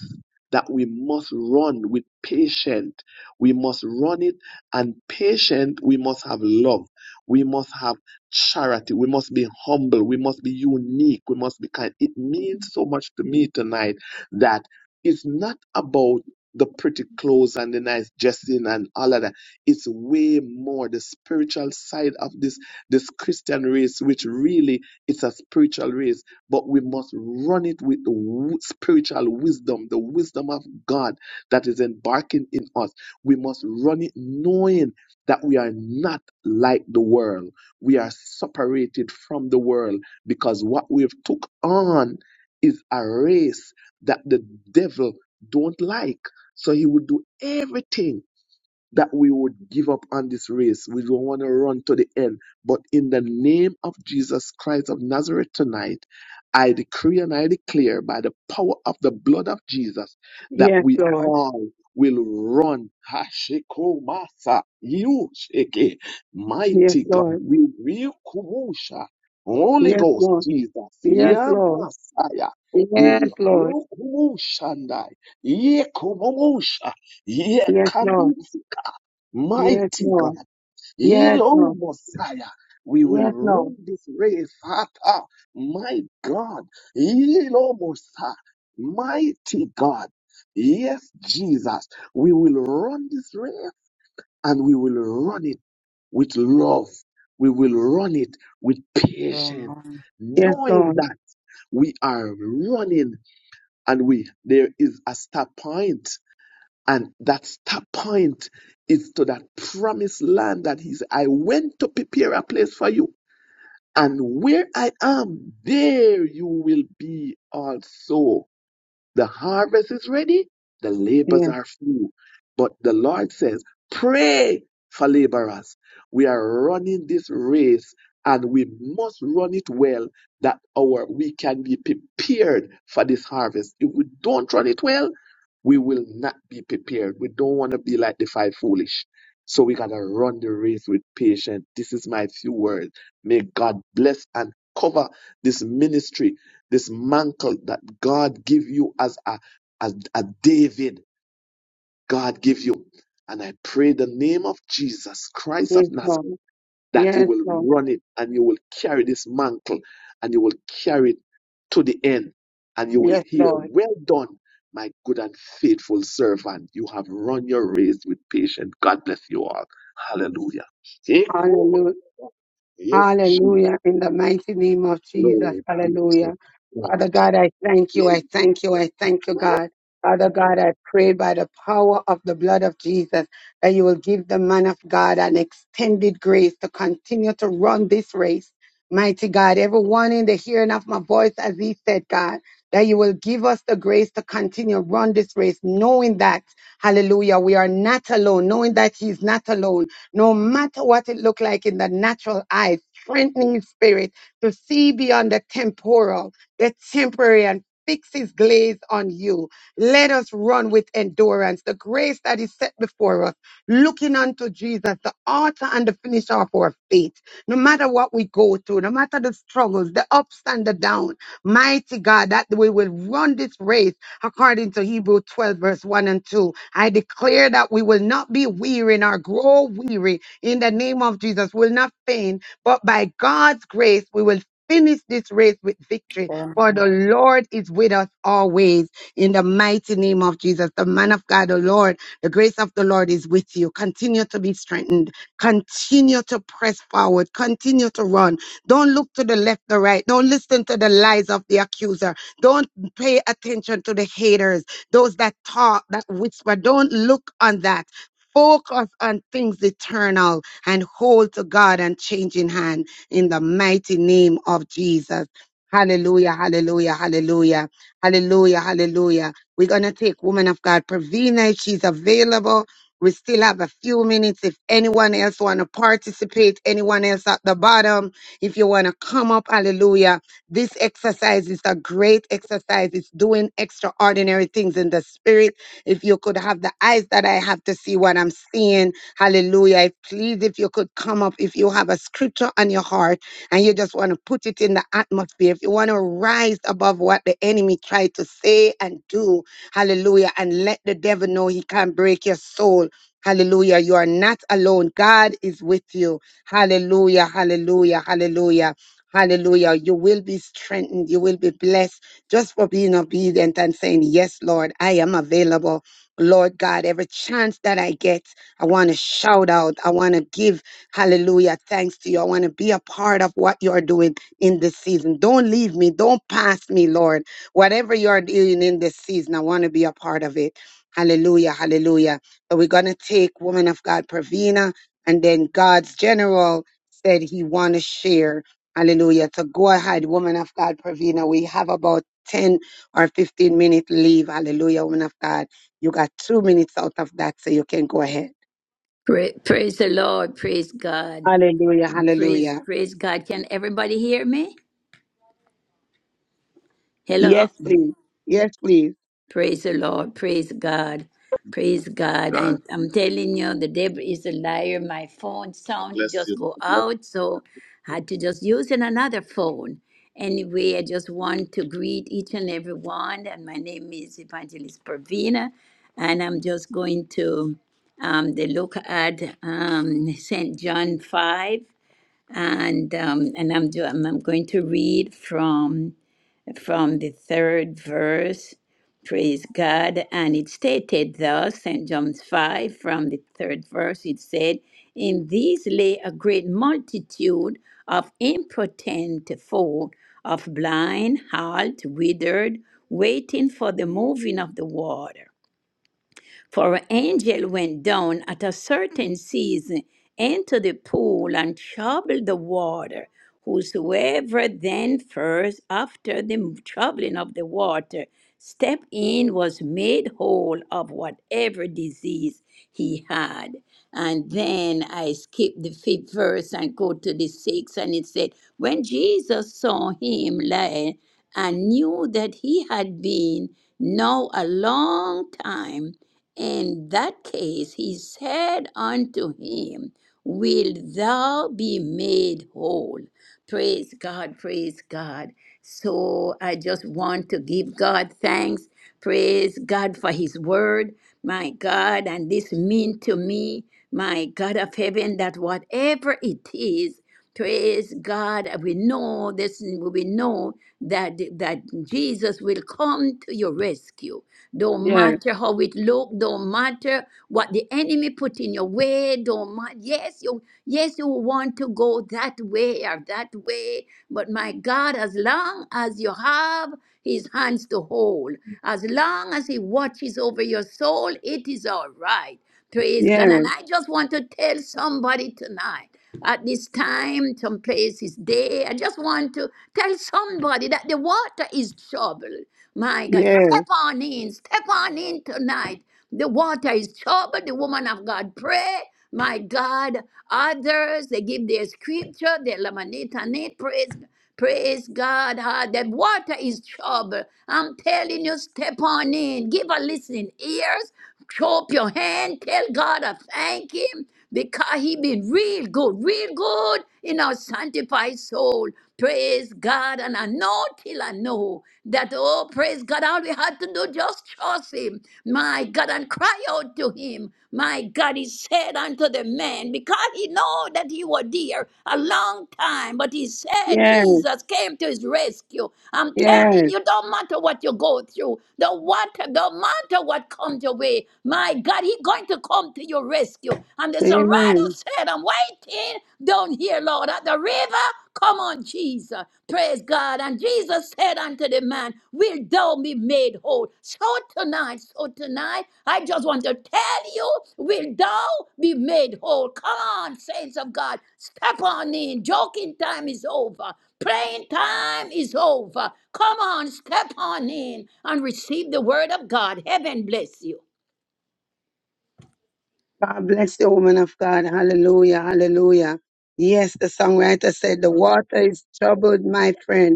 S7: that we must run with patience. We must run it and patient. We must have love. We must have charity. We must be humble. We must be unique. We must be kind. It means so much to me tonight that it's not about the pretty clothes and the nice dressing and all of that. It's way more the spiritual side of this this Christian race, which really it's a spiritual race but we must run it with the w- spiritual wisdom, the wisdom of God that is embarking in us. We must run it knowing that we are not like the world. We are separated from the world because what we've took on is a race that the devil don't like. So he would do everything that we would give up on this race. We don't want to run to the end. But in the name of Jesus Christ of Nazareth tonight, I decree and I declare by the power of the blood of Jesus that
S2: yes,
S7: we
S2: Lord.
S7: all will run. Hashiko Masa, you shake
S2: Yes,
S7: mighty God,
S2: Lord.
S7: we will kumusha. Holy
S2: Yes,
S7: Ghost,
S2: Lord.
S7: Jesus,
S2: Yes,
S7: yeah,
S2: Lord.
S7: Messiah, we
S2: Yes, Lord.
S7: will kumushandai, yeah, kumusha, yeah,
S2: Yes, Lord. Yes,
S7: Mighty God,
S2: Lord. Yes,
S7: Elo
S2: Lord.
S7: Messiah, we will
S2: Yes, Lord.
S7: run this race. Hata, my God, Elo Messiah, mighty God. Yes, Jesus, we will run this race and we will run it with love. We will run it with patience,
S6: Amen.
S2: Yes,
S7: knowing
S2: Lord.
S7: that we are running and we there is a stop point. And that start point is to that promised land that he's, I went to prepare a place for you. And where I am, there you will be also. The harvest is ready, the labors
S2: Yes,
S7: are few. But the Lord says, Pray for laborers. We are running this race and we must run it well that our we can be prepared for this harvest. If we don't run it well, we will not be prepared. We don't want to be like the five foolish. So we gotta run the race with patience. This is my few words. May God bless and cover this ministry this mantle that God give you as a, as a David, God give you. And I pray the name of Jesus Christ of
S2: yes, Lord.
S7: Nazareth that you
S2: Yes,
S7: will
S2: Lord.
S7: run it and you will carry this mantle and you will carry it to the end and you will
S2: Yes,
S7: hear,
S2: Lord.
S7: well done, my good and faithful servant. You have run your race with patience. God bless you all. Hallelujah. Take home.
S2: Hallelujah.
S7: Yes, Jesus.
S2: Hallelujah. In the mighty name of Jesus.
S7: Glory be
S2: Hallelujah.
S7: to
S2: Father God, I thank you. I thank you. I thank you, God. Father God, I pray by the power of the blood of Jesus that you will give the man of God an extended grace to continue to run this race. Mighty God, everyone in the hearing of my voice, as he said, God, that you will give us the grace to continue run this race, knowing that, hallelujah, we are not alone, knowing that he's not alone, no matter what it look like in the natural eyes, strengthening his spirit to see beyond the temporal the temporary and fix his glaze on you. Let us run with endurance the grace that is set before us, looking unto Jesus, the author and the finisher of our faith. No matter what we go through, no matter the struggles, the ups and the downs, mighty God, that we will run this race according to Hebrew 12, verse 1 and 2. I declare that we will not be weary nor grow weary in the name of Jesus, will not faint, but by God's grace, we will finish this race with victory for the
S6: Amen.
S2: Lord is with us always in the mighty name of Jesus. The man of God, the Lord, the grace of the Lord is with you. Continue to be strengthened. Continue to press forward. Continue to run. Don't look to the left or right. Don't listen to the lies of the accuser. Don't pay attention to the haters, those that talk, that whisper. Don't look on that. Focus on things eternal and hold to God and change in hand in the mighty name of Jesus. Hallelujah, hallelujah, hallelujah, hallelujah, hallelujah. We're going to take woman of God, Pravina, if she's available. We still have a few minutes. If anyone else want to participate, anyone else at the bottom, if you want to come up, hallelujah. This exercise is a great exercise. It's doing extraordinary things in the spirit. If you could have the eyes that I have to see what I'm seeing, hallelujah. Please, if you could come up, if you have a scripture on your heart, and you just want to put it in the atmosphere, if you want to rise above what the enemy tried to say and do, hallelujah, and let the devil know he can't break your soul. Hallelujah. You are not alone. God is with you. Hallelujah. Hallelujah. Hallelujah. Hallelujah. You will be strengthened. You will be blessed just for being obedient and saying, Yes, Lord, I am available. Lord God, every chance that I get, I want to shout out. I want to give. Hallelujah. Thanks to you. I want to be a part of what you're doing in this season. Don't leave me. Don't pass me, Lord. Whatever you're doing in this season, I want to be a part of it. Hallelujah. Hallelujah. So we're going to take woman of God, Pravina, and then God's general said he want to share. Hallelujah. So go ahead, woman of God, Pravina. We have about 10 or 15 minute leave. Hallelujah, woman of God. You got two minutes out of that, so you can go ahead.
S5: Pra- Praise the Lord. Praise God.
S2: Hallelujah. Hallelujah.
S5: Praise, praise God. Can everybody hear me?
S2: Yes,
S5: Hello.
S2: please. Yes, please.
S5: Praise the Lord. Praise God. Praise God.
S7: God.
S5: And I'm telling you, the devil is a liar. My phone
S7: God
S5: sound, it
S7: bless you.
S5: just go
S7: God bless-
S5: out. So I had to just use in another phone. Anyway, I just want to greet each and every one. And my name is Evangelist Pravina. And I'm just going to um, the look at um, St. John 5. And um, and I'm, do, I'm I'm going to read from from the third verse. Praise God. And it stated thus, St. John's 5, from the third verse, it said, In these lay a great multitude of impotent folk, of blind, halt, withered, waiting for the moving of the water. For an angel went down at a certain season into the pool and troubled the water. Whosoever then first, after the troubling of the water, stepped in was made whole of whatever disease he had. And then I skipped the fifth verse and go to the sixth, and it said, When Jesus saw him lying and knew that he had been now a long time, in that case, he said unto him, Wilt thou be made whole? Praise God, praise God. So I just want to give God thanks. Praise God for his word, my God. And this mean to me, my God of heaven, that whatever it is, Praise God. We know this, we know that, that Jesus will come to your rescue. Don't
S2: Yes,
S5: matter how it look. Don't matter what the enemy put in your way. Don't matter. Yes, you yes you want to go that way or that way, but my God, as long as you have His hands to hold, as long as He watches over your soul, it is all right. Praise God.
S2: yes,
S5: And I just want to tell somebody tonight at this time, some places day. I just want to tell somebody that the water is troubled. My God,
S2: yes,
S5: step on in, step on in tonight. The water is troubled. The woman of God pray. My God, others they give their scripture, they laminate on it. Praise, praise God. Ah, The water is troubled. I'm telling you, step on in. Give a listening ears. Show up your hand. Tell God I thank Him because He been real good, real good in our sanctified soul. Praise God. And I know till I know that, oh, praise God, all we had to do just trust Him. My God, and cry out to Him. My God, He said unto the man, because He know that He was dear a long time, but He said
S2: yes,
S5: Jesus came to His rescue. I'm telling
S2: yes.
S5: you, don't matter what you go through, don't matter, don't matter what comes your way away. My God, He's going to come to your rescue. And the songwriter
S2: Amen.
S5: said, I'm waiting down here, Lord, at the river. Come on, Jesus. Praise God. And Jesus said unto the man, Will thou be made whole? So tonight, so tonight, I just want to tell you, will thou be made whole? Come on, saints of God. Step on in. Joking time is over. Praying time is over. Come on, step on in and receive the word of God. Heaven bless you.
S2: God bless the woman of God. Hallelujah, hallelujah. Yes, the songwriter said, The water is troubled, my friend.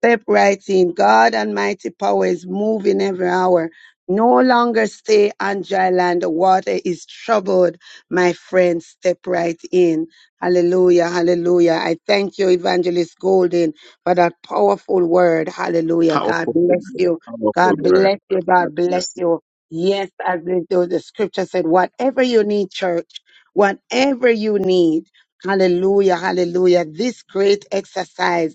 S2: Step right in. God Almighty power is moving every hour. No longer stay on dry land. The water is troubled. My friend, step right in. Hallelujah. Hallelujah. I thank you, Evangelist Golden, for that powerful word.
S7: you.
S2: Hallelujah. God
S7: Powerful
S2: bless
S7: word.
S2: you.
S7: Powerful
S2: God
S7: word.
S2: bless you.
S7: God
S2: God bless
S7: bless you.
S2: you. Yes, as the, the the scripture said, whatever you need, church, whatever you need. Hallelujah. Hallelujah. This great exercise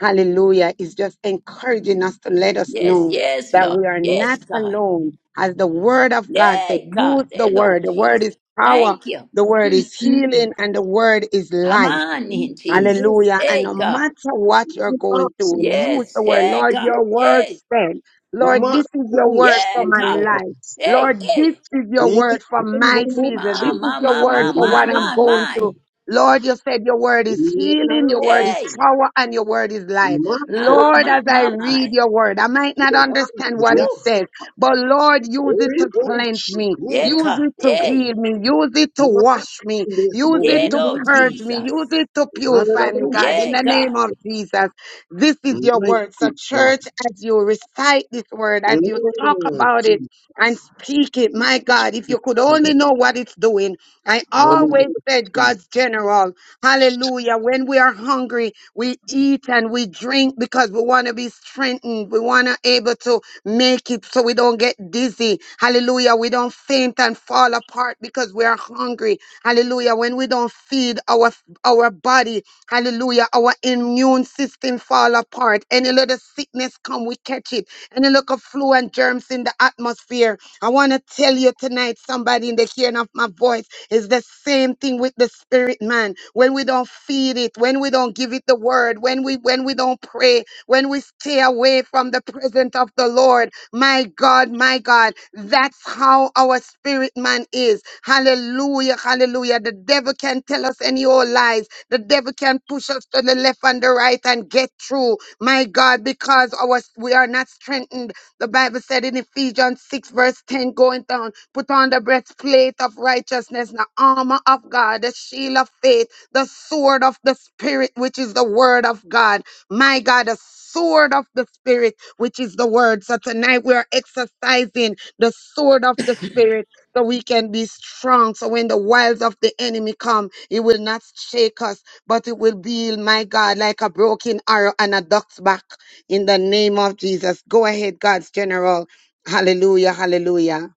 S2: hallelujah, is just encouraging us to let us
S5: Yes,
S2: know
S5: yes,
S2: that
S5: Lord.
S2: we are
S5: Yes,
S2: not
S5: God.
S2: alone. As the word of God said,
S5: Yay, God.
S2: use the
S5: Hey, Lord
S2: word. The word
S5: Jesus.
S2: is power,
S5: Thank you.
S2: the word
S5: Mm,
S2: is
S5: mm, mm.
S2: healing, and the word is
S5: Come
S2: life.
S5: on in, Jesus.
S2: Hallelujah. And no
S5: Hey, God.
S2: matter what you're going
S7: My
S2: through, use
S5: Yes.
S2: the word,
S5: Hey,
S2: Lord,
S5: God.
S2: your word
S5: Yay.
S2: said, Lord,
S7: God.
S2: this is your
S7: Mm,
S2: word for
S5: Yeah,
S2: my
S5: God.
S2: life.
S7: Jesus.
S5: Hey,
S2: Lord, this
S5: hey.
S2: is your word for my season.
S5: My,
S2: This is
S5: my,
S2: your
S5: my,
S2: word
S5: my,
S2: for
S5: my,
S2: what I'm
S5: my,
S2: going through.
S5: my.
S2: Lord, you said your word is healing, your word is
S5: Hey.
S2: power, and your word is life.
S5: My,
S2: Lord,
S5: my,
S2: as I
S5: my,
S2: read
S5: my.
S2: your word, I might not understand what it says, but Lord, use it
S7: Holy
S2: to
S7: Ghost,
S2: cleanse
S7: Jesus.
S2: me.
S5: Yeah,
S2: Use
S5: God.
S2: it to heal
S5: Hey.
S2: me. Use it to wash me. Use it
S5: Yeah,
S2: to
S5: Lord
S2: purge me. Use
S5: Jesus.
S2: it to purify me, God, in
S5: Yeah,
S2: the name
S5: God.
S2: of Jesus. This is your word. So, church, as you recite this word, as you talk about it and speak it, my God, if you could only know what it's doing. I always said, God's general, hallelujah. When we are hungry, we eat and we drink because we want to be strengthened. We want to able to make it so we don't get dizzy. Hallelujah. We don't faint and fall apart because we are hungry. Hallelujah. When we don't feed our our body, hallelujah, our immune system fall apart. Any little sickness come, we catch it. Any little flu and germs in the atmosphere. I want to tell you tonight, somebody in the hearing of my voice, is the same thing with the spirit man. When we don't feed it, when we don't give it the word, when we when we don't pray, when we stay away from the presence of the Lord. My God, my God, that's how our spirit man is. Hallelujah, hallelujah. The devil can tell us any old lies. The devil can push us to the left and the right and get through. My God, because our we are not strengthened. The Bible said in Ephesians 6, verse 10, going down, put on the breastplate of righteousness, the armor of God, the shield of faith, the sword of the spirit, which is the word of God. My God, the sword of the spirit which is the word. So tonight we are exercising the sword of the spirit so we can be strong. So when the wiles of the enemy come, it will not shake us, but it will be, my God, like a broken arrow and a duck's back in the name of Jesus. Go ahead, God's general. Hallelujah, hallelujah.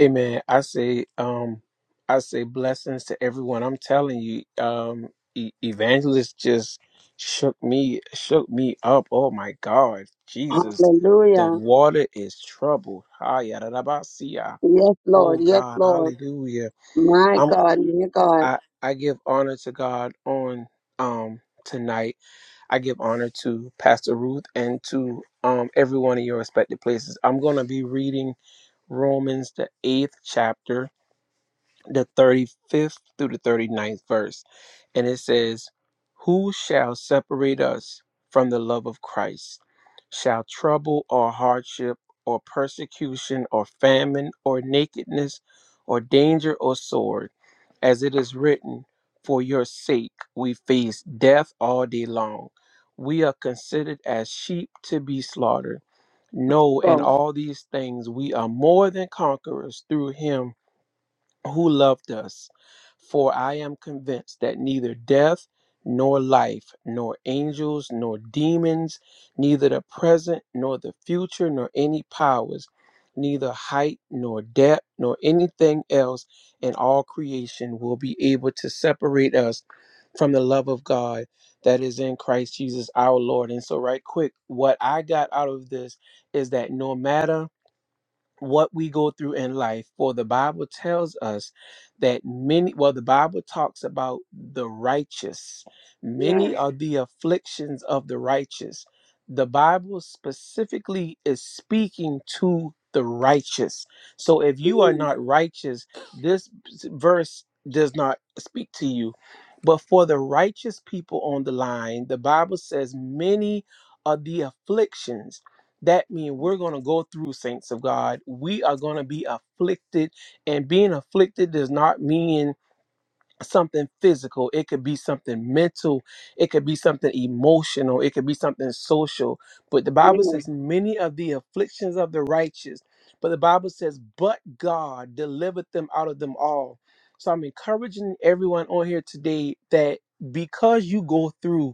S15: Amen. I say, um, I say blessings to everyone. I'm telling you, um, e- evangelist just shook me, shook me up. Oh my God, Jesus, the
S2: Hallelujah.
S15: water is troubled. Hayarabasiya.
S2: Yes, Lord.
S15: Oh
S2: Yes,
S15: God,
S2: Lord.
S15: Hallelujah.
S2: My
S15: I'm,
S2: God, my God,
S15: I, I give honor to God on, um, tonight. I give honor to Pastor Ruth and to, um, everyone in your respective places. I'm gonna be reading Romans the eighth chapter the 35th through the thirty-ninth verse. And it says, Who shall separate us from the love of Christ? Shall trouble or hardship or persecution or famine or nakedness or danger or sword? As it is written, For your sake we face death all day long. We are considered as sheep to be slaughtered.
S2: my
S15: No, in
S2: God.
S15: all these things we are more than conquerors through him who loved us. For I am convinced that neither death, nor life, nor angels, nor demons, neither the present, nor the future, nor any powers, neither height, nor depth, nor anything else in all creation will be able to separate us from the love of God that is in Christ Jesus our Lord. And so, right quick, what I got out of this is that no matter what we go through in life for the bible tells us that many well the bible talks about the righteous
S2: Yes,
S15: many are the afflictions of the righteous the bible specifically is speaking to the righteous so if
S2: yes,
S15: you are not righteous this verse does not speak to you but for the righteous people on the line the bible says many are the afflictions that means we're going to go through, saints of God. We are going to be afflicted. And being afflicted does not mean something physical it could be something mental it could be something emotional it could be something social but the
S2: yes,
S15: bible says many of the afflictions of the righteous but the bible says but god delivered them out of them all so i'm encouraging everyone on here today that because you go through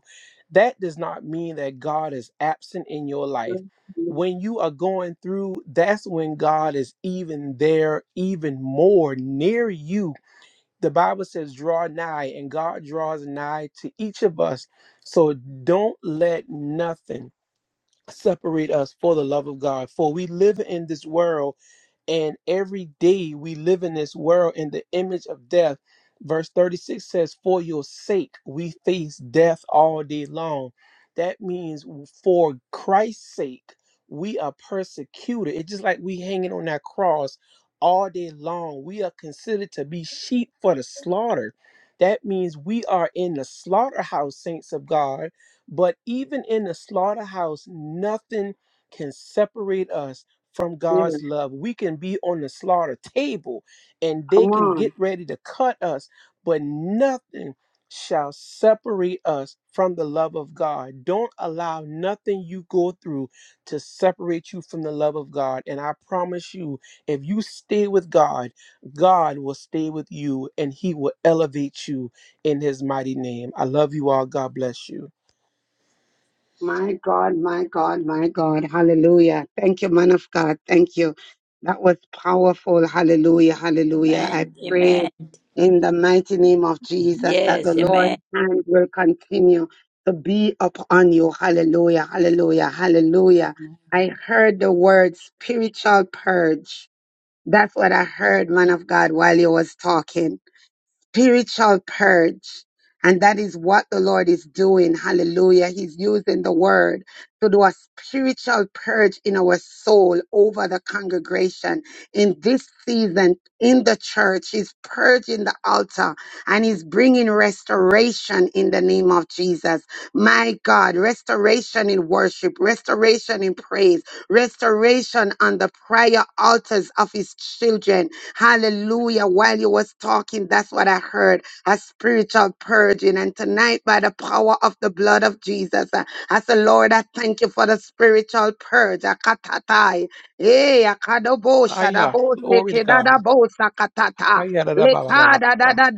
S15: that does not mean that god is absent in your
S2: yes.
S15: life when you are going through that's when god is even there even more near you the Bible says, draw nigh, and God draws nigh to each of us. So don't let nothing separate us for the love of God. For we live in this world and every day we live in this world in the image of death. Verse 36 says, For your sake we face death all day long. That means for Christ's sake, we are persecuted. It's just like we hanging on that cross all day long. We are considered to be sheep for the slaughter. That means we are in the slaughterhouse, saints of God. But even in the slaughterhouse, nothing can separate us from
S2: yes.
S15: God's love. We can be on the slaughter table and
S2: Come
S15: they can
S2: on.
S15: get ready to cut us, but nothing shall separate us from the love of God. Don't allow nothing you go through to separate you from the love of God. And I promise you, if you stay with God, God will stay with you and he will elevate you in his mighty name. I love you all. God bless you.
S2: My God, my God, my God. Hallelujah. Thank you, man of God. Thank you. That was powerful. Hallelujah. Hallelujah. I
S5: Amen. Amen.
S2: pray in the mighty name of Jesus that the
S5: Yes,
S2: Lord's
S5: amen.
S2: hand will continue to be upon you. Hallelujah. Hallelujah. Hallelujah.
S6: Amen.
S2: I heard the word spiritual purge. That's what I heard, man of God, while you was talking spiritual purge. And that is what the Lord is doing. Hallelujah. He's using the word to do a spiritual purge in our soul over the congregation. In this season, in the church, he's purging the altar and he's bringing restoration in the name of Jesus. My God, restoration in worship, restoration in praise, restoration on the prayer altars of his children Hallelujah. While you was talking, that's what I heard. A spiritual purging. And tonight, by the power of the blood of Jesus, uh, I say, Lord, I thank you for the spiritual purge. Akatatai. Eh, akadobo,
S15: Ah, yeah.
S2: shadabo,
S15: Glory to God.
S2: sekedadabo,
S15: Ah,
S2: sakatata.
S15: yeah. da, da, ba, ba, ba, ba,
S2: Lekada
S15: ba.
S2: da da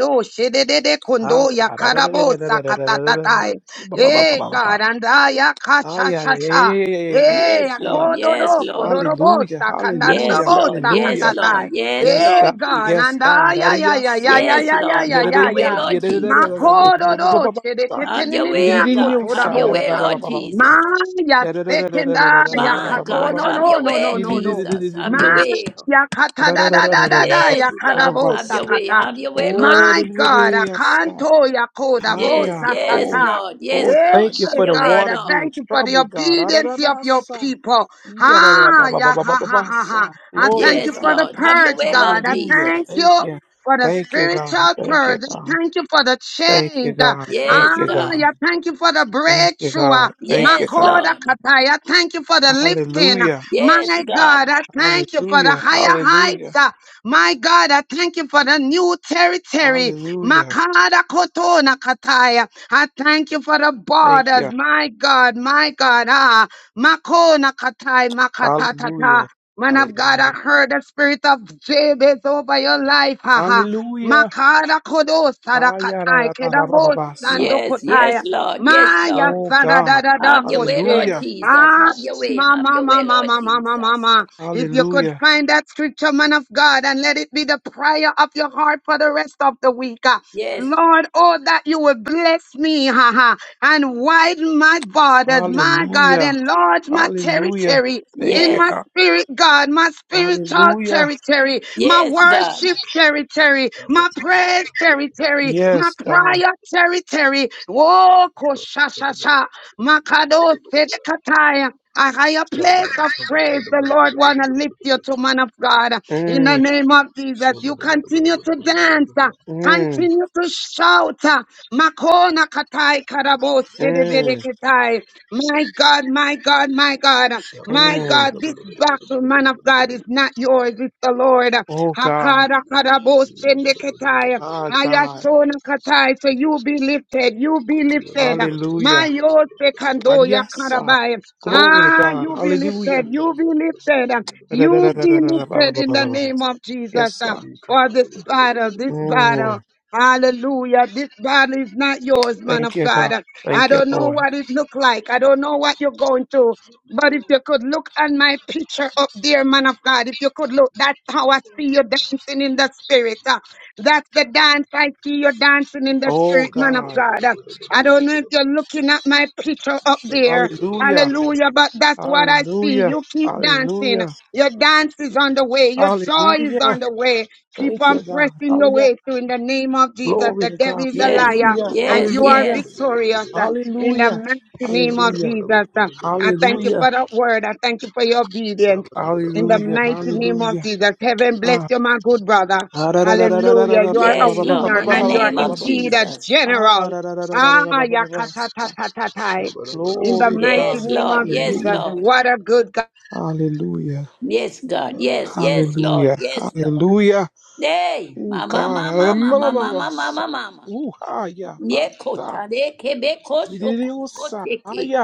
S15: Ah,
S2: kundo
S15: God.
S2: ya
S15: Ah, da- da- da- da- da- da- da- da- da- da- da- da-
S2: sakatatatai.
S15: ba- ba- ba- ba-
S2: Eh,
S15: ba- ba- ba.
S2: God, and I ya
S15: Ah, yeah, yeah, yeah, yeah, yeah, yeah, yeah. yeah.
S2: Eh,
S5: Yes,
S15: Ah,
S5: Lord.
S15: yeah.
S5: Yes,
S2: akodoro
S5: Lord.
S2: kodoro bo
S15: Hallelujah,
S2: sakandara
S15: hallelujah,
S5: Yes, Lord. Yes,
S15: hallelujah.
S5: Lord. Yes,
S15: Yes,
S2: Eh,
S15: God.
S5: Lord
S2: God,
S15: Yes,
S5: Jesus.
S2: and ah,
S15: God. Ah,
S2: yeah, yeah,
S15: yeah,
S2: yeah, yeah,
S15: sa.
S2: yeah,
S5: Yes,
S2: yeah, yeah,
S5: Lord.
S15: Yeah,
S2: yeah,
S15: da-
S5: Have
S2: yeah,
S5: your
S15: da-
S5: way,
S15: yeah,
S2: yeah.
S15: yeah,
S5: Lord
S15: da- da- da- da- da-
S5: Jesus.
S15: da- bo- bo- bo- bo-
S2: Makododo
S15: bo- bo- sa.
S5: Have your
S15: Yeah, da-
S2: chedeketenenia
S15: da-
S5: way,
S15: da-
S5: God.
S15: da- da- sa.
S5: Have your
S15: Da- da-
S5: way,
S15: da- ba-
S2: kotodabosa.
S5: Lord
S15: ba- ba- ba- ba- ba- sa.
S5: Jesus.
S2: Maya
S15: Da- da- da- da- da- da- da- da-
S2: sekenda
S15: da- da-
S2: ya
S15: da- ba-
S5: My
S15: ba- ba-
S2: kato
S5: God,
S15: ba-
S2: no
S15: ba-
S5: have
S15: ba- ba.
S2: no
S5: your
S2: no no
S5: way,
S15: Yeah,
S2: no
S15: da- da-
S2: no.
S15: da- da- da-
S5: Jesus.
S15: da- da-
S5: Have your
S15: da- sa.
S5: way.
S2: Maya kata
S15: Da-
S2: da
S15: da- da-
S2: da
S15: da- da-
S2: da
S15: da- da- da- ba-
S2: da da ya
S5: Yes,
S15: ba- ba- ba-
S5: God.
S15: ba-
S5: Have
S2: kadabosa
S5: your
S15: sa.
S5: way.
S2: kata.
S5: Have your way, Lord
S2: My God,
S5: Jesus.
S15: Oh,
S2: akanto ya
S5: Yes,
S15: Hiya.
S2: kodabosa
S5: yes,
S15: Oh,
S2: kata.
S5: Lord.
S15: oh,
S5: Yes, Lord.
S15: thank you
S2: Hey
S5: Have
S15: for the
S5: your
S2: God,
S5: way,
S2: I
S15: water
S5: Lord.
S15: being
S2: thank you for the
S15: troubled, God.
S2: obedience of your
S15: Adadabasa.
S2: people. Ha, ya ha ha ha ha.
S15: Yadadabababababasa.
S2: I
S15: Glory
S2: thank
S15: to
S2: you
S5: Yes,
S2: for
S15: God.
S2: the
S5: Lord. Have your
S2: purge,
S5: way,
S2: God.
S5: Lord
S2: I
S15: Hallelujah.
S2: thank
S5: Jesus.
S15: Thank
S2: you
S15: you.
S2: for the
S15: Thank you, God.
S2: spiritual
S15: Thank you,
S2: purge. I
S15: God.
S2: thank you for the
S15: Thank you,
S2: change. Ah,
S15: God. Thank
S5: Yes,
S15: you,
S5: God.
S15: God.
S2: I thank you for the
S15: Thank you,
S2: breakthrough. Ah,
S15: God. Thank you,
S5: Yes,
S15: God.
S2: Makoda
S5: Lord.
S2: katai. I thank you for the lifting.
S15: Hallelujah.
S5: Yes,
S2: My
S5: God.
S2: God, I thank you for the
S15: Hallelujah.
S2: higher heights.
S15: Hallelujah.
S2: Ah, My God, I thank you for the new territory.
S15: Hallelujah.
S2: Makada kotona katai. I thank you for the
S15: Thank
S2: borders.
S15: you.
S2: My God, my God. Ah, Makona katai, Makatata.
S15: Hallelujah.
S2: Man of God, I
S15: Hallelujah.
S2: heard the spirit of Jabez over your life. Ha ha.
S15: Hallelujah.
S2: Makara kodos sadakatai kedabos
S15: Hallelujah.
S5: Yes,
S2: sandokotaya.
S5: yes, Lord. Yes,
S2: Maya
S5: Lord.
S15: Oh God.
S2: sadadadada
S5: Have your way,
S2: koshe.
S5: Lord
S15: Hallelujah.
S5: Jesus.
S2: Ah,
S5: Have your way. Have
S2: mama,
S5: your way,
S2: mama,
S5: Lord
S2: mama, mama,
S5: Jesus.
S2: mama. If you could
S15: Hallelujah.
S2: find that scripture, man of God, and let it be the prayer of your heart for the rest of the week. ah.
S5: Yes,
S2: Lord, oh, that you will bless me, ha ha, and widen my borders, my God,
S15: Hallelujah.
S2: enlarge my
S15: Hallelujah.
S2: territory,
S15: Thank
S2: in
S15: you,
S2: my
S5: yes,
S15: God.
S2: spirit, God, my spiritual
S15: Hallelujah.
S2: territory, my
S5: yes, God.
S2: worship territory, my praise territory, my
S15: Yes, God.
S2: prayer territory. Oh, koshashasha, makado sedekataya. A higher place of praise, the Lord wanna lift you to man of God. In the
S15: Mm,
S2: name of Jesus, you continue to dance, uh,
S15: mm,
S2: continue to shout. uh, Makona katai karabo
S15: mm,
S2: sedebedeketai. My God, my God, my God, my
S15: mm.
S2: God, this battle, man of God, is not yours, it's the Lord.
S15: Oh God.
S2: Hakara karabo sendekatai,
S15: Ah God.
S2: hayatona katai. So you be lifted, you be lifted. My
S15: Hallelujah.
S2: yod sekando
S15: Yes, sir.
S2: yakarabai.
S15: Glory to
S2: Ah,
S15: God.
S2: you be
S15: Hallelujah.
S2: lifted, you be lifted,
S15: Da da da
S2: you
S15: da
S2: be
S15: da da
S2: lifted in the
S15: da
S2: name of Jesus.
S15: Yes,
S2: uh,
S15: sir.
S2: For this battle, this battle.
S15: Mm.
S2: Hallelujah. This battle is not yours, man of
S15: Thank you, God.
S2: God. I
S15: Thank you,
S2: don't know
S15: Lord.
S2: what it look like. I don't know what you're going through. But if you could look at my picture up there, man of God, if you could look, that's how I see you dancing in the spirit. Uh, That's the dance I see you dancing in the
S15: Oh
S2: spirit, man of
S15: God.
S2: God. Uh, I don't know if you're looking at my picture up there.
S15: Hallelujah.
S2: Hallelujah. But that's what I see.
S15: Hallelujah.
S2: You keep dancing.
S15: Hallelujah.
S2: Your dance is on the way. Your joy is
S15: Hallelujah.
S2: on the way. Keep
S15: Thank
S2: on
S15: you, God.
S2: pressing your
S15: Hallelujah.
S2: way through in the name of Jesus.
S15: Glory
S2: The
S15: to
S2: devil
S15: God.
S2: is a
S5: Yes,
S2: liar
S15: Hallelujah.
S2: and
S5: yes,
S2: you are
S15: Hallelujah.
S5: yes,
S2: victorious uh, in the
S15: Hallelujah.
S2: mighty name of
S15: Hallelujah.
S2: Jesus. Uh, I thank you
S15: Hallelujah.
S2: for that word. I thank you for your
S10: Hmm? Praise
S2: obedience
S10: the
S2: in the
S15: Hallelujah.
S10: Lord. Praise
S2: mighty name of
S15: Hallelujah.
S2: Jesus. Heaven bless
S15: Ah.
S2: you, my good brother.
S15: Ah, da, da, da, da, da, da, da,
S2: Hallelujah.
S15: da,
S2: You
S15: ba,
S2: are
S15: ba,
S2: a
S15: ba,
S5: yes,
S15: ba, ba,
S5: Lord.
S15: ba, ba,
S2: winner
S5: In the
S2: and
S15: ba,
S2: you
S15: ba, ba,
S2: are
S5: name
S15: ba, ba,
S5: of
S15: ba.
S2: indeed a
S5: Jesus.
S15: Ah,
S2: general
S15: da, da, da, da, da, da, da,
S2: Ah,
S15: ba, ba, ba, ba. Ah.
S2: yakatatatatatai. In the
S15: Glory to
S2: mighty
S5: Yes,
S15: God.
S2: name
S5: Lord.
S2: of
S5: Yes,
S2: Jesus,
S15: Hallelujah.
S5: Lord.
S2: what a good God.
S15: Hallelujah.
S5: Yes, God.
S10: the
S5: Yes, yes, Lord.
S15: Hallelujah.
S10: Lord.
S5: Yes, Lord.
S15: Hallelujah.
S5: Hey,
S15: Oh,
S5: mama,
S15: God. Ah, da, da,
S5: mama,
S15: ma, ma,
S5: mama,
S15: ma, ma.
S5: mama, mama, mama.
S15: Ooh, ah, yeah, ba, da.
S5: Yekota de kebeko
S15: Di, di, di,
S5: shoko de
S15: oh, sa, ah,
S5: boteke.
S15: yeah.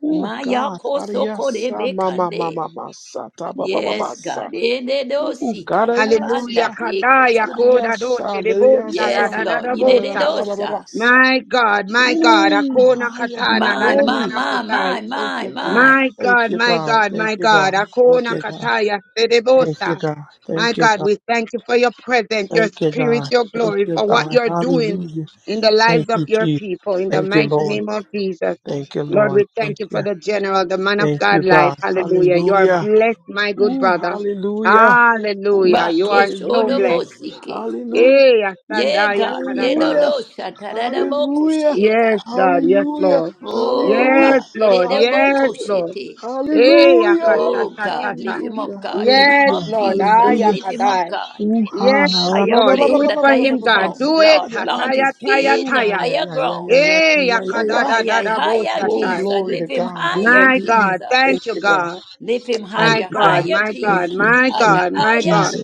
S15: Oh
S5: Maya
S15: God,
S5: koso kore
S15: Ariyasa, Mama,
S5: bekande.
S15: Mama, Masa, Taba, Baba,
S5: Yes,
S15: Basa.
S5: God.
S15: Oh God,
S5: Ededoshika,
S2: Hallelujah.
S5: yabanda
S15: Ariyasa,
S2: Kadaya
S5: tekosha.
S2: kodadose
S15: Uriyasa,
S2: debosa
S5: Yes,
S15: Ariyasa,
S5: Lord.
S15: Yada,
S2: dadadadabosa.
S15: Baba, Baba,
S5: Yededosha.
S15: Basa.
S2: My God, my God.
S15: Oh,
S2: Akona
S15: Haya,
S2: katana
S5: My, my,
S15: glory.
S2: nananana
S5: my,
S2: kotai.
S5: my,
S15: Thank
S5: my,
S15: you, God.
S5: my.
S2: My
S15: Thank
S2: God,
S15: you,
S2: my
S15: God.
S2: God,
S15: Thank
S2: my
S15: you,
S2: God.
S15: God. Thank
S2: Akona
S15: you, God.
S2: kataya
S15: Thank you,
S2: sedebosa.
S15: God.
S2: My
S15: Thank you,
S2: God,
S15: God.
S2: we thank you for your presence, your
S15: Thank you,
S2: spirit,
S15: God.
S2: your
S15: Thank
S2: glory,
S15: you,
S2: for what
S15: God.
S2: you're doing
S15: Hallelujah.
S2: in the
S15: Thank
S2: lives of
S15: you,
S2: your
S15: Jesus.
S2: people, in the
S15: Thank you,
S2: mighty
S15: Lord.
S2: name of Jesus.
S15: Thank you,
S2: Lord,
S15: Lord.
S2: we thank
S15: Thank
S2: you for
S15: you.
S2: the general, the man of
S15: Thank you,
S2: God life.
S15: God.
S2: Hallelujah. You are
S15: Hallelujah.
S2: blessed, my good
S15: Ooh,
S2: brother.
S15: hallelujah. Oh,
S2: Hallelujah. You are so
S15: hallelujah.
S2: blessed.
S5: Bakeshodobosike.
S15: Hallelujah.
S2: Hey,
S5: Yeah,
S2: Asandaya
S5: God.
S2: Karaban.
S15: Hallelujah.
S5: Yedodosha
S15: Hallelujah.
S2: Yes,
S5: taradabokoseta.
S2: God. Yes,
S15: Hallelujah.
S2: Lord.
S5: Oh,
S15: Hallelujah.
S2: Yes,
S5: God.
S2: Lord. Yes,
S15: Hallelujah.
S2: Lord.
S5: Yededobokosete.
S2: Hey,
S15: Hallelujah.
S5: Oh, God.
S2: Akashashashasha.
S5: Lift him
S15: Hallelujah.
S5: up, God. Lift him
S2: Yes,
S15: Hallelujah.
S5: up,
S2: Lord. Ah,
S5: Jesus.
S15: Hallelujah.
S5: Lift him up,
S2: Yakadai.
S5: God.
S15: Ooh,
S2: Yes,
S15: hallelujah.
S5: Higher
S15: Ba, ba,
S2: Lord.
S15: ba, ba, ba,
S2: Do
S5: plane,
S15: ba,
S2: it
S15: ba,
S5: that
S2: for
S15: ba,
S5: higher
S15: ba,
S2: him,
S15: ba, ba.
S2: God.
S5: form,
S2: Do
S15: Ah,
S2: it.
S5: Lord.
S15: yeah.
S5: Plant
S2: Hataya,
S5: his
S2: taya,
S5: feet
S15: Ooh,
S5: on
S15: yeah,
S2: taya.
S15: yeah,
S5: higher
S15: yeah, yeah,
S5: ground.
S15: yeah, yeah, yeah,
S2: Hey,
S15: yeah, yeah, yeah.
S5: Higher, higher,
S15: Oh,
S2: Yakadadadadaboshasai.
S5: Jesus.
S15: glory to
S5: Lift him
S15: God.
S5: higher,
S2: My
S15: Hallelujah.
S2: God.
S5: Jesus.
S15: Thank
S2: Thank you,
S15: you, God.
S2: God.
S5: Lift him
S15: Thank
S2: My
S5: higher,
S15: you,
S2: God.
S15: God.
S5: higher,
S2: My
S15: Thank
S2: God.
S15: you.
S5: Jesus.
S2: My
S15: Thank
S5: Higher,
S2: God.
S15: you,
S2: My God.
S5: higher.
S15: Jesus.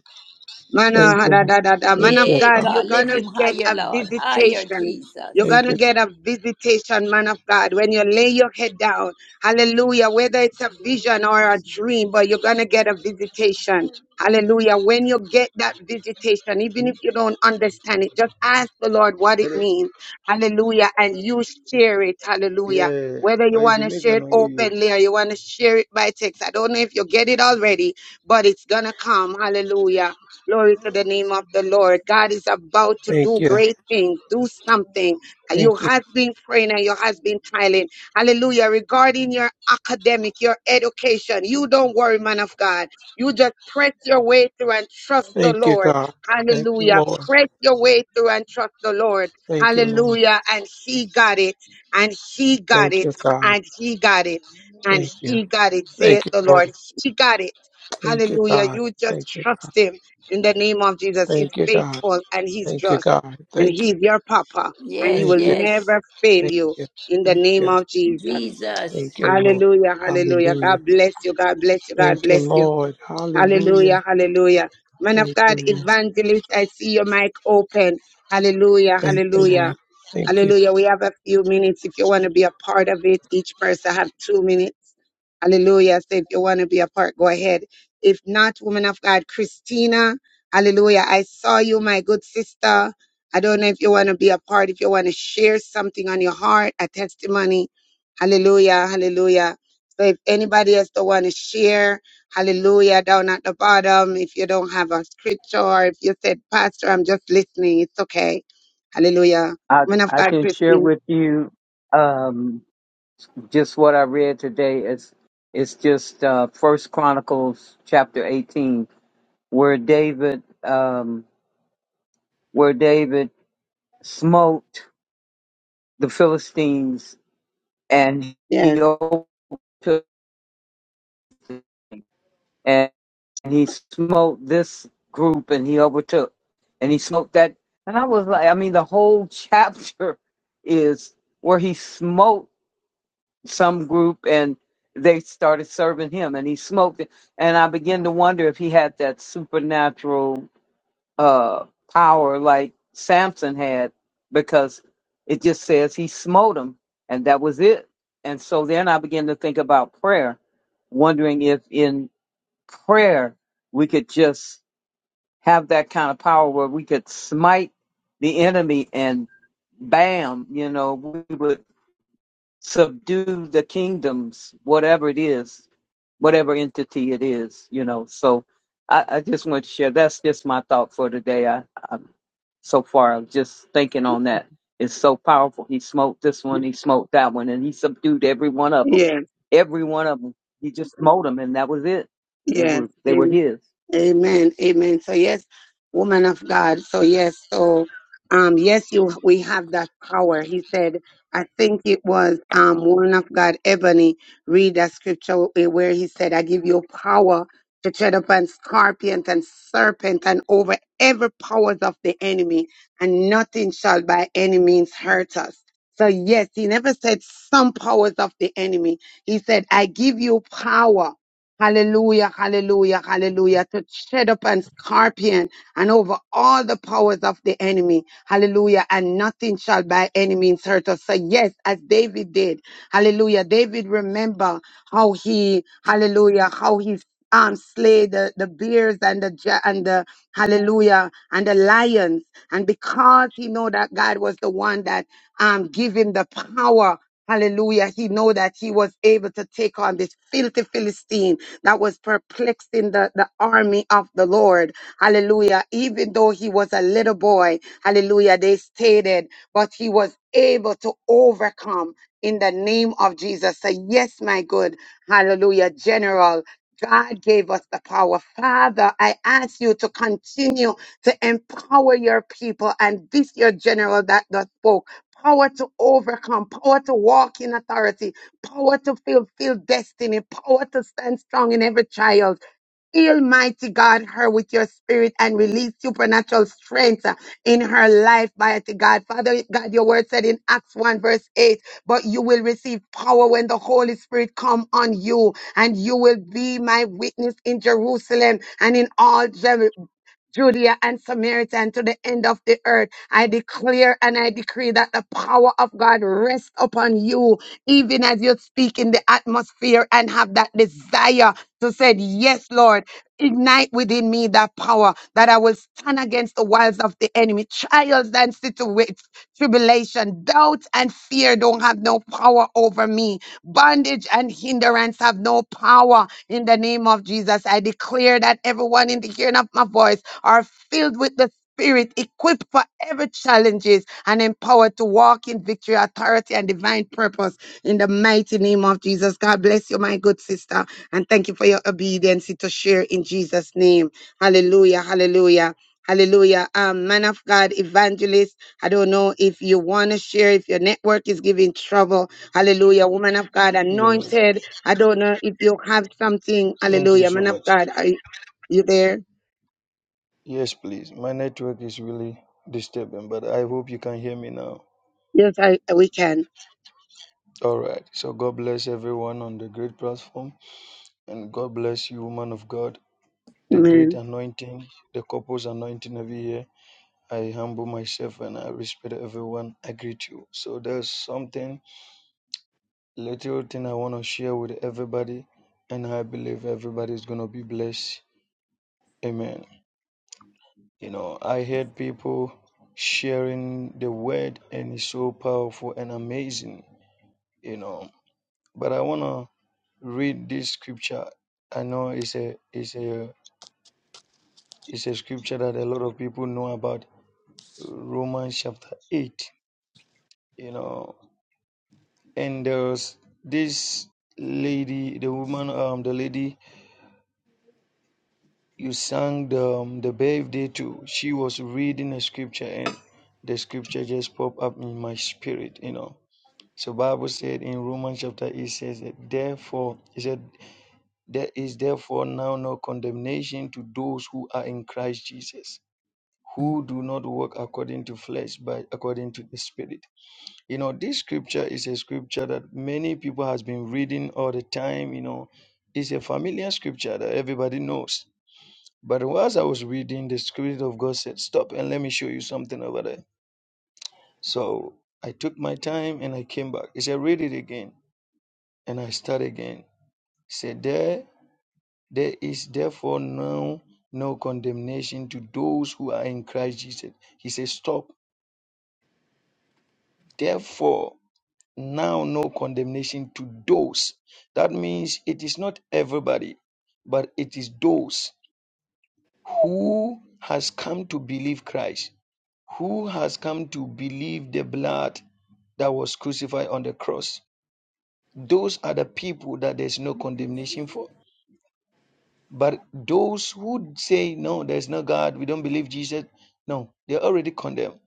S2: Man,
S15: Thank
S2: uh,
S15: you,
S2: da,
S15: Lord.
S2: da, da, da. man
S15: Thank
S2: of
S15: you,
S5: Yeah,
S2: God,
S15: God.
S2: you're
S5: God. Lift
S2: gonna
S5: him
S2: get
S5: higher,
S2: a
S5: Lord. Higher,
S2: visitation. You're
S5: Jesus.
S15: Thank you.
S2: gonna get a visitation, man of God, when you lay your head down. Hallelujah. Whether it's a vision or a dream, but you're gonna get a visitation. Hallelujah. When you get that visitation, even if you don't understand it, just ask the Lord what it
S10: Hello?
S2: means. Hallelujah. And you share it. Hallelujah.
S10: Yeah,
S2: Whether you
S10: are you
S2: want to share
S10: Jamaican
S2: it
S10: or you?
S2: openly or you want to share it by text. I don't know if you get it already, but it's gonna come. Hallelujah Glory to the name of the Lord. God is about to
S15: Thank
S2: do
S15: you.
S2: great things. Do something. You
S15: Thank you.
S2: has been praying and you has been tiling. Hallelujah. Regarding your academic, your education, you don't worry, man of God. You just press your way through and trust the
S15: Thank you,
S2: Lord.
S15: God. Thank you,
S2: Hallelujah.
S15: Lord.
S2: Press your way through and trust the Lord.
S15: Thank you, Lord.
S2: Hallelujah. And he got it. And he got
S15: Thank
S2: it.
S15: you, God.
S2: And he got it. And
S15: Thank you.
S2: he got it. Saith
S15: Thank you,
S2: the Lord.
S15: Lord.
S2: He got it.
S15: Thank you,
S2: Hallelujah.
S15: God.
S2: You just
S15: Thank you,
S2: trust
S15: God.
S2: him in the name of Jesus. He's
S15: Thank you, God.
S2: faithful and he's
S15: Thank you,
S2: just.
S15: God.
S2: And
S15: Thank you.
S2: he's your papa and he
S5: Yes,
S2: will
S15: Thank you.
S5: yes.
S2: never fail
S15: Thank
S2: you
S15: you.
S2: in the
S15: Thank
S2: name
S15: you.
S2: of Jesus.
S5: Jesus.
S15: Thank you, Lord.
S2: Hallelujah. Hallelujah.
S15: Hallelujah.
S2: God bless you. God bless you. God
S15: Thank you,
S2: bless you.
S15: Lord. Hallelujah.
S2: Hallelujah, hallelujah. Man of
S15: Thank you,
S2: God,
S15: Lord.
S2: evangelist, I see your mic open. Hallelujah,
S15: Thank you,
S2: hallelujah.
S15: Lord. Thank you.
S2: Hallelujah. We have a few minutes if you want to be a part of it. Each person have two minutes. Hallelujah. So if you want to be a part, go ahead. If not, woman of God, Christina, hallelujah. I saw you, my good sister. I don't know if you want to be a part, if you want to share something on your heart, a testimony. Hallelujah, hallelujah. So if anybody else don't want to share, Hallelujah. Down at the bottom. If you don't have a scripture, or if you said, Pastor, I'm just listening, it's okay. Hallelujah.
S16: I
S2: Woman of
S16: I
S2: God,
S16: can share
S2: Christine.
S16: with you um, just what I read today. It's it's just uh, First Chronicles chapter eighteen, where David um, where David smote the Philistines, and
S2: Yes,
S16: he overtook, and he smote this group, and he overtook, and he smote that. And I was like, I mean, the whole chapter is where he smote some group and they started serving him and he smoked it and i began to wonder if he had that supernatural uh power like samson had because it just says he smote him and that was it and so then i began to think about prayer wondering if in prayer we could just have that kind of power where we could smite the enemy and bam you know we would subdue the kingdoms, whatever it is, whatever entity it is, you know. So I, I just want to share. That's just my thought for today. I, I so far I'm just thinking on that. It's so powerful. He smoked this one, he smoked that one, and he subdued every one of them.
S2: yes,
S16: Every one of them. He just smote them, and that was it. They
S2: yes.
S16: were they were his.
S2: Amen. Amen. So yes, woman of God. So yes, so um yes, you we have that power. He said, I think it was um woman of God Ebony read that scripture eh, where he said, I give you power to tread upon scorpions and serpents and over every powers of the enemy, and nothing shall by any means hurt us. So yes, he never said some powers of the enemy. He said, I give you power. Hallelujah, hallelujah, hallelujah. To tread upon scorpion and over all the powers of the enemy. Hallelujah. And nothing shall by any means hurt us. So yes, as David did. Hallelujah. David remember how he, hallelujah, how he um slay the, the bears and the ja- and the hallelujah and the lions. And because he know that God was the one that um give him the power. Hallelujah. He know that he was able to take on this filthy Philistine that was perplexing the, the army of the Lord. Hallelujah. Even though he was a little boy, hallelujah, they stated, but he was able to overcome in the name of Jesus. Say, yes, my good, hallelujah, general. God gave us the power. Father, I ask you to continue to empower your people and this your general that, that spoke. Power to overcome, power to walk in authority, power to fulfill destiny, power to stand strong in every trial. Heal, mighty God, her with your spirit and release supernatural strength uh, in her life, mighty God. Father God, your word said in Acts 1 verse 8, but you will receive power when the Holy Spirit come on you and you will be my witness in Jerusalem and in all Judea Judea and Samaria and to the end of the earth. I declare and I decree that the power of God rests upon you, even as you speak in the atmosphere and have that desire to say, Yes, Lord, ignite within me that power that I will stand against the wiles of the enemy. Trials and situations, tribulation, doubt and fear don't have no power over me. Bondage and hindrance have no power in the name of Jesus. I declare that everyone in the hearing of my voice are filled with the Spirit, equipped for every challenges and empowered to walk in victory, authority, and divine purpose in the mighty name of Jesus. God bless you, my good sister, and thank you for your obedience to share in Jesus' name. Hallelujah, hallelujah. Hallelujah. Um, man of God, evangelist. I don't know if you want to share, if your network is giving trouble. Hallelujah. Woman of God,
S10: Yeah,
S2: anointed. I don't know if you have something.
S10: thank you
S2: Hallelujah.
S10: so
S2: Man of
S10: much.
S2: God, are you you there?
S10: Yes, please. My network is disturbing, but I am all
S2: Yes, I, we can.
S10: on the good form. And God bless you, my God. The
S2: Amen.
S10: king, the anointing every year. I serve and I show. So there's something, little thing. share with everybody, and I believe everybody is going to be blessed. Amen. You know, I heard people sharing the word, and it's so powerful and amazing, you know. But I want to read this scripture. I know it's a, it's a, it's a scripture that a lot of people know about Romans chapter 8, you know. And there's this lady, the woman, um, the lady you sang the, um, the birthday too. She was reading a scripture and the scripture just popped up in my spirit, you know. So Bible said in Romans chapter 8 says that therefore it said there is therefore now no condemnation to those who are in Christ Jesus, who do not walk according to flesh, but according to the spirit. You know, this scripture is a scripture that many people has been reading all the time, you know. It's a familiar scripture that everybody knows but whilst I was reading, the Spirit of God said, Stop and let me show you something over there. So I took my time and I came back. He said, Read it again. And I start again. He said, There there is therefore now no condemnation to those who are in Christ Jesus. He said, Stop. Therefore, now no condemnation to those. That means it is not everybody, but it is those who has come to believe Christ. who has come to believe the blood that was crucified on the cross. Those are the people that there's no condemnation for. But those who say, no, there's no God, we don't believe Jesus, no, they're already condemned.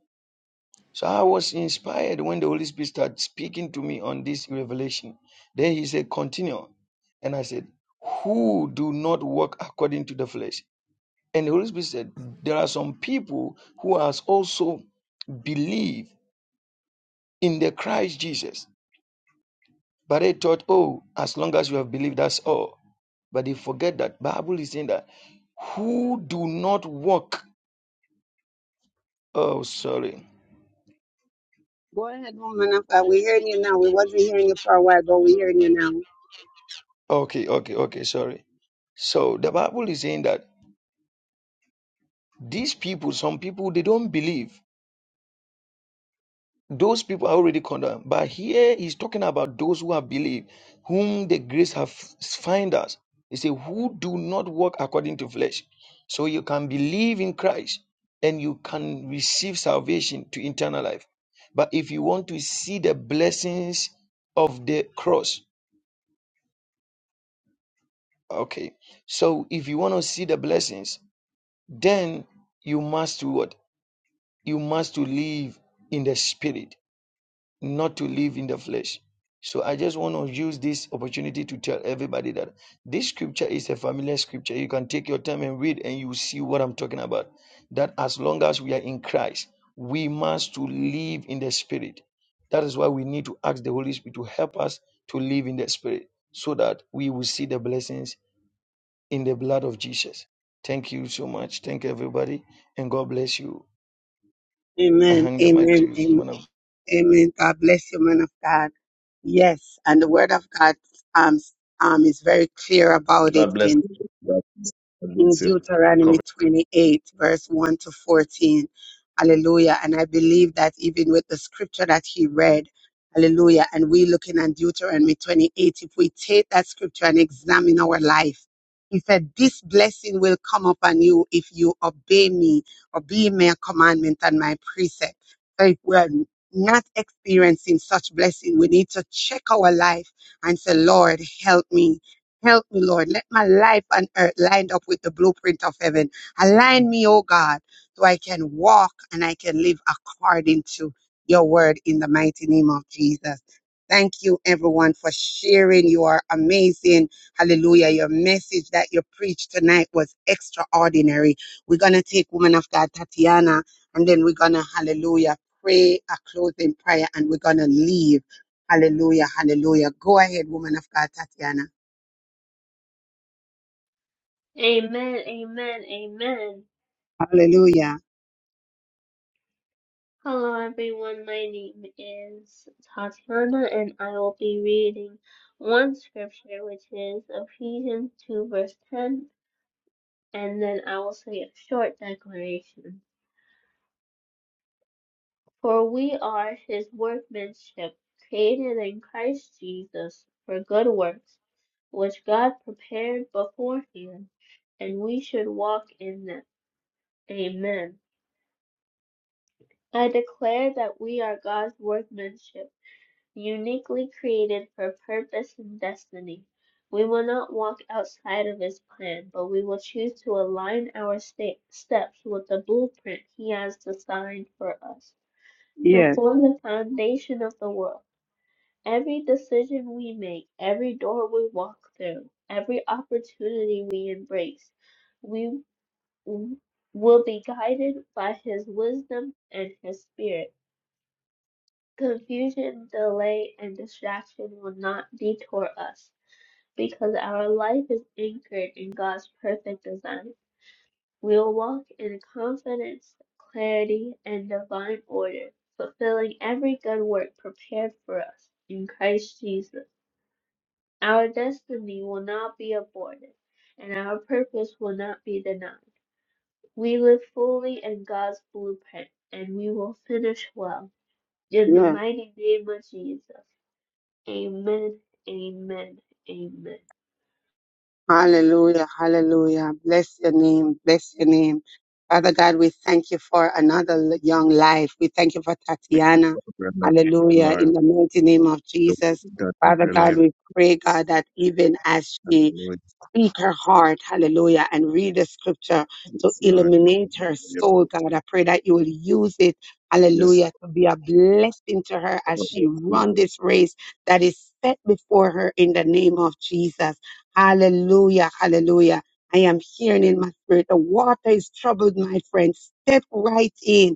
S10: So I was inspired when the Holy Spirit started speaking to me on this revelation. Then he said, continue. And I said, who do not walk according to the flesh? And the Holy Spirit said, there are some people who has also believed in the Christ Jesus. But they thought, oh, as long as you have believed, that's all. But they forget that Bible is saying that who do not walk. Oh, sorry.
S2: Go ahead, woman of God. We're hearing you now. We wasn't hearing you for a while, but we're hearing you now.
S10: Okay, okay, okay, sorry. So the Bible is saying that these people, some people, they don't believe Those people are already condemned. But here he's talking about those who have believed, whom the grace have find us. He said, who do not walk according to flesh. So you can believe in Christ and you can receive salvation to eternal life. But if you want to see the blessings of the cross, okay. So if you want to see the blessings, then you must do what? You must to live in the spirit. not to live in the flesh. So I just want to use this opportunity to tell everybody that this scripture is a familiar scripture. You can take your time and read and you will see what I'm talking about. That as long as we are in Christ, we must to live in the spirit. That is why we need to ask the Holy Spirit to help us to live in the spirit so that we will see the blessings in the blood of Jesus. Thank you so much. Thank everybody and God bless you. I
S2: Amen.
S10: hang the mic to
S2: Amen.
S10: you.
S2: Amen.
S10: man of
S2: Amen. God bless you, man of God. Yes, and the word of God um, um is very clear about
S7: God bless you. God
S2: it.
S7: bless you. God
S2: in
S7: bless you. God
S2: Deuteronomy 28, verse 1 to 14. Hallelujah. And I believe that even with the scripture that he read, hallelujah, and we looking at Deuteronomy 28, if we take that scripture and examine our life, he said, This blessing will come upon you if you obey me, obey my commandment and my precept. So if we're not experiencing such blessing, we need to check our life and say, Lord, help me. Help me, Lord. Let my life on earth lined up with the blueprint of heaven. Align me, oh God, so I can walk and I can live according to your word in the mighty name of Jesus. Thank you, everyone, for sharing. You are amazing. Hallelujah. Your message that you preached tonight was extraordinary. We're going to take woman of God, Tatiana, and then we're going to, hallelujah, pray a closing prayer and we're going to leave. Hallelujah. Hallelujah. Go ahead, woman of God, Tatiana.
S3: Amen. Amen. Amen.
S2: Hallelujah.
S3: Hello, everyone. My name is Tatiana, and I will be reading one scripture, which is Ephesians 2, verse 10, and then I will say a short declaration. For we are his workmanship, created in Christ Jesus for good works, which God prepared beforehand, and we should walk in them. Amen. I declare that we are God's workmanship, uniquely created for purpose and destiny. We will not walk outside of his plan, but we will choose to align our sta- steps with the blueprint he has designed for us.
S2: Yes,
S3: Before the foundation of the world, Every decision we make, every door we walk through, every opportunity we embrace, we w- will be guided by His wisdom and His Spirit. Confusion, delay, and distraction will not detour us because our life is anchored in God's perfect design. We will walk in confidence, clarity, and divine order, fulfilling every good work prepared for us in Christ Jesus. Our destiny will not be aborted, and our purpose will not be denied. We live fully in God's blueprint, and we will finish well. In the
S2: yes.
S3: mighty name of Jesus. Amen, amen, amen.
S2: Hallelujah. Hallelujah. Bless your name. Bless your name. Father God, we thank you for another l- young life. We thank you for Tatiana.
S7: Reverend
S2: Hallelujah.
S7: Lord,
S2: In the mighty name of
S7: the
S2: Jesus.
S7: that in
S2: Father
S7: her
S2: God,
S7: life,
S2: we pray, God, that even as she
S7: Lord,
S2: speak her heart, hallelujah, and read the scripture to
S7: yes, Lord,
S2: illuminate her soul, God. I pray that you will use it,
S7: yes,
S2: hallelujah, to be a blessing to her as she
S7: Lord,
S2: run
S7: Jesus,
S2: this race that is set before her in the name of Jesus. Hallelujah, hallelujah. I am hearing in my spirit, the water is troubled, my friend. Step right in.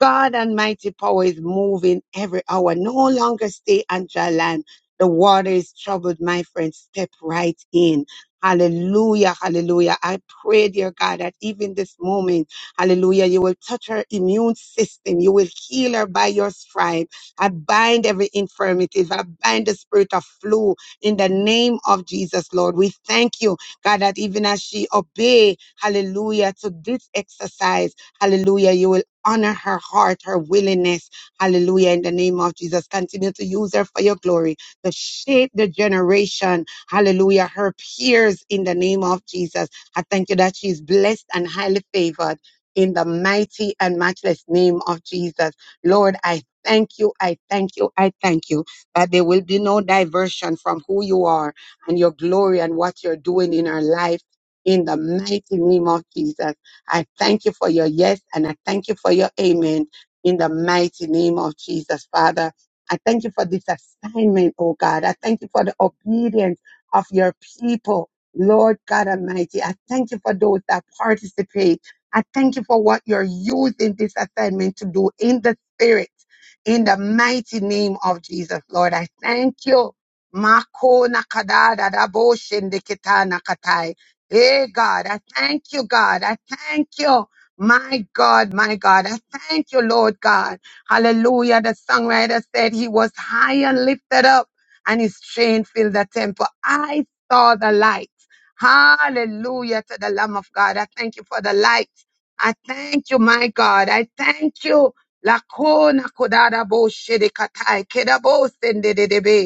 S2: God Almighty power is moving every hour. No longer stay on dry land. The water is troubled, my friend. Step right in. Hallelujah, hallelujah. I pray, dear God, that even this moment, hallelujah, you will touch her immune system. You will heal her by your stripe. I bind every infirmity. I bind the spirit of flu in the name of Jesus, Lord. We thank you, God, that even as she obey, hallelujah, to this exercise, Hallelujah. You will honor her heart, her willingness. Hallelujah. In the name of Jesus, continue to use her for your glory to shape the generation. Hallelujah. Her peers in the name of Jesus. I thank you that she is blessed and highly favored in the mighty and matchless name of Jesus. Lord, I thank you. I thank you. I thank you that there will be no diversion from who you are and your glory and what you're doing in our life in the mighty name of Jesus. I thank you for your yes and I thank you for your amen in the mighty name of Jesus, Father. I thank you for this assignment, oh God. I thank you for the obedience of your people, Lord God Almighty. I thank you for those that participate. I thank you for what you're using this assignment to do in the spirit, in the mighty name of Jesus, Lord. I thank you. Mako nakadada dabo shende kita nakatai. Hey, God, I thank you, God. I thank you. My God, my God, I thank you, Lord God. Hallelujah. The songwriter said he was high and lifted up and his train filled the temple. I saw the light. Hallelujah to the Lamb of God. I thank you for the light. I thank you, my God. I thank you. Lakona kodada bo shede katai kedabo sendedebe.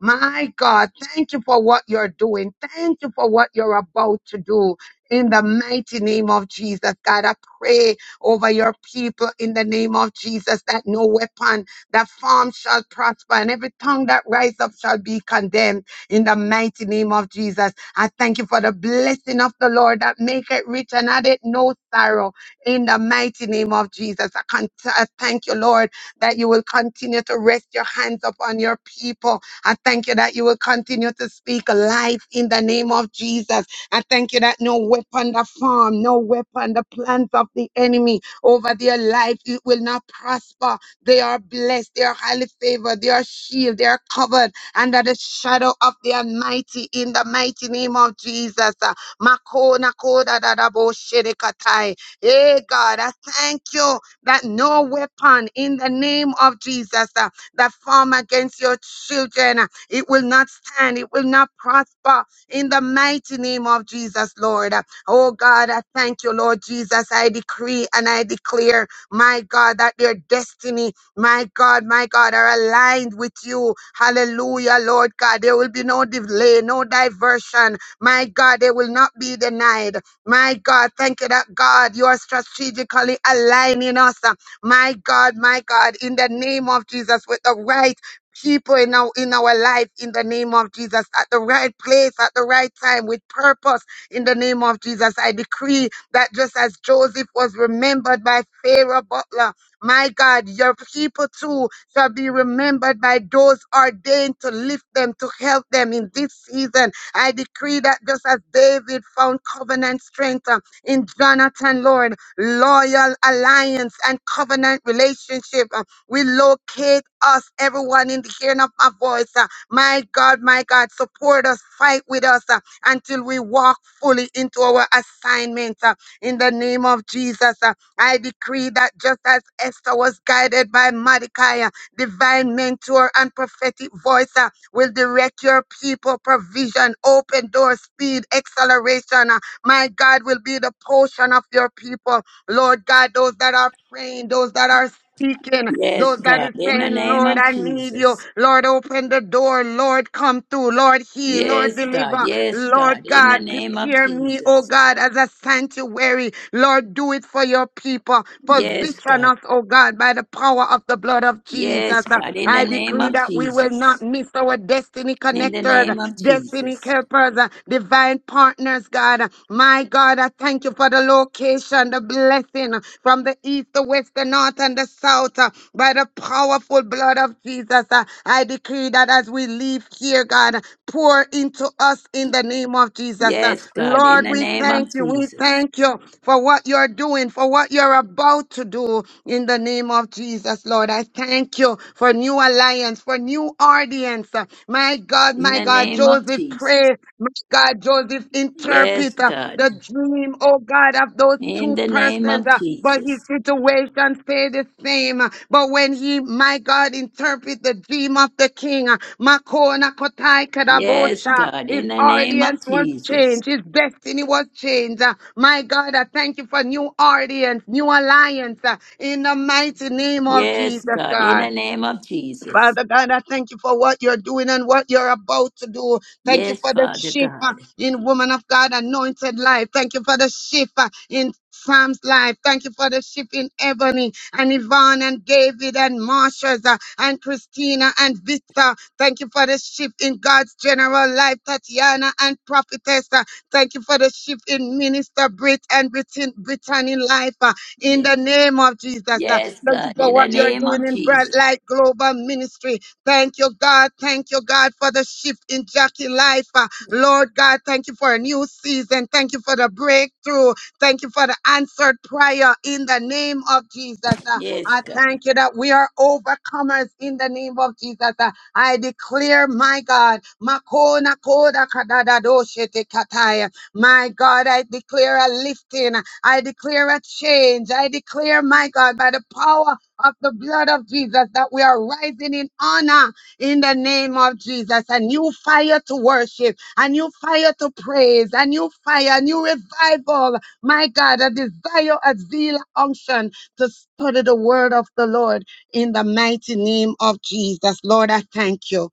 S2: My God, thank you for what you're doing. Thank you for what you're about to do. In the mighty name of Jesus, God, I pray over your people in the name of Jesus that no weapon that form shall prosper and every tongue that rise up shall be condemned in the mighty name of Jesus. I thank you for the blessing of the Lord that make it rich and add it no sorrow in the mighty name of Jesus. I, con- I thank you, Lord, that you will continue to rest your hands upon your people I thank you that you will continue to speak life in the name of Jesus. I thank you that no weapon the form, no weapon the plans of the enemy over their life it will not prosper. They are blessed, they are highly favored, they are shielded, they are covered under the shadow of the Almighty in the mighty name of Jesus. Uh, Makona koda da bo shirikatai. Hey God, I thank you that no weapon in the name of Jesus. Uh, that form against your children. It will not stand, it will not prosper in the mighty name of Jesus, Lord. Oh God, I thank you, Lord Jesus. I decree and I declare, my God, that their destiny, my God, my God, are aligned with you. Hallelujah, Lord God. There will be no delay, no diversion. My God, they will not be denied. My God, thank you that God, you are strategically aligning us. My God, my God, in the name of Jesus, with the right people in our in our life in the name of Jesus at the right place at the right time with purpose in the name of Jesus I decree that just as Joseph was remembered by Pharaoh butler my God your people too shall be remembered by those ordained to lift them to help them in this season I decree that just as David found covenant strength uh, in Jonathan Lord loyal alliance and covenant relationship. Uh, We locate us, everyone in the hearing of my voice. Uh, My God, my God, support us, fight with us uh, until we walk fully into our assignment. Uh, In the name of Jesus, uh, I decree that just as Esther was guided by Mordecai, uh, divine mentor and prophetic voice uh, will direct your people, provision, open door, speed, acceleration. uh, my God, will be the portion of your people. Lord God, those that are praying, those that are seeking,
S5: Yes,
S2: those that
S5: God.
S2: is
S5: In the
S2: saying,
S5: name
S2: Lord,
S5: of
S2: I need you.
S5: Jesus.
S2: Lord, open the door. Lord, come through. Lord, heal. Lord,
S5: Yes, God.
S2: deliver.
S5: Yes, God.
S2: Lord
S5: In the
S2: God,
S5: name of
S2: prepare me, oh
S5: Jesus.
S2: God, as a sanctuary. Lord, do it for your people.
S5: Yes,
S2: Position
S5: God.
S2: us, oh God, by the power of the blood of
S5: Yes,
S2: Jesus.
S5: God. In the
S2: I
S5: name
S2: decree
S5: of
S2: that we will not
S5: Jesus.
S2: miss our destiny
S5: In the
S2: connected,
S5: name of
S2: destiny
S5: Jesus.
S2: helpers, uh, divine partners, God. My God, I thank you for the location, the blessing uh, from the east, the west, the north, and the south. uh, By the powerful blood of Jesus, uh, I decree that as we leave here, God, pour into us in the name of Jesus. Uh,
S5: Yes, God. In
S2: Lord,
S5: the
S2: we
S5: name
S2: thank
S5: of
S2: you. We
S5: Jesus.
S2: thank you for what you're doing, for what you're about to do in the name of Jesus, Lord. I thank you for new alliance, for new audience. Uh, My God,
S5: In
S2: my
S5: the
S2: God,
S5: name of
S2: Joseph
S5: Jesus.
S2: prayed my God, Joseph
S5: Yes,
S2: interpret uh,
S5: God.
S2: the dream, oh God, of those
S5: In
S2: two
S5: the name
S2: persons, uh,
S5: of
S2: but his
S5: Jesus.
S2: situation stay the same. But when he, my God, interpret the dream of the king, uh, Makona Kotai
S5: Yes,
S2: Kadabosha,
S5: God.
S2: his
S5: In the name
S2: audience
S5: of
S2: was
S5: Jesus.
S2: changed. His destiny was changed. Uh, My God, I thank you for new audience, new alliance uh, in the mighty name of Jesus,
S5: Yes, God. In
S2: God.
S5: the name of Jesus.
S2: Father God, I thank you for what you're doing and what you're about to do. Thank you
S5: Yes,
S2: for the
S5: Father
S2: shift uh,
S5: God.
S2: in woman of God anointed life. Thank you for the shift uh, in Sam's life. Thank you for the shift in Ebony and Yvonne and David and Marsha's uh, and Christina and Victor. Thank you for the shift in God's general life, Tatiana and Prophetess. uh, Thank you for the shift in Minister Brit and Britain, Brittany life uh, in
S5: Ye-
S2: the name of Jesus. uh,
S5: Yes,
S2: Thank you
S5: God.
S2: for
S5: In the
S2: what you're
S5: name
S2: doing
S5: of
S2: in Bright
S5: Jesus.
S2: Light Global Ministry. Thank you, God. Thank you, God, for the shift in Jackie life. Uh, Lord God, thank you for a new season. Thank you for the breakthrough. Thank you for the answered prayer in the name of Jesus. Uh,
S5: Yes,
S2: I
S5: God.
S2: thank you that we are overcomers in the name of Jesus. Uh, I declare, my God, Makona Koda Kadada Doshete Kataya. my God, I declare a lifting. I declare a change. I declare, my God, by the power of the blood of Jesus, that we are rising in honor in the name of Jesus. A new fire to worship, a new fire to praise, a new fire, a new revival. My God, a desire, a zeal, a unction to study the word of the Lord in the mighty name of Jesus. Lord, I thank you.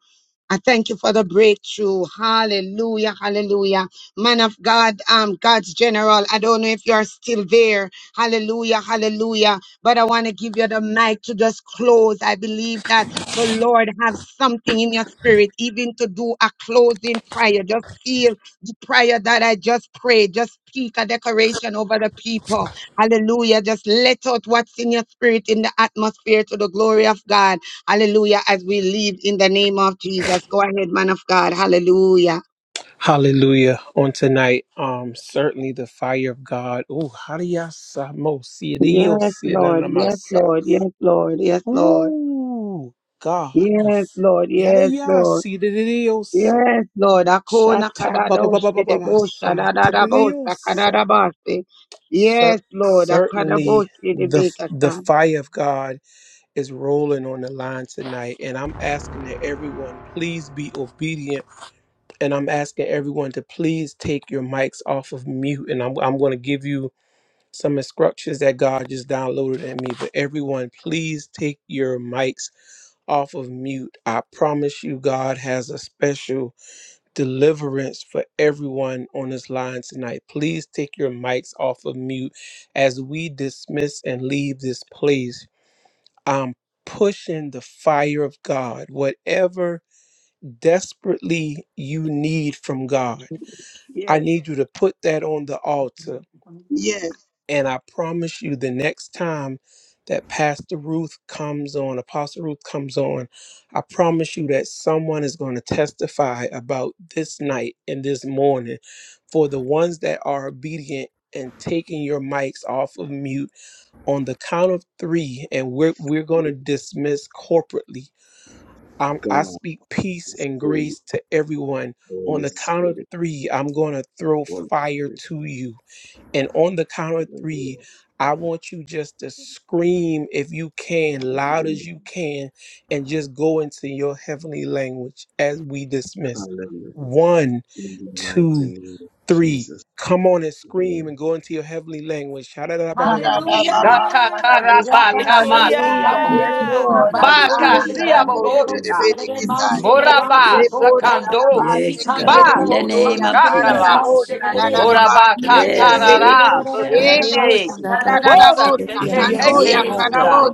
S2: I thank you for the breakthrough. Hallelujah. Hallelujah. Man of God, um, God's general. I don't know if you're still there. Hallelujah. Hallelujah. But I want to give you the mic to just close. I believe that the Lord has something in your spirit, even to do a closing prayer. Just feel the prayer that I just prayed. Just speak a declaration over the people. Hallelujah. Just let out what's in your spirit in the atmosphere to the glory of God. Hallelujah. As we leave in the name of Jesus. Go ahead, man of God. Hallelujah.
S15: Hallelujah. On tonight, um, certainly the fire of God. Oh, how do y'all sa- mo- see it? Do you
S2: Yes,
S15: see it in
S2: Lord.
S15: the
S2: Yes,
S15: masa?
S2: Lord. Yes, Lord. Yes, Lord.
S15: Ooh, God.
S2: Yes, Lord.
S15: Yada
S2: Yes,
S15: yada,
S2: Lord.
S15: see the diosa.
S2: Yes, Lord. Akona
S15: Shata ba ba ba ba
S2: kadadoshe
S15: ba ba ba,
S2: debosha
S15: sa ta da
S2: dadadabosa
S15: diosa.
S2: kadadabase. Yes,
S15: Cer-
S2: Lord. Akadaboshe
S15: Certainly, the the
S2: debekasa.
S15: fire of God is rolling on the line tonight, and I'm asking that everyone please be obedient, and I'm asking everyone to please take your mics off of mute, and I'm I'm going to give you some instructions that God just downloaded at me. But everyone, please take your mics off of mute. I promise you, God has a special deliverance for everyone on this line tonight. Please take your mics off of mute as we dismiss and leave this place. I'm pushing the fire of God, whatever desperately you need from God. I
S2: Yes,
S15: need you to put that on the altar
S2: yes.
S15: and I promise you, the next time that Pastor Ruth comes on, Apostle Ruth comes on, I promise you that someone is going to testify about this night and this morning for the ones that are obedient and taking your mics off of mute on the count of three. And we're, we're going to dismiss corporately. i I
S7: God
S15: speak peace
S7: is
S15: and
S7: holy,
S15: grace to everyone. On
S7: Holy
S15: the count of
S7: Spirit,
S15: three, I'm going to throw
S7: Holy
S15: fire
S7: Spirit,
S15: to you and on the count of three,
S7: hallelujah,
S15: I want you just to scream if you can, loud as
S7: hallelujah,
S15: you can, and just go into your heavenly language as we dismiss.
S7: hallelujah,
S15: One,
S7: in the mighty
S15: two,
S7: name of
S15: three.
S7: Jesus,
S15: Come on and scream
S7: amen.
S15: and go into your heavenly language.
S12: Hallelujah!
S7: hallelujah,
S2: Kadadababa kadaboshe.
S12: Rabba
S16: Tatatarabakamatia
S2: Hallelujah. Yes, Lord.
S7: hallelujah, hallelujah,
S2: Asana kadaboshe debedekitai.
S16: Moraba
S2: Leboda da da ba
S16: sakando.
S2: se
S5: Yes, God.
S2: kebere
S5: In the
S2: kindo
S5: name
S2: ya
S5: of
S2: kara da
S16: Shakala,
S2: bo
S5: Jesus.
S2: sa
S7: hallelujah,
S2: da da
S7: hallelujah,
S2: da ba se
S16: Morabaka
S2: kebere
S5: Yes,
S2: be.
S7: hallelujah,
S16: Tarara,
S7: hallelujah,
S2: Ye
S4: Ah,
S7: hallelujah,
S16: Bustinde,
S2: da da
S5: Yekushadadebosiki.
S2: da
S4: Rabako
S2: da bo
S16: Boran de
S2: sa
S4: Rebecca
S2: kando
S7: Thank
S4: Mahandi
S15: Yes.
S16: Keteke
S2: ya
S5: Yes,
S2: kara bo
S16: Munda,
S4: Yarabako
S5: God.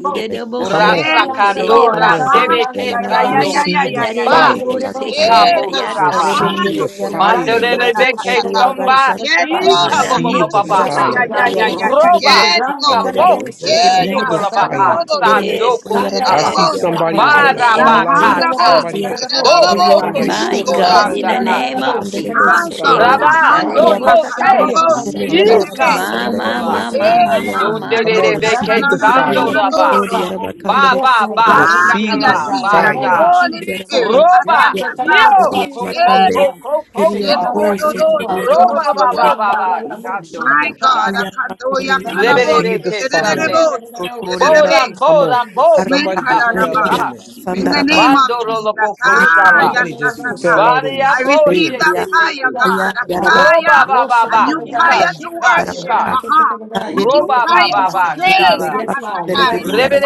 S15: Come
S4: Rebeshande
S15: on,
S2: Yes,
S4: robo
S16: Uratsakando
S2: Lord,
S15: come on.
S2: aha,
S5: Idedebokashikeredebosi.
S16: Randebe
S2: ya ya ya ya
S16: Ketando,
S2: ya
S15: Receive
S2: ya
S15: the
S2: ya ya.
S16: Ba,
S15: fire.
S5: Andarerebo
S4: Rabakaya,
S2: Eh,
S5: sekanda
S16: Ikabo
S2: God,
S5: yata
S16: Shaba,
S2: aha,
S5: yaba
S15: Receive
S2: no
S15: the
S5: koshoko
S2: potanto
S15: fire.
S12: Randi che
S2: na
S12: la
S16: Mandele
S5: debes.
S2: ta ta
S12: voce,
S2: ta
S16: Beke
S12: che
S2: ta.
S12: la
S16: Somba,
S12: voce, che la
S2: Yes,
S12: voce.
S2: Lord, aha,
S5: Manane
S15: Receive the
S12: Yes,
S16: Ikabobabaha,
S2: ya
S12: Lord
S5: koshoko
S15: fire.
S2: ya
S12: God.
S2: ya
S12: Thank
S2: ya
S12: you,
S5: debes.
S2: ya.
S12: Jesus.
S16: Roba,
S2: Yes,
S12: Rande
S2: Lord.
S16: Ikabo,
S12: kalabush,
S2: Eh,
S15: Receive the
S12: kalababos,
S2: God,
S15: fire.
S16: Shokolabaha,
S2: akodo do
S12: kalababachin.
S2: se
S5: Yes,
S16: Sandoko
S5: God.
S2: kinde
S12: Randa
S2: de
S15: I
S2: do
S16: Sala,
S2: bo
S15: see
S5: Yes,
S12: lalabasha
S2: sa.
S5: God. In
S15: somebody is
S5: the
S15: but to
S12: kadaya.
S5: name
S15: fall
S5: of
S15: out.
S12: Viva
S5: Jesus.
S16: Barabakata,
S12: labos,
S15: Somebody
S2: Lakarabosi,
S15: but to
S12: kalababos,
S15: fall
S16: Bo
S15: out.
S16: Foko
S2: rederabosi,
S4: Ayorobo
S15: Somebody
S12: kalabaya.
S15: but to
S5: My
S4: Shiri
S16: Tuko
S15: fall
S5: God.
S12: Yes,
S15: out.
S5: In
S2: kederebosi.
S4: Alamakari
S5: the
S12: Randa
S5: name
S16: Ramzakasa,
S5: of
S12: lalabos,
S4: Alamahandere
S2: My
S5: Jesus.
S12: kalabanchin.
S15: Somebody
S2: God,
S4: Besoto,
S15: but to
S16: Rabba,
S15: fire.
S12: Rande
S2: ahandoya
S4: Rabakari
S5: Ekusharerebosi.
S16: Doko
S15: Shadia.
S12: kalababash,
S2: karabobosi,
S4: Rabakele
S15: sabababa.
S12: kalababos,
S2: rederebe.
S16: Yikaks
S5: Ma,
S4: Yarabasanda
S5: ma,
S16: chokola.
S12: kalababos,
S5: ma, ma,
S2: Eh,
S5: ma,
S4: Yarabahaya
S5: ma,
S2: God,
S12: kalababaya.
S5: ma,
S15: Come
S5: ma.
S15: on,
S2: andoya
S16: Dunderebeke
S12: Rande
S15: receive
S4: Rabasuti
S15: the fire.
S16: sandoraba.
S4: Yarabasori
S12: lalababosa.
S2: kararararararorororobosi.
S16: Ba
S4: Yarabakandere
S12: Yes,
S16: ba
S12: Lord
S4: Kori
S16: ba
S12: God, everything,
S15: Receive
S4: Yarabahaya
S2: Haya,
S15: the
S12: Lord
S7: you.
S16: shakala
S12: God, in the
S2: Jesus,
S12: name
S15: fire.
S12: of
S16: basha.
S2: Holy
S4: Rabasakari
S12: Jesus.
S2: Spirit, ha,
S4: Yaramakandere
S2: sa,
S16: Roba.
S2: sa,
S12: Rande
S2: sa.
S4: Yarabasori
S16: Yo
S12: kalababash,
S16: ko
S17: Thank
S16: ko
S4: Yaramakande
S2: Eh,
S12: kalabaya.
S16: ko ko ko ko.
S4: Yarabosu
S2: yekororoso,
S16: Roba ba
S4: Yarabashandere
S16: ba ba
S2: rorororobosa.
S16: ba
S4: Yarabasaya
S16: shando
S2: My
S16: ko
S2: God,
S16: shara.
S4: Yarabakore
S2: ahandoya
S15: Receive
S2: karabosi,
S15: the
S16: Leberebeke
S4: Yarabasandere
S15: fire.
S16: sande.
S2: rederebosi,
S4: Yarabosu Tori
S2: kederebe.
S16: Boran
S4: Yaraba
S15: Come on.
S16: boran bo.
S2: Me
S15: Somebody just
S4: Rabakore
S16: Ikabu
S15: fell
S2: kararaba.
S15: out in
S16: sha.
S15: the
S2: In the
S4: Yarabasandara
S15: spirit.
S2: name of
S4: Bahaya
S16: Bandoro
S2: Jesus.
S16: lobo ko
S2: Ah,
S4: Ayora
S16: shala.
S2: yes,
S15: Somebody
S2: yes,
S15: just
S4: basha
S2: yes, yes.
S15: fell out in the
S16: Baria
S2: I
S4: dere
S16: mo
S2: receive
S4: dere
S15: spirit.
S2: that fire,
S16: shekete.
S2: God, a
S12: Yasakata,
S2: fire,
S16: Roba ba ba
S2: a
S16: ba.
S2: new
S16: Ika
S2: fire
S12: Losakataya,
S2: to
S16: ika
S2: worship,
S16: ika.
S2: uh-huh. a
S12: Rakataya,
S2: new
S16: Roba ba
S2: fire
S16: ba
S2: to
S16: ba
S12: Kikiyaka.
S2: praise,
S16: shara.
S2: ah,
S12: Yes,
S2: ta, ta,
S12: Law,
S2: ta.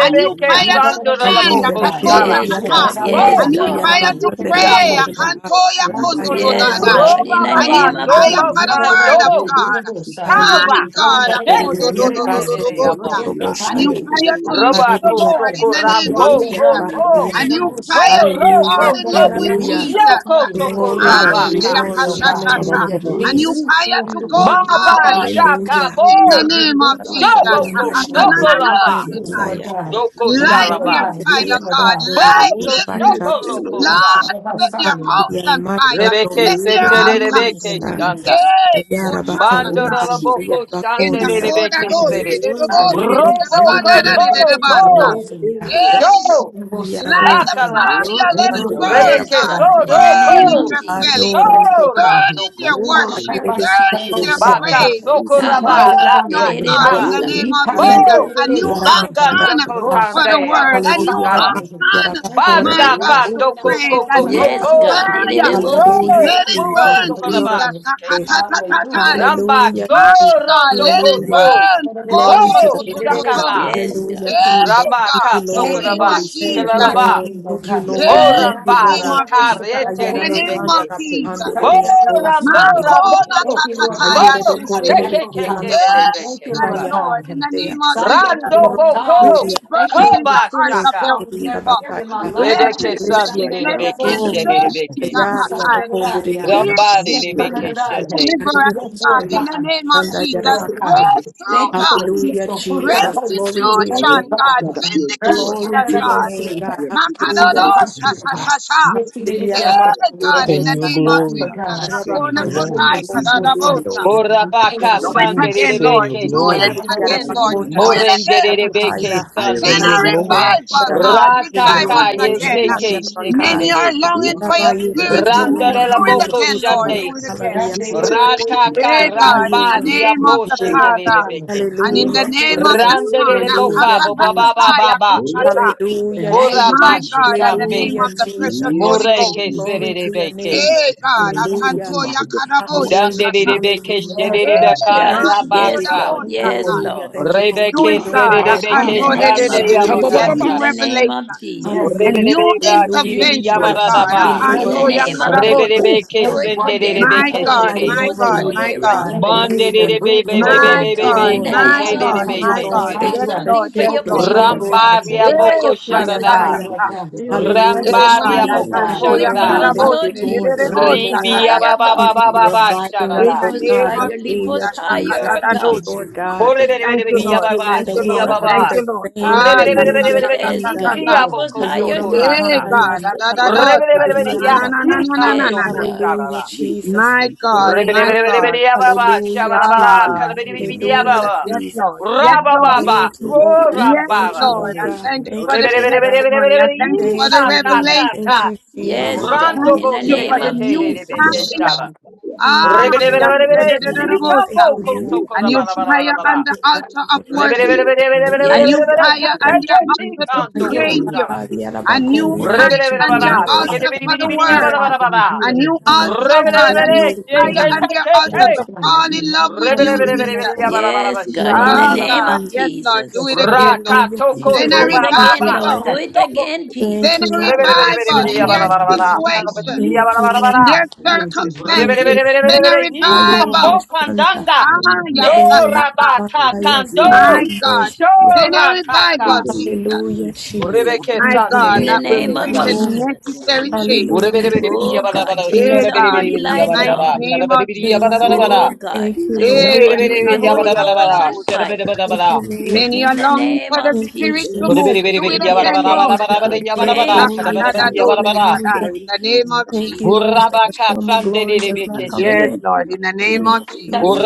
S2: a new fire to
S16: sandora la
S12: Yikarabosi,
S2: stand, ah,
S16: boko
S2: ta, to,
S12: Yadai,
S2: ta,
S16: shala.
S5: Yes,
S2: ta, ta.
S5: God.
S16: Bo
S2: a
S5: Yes,
S12: Yitladamama,
S2: new
S5: Lord.
S2: fire
S7: Mandali
S12: Yamama,
S2: to
S16: nikira
S2: pray, ah,
S7: Sikitiki,
S16: boko.
S12: Sekarabosi,
S2: kanto, ya,
S7: Liba,
S2: kondo, do, da,
S5: Yes,
S2: da.
S12: Yansakata,
S5: God.
S7: Nisa,
S16: Roba
S5: In the
S2: a
S12: Yadabaka,
S2: new
S5: name of
S16: babando
S2: fire for
S7: Mekata,
S2: the
S5: Jesus.
S2: word of
S12: Yikarabosi,
S16: bakando.
S7: yere
S2: God.
S12: Yadabosai,
S2: My
S16: Shala.
S7: Sikanisa,
S2: God, ah,
S12: Yandadaya,
S2: ko, do,
S16: Deke
S2: do,
S4: yara
S2: do, do,
S7: Lidu
S2: do,
S4: baso
S12: Yadaya,
S2: do,
S16: ketere ya
S2: bo,
S4: toro
S2: ta.
S12: Yes,
S4: robo
S7: Kimaria,
S16: mosta.
S2: a new
S12: Kataya,
S4: shanda.
S12: Yes,
S2: fire to
S7: Lidu
S12: Kataya,
S2: lift
S16: Roba
S7: Sika,
S2: the
S12: Yes,
S4: Hallelujah.
S2: Lord
S16: koto
S12: Kataya,
S2: in the name of
S12: Yes,
S16: korambo
S7: Le
S4: Hallelujah.
S2: Jesus.
S12: Yadanda,
S7: Inga
S4: Bahaya.
S16: koto.
S2: A new
S7: Sabada,
S16: Ho
S2: fire
S12: Yadaboshi,
S2: to fall
S4: Hallelujah.
S16: roko
S2: in
S12: Liberty,
S2: love
S16: to.
S2: with
S4: Hallelujah.
S2: Jesus.
S7: Rishi
S16: Yoko toko
S7: Kapadi,
S4: Glory,
S2: Ah,
S4: glory,
S7: Lidu
S15: Hadalaba,
S16: rabaka.
S2: shaka,
S7: Sika,
S12: oh
S4: glory.
S15: sa-
S2: shaka, shaka.
S12: God.
S2: sha.
S4: Hallelujah,
S15: tabababa,
S12: We
S2: A
S12: keep
S2: new
S4: Jesus.
S7: Rubu
S15: sa-
S2: fire
S12: you
S2: to
S12: to
S2: go
S12: work and
S16: Baba
S12: chicken
S2: forward
S12: leaders
S7: Sindayamaki,
S12: and
S4: Hallelujah.
S16: chaka
S12: the
S2: in the
S16: bo.
S4: Hallelujah.
S12: leaders.
S2: name
S12: for
S2: of
S12: the
S7: Kandada,
S12: most
S2: Jesus.
S12: of
S16: Dobo
S2: shaka,
S4: Kurama
S16: ko
S7: Chekindis,
S4: shande
S12: the
S16: soko
S4: dia mo
S16: raba.
S12: Yes,
S7: Lidiana,
S2: Akatanananoskitai.
S12: Lord
S4: sandaya.
S12: God.
S16: Doko
S12: Thank
S2: Light
S12: you,
S4: Raba
S12: Lord
S16: shalaba.
S2: their
S7: Livana
S12: God.
S4: satiri
S12: Yes,
S2: fire,
S4: dia
S7: Kata,
S12: Lord
S4: raba
S2: God.
S12: God.
S4: kura
S2: Light
S4: rabia
S16: Boko
S12: You
S2: it.
S4: raba
S7: Moshe
S12: need to
S16: soko
S12: be
S4: shanda
S12: sick of the
S16: loko
S4: rabaha.
S7: Kelo,
S12: book to
S16: shala.
S2: Lord,
S12: the
S2: set their
S12: Messiah.
S7: Sikushia,
S2: house
S4: Hallelujah.
S2: on
S4: Ma
S2: fire.
S4: shando
S16: Rebeke
S4: yo
S2: Set their
S12: In the
S4: satiri
S16: setere
S4: dia
S12: mighty
S4: mo
S2: altar.
S16: rebeke
S12: name
S4: sata.
S12: of
S16: shanda.
S12: Jesus.
S7: Worship
S2: Hey,
S12: In
S4: Ya
S12: the
S2: ko,
S12: mighty
S4: raba kanda
S2: shaka,
S12: name of
S16: Mandora
S4: raba
S2: shaka
S16: la
S4: sa
S12: Jesus.
S4: ya
S16: boko
S4: raba
S2: in
S16: shande
S2: the
S4: kuri
S12: Yes,
S16: re
S12: I'm
S2: coda
S12: not
S16: rebeke
S12: going to
S16: sere.
S2: dosi
S12: be
S2: de
S7: Randa
S2: dosi
S12: tired.
S7: Yus
S16: Robo
S12: Very little bit
S16: koto
S12: of
S2: basta.
S16: bo
S12: revelation. Very
S7: Rakendolaya
S2: Yes,
S16: show
S12: little bit of
S2: light
S12: about
S2: the
S4: Yarabosa,
S12: him.
S16: akala.
S2: fire,
S12: Very
S2: let it
S12: little
S4: Yaramatandere,
S12: bit
S2: burn,
S7: Rakarasa
S5: Yes,
S16: Rebeke
S2: God.
S12: about
S4: Yarabosa,
S5: God.
S16: sodo
S5: In
S12: him.
S5: the
S2: Burn
S5: name
S2: in
S12: You
S7: Yede
S16: ko
S5: of
S2: their belly,
S5: Jesus.
S4: Ayora,
S7: Kuraya
S12: can take
S16: show
S12: care of
S2: burn
S12: him.
S16: rando
S2: in their
S16: koshala.
S2: worship,
S7: Nomanda
S4: Ayere,
S12: Everybody sit
S2: burn
S12: on
S2: in
S4: Kotre,
S12: both
S2: their
S12: sides.
S16: Baka
S2: praise.
S4: Yarabasa,
S16: soko
S12: Sit
S7: Sakarikanda
S16: raba
S5: Nabaka.
S12: the
S2: Burn,
S16: daka
S2: oh God,
S12: bundle.
S4: Yarabasa,
S2: in
S16: shala.
S2: the
S7: Glory
S2: name
S12: You
S7: of
S2: of
S7: the
S12: can let
S2: Jesus.
S7: living
S16: Bo
S4: Yarabasa,
S2: A new
S12: it
S7: God,
S12: be.
S4: Yaramakanda,
S16: danganda
S2: unction
S4: Baha,
S12: No,
S2: for the
S16: kotande
S2: word,
S12: Sakatana
S7: power
S2: a
S7: of
S16: aboko
S2: new
S7: the
S4: Hallelujah,
S12: South side.
S16: sala
S7: blood,
S4: Rabaha,
S2: unction,
S12: Thank you,
S4: Yarabakora,
S2: my
S12: Lord
S16: Banda
S12: God.
S2: God,
S7: rebel,
S12: She
S2: to
S16: kando
S12: never
S16: ko
S2: praise,
S16: ko
S12: about
S2: a
S16: ko ko
S2: new
S5: Yes,
S4: Yarabaha,
S12: Sakatana
S16: ko.
S12: South
S5: God.
S2: fire.
S7: you
S16: Ro
S7: the
S12: side.
S4: Hallelujah,
S5: Irerebosike.
S2: Let
S7: fire
S2: it
S7: of
S12: Thank
S16: ro
S4: Jesus.
S12: you,
S2: burn,
S16: soko
S12: Holy
S7: God,
S16: raba
S4: Yoruba
S2: Jesus.
S12: Spirit.
S16: şike.
S7: the
S4: Kande.
S7: sword
S12: Hallelujah. Thank you,
S16: Ramba
S4: Hallelujah,
S12: God.
S2: My
S4: Jesus.
S2: God,
S16: sorondo
S2: let it
S4: Hallelujah.
S16: koto.
S7: God,
S2: burn.
S12: Thank
S7: God,
S16: Bo
S2: Oh,
S7: I
S4: Glory
S2: so
S4: to
S12: you,
S4: the
S2: to,
S7: need
S2: to,
S7: you.
S4: Lamb
S2: to,
S4: of God.
S2: to.
S7: let
S16: shakala.
S12: God.
S7: the
S5: Yes,
S7: Lord
S5: God.
S4: Hallelujah,
S12: Thank you, God.
S4: Jesus.
S2: Hey,
S16: Rama
S4: Thank
S2: God,
S4: you,
S16: ka
S2: in the
S7: see,
S12: Thank
S4: Lord.
S12: you,
S2: name of
S16: sokaraba
S12: Holy
S7: Jesus.
S4: Thank
S12: Spirit, for
S4: you,
S2: Jesus.
S16: shikalaba.
S4: Lord.
S12: everything, oh
S4: Thank you,
S12: God.
S7: let the
S4: Lord.
S16: Bo
S2: Hey,
S4: Thank
S2: in
S4: you,
S12: Thank
S2: the
S12: you,
S7: name
S12: for
S2: name
S12: the
S16: rambara
S4: Lord.
S2: of
S12: mercy,
S2: Jesus.
S12: for
S16: karete
S2: In the
S4: Ayaraba
S2: name
S12: the
S4: Kanda
S2: of
S16: rebeke.
S7: Send
S4: Rabahande
S2: Jesus.
S7: forth the
S16: Bo
S7: fire
S4: Ridiambo
S12: mercy.
S2: My
S7: out of the
S16: rambora
S7: region
S4: Sakariandaya.
S2: corner,
S7: of the
S16: bo.
S12: Thank
S2: ta,
S12: you,
S2: ta,
S7: Holy
S12: Lord
S2: ta,
S7: Spirit.
S16: Bo
S12: God.
S2: ya,
S12: This
S2: she,
S4: Ayerebe
S12: is my
S7: of
S4: Kote
S7: the
S12: lack
S7: Lord.
S16: keke
S12: of
S4: Rebeki
S16: keke
S12: God.
S4: Alamahanda
S2: Yes,
S12: Thank you,
S16: rebeke.
S7: God,
S2: Daddy
S12: Lord
S4: Rabasaya
S2: Lord, in
S12: God.
S2: the
S4: Rabakandea.
S2: name
S7: breathe
S2: of
S12: Some
S7: fire
S12: that you
S2: Jesus.
S7: upon
S16: Rando
S7: them,
S12: won't
S4: Yorobo
S7: Lord,
S12: die.
S2: Let
S16: boko.
S4: Surya
S2: it
S12: Thank you
S2: burst
S12: that
S2: in
S12: I'm
S2: the
S4: Makabiya
S16: Koba
S2: hearts
S12: finished
S2: of
S4: Osho
S16: shaka.
S2: your
S12: strong in
S4: Kiriya
S12: every
S2: people.
S12: area of
S7: upon
S12: my
S4: Bakaya
S7: your
S12: life.
S2: Let
S7: people
S16: Rebeke
S2: it
S7: life
S2: sit,
S12: Some
S4: Hallelujah
S16: sande
S7: right
S12: that
S2: let
S7: now
S2: it
S12: I
S4: Baso
S7: in
S16: rebeke
S12: won't
S2: bring
S7: the
S12: say
S16: shede
S12: that.
S2: change,
S7: mighty
S16: rebeke.
S7: name of
S12: Yes,
S4: Hayari
S12: I can
S7: Jesus.
S2: Zakatai.
S12: to
S4: Abakondo
S12: die, yeah.
S4: Riyara
S16: Rambari
S7: Send
S12: Yes,
S2: Yes,
S12: I
S7: forth
S12: can
S7: the
S4: Bosandaya
S12: to
S16: rebeke
S12: die,
S7: fire
S12: yeah.
S7: of
S16: shende.
S2: deliver
S7: God
S4: Hallelujah
S2: us,
S12: Yes,
S7: upon your
S12: Lord
S2: God,
S4: Kundariya
S2: in the
S7: life.
S12: God.
S2: name of
S12: Thank
S4: Mashandaya
S12: you,
S2: Jesus.
S12: Lord
S7: Send
S4: Rabaka
S7: forth
S12: God.
S7: the fire
S2: Breakthrough,
S12: Thank
S7: of
S12: you for
S2: God.
S12: the
S7: Jesus
S4: Hallelujah
S12: peaceful
S7: upon
S12: fruits
S7: your
S12: of the
S4: Jesus
S7: life.
S12: Holy
S4: Glory to
S12: Spirit.
S4: your
S12: Thank
S7: And
S12: you,
S4: name
S2: restitution,
S7: Lord
S2: God,
S4: God
S12: God.
S7: God, at your
S12: Randy,
S7: door, at
S4: Glory
S2: vindication,
S4: to
S7: your
S4: your
S2: God.
S7: car,
S4: name
S7: at
S4: God
S7: your business
S4: Hallelujah
S2: Makadodo
S7: place,
S4: Jesus
S2: sha sha
S7: I
S2: sha sha.
S7: send the
S4: Hallelujah
S7: fire of
S2: Hey,
S4: Namate
S2: God,
S4: Robo
S2: in
S15: Send
S2: the
S7: Jesus.
S15: your
S2: name
S4: Sata
S2: of
S15: glory,
S7: I
S2: Jesus.
S15: God.
S7: shout
S15: Send
S7: out
S15: your
S2: Akona
S4: Rabakanda
S15: glory.
S2: kotai
S4: Rabokondi
S2: kadadabosa.
S7: Visitation by the
S16: Borabaka
S4: and
S2: Do
S7: power of
S2: it
S17: you.
S15: Ooh,
S16: sande
S7: fire.
S2: again,
S15: send your
S2: Lord.
S16: rebeke
S2: Do it
S7: Lord
S16: shede.
S15: glory.
S4: Hallelujah,
S7: God
S2: again, Lord.
S4: Rabako,
S2: Do
S7: Almighty,
S2: it
S4: Ramakanda,
S2: again.
S4: Rabahaya,
S16: Morenderebeke
S7: I
S2: Then
S16: Sunday.
S15: Send
S2: a
S15: your
S7: receive
S4: Hayura
S7: your
S4: Bosha,
S15: glory.
S2: revival,
S7: agenda.
S2: God.
S4: Rabako,
S2: Revive
S4: Rebia,
S17: Thank
S16: Rataka
S2: us
S4: Bosha,
S2: again.
S7: Honorable
S4: Taya,
S16: yeteke
S4: Rabaka,
S7: Shikanda.
S2: Many are
S16: shekerere.
S2: longing for
S7: Lord,
S2: your
S4: Rabayu,
S2: spirit
S7: visit
S2: to
S4: Rebiki,
S7: your
S2: move. Do
S16: Randarela
S7: people
S4: Alamahandi,
S7: with
S2: it
S7: your
S16: boko
S2: again,
S4: Alusa,
S2: Lord.
S7: fire.
S16: shande.
S2: Do it again.
S4: Kalabakalaria,
S7: Visit your
S4: Rabahaya,
S7: people,
S16: Rataka
S2: Hey
S7: God
S2: God, in
S7: Almighty,
S4: Hayura,
S2: the
S16: ramba
S7: with your
S2: name of
S16: diambo
S2: the
S4: Ramashandi.
S7: angelic
S2: Father
S7: power.
S16: shekerebeke.
S2: and in the
S4: Hallelujah,
S7: Lord,
S2: name of
S4: Jesus.
S7: God
S2: the Son,
S16: Randarele boka
S4: Hallelujah,
S16: baba
S4: Jesus.
S16: baba
S7: Almighty,
S2: Akatatatataya
S16: baba.
S7: let
S2: Kochata.
S7: the
S12: the
S4: Hallelujah,
S12: name
S7: crash
S12: of
S16: Oraba
S4: Jesus.
S2: my
S7: reach
S2: God,
S7: their
S12: Jesus.
S2: and the
S7: heart.
S2: name
S16: shikambe.
S4: Hallelujah,
S12: In
S2: of the
S4: Jesus.
S2: precious
S12: the
S2: Holy
S7: Yes,
S12: name of
S2: Ghost,
S16: Moreke
S7: Jesus,
S12: Jesus.
S4: Glory to your
S16: serebeke.
S4: name, God.
S7: visit
S2: hey
S7: them
S12: In
S2: God,
S12: the name of
S4: Hallelujah.
S7: by
S2: Atantoya
S12: Jesus.
S7: the power of
S2: Karabosha
S7: the
S4: Hallelujah.
S2: Shasha,
S7: Lord.
S16: Danderebeke
S4: Hallelujah.
S12: Yes, God.
S2: hey
S16: sherebeka
S4: You
S2: my
S5: Yes,
S4: are worthy,
S5: yes,
S16: rabasa.
S4: God.
S5: Lord.
S12: Thank you,
S2: Kodabosha
S5: Yes,
S12: Lord.
S2: Sai.
S4: Hallelujah.
S5: Lord.
S4: Thank you for what
S2: Do
S7: Visit
S4: you're
S16: Rebeke
S2: it,
S12: Thank you,
S15: Ah,
S7: them,
S2: God,
S4: doing,
S12: God.
S15: ah,
S4: Lord
S15: ah,
S5: In
S17: you.
S16: serebeke
S7: Jesus,
S4: Jesus.
S5: the
S2: Akanto
S15: ba,
S2: de de
S5: name
S16: shande
S2: de
S5: of
S2: de
S15: sa, ta,
S12: Thank
S2: de
S15: ba,
S12: you,
S2: de,
S15: ba,
S4: Hallelujah.
S2: a
S15: ba,
S5: Jesus.
S12: God.
S5: In
S15: ba,
S2: new
S16: yabakachara.
S5: the
S15: sa.
S5: name of
S2: revelation,
S15: Ooh,
S12: Yes, God.
S5: Jesus.
S2: a
S12: Thank
S4: Hallelujah,
S2: new
S16: Rebelebeba
S15: he
S7: in
S4: hallelujah.
S15: did
S7: the
S16: chiridi
S15: it,
S4: Thank
S12: you,
S4: you
S15: it,
S4: for
S2: intervention,
S12: Lord,
S7: mighty
S4: the
S15: sa,
S2: God,
S4: mighty
S12: you
S7: name
S16: yabaradaba.
S15: ha,
S4: move
S15: da,
S5: In
S4: of
S5: the
S12: presence,
S15: da,
S2: Akantoya
S4: God.
S12: Lord
S5: name
S15: sa.
S5: of
S12: God.
S2: Karabosha.
S15: Ooh,
S16: Rebelebe
S5: Jesus.
S16: ke
S12: They
S5: Do
S4: Yaraboshanda.
S5: it for
S12: walking in
S5: them,
S4: Thank
S12: your
S4: you
S16: sendelebe
S2: My
S4: for
S16: ke
S5: God.
S4: the
S12: presence,
S2: God,
S5: Holy
S7: In
S4: mighty
S16: shiri.
S12: Holy
S2: my
S4: move
S5: Ghost,
S4: of
S5: you
S7: the
S2: God,
S4: you,
S5: know
S12: Spirit.
S7: mighty
S2: my
S4: Lord
S5: their
S7: name
S2: God.
S7: of
S4: God.
S5: address.
S7: Jesus,
S12: Revelation
S4: Hallelujah,
S12: and
S16: Mandelebe be
S12: wisdom,
S16: be
S4: Jesus.
S12: oh
S16: be be
S4: Thank
S2: My
S5: Oh,
S12: God.
S4: you,
S7: in
S16: be
S5: God.
S7: the
S2: God,
S16: be
S5: In
S4: Lord.
S5: the
S16: ke
S12: God,
S7: mighty name of
S2: my
S5: name
S12: ra, ta,
S5: of
S2: God,
S4: Thank
S12: ta,
S16: telebe
S7: Jesus,
S4: you,
S12: ta,
S2: my
S16: ke
S12: ta,
S5: Jesus.
S4: Lord.
S2: God.
S5: Do
S16: shiri.
S12: ta,
S4: Thank you
S2: Yes,
S4: for
S12: yeah.
S4: the
S2: Lord,
S5: something for
S2: yes,
S4: shift.
S5: your
S12: Open
S2: Lord.
S5: people,
S7: in the
S12: doors,
S4: Lokando
S12: Lord
S5: God. Do
S16: Rambaria
S12: God.
S7: Messiah,
S5: it
S4: sakalala
S5: for
S2: Eh,
S16: boko
S5: your
S2: ta,
S12: Fresh
S5: people,
S2: ta,
S12: blow,
S5: Jesus.
S16: sharada.
S2: ta,
S7: in
S4: mahandiandaya.
S7: the
S12: Lord
S2: ta.
S12: God.
S7: Messiah,
S12: Fresh
S4: Hallelujah,
S2: Eh,
S5: Come on
S2: God,
S12: wind,
S16: Rambaria
S7: in
S5: in,
S4: Jesus.
S7: the
S12: Lord
S16: boko
S5: God.
S4: Thank
S12: God.
S7: mighty
S5: Do
S4: you,
S5: it
S2: atantoya
S5: for
S12: In
S4: Lord.
S16: sharada.
S12: the
S7: name
S5: us,
S7: of
S4: Thank
S2: karabose,
S5: Lord
S4: you,
S12: mighty
S2: de,
S12: name
S2: de,
S4: Lord.
S12: of
S7: Jesus,
S2: de,
S5: Jesus.
S4: Thank
S2: bo,
S4: you,
S5: Lift
S12: Jesus.
S2: ta,
S5: us
S16: Ribi
S4: Lord.
S2: da, da,
S5: higher,
S2: da,
S16: yababa
S2: ba.
S5: God.
S16: ba
S4: Thank you
S16: ba
S4: for
S16: ba
S7: in
S16: ba
S4: reviving us,
S2: In
S5: Lift
S2: the
S16: sharada.
S4: oh
S5: us
S7: the
S2: name
S4: God.
S2: of
S7: Lord,
S5: higher. Lift
S2: Jesus,
S4: Hallelujah,
S5: us
S2: ta, ka, da,
S4: Jesus.
S5: higher,
S2: da,
S4: Thank
S5: God.
S2: do,
S4: you,
S2: she.
S4: Lord
S7: mighty
S4: God.
S7: God,
S12: Thank you,
S2: Thank you,
S16: Korebelebebe
S12: Lord.
S4: Thank
S2: Lord.
S4: you,
S16: yababa
S4: Lord,
S12: Thank you,
S2: Thank
S4: that
S2: you,
S7: let
S4: we will
S2: Lord.
S7: nothing
S4: never be
S2: Thank
S12: Lord.
S16: shiyababa.
S4: the
S2: you, Lord.
S7: be
S4: same.
S2: Ah, yes,
S7: everywhere
S2: ta,
S7: that
S4: Hallelujah,
S2: ta,
S16: Rebelebebe
S2: ta,
S5: Yes,
S2: ta,
S7: you
S4: Jesus.
S2: ta,
S12: Thank
S5: God.
S7: look
S12: you,
S2: ta.
S16: ikiya
S5: Lift
S7: at,
S12: Lord.
S5: us
S7: you
S16: boko
S7: can
S4: Ayora
S5: higher,
S7: do it,
S12: Thank you,
S2: Eh,
S16: tokorata.
S4: makanda
S5: Jesus.
S12: Lord.
S4: ya
S2: God, da, da, da,
S4: sakalama.
S2: do,
S12: Thank you, Lord.
S2: ta,
S16: Rebelebebe
S7: the
S4: Hallelujah,
S2: na, na, na,
S4: labaka.
S2: na, na, na, na,
S12: Thank
S7: it,
S12: you,
S2: na,
S5: Yes,
S16: yakikando
S7: the
S2: na.
S7: it,
S12: Lord.
S5: God.
S16: kosharada.
S4: Hallelujah,
S7: but you can't
S4: Jesus.
S2: My
S7: come
S4: Thank
S7: to
S4: you,
S7: the
S2: God,
S7: comfort of God.
S2: my
S4: Lord.
S7: You
S2: God.
S7: the not
S16: Rebelebelebelebelebaba,
S4: Hallelujah,
S16: shabalabala,
S4: Jesus.
S2: Ah,
S12: In the
S7: invite
S12: name of
S7: your
S12: Jesus,
S7: own
S4: Hallelujah,
S2: Jesus.
S16: kalabelebelebelebaba.
S2: Yes,
S4: Jesus.
S2: Lord.
S12: in the
S2: Yes, Lord.
S12: name of
S7: family,
S16: Rabababa,
S4: Thank you,
S7: the
S12: Jesus,
S4: oh
S16: oh,
S7: can't
S4: God.
S2: Yes,
S4: Thank
S16: rambaba.
S4: you,
S12: Lord, I
S4: oh
S2: Lord. I
S7: do
S12: bless
S4: God.
S2: thank
S12: you.
S2: you
S4: Thank
S2: for
S7: it,
S4: you,
S2: the
S4: oh
S7: so the
S4: God.
S2: testimony. I
S16: Rebelebelebelebelebele,
S12: In
S7: don't do it. You the not
S2: thank
S12: my
S7: do
S2: you
S7: it.
S2: for
S4: Thank
S16: ika,
S2: the
S12: sheep,
S4: you,
S16: ka,
S12: Lord.
S4: Lord.
S16: ka,
S2: revelation.
S16: ka.
S4: Thank you,
S12: Yes,
S7: Ah,
S4: Jesus.
S5: Yes,
S12: God.
S7: my,
S4: Thank
S5: God.
S16: Rando
S4: you,
S2: Thank
S5: In
S16: bo
S5: the
S2: you
S12: Yes,
S2: for
S5: name
S4: Jesus.
S2: the
S5: of
S12: God.
S16: shekete
S4: Thank
S2: new
S4: you,
S7: you
S5: Jesus.
S16: rebeke
S7: can't
S12: Yes,
S4: Jesus.
S16: shaba.
S2: fire.
S12: God.
S7: do it.
S4: Thank
S2: Ah,
S12: Yes,
S4: you, Lord.
S12: God.
S2: yes, da-
S4: Thank
S2: da-
S16: Rebelebelebelebele,
S12: Yes,
S2: da-
S4: you,
S2: da- da-
S4: Lord.
S16: ika,
S4: Thank
S2: bosa.
S16: bo,
S4: you,
S12: God.
S16: ko,
S4: Lord.
S16: to, ko,
S2: a
S16: da,
S2: new
S16: ba, la, ba, la, ba, la,
S2: fire
S16: ba, la.
S2: on the
S4: Ayora
S2: altar of
S4: makota
S2: worship,
S4: ramandi ya dosa
S2: a
S5: Yes,
S2: new
S16: Rebelebelebelebelebelebele, ka,
S5: God.
S2: fire
S12: Thank
S2: on
S4: kalamahande.
S16: ka, ka,
S2: the
S16: ti,
S12: you
S2: altar to
S12: for
S16: ka, do,
S4: Ayora
S16: ko,
S2: praise
S12: healing,
S2: you,
S16: shaba.
S4: bakari
S12: Lord.
S2: a new
S4: arabakori
S12: In the name of
S2: fire
S12: Jesus,
S2: on
S4: arabakari
S2: the
S12: we
S16: Rebelebelebelebaba,
S4: ando
S12: power,
S16: shikete,
S2: altar
S16: bidi,
S4: sakala
S2: for
S16: bidi,
S2: the
S16: bidi, ya,
S12: we
S16: ba,
S4: mahande.
S16: la,
S2: word,
S16: ba,
S12: power
S16: la,
S12: to
S16: ba,
S2: a
S12: heal,
S2: new
S4: Rama
S2: altar, God, a
S12: we
S4: kari
S2: new
S12: speak it
S4: kura
S2: fire on
S12: in.
S2: the
S4: makari
S2: altar
S16: la.
S4: araba.
S12: Yes,
S2: to
S12: God,
S2: fall
S12: in the
S2: in love
S12: name
S2: with
S12: of
S2: you,
S12: Jesus,
S4: Hallelujah,
S2: Jesus.
S4: Lord God.
S5: Yes, God. In the
S2: Ah,
S4: Hallelujah,
S5: name
S2: God,
S5: of
S16: Rekatokotobababa.
S2: yes,
S4: Jesus.
S2: Lord, do
S5: Jesus.
S12: yes,
S2: it
S12: God.
S2: again, Lord.
S4: Hallelujah,
S12: We Heal
S2: Send
S12: me,
S4: Jesus.
S2: a
S5: Do it
S12: Lord.
S4: Thank you,
S5: again,
S2: revival.
S5: Lord.
S4: Lord
S5: Do
S12: Yes,
S5: it
S4: God.
S5: again,
S7: Thank
S4: Thank
S2: Send
S4: you,
S2: a
S5: Jesus.
S4: Lord
S12: God,
S5: Do-
S4: God.
S12: we
S2: revival
S12: step
S4: Thank
S2: in
S4: you,
S12: out
S2: their
S4: Lord
S12: of my
S4: God.
S12: feet, yes, God.
S2: situation,
S4: Thank you, Lord
S2: in
S4: God.
S2: their
S12: Yes, God. Yes, God.
S4: Thank you,
S2: circumstances. Send
S4: Jesus.
S2: a
S4: Ayo
S2: revival.
S4: mashanda.
S12: Yes,
S2: Ah,
S12: God.
S2: yes,
S4: Ayo
S5: They-
S2: ah, ah, ah.
S4: ramakanda
S16: Dorabakakando
S4: yasali
S2: my God.
S4: ambosi.
S2: Send a
S16: Shorataka
S2: revival, Jesus.
S4: Hallelujah, Jesus.
S16: Rebeke
S4: Thank
S2: My
S4: you,
S16: Sante
S2: God,
S5: In
S4: Lord.
S5: the
S2: that will
S5: name
S4: Thank you,
S5: of
S2: bring
S16: Rebekesha
S2: the
S12: Yes,
S4: Lord.
S12: God.
S5: Jesus.
S2: necessary change.
S4: Hallelujah,
S16: Urebereberiya
S5: Oh,
S4: Jesus.
S5: God.
S16: Badabada
S5: Change
S2: Eh,
S4: Hallelujah,
S2: God,
S5: somebody's
S2: in the
S16: Shereberiya
S17: Thank
S5: life,
S4: Jesus.
S2: mighty
S16: Badabada
S5: Lord.
S2: name of
S16: Shereberiya
S2: Jesus.
S16: Badabada
S5: Oh,
S4: Thank
S5: God.
S4: you,
S5: Bless
S4: Lord.
S2: Eh,
S5: somebody
S4: Thank
S5: with
S4: you,
S5: the
S16: Rebereberiya
S7: you.
S4: Lord.
S5: Holy
S2: Sandoya
S5: Ghost
S17: you.
S16: Badabada
S5: and
S2: Karabosa.
S16: Shereberiya
S5: fire.
S4: Thank you, Lord. Thank you,
S16: Badabada
S7: Holy
S4: Lord.
S2: Many
S5: In
S2: are
S5: the
S2: longing
S5: name
S2: for the
S5: of
S4: Thank you,
S2: Spirit to
S16: Thank
S5: Jesus,
S4: Jesus.
S2: move.
S16: you,
S5: let
S2: Do it
S5: there be a
S2: again,
S4: Thank
S5: change,
S2: Lord.
S4: you for
S5: God.
S4: the greater
S2: Da
S5: Change,
S4: glory,
S2: kada da
S4: God.
S5: Jesus.
S2: do shi
S4: Hallelujah.
S2: kada. In the name of
S4: Thank
S2: Jesus.
S4: you, Lord, that the former glory does not
S2: Yes,
S4: compare.
S2: Lord, in the name
S4: Hallelujah,
S2: of Jesus.
S4: Jesus.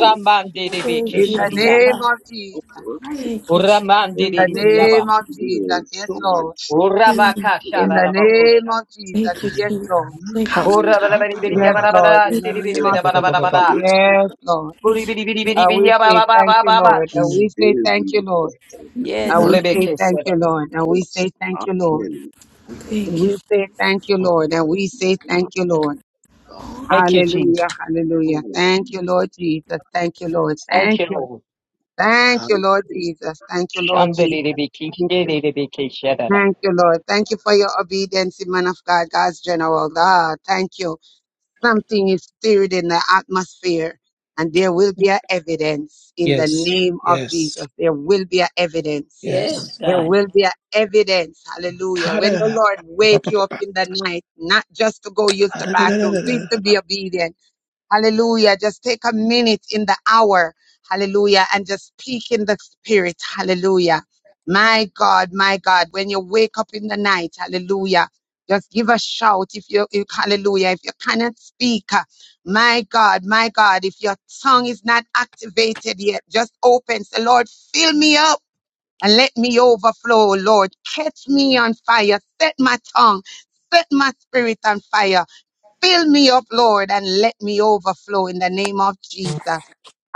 S4: Thank
S2: In the
S4: you, Lord
S2: name
S4: God.
S2: of Jesus.
S4: Thank you, Jesus.
S2: In the
S4: Thank you,
S2: name
S4: Jesus.
S2: of Jesus. Yes, Lord.
S4: Mm.
S2: In the name of Jesus.
S4: Thank you,
S2: Yes,
S4: Jesus.
S2: Lord.
S4: Thank you,
S15: ha,
S4: Jesus.
S15: ta, ba, ba,
S2: Yes,
S15: ba, ba,
S2: Lord. In the
S15: sa, ta,
S2: name
S15: ba,
S2: of
S15: ba, ba, ba, ba,
S2: Jesus.
S15: ba, ba.
S2: Yes, Lord.
S4: Thank you.
S2: And we say thank you, Lord. And we say thank you, Lord. And
S5: Yes,
S2: we
S5: Lord.
S2: say thank you, Lord. And we say thank you, Lord. And we
S4: Thank you.
S2: say thank you, Lord. And we say thank you, Lord.
S16: Jesus.
S2: Hallelujah. Hallelujah. Thank you, Lord Jesus. Thank you, Lord.
S16: Thank
S2: Thank
S16: you,
S2: you.
S16: Lord.
S2: Thank you, Lord Jesus. Thank you, Lord Jesus.
S16: Shandere-re-be-ki,
S2: Thank you.
S16: shere-re-be-ki, shadada.
S2: Thank you, Lord. Thank you for your obedience, man of God, God's general. God, thank you. Something is stirred in the atmosphere, and there will be an evidence in the
S15: Yes,
S2: name of
S15: yes,
S2: Jesus. There will be an evidence.
S5: Yes,
S15: yes.
S2: There
S5: God.
S2: will be an evidence. Hallelujah.
S15: Ha, da,
S2: When
S15: da,
S2: the
S15: da,
S2: Lord
S15: ba, ba,
S2: wake
S15: ba,
S2: you
S15: ba,
S2: up
S15: ba.
S2: in the night, not just to go use
S15: Ha,
S2: the
S15: da, da, da, da,
S2: bathroom,
S15: da,
S2: please to
S15: da.
S2: be obedient Hallelujah. Just take a minute in the hour. Hallelujah. And just speak in the spirit. Hallelujah. My God, my God, when you wake up in the night, hallelujah. Just give a shout if you, if, hallelujah, if you cannot speak. uh, My God, my God, if your tongue is not activated yet, just open. Say, Lord, fill me up and let me overflow. Lord, catch me on fire. Set my tongue. Set my spirit on fire. Fill me up, Lord, and let me overflow in the name of Jesus.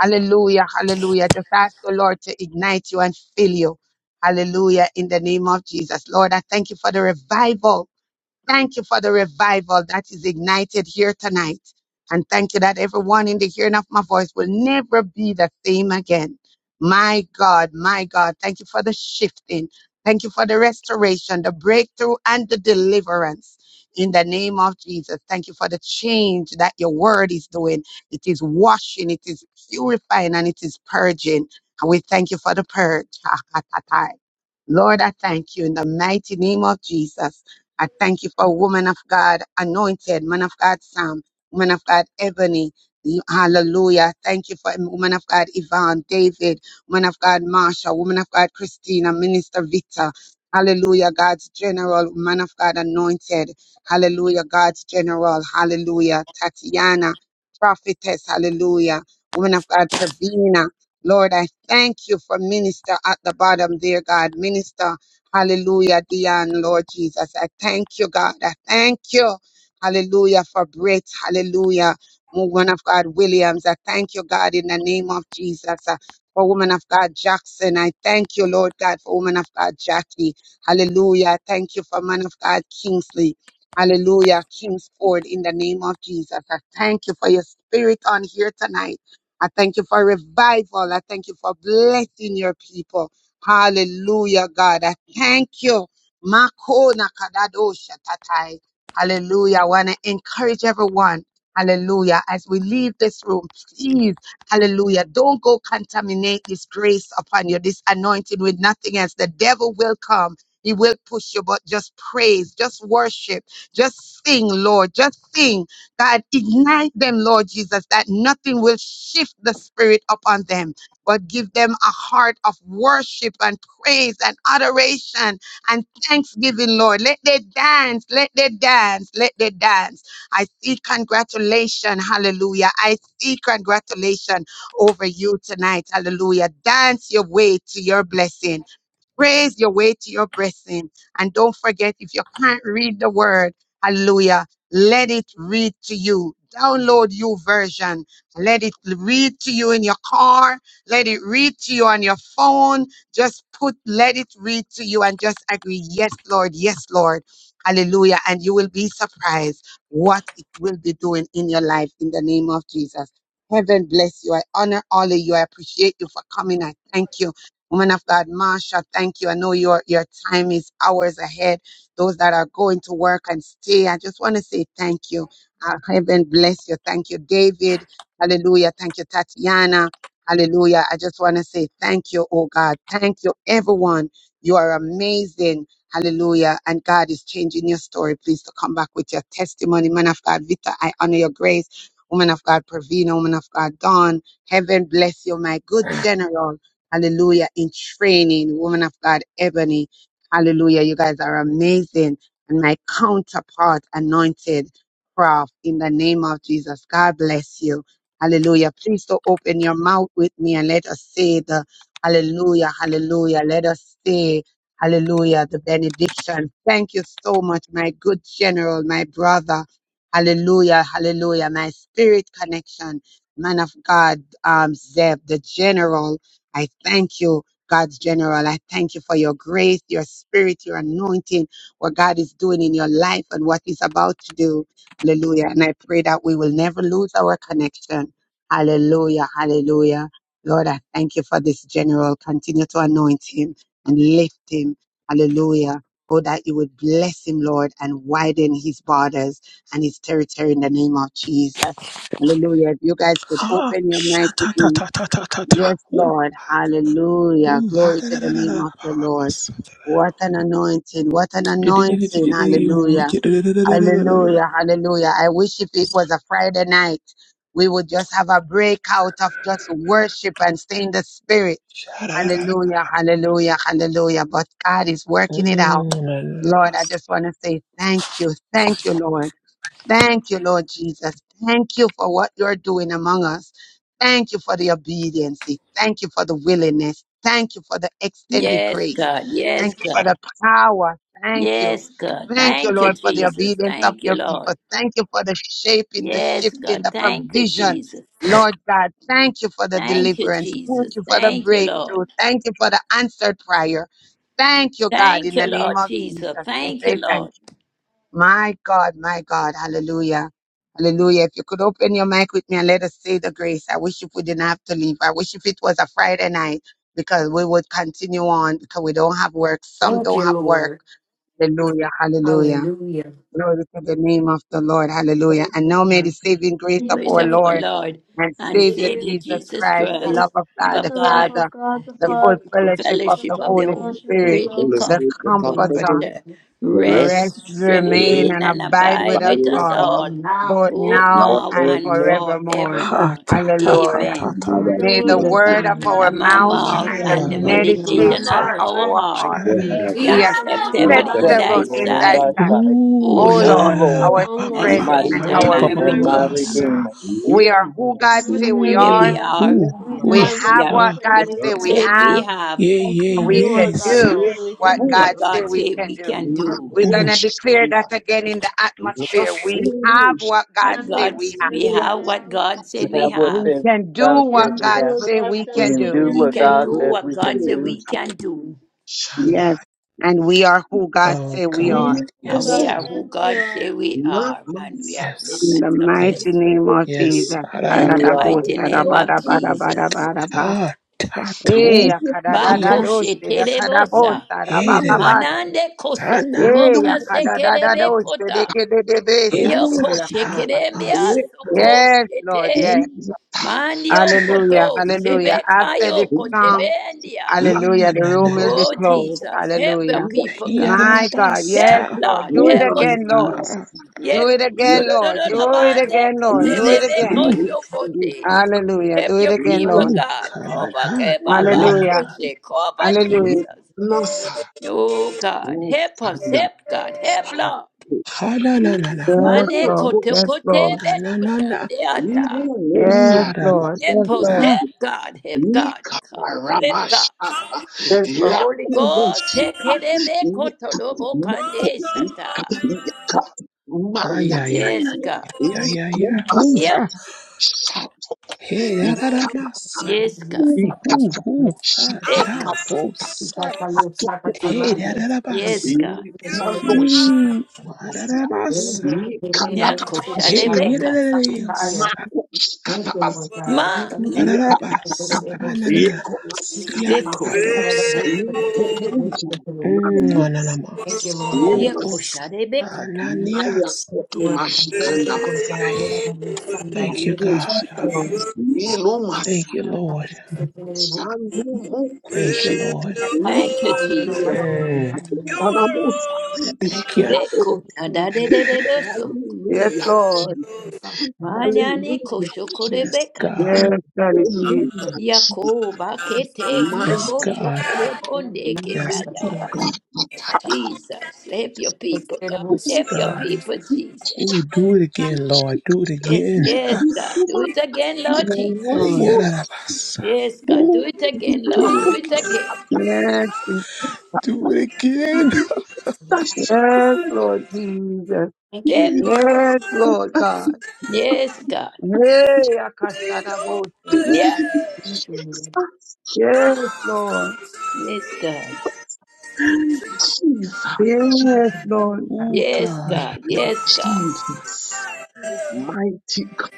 S2: Hallelujah, hallelujah. Just ask the Lord to ignite you and fill you. Hallelujah, in the name of Jesus. Lord, I thank you for the revival Thank you for the revival that is ignited here tonight. And thank you that everyone in the hearing of my voice will never be the same again. My God, my God, thank you for the shifting. Thank you for the restoration, the breakthrough, and the deliverance. In the name of Jesus, thank you for the change that your word is doing. It is washing, it is purifying, and it is purging. And we thank you for the purge. Lord, I thank you in the mighty name of Jesus. I thank you for woman of God, anointed, man of God, Sam, woman of God, Ebony. Hallelujah. Thank you for woman of God, Yvonne, David, woman of God, Marsha, woman of God, Christina, Minister Victor. Hallelujah, God's general, man of God, anointed. Hallelujah, God's general. Hallelujah, Tatiana, prophetess. Hallelujah, woman of God, Pravina. Lord, I thank you for minister at the bottom, dear God, minister. Hallelujah, Dion, Lord Jesus. I thank you, God. I thank you. Hallelujah for Brit. Hallelujah. Woman of God, Williams. I thank you, God, in the name of Jesus. Uh, For woman of God, Jackson. I thank you, Lord God, for woman of God, Jackie. Hallelujah. I Thank you for man of God, Kingsley. Hallelujah. Kingsport, in the name of Jesus. I thank you for your spirit on here tonight. I thank you for revival. I thank you for blessing your people. Hallelujah, God. I thank you. Makona kadadosha tatai. Hallelujah. I want to encourage everyone. Hallelujah. As we leave this room, please, hallelujah, don't go contaminate this grace upon you, this anointing with nothing else. The devil will come. He will push you, but just praise, just worship, just sing, Lord, just sing. God, ignite them, Lord Jesus, that nothing will shift the spirit upon them but give them a heart of worship and praise and adoration and thanksgiving, Lord. Let they dance, let they dance, let they dance. I see congratulation, hallelujah. I see congratulation over you tonight, hallelujah. Dance your way to your blessing. Praise your way to your blessing. And don't forget, if you can't read the word, hallelujah, let it read to you. Download you version. Let it read to you in your car. Let it read to you on your phone. Just put, let it read to you and just agree. Yes, Lord. Yes, Lord. Hallelujah. And you will be surprised what it will be doing in your life in the name of Jesus. Heaven bless you. I honor all of you. I appreciate you for coming. I thank you. Woman of God, Marsha, thank you. I know your your time is hours ahead. Those that are going to work and stay, I just want to say thank you. Uh, heaven bless you. Thank you, David. Hallelujah. Thank you, Tatiana. Hallelujah. I just want to say thank you, oh God. Thank you, everyone. You are amazing. Hallelujah. And God is changing your story. Please to come back with your testimony. Man of God, Vita, I honor your grace. Woman of God, Pravina. Woman of God, Dawn. Heaven bless you, my good general. Hallelujah. In training, woman of God, Ebony. Hallelujah. You guys are amazing. And my counterpart, anointed Prof, in the name of Jesus. God bless you. Hallelujah. Please do open your mouth with me and let us say the hallelujah, hallelujah. Let us say hallelujah, the benediction. Thank you so much, my good general, my brother. Hallelujah, hallelujah. My spirit connection, man of God, um, Zeb, the general. I thank you, God's general. I thank you for your grace, your spirit, your anointing, what God is doing in your life and what he's about to do. Hallelujah. And I pray that we will never lose our connection. Hallelujah. Hallelujah. Lord, I thank you for this general. Continue to anoint him and lift him. Hallelujah. Oh, that you would bless him, Lord, and widen his borders and his territory in the name of Jesus. Hallelujah. If you guys could
S15: Ha,
S2: open your
S15: sha,
S2: mic with
S15: ta, ta,
S2: me.
S15: ta, ta, ta, ta, ta.
S2: Yes,
S15: Ooh,
S2: Lord. Hallelujah.
S15: ooh, ha,
S2: Glory
S15: da,
S2: to
S15: da,
S2: the
S15: da, da, da,
S2: name of
S15: ba, ba,
S2: the
S15: ba, ba,
S2: Lord.
S15: sa, ta, da.
S2: What an anointing. What an
S15: Di, di, di, di, di,
S2: anointing.
S15: di, ooh,
S2: Hallelujah.
S15: ya, da, da, da, da, da, da, da, da, da.
S2: Hallelujah. Hallelujah. I wish if it was a Friday night, we would just have a breakout of just worship and stay in the spirit.
S15: Sha, da, da, da, da.
S2: Hallelujah. Hallelujah. Hallelujah. But God is working it out.
S15: Mm, na, na, na,
S2: Lord,
S15: na,
S2: I just want to say thank you. Thank you, Lord. Thank you, Lord Jesus. Thank you for what you're doing among us. Thank you for the obedience. Thank you for the willingness. Thank you for the extended
S5: Yes,
S2: grace.
S5: God. Yes,
S2: Thank you for
S5: God.
S2: the power. Thank you.
S5: Yes, God.
S2: Thank you,
S5: Thank you,
S2: Lord, for the
S5: Jesus.
S2: obedience of
S5: Thank you,
S2: your people.
S5: Lord.
S2: Thank you for the shaping, the
S5: Yes,
S2: shifting,
S5: God.
S2: the
S5: Thank you,
S2: provision.
S5: Jesus.
S2: Lord God, thank you for the
S5: Thank you,
S2: deliverance.
S5: Jesus.
S2: Thank you for the
S5: Thank you, Lord.
S2: breakthrough. Thank you for the answered prayer. Thank you, God, in
S5: Thank
S2: the
S5: you,
S2: name
S5: Lord
S2: of
S5: Jesus.
S2: Jesus. We
S5: Thank
S2: say
S5: you,
S2: thank you.
S5: Lord.
S2: My God, my God, hallelujah. Hallelujah. If you could open your mic with me and let us say the grace. I wish if we didn't have to leave. I wish if it was a Friday night because we would continue on because we don't have work. Some
S12: Thank
S2: don't
S12: you,
S2: have work.
S12: Lord.
S2: Hallelujah. Hallelujah.
S12: Hallelujah.
S2: Glory to the name of the Lord. Hallelujah.
S12: Thank
S2: And now
S12: you,
S2: may the
S12: God.
S2: saving grace of
S3: Saving
S5: Grace
S2: our
S5: of
S3: grace
S5: our
S2: Lord
S5: Lord
S2: and
S3: of the
S5: and
S2: Savior
S3: Savior,
S5: Savior
S2: Jesus
S3: Jesus
S5: Jesus
S2: Christ, the love
S3: Christ,
S5: Christ,
S2: of God
S5: love
S2: the
S5: of
S3: the love
S5: God,
S3: of
S2: Father,
S3: God the
S2: the
S5: the
S2: full
S3: Father,
S5: full
S2: fellowship of
S3: the
S2: the
S5: fellowship of
S3: full
S5: the
S2: Holy
S5: Holy
S3: fellowship
S12: Yes,
S3: of
S2: Spirit,
S5: Spirit,
S3: the
S5: the
S3: Holy
S2: the
S5: comfort
S7: Spirit, the
S5: and
S2: comforter
S7: comforter,
S5: comforter,
S7: the rest,
S2: rest,
S5: rest,
S7: the
S2: remain,
S7: Lord.
S5: remain,
S2: and
S5: and
S2: abide
S7: can buy
S2: with
S5: abide
S7: it
S2: us
S5: with
S7: with us
S5: us
S2: all,
S7: all.
S5: all,
S12: Now.
S2: both
S7: It's
S5: both
S7: not
S2: now
S7: our
S5: now
S2: and
S7: prayer
S5: and
S7: anymore.
S2: forevermore.
S15: Ha
S5: forevermore.
S15: ta ta ta
S2: Hallelujah.
S7: And
S15: ta
S5: Amen.
S7: now
S15: ta.
S3: Spirit,
S7: that
S3: the
S2: May
S7: you
S2: the
S7: will
S3: word
S12: Jesus,
S3: of
S2: word
S3: our
S2: of our
S5: The
S3: mouth
S2: mouth
S3: and the
S15: Ha
S12: you
S5: mouth
S15: ra,
S2: and
S15: ra,
S2: the
S15: ra,
S5: and
S15: ra,
S5: the
S7: the
S15: ba ba ba
S12: person
S15: ba.
S12: of
S3: meditation
S7: legacy,
S12: our
S3: of
S5: meditation
S2: meditation
S3: our
S5: of
S15: Cha
S12: heart,
S2: of
S5: our
S3: heart
S2: our
S15: cha
S5: heart
S15: ra,
S2: heart
S7: will
S15: ra, ra,
S12: you
S3: be
S15: ra.
S7: have
S15: ba ba
S5: be
S15: ba.
S12: Jesus.
S2: be
S3: acceptable
S7: the
S3: in
S5: acceptable
S12: Power.
S7: effect
S5: in
S3: my
S7: of
S5: thy
S2: acceptable
S7: the
S16: Acceptable
S2: in
S3: sight.
S16: in
S2: thy
S5: sight,
S16: thy
S7: innocent
S5: O,
S2: sight.
S16: sight,
S5: o
S15: Ooh
S2: O
S7: wish.
S16: O
S15: ya ra,
S5: Lord,
S15: ra,
S2: Lord,
S15: ra,
S16: Lord.
S15: ba
S2: our
S3: O
S15: ba
S5: my
S15: ba
S7: We
S15: ba.
S3: Lord,
S2: strength
S16: my
S3: our
S7: can
S5: strength
S2: and
S15: Sa
S7: know
S5: and
S15: ta
S16: strength
S3: strength
S2: our
S15: ba
S5: my
S7: this.
S3: and
S15: ba ba
S3: our
S16: and
S15: ba
S2: redeemer.
S16: my
S15: ba
S5: redeemer.
S3: Redeemer,
S15: sa.
S16: redeemer.
S7: We
S2: We are
S7: are
S2: who God
S7: must.
S3: you
S2: say we
S3: say
S5: Here
S3: we
S2: are.
S5: we
S15: Ooh
S3: are,
S5: are
S7: We
S15: ooh
S3: we
S7: are
S2: We
S15: ooh.
S3: have what
S2: have
S5: Yeah.
S3: God
S2: what
S15: Ah
S3: says
S2: God
S5: But
S3: we
S7: are
S2: say we
S3: have,
S7: all
S5: said we
S2: have
S7: good.
S5: have
S15: yeah
S3: we can
S2: we
S3: do
S15: yeah
S3: what
S2: can
S3: God
S15: yes.
S2: do
S7: We
S3: says we
S7: are
S2: what
S3: can
S7: good.
S2: God
S5: what
S3: do.
S2: said
S5: God
S2: we
S5: said
S2: can
S5: we
S2: do.
S5: can
S7: Not
S5: do.
S2: We're going
S15: Mm.
S2: to
S7: push.
S2: declare that again in the
S7: Not
S2: atmosphere. We have
S7: push.
S2: what God
S5: What
S3: Have
S2: said
S3: what
S5: God
S3: God
S2: we have.
S3: says
S5: we
S7: We are
S3: we
S5: have what
S3: have,
S5: God
S7: happy.
S16: We
S5: said we
S16: have what
S2: We
S5: have.
S16: says
S2: can do
S16: God
S3: we
S16: says
S2: what
S3: can
S16: we
S2: God
S3: do
S16: have.
S3: what
S2: said
S3: God
S2: we
S16: We
S3: says
S2: can
S16: can
S3: we
S2: do.
S16: do
S5: We
S3: can
S16: what
S5: can
S16: God
S5: do
S3: do,
S16: says
S5: what
S16: we
S5: God
S16: can
S5: said
S16: do,
S5: we can do.
S7: Shanda.
S2: Yes. And we are who God
S15: Oh
S2: said
S3: and
S2: we
S3: we are
S2: are.
S15: God
S7: We are
S3: who
S5: Now we
S15: yes
S3: God
S7: good.
S5: are
S15: sir.
S3: says
S5: who
S3: we
S5: God
S3: are.
S5: said we
S7: Not
S5: are, and we are blessed
S2: In
S15: yes
S2: the
S5: and
S15: yes
S2: mighty
S5: successful.
S2: name of
S15: yes.
S7: must.
S2: Jesus.
S15: Ha ra,
S16: and
S15: ra,
S5: In the
S16: we
S15: ba
S16: are.
S5: mighty
S2: Kadadabosa,
S15: ta
S5: name
S15: ba.
S5: of Jesus.
S2: dabadabadabadabadaba.
S15: Ha ta ta
S2: Eh,
S15: oh
S7: Leave
S15: dear.
S5: Makoshe
S2: yakadadadadoshe, dakadabosa,
S5: terebosa.
S15: Hey ra, ra, ba.
S2: dabababase.
S5: Manande koso
S15: Sana.
S2: Eh,
S5: koboka sekerebe
S2: yakadadadadoshe,
S5: kota.
S2: dekededebesa,
S15: It's
S2: ndobo
S5: Yoko
S15: a
S2: yakadaba.
S5: shekeremia
S15: ta.
S5: soko
S2: Yes, Lord. Yes.
S5: shete. Mandi
S2: Hallelujah.
S5: okoto
S2: Hallelujah.
S5: sebeka
S2: After this
S5: yoko
S2: song,
S5: shebendia.
S15: Ha
S2: hallelujah,
S15: na
S2: the
S15: na
S2: room
S15: na
S2: will
S15: na.
S2: be
S5: Oh
S2: closed.
S5: Jesus, help your
S2: Hallelujah.
S5: people, God.
S2: My God.
S5: Help
S2: Yes,
S15: Yarabasa.
S2: Lord.
S5: Lord,
S2: Do it
S15: Ooh,
S5: help us,
S2: again,
S5: God.
S2: Lord.
S15: ha.
S2: Do it
S5: Yeko
S2: again, Lord.
S5: shorororo
S2: Do it
S5: mande
S2: again, Lord.
S15: Ooh,
S5: kete
S2: Do it
S7: Yes,
S5: debeko
S2: again.
S15: ooh,
S5: shokote.
S2: Hallelujah.
S5: Help
S2: Do it
S5: your
S2: again,
S5: people,
S2: Lord.
S7: Yes,
S15: ooh,
S5: God.
S15: God.
S5: Cover
S15: Ha
S5: eh,
S15: na na
S5: Baba
S15: na.
S2: Hallelujah.
S7: yes,
S15: ba.
S5: Koshe. Cover
S2: Hallelujah.
S7: yes.
S5: Jesus. Oh God, help us, help God, help Lord.
S15: Ha na na na na. ma.
S2: Yes,
S5: Mane
S2: Lord.
S5: kote
S2: Yes,
S5: kote
S2: Lord.
S15: Na
S5: be
S15: na na na.
S5: koshande ata.
S15: Ooh,
S2: Yes,
S15: da da ba.
S2: Lord.
S5: Hip,
S2: Yes,
S5: post, hip,
S2: Lord.
S15: Ah,
S5: God, hip, God, come, hip, God.
S7: Ikaramasaka,
S2: Yes,
S5: Holy Ghost,
S7: yakubusi,
S5: hip, hip, hip, hip,
S7: ika,
S5: kotolobo,
S7: nako,
S5: kande, sata.
S7: ika, yaka,
S15: ha
S7: manda,
S15: ya ya ya
S5: Yes, God.
S15: ya ya ya. Ooh,
S7: ikumasa,
S5: Yep.
S15: ha.
S7: shatu,
S15: Hey, da da da
S7: ika,
S15: masa.
S5: Yes,
S12: You
S5: God.
S15: Ooh,
S7: ika,
S12: suffer
S15: ooh,
S12: from
S15: ooh,
S12: this.
S15: ha
S7: shaka,
S15: da
S5: Eka.
S7: masa,
S12: You got
S15: bosa.
S12: the Lord,
S7: atuku,
S12: suffer to
S7: ika,
S15: Hey,
S12: learn.
S15: da da
S12: You
S15: da
S12: got the
S5: Yes,
S12: Lord,
S15: basa.
S5: God.
S12: you got the
S7: ikando,
S12: Lord,
S7: shika,
S15: Ooh,
S12: yes.
S15: ha da da
S7: masia,
S12: Then
S15: masa.
S12: they can get in,
S7: ikanda,
S12: but
S5: Nyako
S7: tata,
S12: they don't have
S7: shika,
S12: a
S15: Hey, da da
S12: good
S15: da
S5: shadebekata.
S12: suffer
S15: da.
S12: fire.
S7: mako, shika,
S12: Thank you,
S7: tabasa,
S12: Lord God.
S5: Ma.
S12: Thank
S7: iya,
S12: you, That's what
S7: batata,
S15: Dararabas,
S12: they will see.
S15: ananamas,
S7: ikomasi,
S12: They
S5: Eko.
S12: have a
S15: yatabosa,
S12: good
S7: Yes.
S12: suffer fire. Thank you,
S15: unanamas,
S12: Lord.
S5: Nyako
S7: Yes.
S15: kobos,
S5: shadebekata.
S7: Maya
S15: ananias.
S12: Thank you,
S7: koto
S12: Lord God. Thank
S7: mashikanda
S12: you, Lord
S7: masa.
S1: Thank
S12: God. Lord, I have a son that I
S15: Thank
S12: will
S15: you,
S12: use.
S15: God.
S7: Samushiki.
S2: Lord.
S7: Nilo masa.
S15: Thank you,
S12: That's how you
S15: Lord.
S7: Shandu
S15: Thank you,
S7: mukushe.
S15: Lord.
S5: Thank you,
S12: find you're not
S5: Jesus.
S12: violating the
S15: Mm,
S12: money.
S7: Anamusa.
S15: thank you.
S12: If you take
S5: Eko
S12: the thing, you
S5: tadadededoso.
S2: Yes,
S7: Hallelujah,
S12: have
S2: Lord.
S12: to
S7: Jesus.
S12: do something. If
S5: Manyani
S7: Hallelujah, Jesus.
S15: Yes,
S5: koshokorebekata.
S15: God.
S2: Yes,
S12: you
S2: Daddy Jesus.
S7: Hallelujah, Jesus.
S5: Yako bakete
S15: Yes,
S12: think
S5: hiko
S7: Mighty,
S15: God.
S5: shokoro
S12: you're
S5: bonde
S12: not gonna
S15: Yes,
S12: do
S5: ketaya.
S7: mighty
S15: Lord.
S7: God.
S12: that,
S5: Jesus, help your
S12: that's a
S5: people,
S12: bit of a
S5: God.
S15: Yes,
S12: shit,
S5: Help your
S12: um,
S15: God.
S12: you
S5: people,
S12: see.
S5: Jesus.
S15: Ooh, do it again, Lord. Do it
S5: Yes,
S15: again.
S7: The
S5: yes, God. Do it again, Lord
S2: Yes,
S7: woman
S5: Jesus.
S2: Lord.
S7: almost
S15: Yararabasa.
S5: Yes, God. Do
S15: Ooh,
S5: it again, Lord.
S15: do
S5: Do
S15: it
S5: it
S15: again.
S5: again.
S2: Yes,
S15: Do it again.
S7: that she could
S2: Yes, Lord Jesus.
S12: Thank you.
S5: Yep.
S2: Yes, Lord God.
S5: Yes, God.
S2: Hey, Akashanabose.
S5: Yeah.
S12: Thank you. Lord.
S2: Yes, Lord.
S5: Yes, God.
S7: Jesus,
S2: Yes,
S7: Jesus,
S12: Thank
S2: Lord.
S15: Ooh,
S12: you.
S5: Yes,
S15: God.
S12: Mhm.
S5: God. Yes, God.
S7: Jesus, mighty God.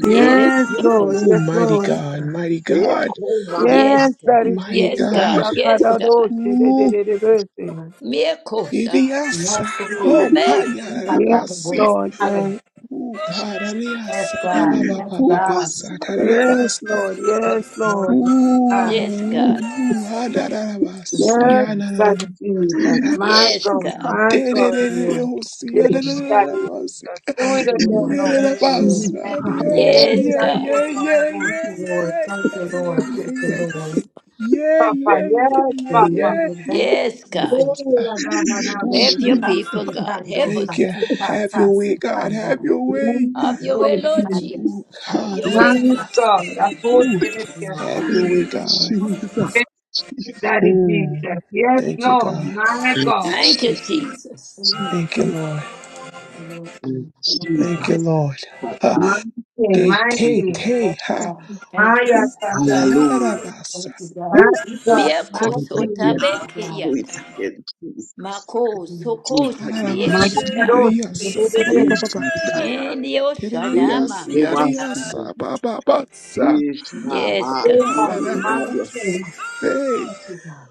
S7: Thomas,
S5: Yes,
S2: Yes,
S5: God.
S2: Lord.
S7: Thomas,
S15: Ooh,
S2: Yes,
S15: mighty
S1: you.
S12: Yes,
S2: Lord.
S15: God,
S12: sir.
S15: mighty God,
S7: Thomas,
S2: Yes,
S5: Yes, God.
S2: Daddy
S15: mighty
S5: Yes,
S2: Jesus.
S15: God.
S5: God. Yes, God.
S2: Akadadoshe de de
S15: Ooh,
S2: de de de.
S12: Lord.
S5: Miracles. ah,
S12: You are
S15: idiasa.
S12: so
S15: Oh,
S12: correct. God.
S5: me-
S12: You have
S2: Yes,
S12: my
S15: hayarabasi.
S12: voice.
S2: Lord.
S12: Higher.
S2: Yes,
S15: Ooh, God,
S12: Yes,
S15: adiasa. Ba, ba,
S12: God.
S15: ba,
S12: Yes,
S15: ba, ba, ba,
S12: God.
S7: Jesus,
S15: sa, da, da, da,
S2: yes,
S15: ba, sa.
S2: Lord. Yes,
S12: Yes,
S2: Lord.
S12: Lord. Yes, God.
S5: Yes, God.
S15: Ooh,
S12: Yes,
S15: hadarabasi.
S2: Yes,
S12: Jesus.
S2: Daddy
S15: Ananamasa.
S2: Jesus. My
S5: Yes,
S2: God.
S12: Lord,
S5: God.
S12: Thank
S2: My
S15: De, de,
S2: God.
S15: de,
S12: you,
S15: de, de,
S12: Lord.
S15: oh, si,
S12: Thank you, Lord.
S2: Yes, Daddy
S15: ananamasi.
S2: Jesus. Do
S12: Thank
S2: it
S12: you,
S15: Yerabasa.
S2: again,
S12: Lord.
S15: Yeah, da,
S2: Lord.
S15: da,
S12: Thank you,
S15: ba,
S12: Lord.
S15: sa,
S12: Thank you,
S15: dia.
S12: Lord.
S15: yeah,
S5: Yes,
S2: Hey,
S5: God.
S15: yeah, yeah,
S2: Akoshanabose.
S12: Thank
S15: yeah,
S12: you, Lord.
S15: yeah,
S12: Thank you,
S15: yeah, yeah, yeah,
S12: Lord.
S15: yeah,
S12: Thank you, Lord.
S2: Papa,
S15: yeah, yeah, yeah,
S2: yes,
S15: yeah,
S2: Papa.
S15: yeah.
S12: Hallelujah. Thank you,
S5: Yes, God.
S2: Oh,
S12: Jesus.
S15: Yes.
S2: la, da da da da
S15: Ooh,
S2: da
S5: Help your
S2: da.
S5: people, God.
S12: Tasikando,
S5: Help us,
S15: thank you.
S5: God.
S12: tasika,
S15: Have your way, God.
S12: tasikanda.
S15: Have your way.
S2: Yes,
S5: Have your way,
S2: Lord
S5: Lord
S2: Jesus.
S12: Wikitaya,
S5: Jesus.
S15: Ooh,
S5: Have
S15: God,
S5: your
S15: I
S5: way,
S15: love
S2: Yes,
S15: my.
S5: God.
S12: tasikanda. Thank
S2: God. I
S12: you.
S2: force
S12: Thank
S15: Ooh,
S2: it at
S12: you,
S15: have
S12: God.
S2: yourself.
S15: your way, God.
S7: Jesus, Jesus,
S2: Yes, Daddy
S15: Mm,
S2: Jesus. Yes,
S15: thank you,
S2: Lord.
S15: God.
S2: My God.
S5: Thank
S7: Jesus,
S5: you,
S7: Jesus.
S5: Jesus.
S12: Thank
S7: Jesus,
S15: Thank you, Lord.
S12: you, God.
S7: in
S12: Thank
S7: Jesus,
S15: Thank you, Lord. Ha,
S2: My
S7: Father.
S2: King,
S15: de
S2: my
S15: te
S7: Jesus.
S2: King.
S15: te ha.
S2: My
S15: Ooh,
S2: Yasata.
S15: ha da da
S7: Hallelujah.
S15: ba
S2: My
S15: Ooh,
S2: God. My
S5: Mieko
S7: Do it again,
S2: King.
S7: Lord.
S5: sotabeke
S7: Do it
S5: yata.
S7: again, Jesus.
S5: Mako
S7: Do
S5: soko
S7: it
S15: ha da da
S7: again,
S15: ba
S2: My
S5: shibieke
S15: sa.
S7: Jesus.
S5: da.
S2: Kadosh. The
S15: Ba
S2: good
S15: ba ba ba
S2: day.
S15: ba ba
S7: Ishandaya.
S5: Ndi
S15: Te da da
S5: oshada
S15: ya sa. Ya
S5: makasha.
S7: Ikubasaya.
S15: Ba ba ba
S5: Yes,
S7: Ishama.
S2: Oh,
S5: God.
S15: Da da
S2: God.
S15: da
S2: My
S15: ba
S7: Ibubayasa.
S2: King.
S12: you, God.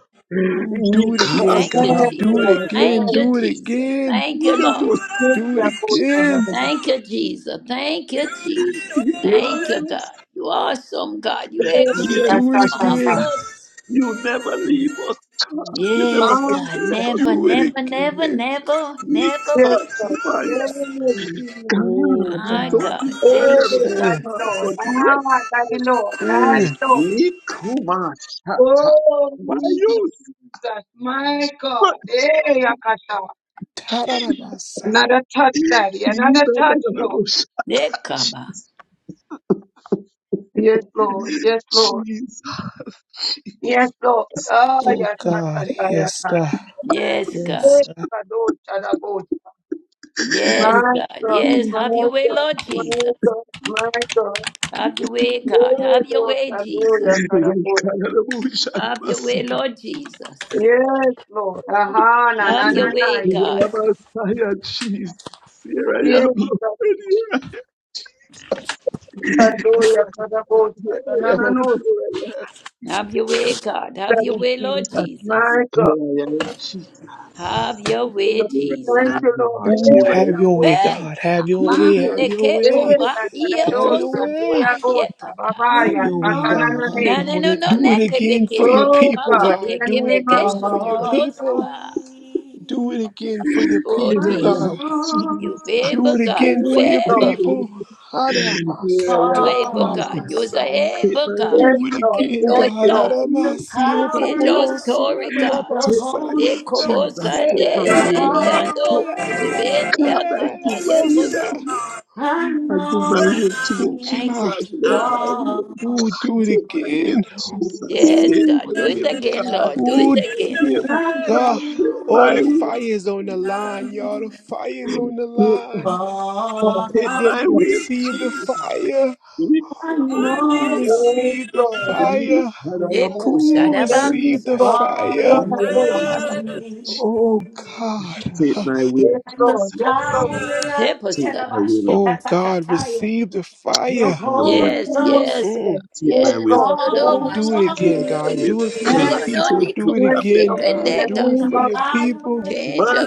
S15: Ooh, do it again,
S5: Thank you,
S2: Yes,
S15: God. Do
S5: Jesus.
S15: it
S7: Ikasabasa.
S2: Lord. Yes.
S5: Thank
S15: again.
S5: you,
S15: Do it
S5: Jesus.
S15: again.
S5: Thank you, Lord.
S7: Inamos.
S2: Yes,
S15: Do it
S2: Lord. Yes, Lord. Yes, Lord.
S15: again.
S5: Thank you, Jesus. Thank you, Jesus.
S2: Yes,
S5: Thank you,
S7: Ikamas.
S5: God. You awesome, God. You
S2: Lord.
S15: Ooh,
S7: Yes,
S5: excellent,
S15: do it
S2: Yes,
S7: Jesus.
S2: Lord.
S15: again.
S5: marvelous.
S7: You never
S12: Thank
S7: leave
S12: you,
S7: us, God.
S12: God.
S7: You
S2: Yes,
S7: never
S5: Yes, God.
S2: Lord.
S7: forsake us.
S5: Never,
S15: Do it
S5: never, never,
S15: again.
S5: never, never
S2: Yes,
S5: will.
S2: Lord.
S7: Jesus.
S2: Yes, Jesus.
S7: God,
S15: Oh,
S7: you
S5: My
S7: don't
S15: God.
S5: God. Thank
S7: deserve
S5: you,
S2: Hey,
S15: Mm,
S2: Daddy
S7: God,
S5: Jesus.
S2: Lord.
S7: but yet,
S2: Ah, Daddy Lord. Daddy
S15: mm.
S2: Lord.
S7: Nikuma Shata.
S2: Oh, we
S7: Why
S2: need you,
S7: you
S2: Jesus. My God.
S7: such
S2: Hey,
S7: Jesus?
S2: Akasha.
S15: Ta-da-da-ba-sa.
S2: Another touch, Daddy. Another touch, Lord.
S5: Nekaba.
S2: Yes, Lord. Yes,
S7: Jesus.
S2: Lord.
S7: Jesus,
S2: Yes, Lord. Ah,
S15: Oh,
S2: yes,
S15: God.
S2: Akasha. Yes,
S15: Yes,
S2: Akasha.
S15: God.
S5: Yes, God.
S15: Yes. God.
S2: Kadosh, Shadagosh.
S5: Yes,
S2: My
S5: God.
S2: God,
S5: Yes,
S7: Jesus,
S2: my
S5: have your way,
S2: God,
S5: Lord
S2: my
S5: Jesus.
S2: God, my God.
S5: Have your way, God.
S2: Hey,
S5: Have your
S2: Lord,
S5: way, Jesus.
S2: Kadosh, Shadagosh.
S7: Jesus,
S5: Have your
S7: Messiah,
S5: way, Lord Jesus.
S2: Yes, Lord. Aha, na
S5: Have
S2: na na
S5: your
S2: na.
S5: way, God.
S7: Jesus. Here I am,
S2: Yes,
S7: Lord.
S2: Lord.
S7: Here
S2: Hallelujah. Kadabosa,
S7: I
S2: na na
S7: am. Here I
S2: na
S7: am.
S2: no.
S5: Have your way, God. Have
S2: That
S5: your
S2: is
S5: way, Lord
S2: Jesus.
S5: Jesus.
S2: My God.
S7: Here I am, Jesus.
S5: Have your
S2: Thank you,
S5: way,
S2: Lord.
S7: Here I
S5: Jesus.
S2: Thank
S7: am,
S2: you, Lord.
S7: Lord.
S15: Ooh,
S7: Here
S2: Eh,
S7: I
S15: have your way,
S2: Kadabosa.
S5: Hey,
S15: God. Have your way.
S5: Mama,
S7: am.
S15: Have your
S5: Eke
S15: way.
S5: Koba,
S2: Eh,
S5: Iye
S15: Have your
S2: Kadadosa.
S5: Koso
S2: Eh,
S15: way.
S5: Koba,
S2: Abosa.
S12: all
S15: Have
S2: Babaya.
S15: your way, God. Have
S5: No,
S2: Atananane.
S15: your
S5: no,
S12: on
S5: no,
S15: way.
S5: no,
S15: Do
S5: ne
S15: it again for your
S5: kebekesho no
S2: Oh
S15: people,
S2: God, in
S5: makote
S15: God.
S2: the
S15: Do it
S2: name of
S15: again
S5: kebekesho
S15: for your
S2: Jesus.
S15: people.
S5: kurorosaba.
S15: Do
S12: me,
S15: it again for your
S5: Oh
S7: Here I
S15: people,
S12: Anointing
S15: God.
S7: am,
S5: Jesus,
S7: Jesus.
S5: you
S15: Do
S5: able
S15: it
S5: God,
S15: again
S5: you
S2: Oh
S15: for your
S2: Lord,
S5: able,
S15: people. Hada
S7: Here I
S5: you
S15: masata
S7: am,
S15: ba
S12: fall
S5: able
S15: ba ba
S12: on
S5: God,
S7: Jesus.
S5: you is
S15: mas.
S12: me.
S5: a
S7: Take
S5: able
S7: my
S5: God.
S7: will,
S15: Do
S5: You
S15: it
S5: can
S15: again,
S5: do it,
S15: God.
S7: take
S2: oh
S5: God.
S7: my
S15: Hada
S12: The
S7: will,
S15: masi
S7: take my
S5: Change
S12: power
S5: your
S7: will,
S12: of
S15: ukupomasi.
S5: story,
S15: Hada
S5: God.
S12: the
S7: take
S15: masa.
S7: my will,
S12: Holy
S5: Ne kobo
S7: Jesus.
S12: Ghost
S15: La
S7: Take
S15: la
S7: my
S5: sande
S15: la
S7: will,
S15: la
S7: Lord.
S15: la
S5: sendiando
S7: Take
S15: la
S7: my will.
S15: la
S12: upon me.
S15: la
S7: God,
S5: kusibendia
S7: I
S15: la la.
S5: tata
S7: give my will to
S15: Masah.
S5: yekoto.
S7: you. I give my
S5: Oh
S7: will to
S5: God,
S7: you,
S15: Ooh,
S12: Anointing
S5: thank you,
S15: God.
S7: Jesus. Take
S5: Jesus.
S7: my
S12: fall
S7: will,
S12: on
S15: Ooh, do it
S7: take my will,
S15: again.
S12: me.
S7: Jesus.
S5: Yes,
S7: Take
S15: Ooh,
S7: my
S5: God, do it
S7: will,
S5: again,
S7: God.
S5: Lord, do
S7: Take
S5: it
S15: ooh,
S7: my
S5: again.
S7: will,
S15: ooh, God.
S7: God. Take
S15: All
S7: my
S15: the
S7: will,
S15: fire's
S7: Jesus.
S15: on the line, y'all. The
S12: Anointing
S15: fire's on the line.
S2: Lord,
S15: I
S7: Take
S15: dare
S7: my
S12: Father,
S15: you to
S2: yes,
S7: will,
S15: receive the
S7: Jesus.
S15: fire.
S12: I
S15: Ooh,
S12: know
S7: Ikobosaya,
S2: yes,
S15: receive the
S2: Lord,
S15: fire.
S5: Ne
S15: Ooh,
S2: yes,
S7: Ikarabosaya,
S15: receive the
S5: kushadabakisha.
S2: Lord, yes,
S15: fire.
S2: Lord,
S12: Father,
S2: yes, Lord,
S7: Iamasaya,
S15: Oh God.
S7: Take my will,
S2: yes,
S12: that the
S2: Lord, yes,
S7: Jesus.
S2: Lord,
S12: power of
S5: Help us,
S7: Take
S5: God.
S7: my will,
S15: Oh
S7: Lord.
S15: God,
S12: Yerabashikatakataya,
S15: receive the
S12: your
S7: Take
S15: fire.
S7: my will.
S12: Holy
S2: Oh
S5: Yes,
S2: Lord.
S5: yes,
S12: Ghost
S15: Mm.
S7: Take
S2: oh
S7: my will,
S5: yes. You
S2: Lord.
S5: don't know
S15: Oh,
S2: oh
S7: Jesus.
S15: do
S12: all
S15: it
S2: Lord.
S7: Take
S12: on
S15: again,
S5: Bashaki.
S7: my
S15: God.
S12: me.
S7: will,
S15: Do it
S5: You
S15: for your
S7: God.
S5: don't
S12: Yes,
S5: know
S15: people.
S7: Take
S12: God.
S15: Do
S7: it,
S5: Nico
S15: it
S7: the
S2: Yes,
S15: again,
S5: Bashaka
S2: Lord.
S7: best
S5: and
S2: In the
S15: God.
S7: will,
S5: that God.
S15: Do
S12: Let
S15: it
S12: the
S2: name
S15: for
S2: of
S15: your
S7: Jesus.
S15: people.
S2: Jesus.
S12: power of
S5: Change a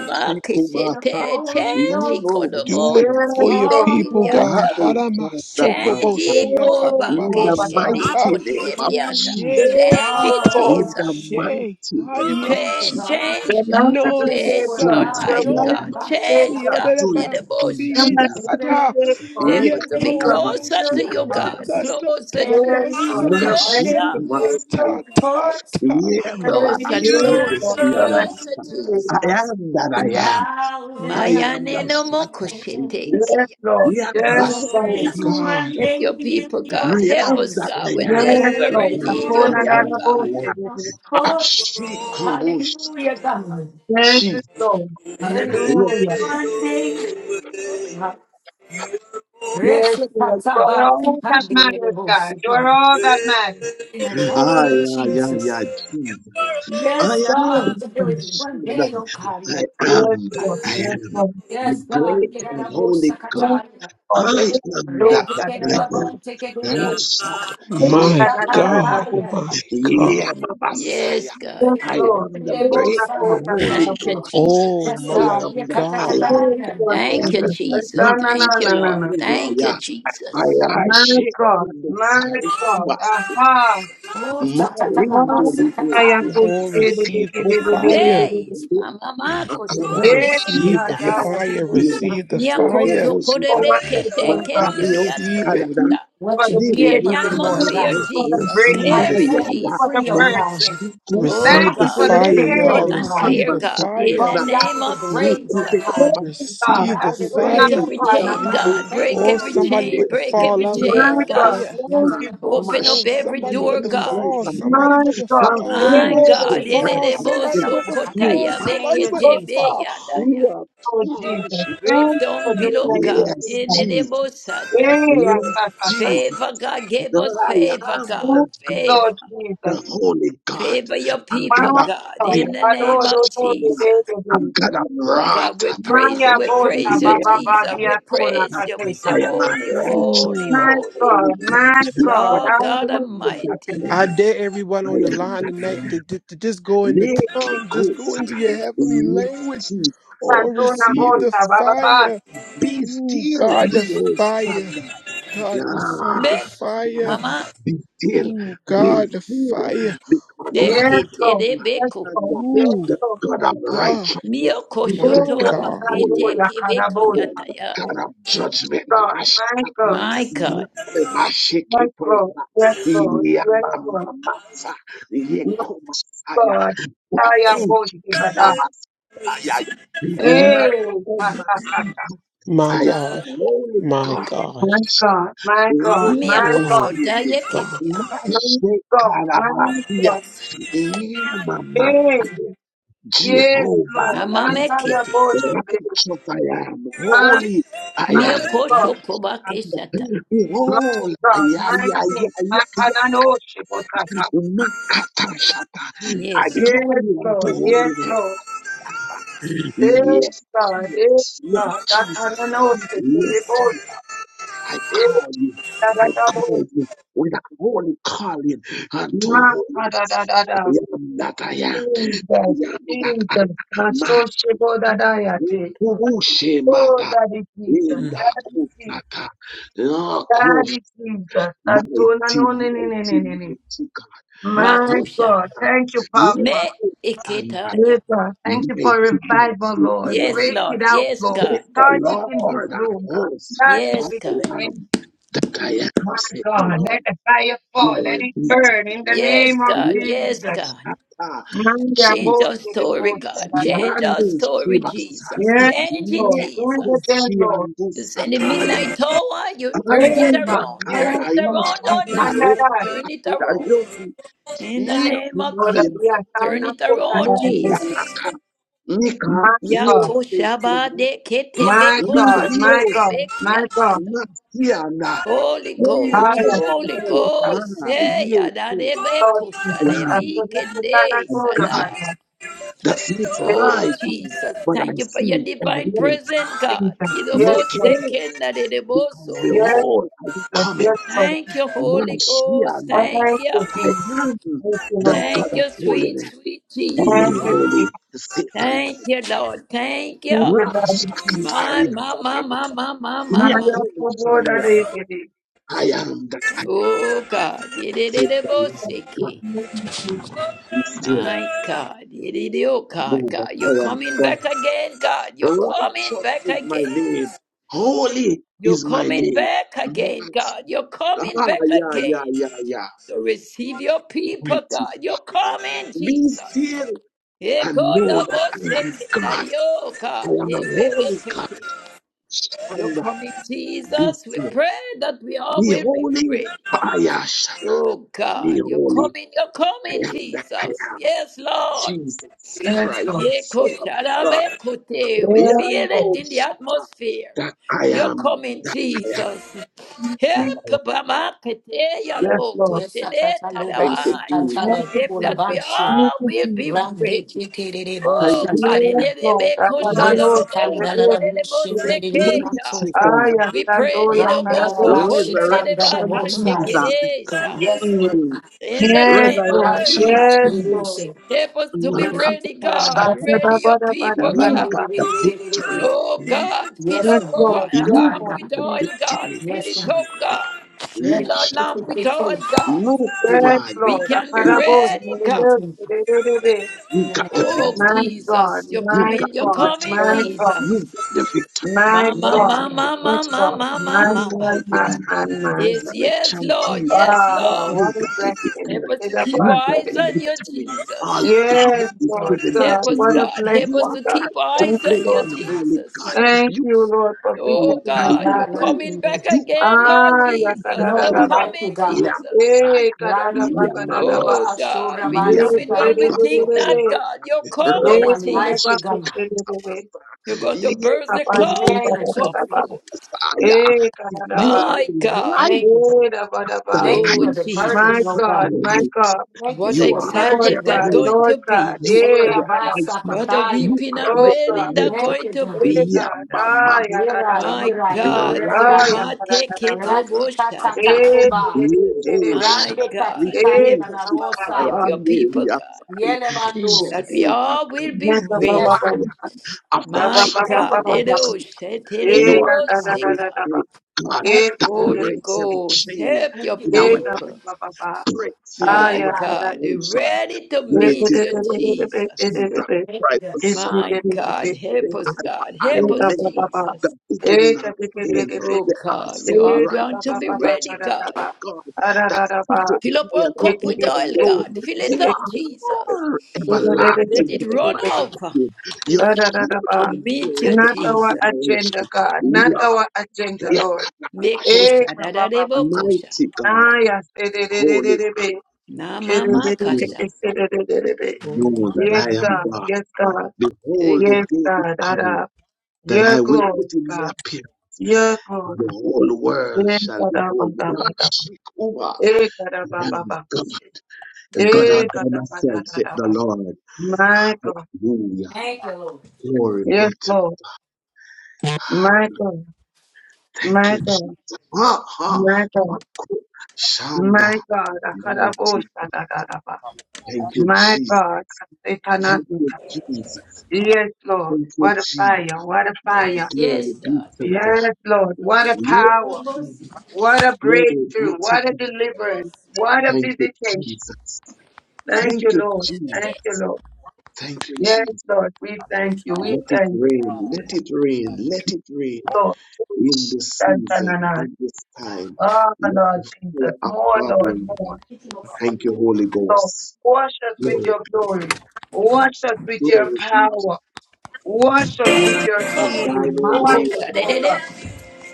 S12: the
S5: makishete,
S12: Holy
S5: change
S12: Ghost
S15: Do it
S5: ikonomo
S7: Iobosaya,
S2: Yes,
S15: for
S12: all
S15: your
S2: Lord.
S5: kusibe
S15: people,
S2: Thank
S15: God.
S5: kenyatta.
S12: on
S15: Harama
S5: Change
S15: sokobo
S7: Ikaroshadamasa.
S15: siata
S2: you.
S5: ikoma
S7: In
S2: Oh,
S7: the
S2: my God.
S1: Yeah.
S5: kisheni
S15: bababasata.
S7: mighty name of
S5: kotemiata.
S12: me.
S7: Jesus.
S15: Ye
S2: Yes,
S5: Change it,
S2: Father.
S12: All
S15: tato
S7: In the
S12: On
S5: Jesus.
S12: me.
S15: she
S7: mighty name
S1: Right
S7: of
S1: of
S12: you,
S7: Jesus.
S5: Change,
S12: God.
S15: hadiasa
S1: mine,
S5: change
S2: You're meant
S5: God.
S2: to
S15: no
S12: Yes,
S2: save
S5: Change in
S12: Lord
S7: Do
S2: us.
S5: our
S7: it
S2: You're
S12: God.
S5: life,
S12: You're
S15: satio
S2: meant
S7: again.
S5: God.
S12: that
S2: to
S12: box.
S5: Change
S15: masi
S2: save us.
S5: God.
S7: Do it
S5: Yenebo
S7: again,
S2: You're
S15: erebasi
S2: meant
S5: shata.
S7: Jesus.
S2: to
S12: There
S15: tata
S2: save
S12: is
S2: us.
S15: ye
S5: Able
S12: one
S5: to be
S2: Jesus.
S12: baby
S15: tobo
S12: in
S5: closer
S12: your
S15: se
S5: to you,
S15: ye
S5: God.
S12: house.
S7: Ekarabashikaramas.
S15: tata
S5: Closer,
S12: There
S2: Yes,
S5: Jesus.
S12: is
S1: I'll
S2: Lord.
S15: tabasa
S1: make
S2: You're
S12: one
S2: meant
S5: Closer.
S12: baby
S2: to save
S1: room
S2: us.
S12: in your
S7: Mashikumasaya.
S12: heart.
S15: uhatatata.
S12: There
S5: Closer,
S12: is
S2: Yes,
S12: one
S5: closer,
S2: Lord.
S12: baby
S2: You're meant
S5: closer,
S12: in
S7: Yemabamashendesiarabasa.
S2: to
S12: your
S2: save us.
S7: I
S12: house.
S5: Jesus.
S7: am that I
S12: In
S7: am.
S12: thousand
S7: I am the
S5: Mayane no
S7: Shatan
S12: everything.
S7: Rikusa.
S2: Yes,
S5: mokoshiteke.
S2: Lord. Yes,
S12: There
S2: Daddy
S7: Yamasaya.
S15: Oh
S12: is
S2: Jesus.
S15: God,
S12: one
S5: Help
S12: day
S5: your
S12: in
S5: people,
S7: I
S12: your
S5: God. Help
S7: am
S5: us,
S7: that
S12: house.
S5: God.
S7: I
S5: We
S7: am.
S2: Yes,
S12: There
S7: I
S2: Lord.
S5: desperate
S12: is
S7: am.
S5: need
S2: Upon
S7: I
S5: your
S12: one
S5: help,
S12: day
S7: am.
S2: another
S7: I
S5: God.
S2: voice.
S12: in
S7: am.
S12: your heart.
S7: Ashikubush.
S12: Hallelujah, God.
S2: Yes,
S7: Jesus.
S2: Lord.
S12: And
S7: Ay,
S2: Hallelujah.
S12: one day,
S1: for
S2: Yes, Lord. You are all that matters, God. You are
S12: Resikatabatikandelebosiki.
S1: way,
S2: all that
S1: way,
S2: matters.
S1: way,
S12: in
S1: way.
S12: the name
S7: ay,
S12: of
S7: ay,
S12: Jesus.
S7: ay,
S1: You
S7: Jesus.
S1: are
S7: I
S1: all
S12: Yes,
S1: of
S12: God,
S1: my
S7: am.
S12: there
S7: the
S12: is one day, oh God, in
S7: Shaddai.
S12: your
S7: I
S12: court, oh
S2: Yes,
S7: am that
S2: Lord.
S12: God.
S7: I
S1: way.
S2: Yes,
S7: am.
S2: Lord.
S7: The
S12: Yes, God,
S7: great and holy
S2: Yes,
S7: God.
S2: Lord.
S12: Yerabosakataya.
S7: I
S2: Yes,
S7: am
S2: Lord. Yes,
S7: that,
S2: Lord.
S1: I
S7: that
S2: Yes,
S7: I
S2: Lord.
S7: am.
S12: Rendikenelabontekegede.
S1: am a
S7: Rasha.
S2: Yes,
S7: Ye-
S15: my God,
S2: Lord.
S12: Rodakatataya.
S15: my God,
S7: Ye-
S5: Yes,
S7: Messiah.
S5: God.
S2: Yes,
S7: I
S2: Lord.
S7: am the great and
S12: Sikitebelebosa.
S7: holy
S5: Thank you,
S7: God.
S5: Jesus.
S15: oh
S12: Yes,
S7: I
S15: my
S12: God,
S7: am that I
S2: Yes,
S15: God,
S7: am.
S12: Yekatatataya.
S2: Lord.
S7: I
S5: Thank you,
S7: am
S2: Jesus.
S5: Jesus.
S2: Na,
S7: not.
S2: na, na,
S5: Thank
S2: na,
S5: you,
S2: na,
S5: Lord.
S2: na.
S7: I
S5: Thank you,
S7: am.
S5: Jesus.
S7: I
S2: My God.
S7: am.
S2: My God.
S7: I am.
S2: Aha.
S1: wandering God,
S12: Oh,
S2: My
S7: Marindo
S1: if I
S2: Aya
S7: libosi
S12: Satatabasakataya.
S15: oh
S1: didn't
S2: kuche de
S1: see
S7: atareke
S2: de
S15: receive
S2: de
S1: your
S15: the
S2: de
S7: kuba
S2: de de
S1: light.
S2: de
S15: fire,
S2: de
S5: Hey,
S2: de.
S7: yakukunde
S5: mama mako
S7: akanga
S12: Lord,
S5: soko
S1: What would
S2: Yes,
S1: I
S15: receive
S5: de
S2: and
S15: the
S1: be
S7: yeba
S2: I am.
S15: fire,
S12: thank you,
S1: saying
S7: yeba
S15: receive the
S12: Jesus.
S1: if you
S15: fire.
S5: Miakoso
S2: For
S7: lokobosika
S5: korebe
S2: what you
S1: didn't
S5: kete
S2: do,
S1: hold my
S5: kete
S7: makariosi
S15: Receive
S1: hand?
S15: it.
S7: karada
S2: Thank
S5: miatokosa.
S2: you for
S12: what you
S2: the
S5: Clear
S12: did
S7: niribi
S5: the
S12: for me,
S2: victory.
S12: Lord
S2: Thank
S7: kamara
S1: I'm
S5: atmosphere,
S1: so
S2: you
S12: God.
S2: for
S7: mose
S2: the
S5: Jesus.
S12: How
S15: Receive
S5: Clear
S12: you
S2: breaking.
S15: it.
S5: it,
S2: Thank
S12: set me
S2: you
S7: yada
S2: for
S5: Jesus.
S2: the
S12: free,
S7: ma
S12: oh
S2: breaking.
S12: God.
S1: sorry
S7: suku ma
S5: Oh
S12: How
S15: Receive
S2: Thank
S15: the
S2: you
S12: you
S5: God.
S2: for the
S1: that
S15: fire,
S1: you
S7: eke
S12: delivered me, oh
S15: y'all.
S5: Cut
S2: pain,
S7: ne
S5: and
S2: God.
S12: God.
S15: Receive
S5: clear,
S15: the
S7: kubata
S5: God.
S12: You
S5: In
S15: fire.
S5: the
S7: na
S12: brought me
S1: Thank
S7: ka
S12: out
S5: name
S12: of the
S5: of
S12: grave, oh
S7: lukute
S5: Jesus.
S2: Thank
S7: keba
S12: God.
S2: you,
S7: ka
S12: And
S2: God.
S15: Receive
S2: I
S12: out
S15: the
S12: of the
S2: do
S12: grave
S2: not
S5: Break
S7: kukumbo
S15: fire.
S5: every
S2: apply
S12: clothes,
S7: ika
S12: oh
S2: not
S5: chain,
S2: for
S12: God.
S7: vivo
S12: I
S2: you.
S5: God.
S7: sa
S12: thank
S5: Break
S12: you,
S15: Oh,
S12: oh
S5: every
S15: somebody
S12: God.
S5: chain.
S15: but
S7: eke
S15: to
S5: Break
S15: fall
S5: every
S15: out
S12: In
S15: in
S7: ile
S15: the
S2: My
S5: chain,
S7: amba
S12: the
S5: God.
S2: God,
S15: fire.
S7: ma
S2: thank you, Jesus.
S5: Open up
S15: Oh,
S7: mashi
S5: every
S15: somebody
S5: door,
S15: but to
S7: tiribu
S5: God.
S15: fall.
S7: sata
S15: Somebody
S2: My
S15: but to
S2: God,
S15: fall.
S2: there
S12: name
S5: My
S7: Yes,
S15: Somebody
S12: of
S15: but
S2: is
S15: to
S5: God.
S15: fall.
S12: Jesus.
S5: Ererebo
S15: Somebody but to
S2: God.
S12: In
S15: fall.
S5: sokotaya
S12: the name
S15: Somebody
S12: of
S15: but to
S2: Oh,
S5: bekete
S12: Jesus.
S2: God,
S15: fall.
S2: thank
S5: beyadaya.
S2: you, oh, Jesus. Thank
S5: Break
S2: you for
S5: down
S2: doing
S5: below,
S2: a new
S5: God.
S2: thing, God.
S7: Jesus.
S5: Ererebo sata.
S2: Yeah,
S7: Yes,
S2: ta, ta, ta.
S7: Jesus.
S5: Favor, God, give us
S7: I
S5: favor,
S7: am
S2: Thank
S5: God.
S2: you,
S7: the God,
S2: Lord
S5: Favor.
S2: Jesus.
S7: the Holy God.
S5: Favor your
S7: I'm
S5: people,
S2: My
S7: gonna
S5: God,
S7: I
S2: God,
S7: am
S5: in the
S2: I do,
S5: name of
S2: do, do, do,
S7: Ashima.
S5: Jesus.
S2: do, do, do.
S7: I'm gonna
S5: God, we
S7: ratata.
S5: praise you.
S2: Maya
S5: We praise
S2: Bosa
S5: you,
S7: Yeah,
S2: Baba
S5: Jesus. We
S2: Badia Tona
S5: praise you. We say,
S2: Kateta.
S7: I am a
S5: Holy,
S7: righteous
S5: holy,
S7: and
S15: Ooh.
S2: My
S7: a
S5: holy.
S7: holy
S2: God,
S7: God.
S2: my God,
S7: But I
S2: I
S5: Lord
S2: only
S5: God
S2: got
S7: am
S2: to
S7: that I
S2: say,
S5: Almighty.
S15: I
S7: am.
S15: dare everyone
S7: I
S15: on the
S7: am
S15: line
S7: that I am.
S15: tonight to, to, to just go in the tongue. Just go
S7: Lekekosa.
S15: into your heavenly
S7: Yes,
S15: language.
S7: Jesus.
S15: Oh,
S2: Santona
S7: My-
S15: receive the
S2: Bosa Baba
S15: fire.
S2: Badia.
S7: Be
S15: Ooh,
S7: still,
S15: God, the
S7: Jehovah.
S15: fire. God,
S7: Yeah.
S15: receive the
S5: Be-
S15: fire.
S5: Mama,
S7: Be still.
S15: Ooh,
S7: Be
S15: God, the
S7: still.
S15: fire.
S7: Because I
S2: Yes, Lord,
S7: am
S2: yes,
S5: deketelebeko.
S7: Shanda,
S2: Lord, yes,
S15: Ooh,
S7: the
S2: Lord.
S7: God of
S15: God,
S7: righteousness, the
S15: my
S7: God
S2: Yes,
S5: Miokoshotoba
S7: of
S15: God,
S2: Sandoya
S7: holiness, I am
S2: Karabosa.
S7: the
S5: ketekebekayataya.
S7: God of judgment. Ashta,
S2: God,
S5: My God.
S7: Makoma,
S2: my God,
S7: Sheketosa,
S2: yes, Lord, yes, Lord, yes,
S7: Iyama,
S2: Lord,
S7: Mamasa,
S2: yes,
S7: Yekoma,
S2: God. Maya
S7: Akonji
S2: Bosa Bada.
S7: kadabas. Ayaya.
S2: Hey, ha, ha, ha.
S7: Makomasi.
S15: my
S7: Ayaya.
S15: God,
S7: Holy
S15: my
S7: God.
S15: God.
S2: my God, my God, my
S15: Oh,
S2: God,
S7: Shakurubasi.
S15: God,
S5: Miakoshotayekebea.
S2: my
S7: Mashe
S2: God, my
S7: karabasia.
S2: God. Hey.
S7: Yamamasaya.
S2: Yes,
S7: Jehovah.
S2: Lord. I'm
S7: God.
S5: Amamekete.
S2: Bosque, baby.
S7: Righteous I am.
S2: My,
S7: Holy I
S2: my
S7: am.
S2: God,
S5: Miokosho kobakeshata.
S2: my
S7: Behold.
S2: God, my
S7: Ayaya. Ayaya.
S2: King, my
S7: Ayaya.
S2: Kananoshi, Botata.
S7: Makata shata. I
S5: Yes. God.
S2: Yes,
S7: call you unto
S2: Lord. Yes,
S7: holiness.
S2: Lord. Yes,
S7: Yes,
S2: God.
S7: Jesus.
S2: Yes,
S7: Yes,
S2: God. That
S7: Jesus.
S2: Kananoshi, baby,
S7: Yes,
S2: Bota.
S7: Jesus. I
S2: Yes,
S7: call you.
S2: da, da,
S7: I
S2: da, Bota.
S7: call you with a holy calling unto
S2: Ma,
S7: holy
S2: da, da, da,
S7: I
S2: da.
S7: am that I am. I
S2: Jesus,
S7: am that I
S2: Jesus.
S7: am. Match.
S2: Nasoshi, Boda, Dayati.
S7: Kurushe
S2: Oh,
S7: mata.
S2: Daddy Jesus,
S5: Mm.
S7: Linda
S2: Daddy Jesus,
S7: kusaka. Lakosh.
S2: Daddy Jesus. Antona,
S7: Mighty,
S2: no, no, no, no,
S7: mighty,
S2: no, no.
S7: mighty God.
S2: My
S7: Ah,
S5: Makosha.
S2: God, thank you,
S7: yes,
S5: Me
S2: Papa.
S7: And
S5: iketa ya.
S2: Dear God, Thank you
S7: mighty
S2: for
S7: God,
S2: revival,
S7: save the
S2: Lord.
S5: Yes,
S7: Lord.
S2: Break it
S5: Lord.
S2: out,
S5: Yes,
S7: Save
S2: Lord.
S5: God.
S7: the
S2: Start it in this
S7: Lord of
S2: room, God.
S7: hosts.
S2: Start it
S5: Yes,
S2: with
S5: God.
S2: this room.
S7: that I am.
S2: My
S7: Say, oh
S2: God,
S7: Lord,
S2: let the fire fall. Let
S7: glory
S2: it
S7: be to
S2: burn in the
S5: Yes,
S2: name of
S5: God.
S7: you.
S5: Yes,
S2: Jesus.
S5: God.
S7: Shata,
S2: Manda
S5: Change
S7: Jesus,
S2: bote
S5: our
S2: de
S5: story,
S2: bote,
S5: God.
S2: Baba.
S5: Change our
S7: Manu
S5: story,
S7: Shivasa,
S5: Jesus.
S2: Yes,
S5: Change it,
S2: Lord. Do it
S7: Neko
S5: Jesus.
S2: again, Lord.
S7: Shiandu
S5: You send a
S7: Sataya,
S5: midnight hour, you turn it
S2: Oh,
S7: Andu
S2: God.
S5: around. Turn
S2: Yes,
S5: it
S7: Makanda
S2: Lord.
S5: around, Lord
S7: Ishita
S2: Masanda
S5: Jesus.
S2: da.
S5: Turn it
S7: Rekita
S5: around.
S7: Yoki,
S5: In the name of
S2: Oda
S7: Ikumaya,
S5: Jesus.
S2: bia
S5: Turn
S2: sana
S5: it
S2: kota da
S5: around, Jesus.
S7: Moranaka,
S2: da.
S7: Nika,
S2: My God.
S7: Yese
S5: Yakoshaba
S7: Tuma,
S5: de
S2: My
S5: Ketebeko
S2: God, my
S7: Lihios,
S2: God, my
S5: Sokotebekiatata.
S2: God.
S7: Nasiana,
S5: Holy Ghost,
S2: Haya,
S7: Lirushi,
S5: Holy
S2: tunakuita
S5: Ghost,
S7: Mana,
S5: hey,
S7: Yeku,
S2: sote
S7: I am
S2: hatuna kukutana
S7: a
S2: kuna
S5: sada.
S7: God
S2: kata.
S7: that sits
S2: Yes,
S5: Oh,
S7: high
S5: Jesus,
S7: but I
S5: thank you for your
S7: see
S5: divine
S7: everything.
S5: presence, God.
S2: Jesus. Yes,
S5: Idobo
S7: Make
S2: Lord.
S7: it
S5: sekenda
S7: because
S5: dedeboso.
S2: Yes,
S7: behold, I
S2: Jesus.
S7: come in.
S2: Yes, Lord.
S5: Thank you, Holy Ghost.
S7: Mashiach,
S5: Thank
S2: Thank
S5: you.
S2: you,
S7: I
S2: Jesus.
S7: am
S2: Thank you,
S7: the
S2: Lord.
S7: God
S5: Thank
S7: of
S5: you, sweet,
S7: holiness.
S5: sweet
S7: Be
S2: Thank you,
S5: Jesus.
S7: holy
S2: Jesus.
S7: to see the
S5: Thank
S7: Lord.
S5: you, Lord. Thank you.
S2: Thank you, Daddy Jesus.
S5: My,
S7: Rashakatari
S5: my, my, my,
S7: asatavisa.
S5: my, my,
S2: Now
S5: my, my.
S2: your
S7: Niakumi
S2: football that
S7: shandayam.
S2: is in
S7: I am that I am.
S5: Oh God,
S7: Said the Lord God
S5: Yedididibosiki.
S2: it.
S7: is still.
S5: my God, Yedidi- oh
S7: Know
S5: God,
S7: that
S5: God,
S7: I
S5: you're
S7: am
S5: coming
S7: God.
S5: back again, God, you're coming
S7: Righteous
S5: back
S7: is my
S5: again,
S7: name. Holy
S5: you're
S7: is my
S5: coming
S7: name.
S5: back again,
S7: Mercy.
S5: God, you're coming
S7: Ah,
S5: back
S7: yeah, yeah,
S5: again
S7: yeah, yeah.
S5: to receive your people,
S7: Mighty
S5: God, you're coming,
S7: Be
S5: Jesus.
S7: still and know that I am
S5: Ekodobosiki,
S1: you.
S7: God.
S5: Nari- oh
S7: I
S5: God,
S7: am a holy God.
S5: Epebekete. you're
S7: And
S5: coming,
S7: be
S5: Jesus. We
S7: still.
S5: pray that we all
S7: Be
S5: will be ready.
S7: holy. for I am.
S5: Oh
S7: Be
S5: God, you're
S7: holy.
S5: coming, you're
S7: I
S5: coming,
S7: am that I am.
S5: Jesus. Yes, Lord.
S7: Jesus
S2: Yes, Lord.
S7: Christ, Son of God.
S5: Yekosharabekote. We
S2: Yes,
S5: feel
S7: Beyond
S2: Lord.
S5: it in the
S7: those
S5: atmosphere.
S7: that I
S5: You're
S7: am.
S5: coming,
S7: That I am.
S5: Jesus.
S7: That I am.
S5: Hepabamakete
S2: Yes, Lord.
S12: Yes, I pray. I love
S7: Thank
S12: us.
S7: you,
S5: yarabokoshenetadamai.
S12: I
S7: Jesus.
S2: Yes,
S12: love
S5: If
S12: all
S2: Jesus.
S12: of
S5: that we
S12: us.
S2: Yes,
S5: all will be
S2: Jesus.
S12: Randy,
S5: ready.
S7: Thank
S5: Oh
S7: you,
S5: God,
S2: Yes,
S7: Jesus.
S2: Lord.
S12: Yes, he
S2: Afanano,
S7: Mighty
S12: can
S7: God.
S12: deliver the shimmer in
S5: enerebekoshodobokandelebosekei,
S12: the so
S5: God.
S7: Mighty
S12: forth.
S7: God.
S2: Aya
S5: We pray in
S2: sandoya
S5: the most
S12: Randala
S2: karabo.
S5: so
S12: Bashi can
S7: Resurrection
S12: deliver side.
S15: my
S7: Jesus.
S5: kondelemakashekedesa.
S15: God,
S12: Yes, Lord.
S7: Mm.
S5: In the
S2: Yes,
S5: name of
S2: Parabo.
S7: Resurrection
S12: Rashi can
S2: Yes,
S5: Jesus.
S2: Lord. Yes,
S15: Ooh,
S7: Jesus.
S2: Lord.
S12: deliver.
S5: Help us to be
S12: Yes,
S7: Maka.
S12: he can
S5: ready,
S12: deliver
S5: God.
S7: Satan.
S2: Akada
S5: Ready
S12: Batsman.
S5: your
S2: bada bada
S5: people,
S2: bada
S7: You
S12: Rendi,
S5: God.
S7: got
S2: ba.
S7: the
S12: rendi, rendi, rendi.
S7: victory.
S5: Oh,
S15: my
S5: God, fill
S12: Yes,
S2: Yes,
S5: up
S12: God.
S5: our
S12: Yes,
S2: Lord.
S15: God,
S2: Yes,
S7: You
S5: lamp
S7: got
S2: Lord.
S12: Tataya.
S5: with
S7: the
S15: Yeah,
S5: oil, God.
S7: victory.
S5: Fill
S12: Yes,
S5: it
S12: God.
S7: Jesus.
S5: up, God. Fill
S12: Rendi,
S5: our
S7: Yes.
S5: lamp
S12: rendi,
S5: with oil,
S12: rendi.
S5: God.
S7: No,
S12: Yes,
S2: Yes,
S7: Kumar.
S5: We
S2: Lord.
S5: can be
S7: You got
S2: Akarabo
S12: it's
S7: the
S12: more
S5: ready,
S12: with me, my
S5: God.
S7: victory.
S2: sorobes
S12: team.
S2: rebebe.
S7: You
S12: In the
S7: got the
S12: name of
S5: Oh,
S7: victory.
S2: My God,
S5: Jesus,
S12: Jesus.
S5: you're
S7: You
S2: my
S7: got
S5: coming, you're
S7: the
S2: God,
S7: victory.
S5: coming,
S2: my God,
S7: You
S5: Jesus.
S12: Revelation.
S7: got the victory.
S2: my
S5: Mama,
S7: You
S12: Yes,
S2: God,
S7: got
S5: mama,
S12: God.
S7: the
S2: my
S5: mama,
S7: victory.
S2: God,
S5: mama,
S2: my
S7: You got
S12: Yes,
S2: man,
S5: mama.
S7: the
S2: man,
S12: God.
S7: victory.
S2: My man.
S5: Yes, yes,
S7: Resurrection
S5: Lord,
S7: Jesus.
S5: yes,
S2: Ah,
S12: Yes,
S5: Lord.
S7: You
S2: what a
S7: got the
S2: blessing.
S5: Help
S7: victory.
S5: us to
S2: Akada
S5: keep our
S7: You got
S2: bada.
S5: eyes
S7: the
S5: on
S12: God.
S5: you,
S7: victory. All
S5: Jesus.
S12: Yes,
S7: power
S2: Yes,
S7: is
S12: God.
S2: Lord
S7: given
S5: Help
S2: God,
S7: unto
S5: us,
S2: what
S7: you.
S2: a
S5: God. Help
S7: You
S5: us
S7: are
S2: blessing,
S5: to
S2: God.
S5: keep our
S7: the
S2: Thank
S5: eyes
S2: you,
S5: on
S7: great
S12: Yes,
S2: Lord.
S5: you,
S7: and
S12: God.
S7: holy
S5: Jesus.
S7: God.
S2: Thank
S7: You
S2: you, Lord, for
S7: are our
S5: Oh,
S2: visiting
S12: No
S2: us,
S5: God,
S7: hiding
S2: O
S5: you're
S12: God
S2: God.
S12: like
S7: place.
S5: coming
S12: you, Lord.
S5: back
S7: You
S5: again,
S7: are
S5: Lord
S2: Ah,
S7: our
S5: Jesus.
S12: No
S5: You're
S12: one
S7: place.
S2: yakadadadaba.
S12: like
S5: coming,
S12: you, God.
S7: Yeah,
S5: Jesus.
S2: Eh,
S7: Messiah.
S12: Grande
S2: kadadaba,
S12: que
S7: Yeah,
S12: te
S7: my
S2: kadadaba.
S12: deliva
S5: Oh,
S12: a
S7: master.
S5: God,
S12: sura
S5: we
S12: man
S7: Yeah,
S2: Eh,
S5: come coming
S7: my
S12: para
S5: when we
S12: mun
S7: Papa.
S5: think
S2: dededededede.
S5: not, God. You're
S12: There's no
S5: coming,
S2: Eh,
S12: one like
S5: Jesus.
S2: sadaba,
S12: you, God.
S2: kushededede.
S5: You're going to
S2: Eh,
S7: You
S5: burst the
S12: In the
S5: cloud
S12: name
S5: and
S12: of
S5: come
S12: Jesus.
S2: kabashedadadadaba.
S5: forth.
S2: Eh, kadadaba.
S7: are
S5: My
S7: the light,
S5: God.
S12: Thank you, God.
S2: Eh, dabadaba.
S7: the
S12: Thank you
S5: Oh,
S12: for
S7: light,
S12: the
S2: My
S12: birthing, oh
S5: Jesus.
S7: the
S12: God.
S2: God, my
S7: light.
S2: God.
S12: Thank you
S5: What
S12: for
S7: You
S12: the
S7: are
S2: Lord
S5: excited
S12: birthing, oh
S5: that
S2: God,
S12: God.
S5: going
S7: Jehovah.
S2: Lord
S5: to
S2: God.
S5: be.
S7: You are
S2: Eh,
S7: the
S12: Sira
S2: kadadaba.
S12: basa
S7: Alpha.
S5: What a
S12: kantayo.
S7: You
S5: weeping
S7: are
S5: and
S7: the
S2: Oh God.
S5: wailing that
S7: Omega.
S12: Thank
S5: going
S12: you,
S5: to
S12: God.
S2: Eh,
S5: be.
S2: God. Ah,
S7: Yabama.
S12: Yira,
S2: yakadadaba.
S5: My
S12: yira, no
S5: God,
S2: Ah,
S5: so
S12: renda.
S5: my
S7: Rakamshasa.
S5: take it
S2: yakadadadaba.
S12: Rasika
S5: oboshate.
S2: Eh,
S12: tatakoba.
S2: dededededede.
S7: Yedosha.
S5: My
S12: Rande
S5: God,
S12: katika
S2: Eh,
S5: help
S2: ba,
S5: us,
S7: Rikuchi
S2: ba, ba,
S5: God. Help
S12: talamosa.
S5: your people, God.
S7: karameliasai.
S12: Yele manu.
S5: That
S15: Jesus.
S5: we
S7: Jehovah
S5: all
S7: God,
S5: will be
S2: Eh,
S7: the
S12: Yes,
S5: ready.
S12: God.
S7: lion of the
S5: My
S12: Thank
S7: tribe
S12: you,
S5: God,
S7: of
S5: it
S12: God.
S5: all
S7: Judah.
S5: set it in
S2: Eh,
S7: you
S12: Thank you, God.
S7: great, great God
S2: Eh,
S12: Thank you,
S7: that
S12: God.
S5: Holy
S7: breaks every
S5: Ghost,
S7: chain
S5: help your
S12: Thank you,
S7: in our
S12: God.
S2: Eh,
S7: life,
S5: people.
S7: breaks in
S2: Ah,
S7: the-
S12: Thank you,
S5: My
S7: our
S12: God.
S5: God, we're
S7: generation.
S5: ready to
S2: Eh,
S7: Great is
S5: meet you,
S7: the name of
S5: Jesus.
S7: Jesus
S12: Thank you,
S7: Christ, the
S12: God.
S2: Eh,
S7: Son of
S5: My
S7: God,
S5: God,
S7: the
S5: help us,
S7: Alpha
S5: God.
S7: and
S2: Eh,
S5: Help us,
S7: Omega,
S5: Jesus.
S7: the beginning
S2: Eh,
S7: and the
S12: Thank you, God.
S7: end,
S5: Oh,
S7: the
S5: God, we
S7: awesome,
S2: Eh,
S5: want, we want to
S7: righteous,
S5: be
S7: and
S5: ready,
S7: eternal
S5: God.
S7: God
S2: Ah,
S7: that sitteth
S5: Fill up
S7: high
S5: our
S7: and
S2: Eh,
S5: cup
S7: looks
S5: with
S7: down
S5: oil,
S7: low.
S5: God. Fill it
S7: You
S2: Eh,
S5: up, Jesus.
S7: are
S5: And let
S7: everlasting to
S5: it run over
S7: everlasting. Your
S12: Thank
S2: Ah,
S12: you, God.
S7: truth
S2: ba.
S5: to meet
S7: endureth
S5: you,
S7: to
S2: Not
S7: our
S2: our
S5: Jesus.
S2: agenda,
S7: generation.
S2: God.
S7: We
S2: Not our agenda, Lord.
S5: Me
S7: Yakarabash.
S2: Eh,
S5: kosha,
S2: ba,
S5: da da
S2: ba,
S5: de
S2: ba, ba.
S5: bo kosha.
S7: Mighty God,
S2: Ah, yes. Eh, de, de, de, de,
S7: holy
S2: de, be.
S5: Na
S2: Eh, de, de,
S5: mama
S7: this
S2: de, de,
S7: day,
S5: kasha.
S2: de, se, de, de, de, de, be.
S15: Oh,
S7: know that
S2: Yes,
S7: I am
S2: God.
S7: God.
S2: Yes, God.
S7: Behold, the
S5: Eka.
S2: Yes,
S7: day
S2: God.
S7: is
S2: Da, da.
S7: coming that
S2: Your
S7: I will
S2: glory,
S7: put in my
S2: God.
S7: appearance.
S2: Your
S7: The
S2: glory.
S7: whole world
S2: Yes,
S7: shall
S2: da, da, ba,
S7: behold me.
S2: da, ba, da, ba.
S7: Yashikuma.
S2: Eh, da, da, ba,
S7: I
S2: ba,
S7: am
S2: ba, ba,
S7: God,
S2: se.
S7: and God all
S2: Eh, da,
S7: by
S2: da, ba,
S7: myself,
S2: da, da,
S7: said
S2: da,
S7: the
S2: ba.
S7: Lord.
S2: My God.
S7: Hallelujah.
S12: Thank you, Lord.
S7: Glory
S2: Yes,
S7: be to
S2: Lord. My God.
S7: Thank
S2: My
S7: you,
S2: God.
S7: Jesus. Ha, ha.
S2: My
S7: ha,
S2: God.
S7: ku-
S2: My
S7: Shanda.
S2: God. Da, da, da, bo,
S7: Mighty.
S2: da, da, da, da, ba.
S7: Thank you,
S2: My
S7: Jesus.
S2: God,
S7: Thank you, Jesus.
S2: Yes, Lord,
S7: Thank you,
S2: what a
S7: Jesus.
S2: fire, what a fire.
S5: Yes,
S7: Glory
S5: yes,
S7: be
S5: God.
S7: to God.
S2: Yes, Lord, what a
S7: Yes,
S2: power, what a
S7: glory be
S2: breakthrough,
S7: to
S2: what a
S7: God.
S2: deliverance, what a
S7: Thank you,
S2: visitation.
S7: Jesus.
S2: Thank you,
S7: Thank you,
S2: Lord.
S7: Jesus.
S2: Thank you, Lord.
S7: Thank you,
S2: Yes,
S7: Jesus.
S2: Lord, we thank you. We
S7: Let it
S2: thank you,
S7: rain. Let it rain. Let it rain
S2: Lord.
S7: in this season,
S2: Santanana.
S7: in this time.
S2: Oh,
S7: Let
S2: Lord
S7: the
S2: Jesus.
S7: fire of
S2: More,
S7: God
S2: Lord,
S7: rain.
S2: more.
S7: Thank you, Holy
S2: So
S7: Ghost.
S2: wash us with
S7: Glory,
S2: your glory. Wash us with your
S7: glory be to God.
S2: power. Wash us with your
S7: Have thine
S2: healing.
S7: own
S5: Ma
S2: Wash
S7: way.
S2: us,
S5: kosha, de
S2: oh
S5: de
S2: God.
S5: de.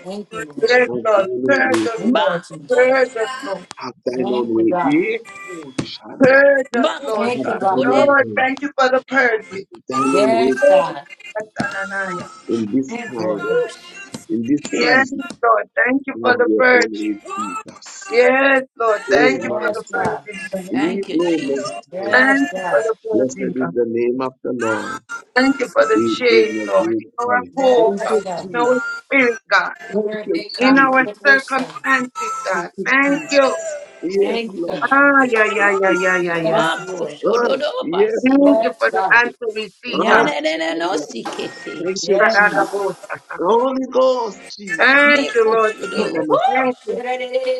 S12: Thank you, Lord.
S2: Yes,
S7: Have thine
S2: Lord. Purge
S7: own way.
S2: us,
S12: Thank
S5: Ma,
S12: you,
S2: Lord.
S12: Jesus.
S2: Purge us, Lord.
S7: Have thine own
S12: Thank you,
S7: way.
S12: God.
S7: Yeah. Oh, Shanda.
S2: Purge us,
S5: ma
S2: Lord
S12: Thank
S7: Have
S12: you,
S5: kosho
S2: God.
S12: God.
S7: thine
S5: kode.
S7: own
S2: Lord,
S7: way.
S2: thank you for the purge.
S7: Thine own way
S12: Yes,
S2: Yes,
S12: God.
S2: Ananiah.
S7: in this
S12: Thank you,
S7: time.
S12: Lord. God.
S5: Oosh.
S7: In this
S2: Yes,
S7: season,
S2: Lord. Thank you
S7: you
S2: for
S7: have
S2: the
S7: your
S2: purge.
S7: own way, Jesus.
S2: Yes, Lord. Thank you for
S7: Amen.
S12: Yes,
S2: the
S7: sir.
S12: God.
S2: purging, God.
S7: Leave
S5: Thank you,
S7: no
S5: Jesus.
S7: Messiah.
S12: Yes,
S2: Thank you
S12: God.
S2: for the
S7: Blessed
S2: purging,
S7: is
S2: God.
S7: the name of the Lord.
S2: Thank you for the
S7: We give
S2: change,
S7: you
S2: Lord.
S7: good
S2: In our
S7: praise.
S2: home,
S7: Thank
S12: Yes,
S2: God.
S7: you,
S12: God.
S2: In
S7: Jesus.
S2: our
S1: Oh,
S2: spirit, God.
S7: Thank
S12: Sooner
S7: you,
S12: they
S2: In
S12: come
S2: our
S7: Jesus.
S12: with their son.
S1: I'll
S2: circumstances, God.
S7: Thank you,
S2: Thank you.
S7: Jesus. Yes,
S12: Thank you,
S7: Lord.
S12: God.
S2: Ah, yeah, yeah,
S7: Thank
S2: yeah,
S7: you,
S2: yeah,
S7: Jesus.
S2: yeah, yeah.
S12: Yes,
S5: Ma
S12: Lord.
S5: kosho
S7: Ah,
S5: do do
S7: yes,
S5: basi.
S7: Lord.
S2: Thank you
S12: Yes,
S2: for the
S12: God.
S2: answer we see,
S7: Ah,
S2: God.
S5: Nyana de na no
S7: Shaddai.
S5: sikete.
S7: Thank you,
S12: Yes,
S7: Jesus.
S12: God.
S7: Holy Ghost, Jesus.
S2: Thank
S5: Me
S2: you, Lord
S5: kosho do.
S2: Jesus.
S7: Cover us.
S2: Thank you.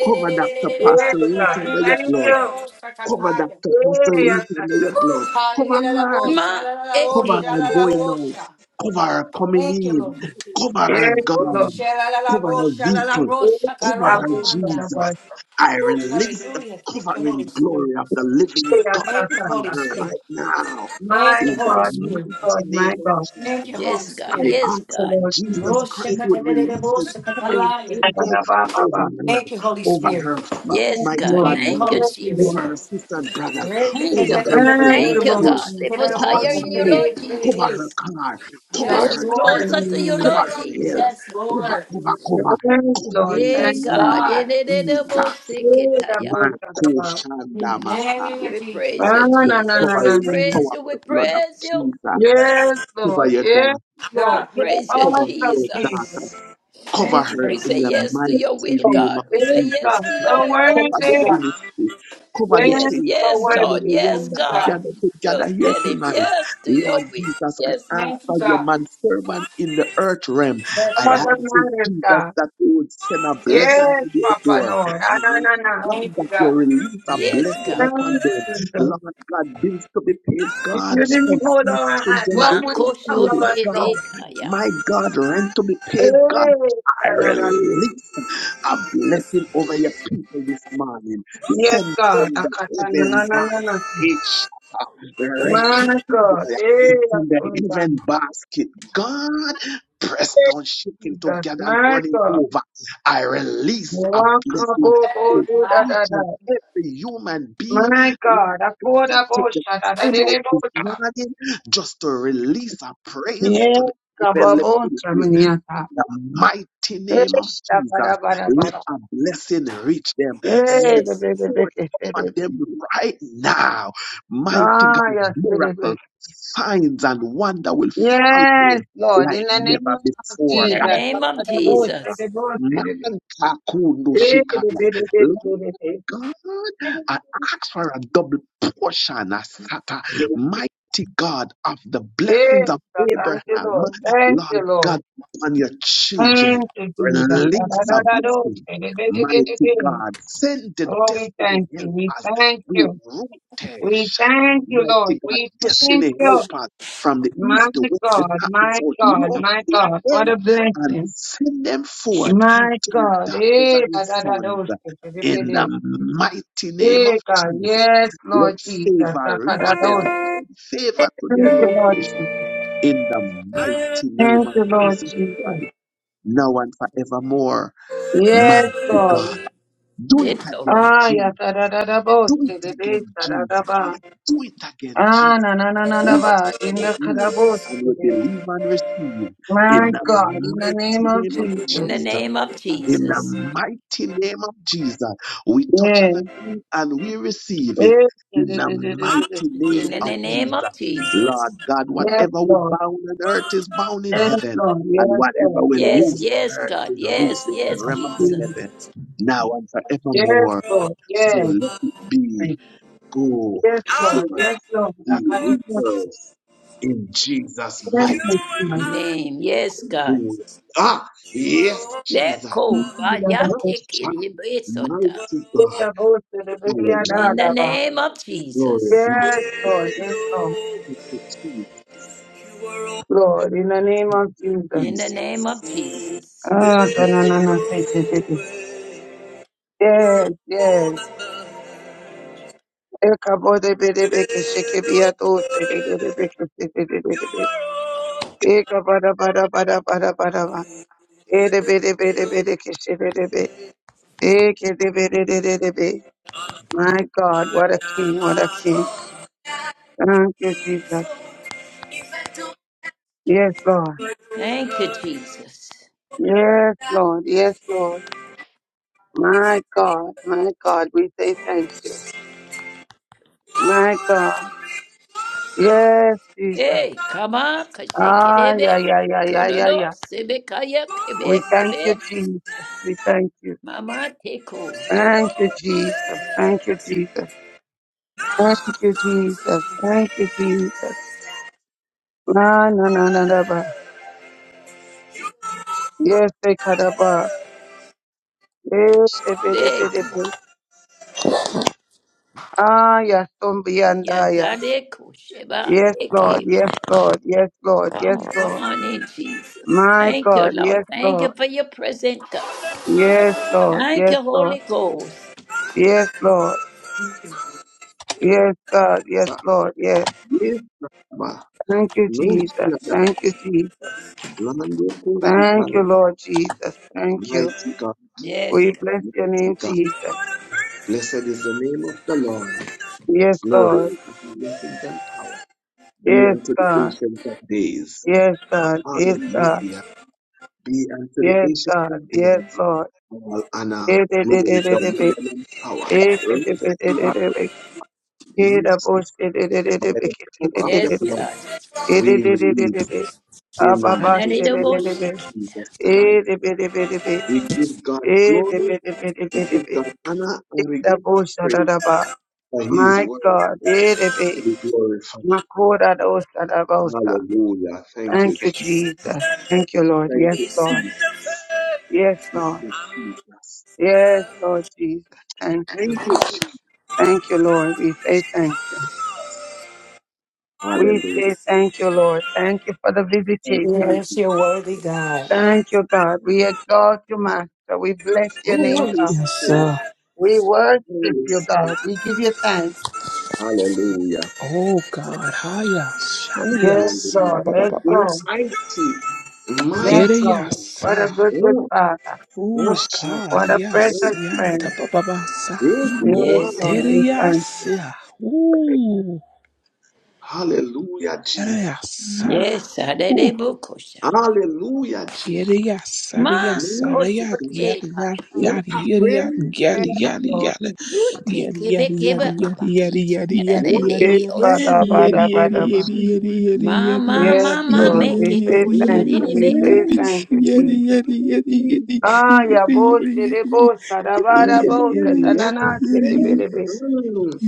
S7: Cover Dr. Pastor
S2: Yes,
S7: Ruth
S2: God.
S7: under your
S2: Thank
S7: blood.
S2: you.
S7: Cover
S12: Woo!
S7: Dr.
S2: Yes,
S7: Pastor Ruth
S2: yes,
S7: under
S2: yes,
S7: your
S12: Woo!
S7: blood. Cover
S12: Hallelujah.
S7: her.
S5: Ma
S12: Shalalala,
S7: Cover her going
S12: shalalala,
S7: out.
S12: sha.
S5: ekekebekusha.
S7: Cover her coming
S12: Thank you,
S7: in.
S12: Lord.
S7: Cover her
S2: Yes,
S12: Woo!
S2: Lord.
S7: God.
S12: Shalalala,
S7: Cover her vehicle.
S12: shalalala,
S2: Yes,
S7: Cover
S2: God,
S7: her
S12: shakalot,
S2: yes,
S12: manda.
S2: God,
S7: Jesus.
S2: God.
S7: I
S12: Woo!
S7: release the
S12: Hallelujah. Thank you, Holy
S7: covering glory
S12: Spirit.
S7: of the
S2: Yes,
S7: living
S2: yes,
S7: God
S2: yes,
S12: Thank you,
S7: upon
S12: Holy
S2: yes.
S7: her
S12: Spirit.
S7: right now.
S12: Thank
S2: My
S12: you,
S7: In the
S12: Holy
S2: God, my
S12: Spirit.
S2: God,
S7: mighty
S2: my
S7: name of
S2: God.
S12: Thank
S7: Jesus.
S12: you, Holy
S5: Yes, God.
S7: I
S12: Spirit.
S5: Yes,
S7: ask
S2: The
S7: that
S5: God.
S2: Lord
S7: Jesus
S12: Oh,
S2: Jesus.
S7: Christ would
S12: shakatadadada,
S7: release
S12: bo,
S7: his covering
S12: shakatalaya.
S2: Yes,
S7: angel over her,
S12: Thank you, Holy
S7: over
S12: Spirit.
S7: her fa-
S5: Yes,
S7: mighty
S5: God.
S2: Lord.
S7: God
S12: Thank you,
S5: Thank you,
S7: mother,
S12: Holy
S2: Yes, Lord. Yes,
S12: Spirit.
S5: Jesus.
S7: over
S2: Lord.
S7: her sister and brother,
S12: Yes,
S5: Thank you,
S7: over
S5: God.
S7: her
S2: Thank you,
S5: Thank you,
S2: Lord
S7: workplace,
S5: God. Lift us
S2: Jesus.
S7: cover
S2: Yes,
S5: higher
S7: her
S5: in you,
S7: house,
S2: Lord.
S5: Lord
S7: cover her
S5: Jesus.
S7: car, cover
S5: Draw
S2: Yes,
S5: us
S7: her
S12: Lord.
S5: closer
S7: Jesus,
S5: to you,
S2: Lord.
S7: cover
S5: Lord
S7: her health,
S5: Jesus.
S12: Yes,
S7: cover,
S12: Lord.
S7: cover,
S2: Yes,
S7: cover, cover
S2: Lord.
S7: in the
S5: Yeah,
S2: Thank
S12: Yes,
S2: you.
S7: name
S5: God.
S7: of
S12: God.
S7: Jesus,
S2: Yes,
S5: Erererebusikitaya.
S2: God, God,
S7: Marco
S2: God.
S12: In
S7: Shanda
S12: the name of
S7: Messiah,
S5: We
S12: Jesus,
S5: praise
S2: Ah,
S5: you,
S2: no,
S7: the
S2: no, no, no,
S5: Jesus. We
S2: no.
S7: covering
S2: no.
S7: power
S5: praise
S7: of
S5: you. We
S7: the blood of
S5: praise you.
S7: Jesus,
S2: Yes,
S7: cover
S2: Lord.
S7: your
S2: Yes,
S7: dad,
S5: We
S2: Lord.
S12: God,
S2: You're
S5: praise you,
S7: cover
S2: awesome,
S7: your daughter.
S2: Jesus.
S5: Jesus.
S7: Cover
S12: thank you,
S5: And
S7: her
S12: God.
S5: we say
S7: in the
S5: yes to
S2: Yes,
S7: mighty
S5: your will,
S2: Lord.
S7: name
S5: God.
S7: of
S5: We say
S2: Yes,
S5: yes
S7: Jesus
S2: God.
S5: to
S7: Christ.
S5: your
S2: So
S5: will, Lord
S12: Thank
S2: worthy.
S7: Cover the
S12: you,
S5: Jesus.
S12: God.
S7: ministry. Cover the
S2: Yes,
S5: Yes,
S7: saints.
S2: so
S5: yes,
S7: Each and
S5: Lord.
S7: every
S2: worthy.
S7: one
S5: Yes,
S12: Thank you,
S7: that
S12: God.
S5: God.
S7: gathered together
S5: Just
S7: here
S5: tell him
S7: tonight.
S5: yes to
S7: Lord
S5: your will.
S7: Jesus, I
S5: Yes,
S7: ask
S5: God.
S12: Thank you,
S7: for your
S12: God.
S7: man servant in the earth realm.
S2: All
S12: Yes,
S7: I ask
S2: that
S12: Lord.
S7: you,
S2: matters,
S7: Jesus,
S2: God.
S7: that you would send a
S12: Thank you,
S7: blessing
S2: Yes,
S7: to
S12: Jesus.
S7: their
S2: Papa,
S7: door.
S2: Lord. Ah,
S7: I
S2: no,
S7: ask
S2: no, no.
S7: God
S12: Thank you,
S7: that you
S12: God.
S7: release a
S5: Yes,
S7: blessing
S5: God.
S2: Yes,
S7: upon them.
S2: Jesus.
S7: Lord God, bills to be paid.
S2: If you
S7: God, school
S2: didn't hold
S7: fees,
S2: our hand,
S7: children
S2: what
S7: going
S2: would
S7: to
S2: become
S7: school,
S2: of us,
S7: job,
S2: Lord?
S5: Makoshotebekaya.
S7: my God, rent to be paid. God,
S2: Yes,
S7: I
S2: da, da, da, da.
S7: release a blessing over your people this morning.
S2: Yes,
S7: Send
S2: God.
S7: from
S2: Ah,
S7: the
S2: no, no,
S7: heaven
S2: no, no, no.
S7: basket. Receive
S2: My God. Yes,
S7: From the heaven basket. God, press down, shaking
S2: Jesus.
S7: together and
S2: My
S7: running
S2: God.
S7: over. I release a blessing over
S12: My.
S7: each
S2: Wakabobo-da-da-da.
S7: and every human being.
S2: My
S7: Lord
S2: God,
S7: God, you take the time out this
S2: Akodabosha-da-da-da-da-da.
S7: morning just to release a praise to the heavenly places
S2: Yekababosha-miniata.
S7: the mighty name of Jesus, let
S2: Yeshabarabarabara.
S7: a blessing reach them. Send
S5: Yes.
S7: forth upon
S2: Yebebebebebebebe.
S7: them right now. Mighty God,
S2: Ah, yes, bebebe.
S7: miracle, signs, and wonder will follow
S2: Yes,
S7: them
S2: Lord, in
S7: like
S2: the name
S7: never
S2: of
S5: In
S7: before.
S5: the
S7: Ah,
S2: Jesus.
S5: name of
S7: oh,
S5: Jesus.
S2: Akadabosha-da-da-da-da. Yebebebebebebebe. Yes,
S7: Mankakundushika.
S2: baby, baby, baby.
S7: I ask for a double portion, Asata, mighty God of the
S2: Yes,
S7: blessings of
S2: thank you,
S7: Abraham,
S2: Lord. Thank
S7: Lord
S2: you, Lord.
S7: God, upon your children.
S2: Thank you, Jesus.
S7: Release a
S2: Da-da-da-da-do.
S7: blessing, mighty
S2: Di-di-di-di-di-di.
S7: God. Send the
S2: Oh, we
S7: destiny
S2: thank you.
S7: help
S2: We
S7: us.
S2: thank
S7: We
S2: you.
S7: rooted,
S2: We thank you, Lord.
S7: mighty God,
S2: We thank
S7: destiny
S2: you.
S7: help us from the
S2: My
S7: east, the west, the
S2: God,
S7: north, the
S2: my
S7: south.
S2: God, my
S7: Locate
S2: God. What
S7: them
S2: a
S7: and
S2: blessing.
S7: send them forth
S2: My
S7: to your
S2: God.
S7: daughters
S2: Eh,
S7: and your
S2: da-da-da-do.
S7: sons. In
S2: Di-di-di-di.
S7: the mighty name
S2: Eh,
S7: of
S2: God.
S7: Jesus,
S2: Yes,
S7: let
S2: Lord Jesus.
S7: favor reach
S2: Da-da-da-do.
S7: them. Send Favor to their
S2: Thank you, Lord
S7: location.
S2: Jesus.
S7: In the mighty name
S2: Thank
S7: of
S2: you, Lord
S7: Jesus
S2: Jesus.
S7: Christ, now and forevermore,
S2: Yes,
S7: mighty
S2: Lord.
S7: God. Do it
S5: Get over.
S7: again,
S2: Ah,
S7: Jesus.
S2: yeah, da da da da bo,
S7: Do
S2: da
S7: it
S2: da
S7: again,
S2: da
S7: Jesus.
S2: da da
S7: Do it again,
S2: Ah,
S7: Jesus.
S2: na na na na na
S7: We
S2: ba
S7: touch
S2: in
S7: and
S2: the
S7: agree
S2: Kadabos.
S7: and we believe and receive
S2: My
S7: in the
S2: God, in the name
S7: mighty
S2: of
S7: name of
S5: In
S2: Jesus.
S5: the
S7: Jesus.
S5: name of
S7: In the
S5: Jesus.
S7: mighty name of Jesus, we touch and
S2: Yes.
S7: agree and we receive it.
S2: Yes, Yes,
S7: In
S2: yes,
S7: the
S2: yes, yes, yes,
S7: mighty
S2: yes,
S5: In
S7: name
S5: the
S2: yes,
S7: of
S2: yes, yes, yes,
S7: Jesus.
S5: name of
S7: Lord
S5: Jesus.
S7: God,
S2: yes, yes,
S7: whatever we
S2: Lord.
S7: bound on earth is bound in
S2: Yes,
S7: heaven,
S2: Lord.
S7: and
S2: Yes,
S7: whatever
S2: Lord.
S7: we
S2: Yes.
S5: Yes,
S7: loose on
S5: yes,
S7: earth
S5: God.
S7: is
S5: Yes,
S7: loose in the
S5: yes,
S7: realm of the
S5: Jesus.
S7: heaven, now and
S2: Yes,
S7: forevermore.
S2: Lord.
S7: So
S2: Yes.
S7: let it be. Go
S2: Yes, Lord.
S7: forth,
S2: Yes,
S1: make it
S2: Lord. I
S7: the
S2: can
S1: work
S2: feel
S1: so
S7: earth, in Jesus'
S1: you
S7: mighty
S1: and
S2: my Yes,
S1: I.
S5: Name. Yes, God.
S7: name. Ah,
S1: You are
S7: yes,
S1: all
S7: Jesus.
S5: Leko
S1: I-
S2: Lord.
S1: you
S5: bayatekedebesota.
S1: are
S7: Mighty God.
S1: all
S5: In
S7: Hallelujah.
S5: the name of
S7: Glory
S5: Jesus.
S7: be to
S2: Yes, Lord.
S1: hey
S2: yes,
S1: yo,
S7: you.
S1: You are all
S2: Lord, in the name of Jesus.
S5: In the
S7: Please.
S5: name of
S1: way,
S5: Jesus.
S2: Ah, ta na na na, say say say.
S1: oh,
S2: te.
S1: way. You are
S2: Yes,
S1: all
S2: yes.
S1: that I-
S2: Eka bo de be de be ke
S1: Hey
S2: sheke bi
S1: yo,
S2: ato te de de de be
S1: way.
S2: ke te te
S1: You are all
S2: Eka bara bara bara bara bara ba.
S1: hey
S2: E de be de be de be
S1: yo.
S2: de ke she de be. E de be de de de be. My
S1: I
S2: God, what a king,
S1: am
S2: what a
S1: an
S2: king.
S1: old man.
S2: Thank you, Jesus.
S1: so If I don't
S2: Yes, Lord.
S5: Thank you,
S1: love you,
S5: Jesus.
S2: Yes, Lord. Yes, Lord. My God, my God, we say thank you.
S1: what
S2: My
S1: would I
S2: God.
S1: be
S2: Yes, Jesus.
S5: Hey, come on,
S2: Ah, yeah,
S5: kashekerebe,
S2: yeah, yeah, yeah, yeah,
S5: kudodo,
S2: yeah.
S5: sebekaya,
S2: We
S5: kebe,
S2: thank you,
S5: kebe,
S2: Jesus. We thank you.
S5: mama teko,
S2: Thank you, Jesus. Thank you, Jesus. Thank you, Jesus. Thank you, Jesus. Na na na na na ba. Yes, they kadaba. Yes, eh, eh, eh, eh, eh,
S5: beka,
S2: eh. Ah, yes, umbiandaya.
S5: yantadeko, sheba,
S2: Yes, Lord.
S5: eke.
S2: Yes, Lord. Yes, Lord. Yes,
S5: Come, come
S2: Lord.
S5: on in, Jesus.
S2: My
S5: Thank you,
S2: God.
S5: Lord.
S2: Yes,
S5: Thank you
S2: Lord.
S5: for your present, God.
S2: Yes, Lord.
S5: Thank
S2: Yes,
S5: you,
S2: Lord.
S5: Holy Ghost.
S2: Yes, Lord. Yes, God. Yes, Lord. Yes.
S7: Yeba.
S2: Thank you,
S7: No
S2: Jesus.
S7: fear
S2: Thank you, Jesus.
S7: Lando
S2: Thank you,
S7: Koshika.
S2: Lord Jesus. Thank you.
S7: Mighty God.
S5: Yes,
S2: We
S5: God.
S2: bless your
S7: Mighty
S2: name,
S7: God.
S2: Jesus.
S7: Blessed is the name of the Lord.
S2: Yes,
S7: Glory
S2: Lord.
S7: and blessings and power. Be
S2: Yes,
S7: unto the
S2: God.
S7: ancient of days.
S2: Yes, God. Yes, God.
S7: Hallelujah. Be unto the
S2: Yes,
S7: ancient
S2: God.
S7: of
S2: Yes,
S7: days.
S2: Lord.
S7: All honor,
S2: Yes, Lord. Yes, Lord.
S7: glory,
S2: Yes, Lord.
S7: dominion, and power.
S2: Yes,
S7: Earth, sea, and by the
S2: Lord.
S7: power of the
S5: Yes,
S7: blood,
S5: God.
S2: Yes,
S7: we
S2: Lord.
S7: release. In the mighty name of
S5: Ananidoboshiki.
S7: Jesus Christ, we give God glory, we give God honor, and we give God
S2: Yes,
S7: praise
S2: Lord.
S7: that He is
S2: My
S7: worthy
S2: God.
S7: to
S2: Erebe,
S7: be glorified.
S2: makora dosa da bosa.
S7: Hallelujah. Thank you,
S2: Thank you,
S7: Jesus.
S2: Jesus. Thank you, Lord.
S7: Thank
S2: Yes,
S7: you,
S1: Is
S2: Lord.
S1: it
S7: Jesus.
S1: the fact
S2: Yes,
S7: Thank
S2: Lord.
S7: you,
S1: I'm
S7: Jesus.
S2: Yes,
S1: down?
S2: Lord Jesus. Thank you.
S7: Thank you, Jesus.
S1: What
S2: Thank you,
S1: would
S2: Lord.
S1: have
S2: We say thank you.
S1: become of I
S2: We
S7: Hallelujah.
S1: didn't
S2: say
S1: see
S2: thank you, Lord.
S1: your
S2: Thank
S1: light.
S2: you for the
S7: Thank you,
S2: visitation.
S12: Yes, you're
S1: We're
S12: worthy, God.
S2: Thank you, God. We exalt you, Master. We bless your name,
S7: Holy
S2: God.
S15: yes,
S7: Spirit.
S15: sir.
S2: We worship
S7: Holy
S2: you, God.
S7: Spirit.
S2: We give you thanks.
S7: Hallelujah.
S15: Oh, God, hiya, shaniya,
S2: Yes,
S15: sa ba
S7: Hallelujah.
S2: Lord.
S15: ba ba
S2: Let's
S15: ba ba.
S2: go.
S7: Mighty,
S2: Yes,
S15: Here
S7: mighty
S2: Lord.
S7: God.
S15: yes.
S2: What a good, good
S7: Oh,
S2: Father.
S15: Oh
S7: Russia,
S15: God,
S2: What a
S15: yes,
S2: precious
S7: mighty
S15: yeah,
S7: God.
S2: friend.
S15: tababasa,
S7: Eh, come
S2: Yes,
S7: on.
S5: Yes,
S2: Lord,
S15: dere
S5: God.
S2: we thank
S15: yes, yeah,
S2: you.
S15: ooh,
S7: Hallelujah,
S15: yada
S7: Jesus.
S15: yes, ah,
S5: Yes,
S15: ooh,
S5: Adedebokosha.
S7: Hallelujah,
S15: yada
S7: Jesus.
S15: yes, yada
S5: Ma
S15: yes, yada
S7: Mighty
S15: yada
S7: God.
S5: koshote
S15: yada
S5: ba
S7: What
S15: yada yada
S7: a
S15: yada
S7: friend we
S2: Yes,
S15: yada yada
S7: have
S15: yada
S7: in
S2: Lord.
S15: yada
S5: yute kebe
S7: Jesus.
S5: kebe
S15: yada yada yada yada
S5: kabaki
S15: yada yada yada
S5: rere
S7: What
S15: yada
S5: de
S7: a
S2: Yes,
S5: dioso.
S2: Bada,
S7: friend we
S2: Bada,
S7: have
S2: Bada,
S7: in
S2: Bada.
S7: Jesus.
S5: Ma ma
S2: Yes,
S5: ma ma
S2: Lord,
S7: Wow.
S5: make
S2: we
S5: it
S2: say
S5: to
S2: thank
S7: What a
S2: you.
S5: sharere
S2: We
S5: be
S2: say
S5: kata.
S7: friend
S2: thank you,
S7: we
S15: yada yada yada yada Yeti, yeti,
S2: Jesus.
S7: have
S15: yeti, yeti,
S7: in
S15: yeti, yeti, yeti, yeti, yeti, yeti, yeti, yeti, yeti, yeti, yeti,
S7: Jesus.
S2: Ah, ya boshi de
S15: yeti,
S2: bosa da
S15: yeti,
S7: What
S2: bada
S7: a
S15: yeti,
S2: bosa
S7: friend.
S15: yeti,
S7: What a
S2: tanana
S15: yeti,
S2: seke
S15: yeti,
S7: friend
S2: berebe.
S7: mm,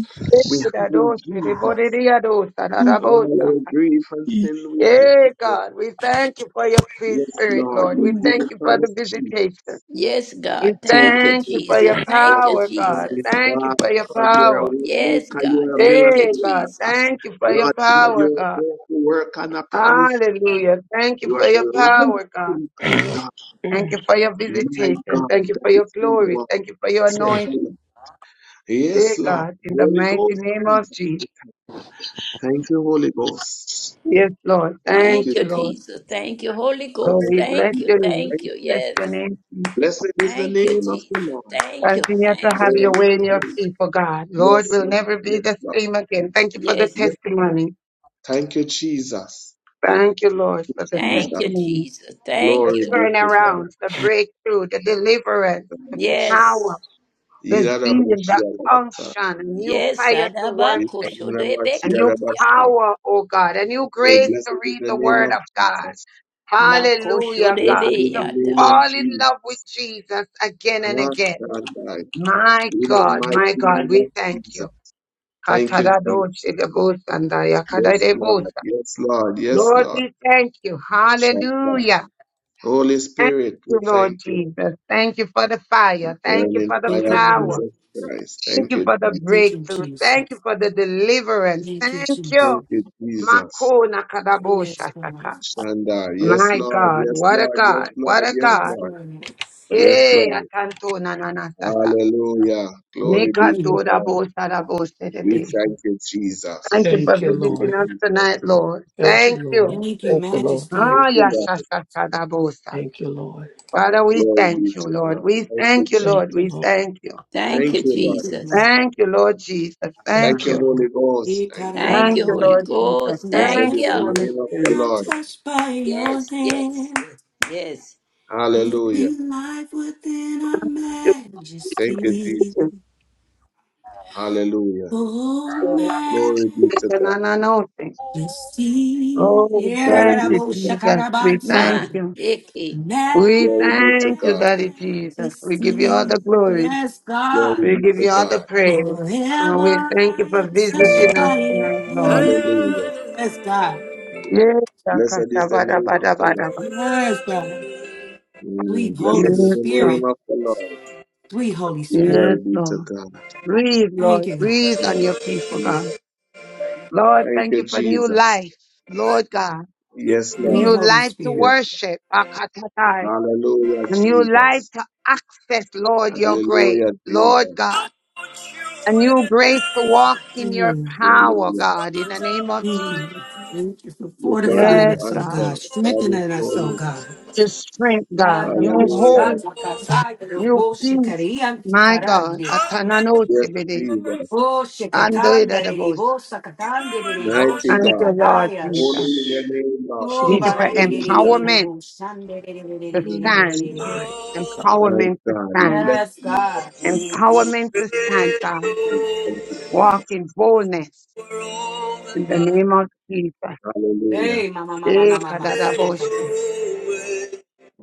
S7: we
S2: Da
S7: have in
S2: doshi de bode
S7: Jesus.
S2: de ya dosa da
S15: Ooh,
S2: da bosa.
S7: Our grief and
S15: ee,
S7: sin we
S2: Hey
S7: bear.
S2: God, we thank you for your free
S7: Yes,
S2: spirit,
S7: Lord,
S2: Lord. We
S7: you
S15: ooh.
S7: did
S2: thank
S7: it
S2: you
S7: for
S2: for the
S7: us, Jesus.
S2: visitation.
S5: Yes,
S2: We
S5: God.
S7: Take
S5: Thank you,
S7: it
S2: thank you for
S5: Jesus.
S2: your
S7: away, Lord,
S5: Thank you,
S7: this
S2: power, God.
S7: morning,
S5: Jesus.
S2: Thank you
S7: God,
S2: for your
S7: because you're
S2: power.
S7: a way
S5: Yes,
S7: maker,
S5: God.
S7: you're a
S5: Thank you,
S7: miracle
S2: Hey, God,
S7: worker.
S5: Jesus.
S2: thank you for your
S7: Lord God,
S2: power,
S7: you're a
S2: God.
S7: miracle worker, and I promise
S2: Hallelujah. Thank you
S7: you are
S2: for your
S7: the light
S2: power, God.
S7: in the dark.
S2: Thank
S15: Mm.
S2: you for your
S7: My
S2: visitation.
S7: God,
S2: Thank you
S7: that
S2: for your
S7: is who you
S2: glory.
S7: are.
S2: Thank you for your
S7: Say me.
S2: anointing.
S7: Yes,
S2: Hey,
S7: Lord.
S2: God, in the
S7: Holy
S2: mighty
S7: Ghost,
S2: name of
S7: Jesus.
S2: Jesus.
S7: we thank you. Thank you, Holy Ghost.
S2: Yes, Lord.
S7: Thank
S2: Thank
S7: you,
S5: Thank
S2: you,
S5: you,
S2: Lord.
S7: Jesus.
S5: Jesus. Thank you, Holy
S2: Oh,
S5: Ghost.
S7: Thank
S2: we
S7: you,
S2: bless
S5: Thank you.
S2: your
S7: Jesus.
S2: name.
S7: Thank
S5: Thank
S2: We
S5: you.
S7: you.
S2: bless
S7: Lord.
S5: Yes.
S2: your name. Jesus.
S7: Blessed is the
S5: Thank you,
S7: name of the
S5: Jesus.
S7: Lord.
S5: Thank you.
S2: Continue
S5: Thank
S2: to
S5: you,
S2: have
S5: Holy
S2: your
S7: Holy
S2: way in your
S7: Spirit.
S5: Ghost.
S2: people, God. Lord,
S7: Yes,
S2: will
S7: Lord.
S2: never be
S7: Yes,
S2: the
S7: Lord.
S2: same again. Thank you for the
S5: Yes.
S7: Yes, Lord.
S2: testimony.
S7: Thank you, Jesus.
S2: Thank you, Lord, for the
S5: Thank
S7: Jesus.
S5: you,
S2: testimony.
S5: Jesus.
S2: the
S5: Thank
S7: Glory
S5: you,
S7: be
S5: Lord.
S7: to God.
S2: turnarounds, the breakthrough, the deliverance, the
S7: Hallelujah.
S5: Yes.
S2: power, the zeal, the
S7: Irarabashiarabasa.
S2: unction, a new
S5: Yes,
S2: fire to
S5: Adaba
S2: worship, a new
S5: Koshodebeketia.
S7: Ikanarabashiarabasa.
S2: power, oh God, a new
S7: Oh,
S2: grace to
S7: blessed is
S2: read
S7: the
S2: the
S7: name
S2: word
S7: of
S2: of God.
S7: Jesus.
S2: Hallelujah, God.
S7: Blessed is
S2: To
S7: the name
S5: Makoshodebeyata.
S7: of
S2: fall in
S7: Jesus.
S2: love with Jesus again and again.
S7: Hashandai.
S2: My
S7: In the
S2: God, my
S7: mighty
S2: God,
S7: name
S2: we
S7: of
S2: thank
S7: Jesus.
S2: you.
S7: Thank you, Jesus. Yes, Lord.
S2: Katadadoshilabosandayakadadebosa.
S7: Yes, Lord. Yes,
S2: Lord,
S7: Lord.
S2: we thank you.
S7: Shaddai.
S2: Hallelujah.
S7: Holy
S2: Thank
S7: Spirit,
S2: you,
S7: we
S2: Lord
S7: thank you.
S2: Jesus. Thank you for the fire. Thank you
S7: Burning
S2: for the
S12: Thank
S7: fire
S12: you,
S7: of
S2: power.
S12: Lord.
S7: Jesus Christ.
S2: Thank
S7: Thank
S2: you
S7: you,
S2: for the
S7: Jesus.
S12: Thank you,
S2: breakthrough. Thank you
S12: Jesus.
S2: for the deliverance.
S12: Thank you,
S2: Thank
S12: Jesus.
S2: you.
S7: Thank you, Jesus.
S2: Makona
S12: Yes,
S2: kadabosha
S12: God.
S2: tata.
S7: Shandar. Yes,
S2: My
S7: Lord.
S2: God,
S7: Yes,
S2: what a
S7: Lord. Yes,
S2: God,
S7: Lord.
S2: what a
S7: Yes,
S2: God.
S12: Yes,
S7: Lord.
S12: Lord.
S7: Yes,
S2: Hey,
S7: Lord.
S2: atanto na na na tata.
S7: Hallelujah. Glory
S12: Thank
S7: be to
S12: you.
S2: Mekando da
S7: God.
S2: bo da bo de
S7: We
S12: Thank
S2: be.
S12: you.
S7: thank you,
S2: Thank
S7: Jesus.
S2: you
S7: We
S2: for
S15: Thank you,
S7: thank you,
S2: visiting
S15: Lord.
S2: us
S7: Jesus.
S2: tonight, Lord.
S15: Thank you,
S2: Thank
S15: Lord.
S2: you.
S12: Thank you,
S15: Thank you, Lord.
S12: Majesty.
S7: Thank
S2: Ah,
S7: you,
S2: yasha
S7: Lord.
S2: tata da bo
S15: Thank you, Lord.
S2: Father, we
S7: Glory be
S2: thank you,
S7: to
S2: Lord.
S7: God.
S2: We
S7: Thank you,
S2: thank you,
S15: Thank
S2: Lord.
S15: you,
S2: We
S7: Jesus.
S15: Lord.
S2: thank you.
S5: Thank you,
S7: Thank you, Lord.
S12: Thank you, Lord.
S5: Jesus.
S2: Thank you,
S7: Thank
S2: Lord
S7: you,
S2: Jesus.
S15: Thank
S7: Thank
S2: Thank
S15: you,
S7: you,
S2: you.
S15: Lord.
S7: Holy Ghost.
S12: Ye
S7: Thank you.
S5: Thank
S2: Thank
S5: you,
S2: you,
S5: Holy
S12: kararabaya.
S2: Lord Jesus.
S5: Ghost.
S7: Blessed
S2: Thank
S5: Thank
S7: is
S5: you.
S2: you,
S7: the
S12: Whenever
S2: Holy
S7: name of the
S12: we
S2: Spirit.
S12: are
S7: Lord.
S12: touched by your
S5: Yes, yes,
S12: hand.
S5: yes.
S7: Hallelujah.
S12: Living life within our
S2: Thank
S7: Thank you,
S12: majesty.
S7: Jesus.
S2: you,
S7: Hallelujah.
S12: Oh,
S2: Spirit.
S7: Glory be
S2: Thank
S7: to
S2: you, na,
S7: God.
S2: na, Oh,
S12: majesty.
S2: we
S7: Glory
S2: thank
S7: be
S2: you,
S7: to God.
S2: Jesus. We thank
S5: Ma,
S12: Yeraraboshakarabante.
S2: you.
S5: Eke.
S2: We
S7: Glory be to
S2: thank you,
S7: God.
S2: Daddy Jesus. We give you all
S12: Majesty.
S2: the glory.
S12: Yes, God.
S7: Glory
S2: We
S7: be
S2: give
S7: to
S2: you all the
S7: God.
S2: praise.
S12: Forever
S2: And we thank you
S12: I am
S2: for
S12: touched
S2: visiting
S12: by
S2: us
S12: your
S2: tonight, Lord.
S12: hand.
S7: Hallelujah.
S12: Yes, God.
S2: Yes,
S7: Blessed
S2: Akasha,
S7: is the
S2: bada,
S7: name of
S2: bada,
S7: the
S2: bada,
S7: Lord.
S2: bada.
S12: Yes, God. Sweet
S7: Mm, Blessed
S12: Holy
S7: is
S2: Yes,
S7: the name
S2: God.
S12: Spirit.
S7: of the Lord.
S12: Sweet Holy Spirit.
S7: Glory
S2: Yes,
S7: be to
S2: Lord.
S7: God.
S2: Breathe,
S12: Thank
S2: Lord.
S12: you, God.
S2: Breathe on your
S7: Thank you,
S2: people, God.
S7: Jesus.
S2: Lord,
S7: Thank
S2: thank
S7: you,
S2: you for new
S7: Jesus.
S2: life, Lord God.
S7: Yes,
S2: A
S12: Sweet
S7: Lord.
S2: new
S12: Holy
S2: life to
S12: Spirit.
S7: Yes.
S2: worship, Akatatai.
S7: Hallelujah,
S2: A new life
S7: Jesus.
S2: to access, Lord, your grace,
S7: Hallelujah,
S2: Lord
S7: Jesus.
S2: God. A new grace to walk in your
S12: Mm.
S2: power,
S7: Hallelujah.
S2: God, in the name of
S12: Thank
S2: Jesus.
S12: you. Thank you for
S7: Your God is
S12: fortifying
S2: Yes,
S12: us, oh
S2: God.
S12: God,
S7: answered. God is
S12: strengthening us, oh
S7: holy.
S12: God.
S2: To strength, God.
S12: Nada
S2: New hope,
S7: Hallelujah.
S12: bashata kasaya
S2: new
S12: robo
S2: peace.
S12: shikarian
S2: My God.
S12: sikarande.
S7: Yes,
S2: Atananotibidi.
S7: Jesus.
S12: O shikatanda
S2: Andoidadabos.
S12: rebo sakatande rebo
S7: Mighty
S2: Thank you,
S7: God.
S2: Lord
S12: shikatandaya.
S7: Holy
S2: Jesus.
S7: in your name, Lord.
S12: O
S2: Thank you
S15: Jesus,
S2: for
S7: Hallelujah.
S2: empowerment
S12: barerebo shande
S2: to
S7: Mm,
S2: stand.
S12: rererererererererere.
S15: my God.
S7: My
S2: Empowerment to
S7: God. We
S2: stand
S7: bless
S12: Yes,
S7: the name of
S12: God.
S7: Jesus.
S2: Empowerment to stand, God.
S7: We thank you,
S2: Walk
S7: Jesus.
S2: in boldness in the name of Jesus.
S7: Hallelujah.
S12: Hey, mama, mama, mama,
S2: Eh,
S12: mama, sakata.
S2: kadadaboshi.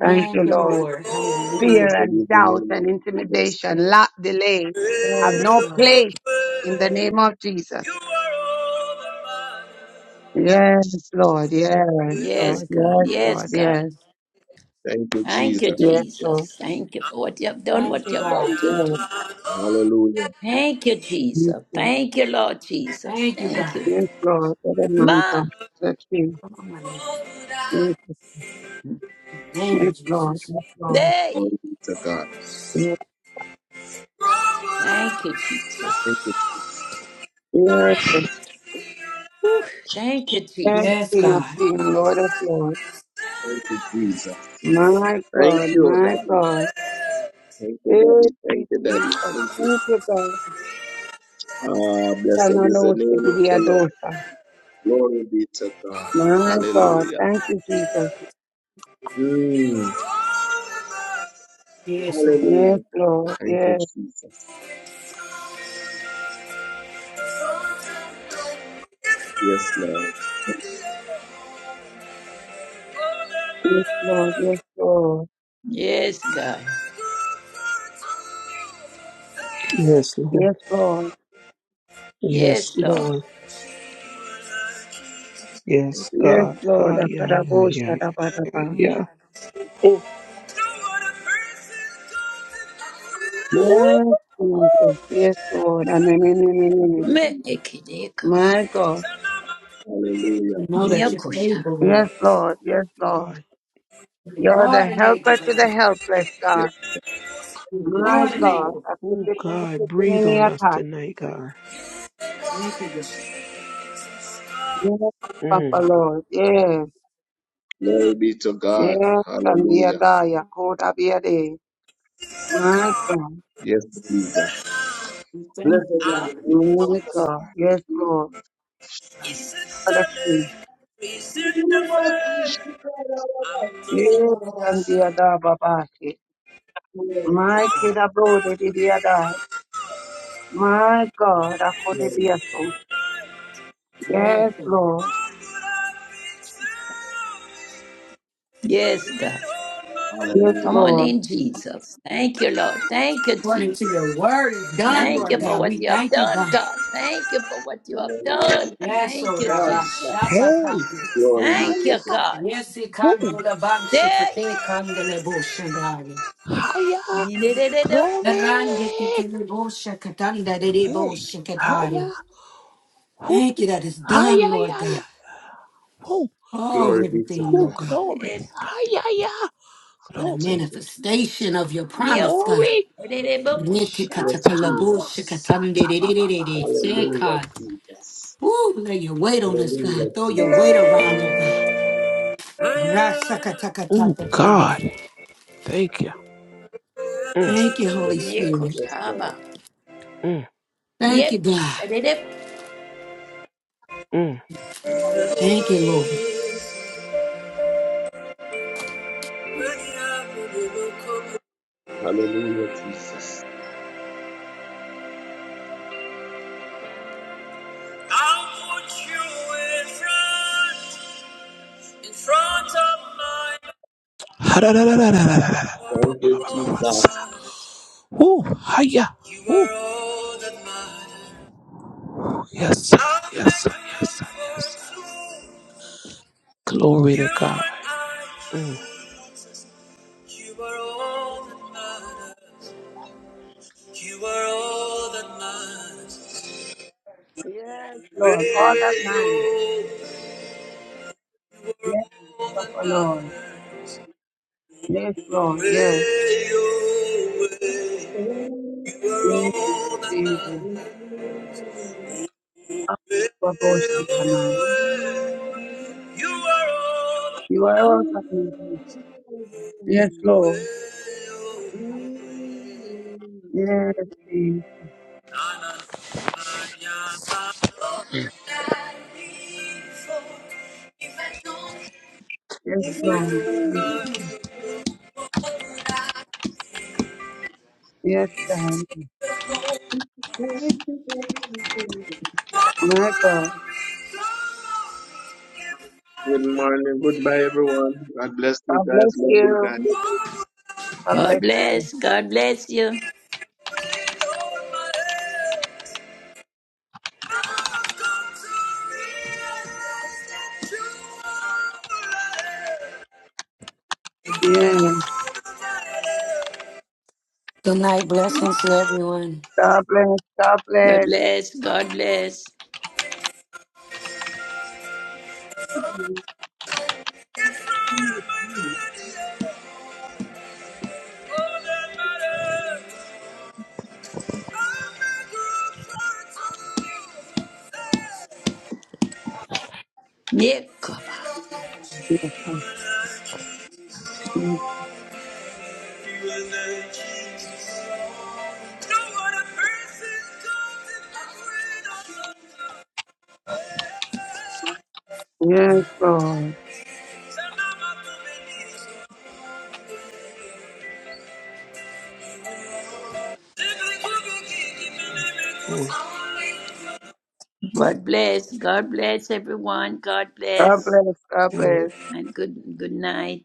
S2: Thank you,
S12: you,
S2: Lord.
S12: Lord.
S1: all that
S2: Fear
S12: Hallelujah.
S7: Blessed is
S2: and
S7: the
S2: doubt
S7: name of
S2: and
S7: Jesus
S2: intimidation,
S7: Christ.
S2: lack, delay
S1: You
S2: have
S12: Yes,
S2: no
S12: God.
S2: place in the name of Jesus.
S1: are all that matters.
S2: Yes, Lord. Yes,
S5: Yes,
S7: Thank
S2: Lord.
S7: you,
S5: God.
S2: Yes,
S7: Jesus.
S5: Yes,
S2: Lord.
S5: God.
S2: Yes,
S7: Thank you,
S5: Thank you,
S7: Jesus.
S2: yes, Lord.
S5: Jesus. Thank you for what you have done,
S12: Thank
S5: what
S12: you,
S5: you're
S12: God.
S5: about
S2: Yes,
S5: to do.
S7: Hallelujah.
S5: Thank you,
S2: yes,
S5: Jesus.
S2: Lord.
S5: Thank you, Lord Jesus.
S12: Thank you,
S5: Thank
S12: God.
S1: Have
S5: you.
S1: you?
S2: Yes, Lord. For the man
S5: Ma,
S2: of the King.
S12: Come on, my knee.
S1: What would I?
S2: Yes,
S12: In the name
S2: yes,
S12: of
S2: Lord.
S12: Jesus.
S2: Yes, Lord.
S5: day.
S7: Glory be to God.
S2: Yes,
S1: What would I
S5: Thank you,
S1: be? So
S5: Jesus.
S7: Thank you,
S1: lonely if I
S2: yes, yes.
S1: could see your
S5: Whew,
S1: light.
S5: thank you,
S12: Yes,
S5: Jesus.
S2: King of
S12: God.
S1: What would I
S2: King, Lord of Lord.
S1: be? So
S7: thank you,
S1: lonely
S7: Jesus.
S1: if you
S2: My
S7: Thank
S2: God,
S1: didn't
S7: you,
S2: my
S1: hold
S7: Daddy.
S1: my
S2: God.
S1: hand.
S7: Thank you,
S2: Thank
S7: Daddy.
S2: you,
S7: Thank you,
S1: Now
S7: Daddy.
S2: Jesus.
S7: Thank
S1: I've
S7: you.
S2: Thank
S1: come
S2: you,
S1: to
S2: God.
S1: realize
S7: Ah,
S1: that
S7: blessed is the name of the Lord.
S2: Sananostibiliadosa.
S7: Glory be to
S1: you are
S7: God.
S2: My
S1: all
S2: God.
S1: that
S7: Hallelujah.
S2: Thank you, Jesus.
S1: matters. You were
S7: Mm.
S1: all that I
S12: Yes, Lord.
S2: Yes,
S7: Hallelujah.
S2: Lord.
S7: Thank you,
S2: Yes,
S7: Jesus. Yes, Lord.
S2: yes, Lord. Yes, Lord.
S5: Yes, God.
S15: Yes,
S2: Yes,
S15: Lord.
S2: Lord.
S15: Yes,
S5: Yes, Lord.
S15: Lord.
S7: Thank
S15: Yes,
S7: you,
S2: Yes,
S15: God.
S7: Jesus.
S2: Lord.
S15: Hi, yeah, yeah, yeah, yeah,
S2: Akarabosharabadaba.
S15: yeah. Oh, oh,
S2: Yes, Jesus. Yes, Lord.
S7: Thank
S2: Amen.
S7: you,
S5: Me
S7: Jesus.
S5: Me'ekedekaba.
S2: My God.
S7: Hallelujah.
S12: We know
S7: Thank you,
S12: that you're
S5: Nyakosha.
S7: Jesus.
S12: able,
S2: Yes,
S12: Lord.
S2: Lord. Yes,
S15: oh,
S2: Lord.
S15: God.
S12: You're
S2: You're
S12: more
S2: the
S12: than able,
S2: helper to the
S12: God.
S2: helpless,
S7: Yes,
S2: God.
S12: You're
S7: yes,
S12: more
S2: My
S12: than
S7: Jesus.
S12: able.
S15: Oh, God. Breathe on us
S2: God.
S15: tonight, God.
S12: Thank you, God.
S2: Yes, Papa
S15: Mm.
S2: Lord. Yes,
S7: Glory be to God.
S2: yes, and the
S7: Hallelujah.
S2: Adaya, Koda Biade. My God,
S7: Yes, Jesus.
S12: We thank
S7: Blessed
S12: you,
S7: is
S12: God.
S1: Out
S7: the name of
S2: my
S7: the
S2: God.
S7: Lord.
S2: Yes, Lord.
S1: is the
S2: Father,
S1: sun,
S2: King.
S1: is in the fair. I'm nothing.
S2: Yes, and
S1: now.
S2: the die? Babashi,
S7: Glory to
S1: I'll
S2: My kid
S7: God.
S2: abroad, the die? My God, I could be a soul.
S12: Yes,
S2: Yes,
S12: God.
S2: Lord.
S5: Yes, God.
S2: Yes,
S5: Come
S7: Hallelujah.
S5: on
S2: Lord.
S5: in, Jesus. Thank you, Lord. Thank you,
S12: According to
S5: Jesus.
S12: your word is done,
S5: Thank
S12: Lord
S5: you
S7: Hallelujah.
S5: for
S12: God.
S5: what
S12: We
S5: you have
S12: thank you,
S5: done,
S12: God.
S5: God. Thank you for what you have
S7: Hallelujah.
S5: done.
S12: Yes,
S7: Jesus.
S5: Thank
S12: O
S5: you,
S7: Such,
S12: Rabbi.
S7: such.
S5: Jesus.
S12: Shata
S15: Hey,
S7: Glory be
S5: Thank
S7: to
S15: hiya,
S5: you,
S7: God.
S5: God.
S12: Yes, he can
S15: woo,
S12: do the ban
S5: There.
S12: shikate kandele boshadari.
S15: hiya,
S5: Mineredo.
S12: The rande
S15: glory.
S12: ketele boshakatanda de de
S15: Hey, hiya,
S12: boshakatari.
S15: who,
S12: Thank you that it's done,
S15: hiya,
S12: Lord
S15: ya,
S12: God.
S15: ya, who,
S12: Oh,
S7: Glory be to
S12: everything, oh
S15: who,
S7: God.
S12: God,
S15: glory,
S5: Yes, God.
S15: hiya, ya,
S12: but a
S15: glory,
S7: Thank you, Jesus.
S12: manifestation of your promise, God.
S5: Nyakosha.
S15: glory,
S5: Ererebokosha.
S7: Yes,
S15: shata,
S7: Jesus.
S15: masata, baba, basa.
S7: Hallelujah,
S12: Retikatakalabushakatandidididididi.
S7: Jesus.
S12: Ooh, lay your weight on us,
S7: Hallelujah,
S12: God. Throw your
S7: Jesus.
S12: weight around, oh God.
S15: Oh, God,
S12: Rasakatakatadidididi.
S15: thank you. Mm,
S12: Thank you, Holy
S7: Yes, Lord.
S12: Spirit.
S7: Yes, Lord.
S5: Nyekoshaba.
S15: mm,
S12: Thank you, God.
S5: Myekadedep.
S15: mm.
S12: Thank you, Lord.
S7: Hallelujah, Jesus.
S1: put you in front, in front of mine.
S15: Ha-da-da-da-da-da-da-da-da-da-ba-ba-ba-sa.
S7: Thank you,
S1: You are all that
S7: Jesus.
S1: matters.
S15: Woo, hiya,
S1: You
S15: woo.
S1: are all that matters.
S15: Yes, sir,
S1: I'll
S15: yes,
S1: make
S15: sir, yes,
S1: room
S15: sir, yes,
S1: for
S15: sir.
S1: two.
S15: Glory
S1: You
S15: to God.
S1: and I,
S15: Mm,
S1: Jesus. You are all that matters. You are all that matters.
S2: Yes,
S1: Way,
S2: Lord. All that matters.
S1: oh, you are
S2: Yes,
S1: all that
S2: Papa Lord.
S1: matters.
S2: Yes, Lord. Yes,
S1: Way, oh, way. You are
S2: yes,
S1: all
S2: Jesus.
S7: Good
S2: Papa, Lord, she can I. You are all that matters. Yes, Lord. Yes, Jesus.
S1: that I need for. If I don't have
S2: Yes, Lord. Thank you, Jesus.
S1: what would I
S2: Yes,
S1: do
S2: God.
S1: to take home? What would
S2: My
S1: I
S2: God.
S1: become if I didn't?
S7: morning.
S1: see you,
S7: Goodbye,
S1: now?
S7: everyone. God bless you
S2: God
S7: guys.
S2: bless
S7: Love you
S2: you.
S7: guys.
S2: God
S5: God
S2: bless you.
S5: bless. God bless you.
S2: Yes.
S12: Good night. Blessings to everyone.
S2: God bless. God
S5: God
S2: bless.
S5: bless. God bless. Yeah, God
S2: Yes, Lord.
S1: Thank you.
S15: mm,
S1: Only
S5: bless. God bless everyone. God
S2: God
S5: bless.
S2: bless. God
S15: mm.
S2: bless.
S5: And good good night.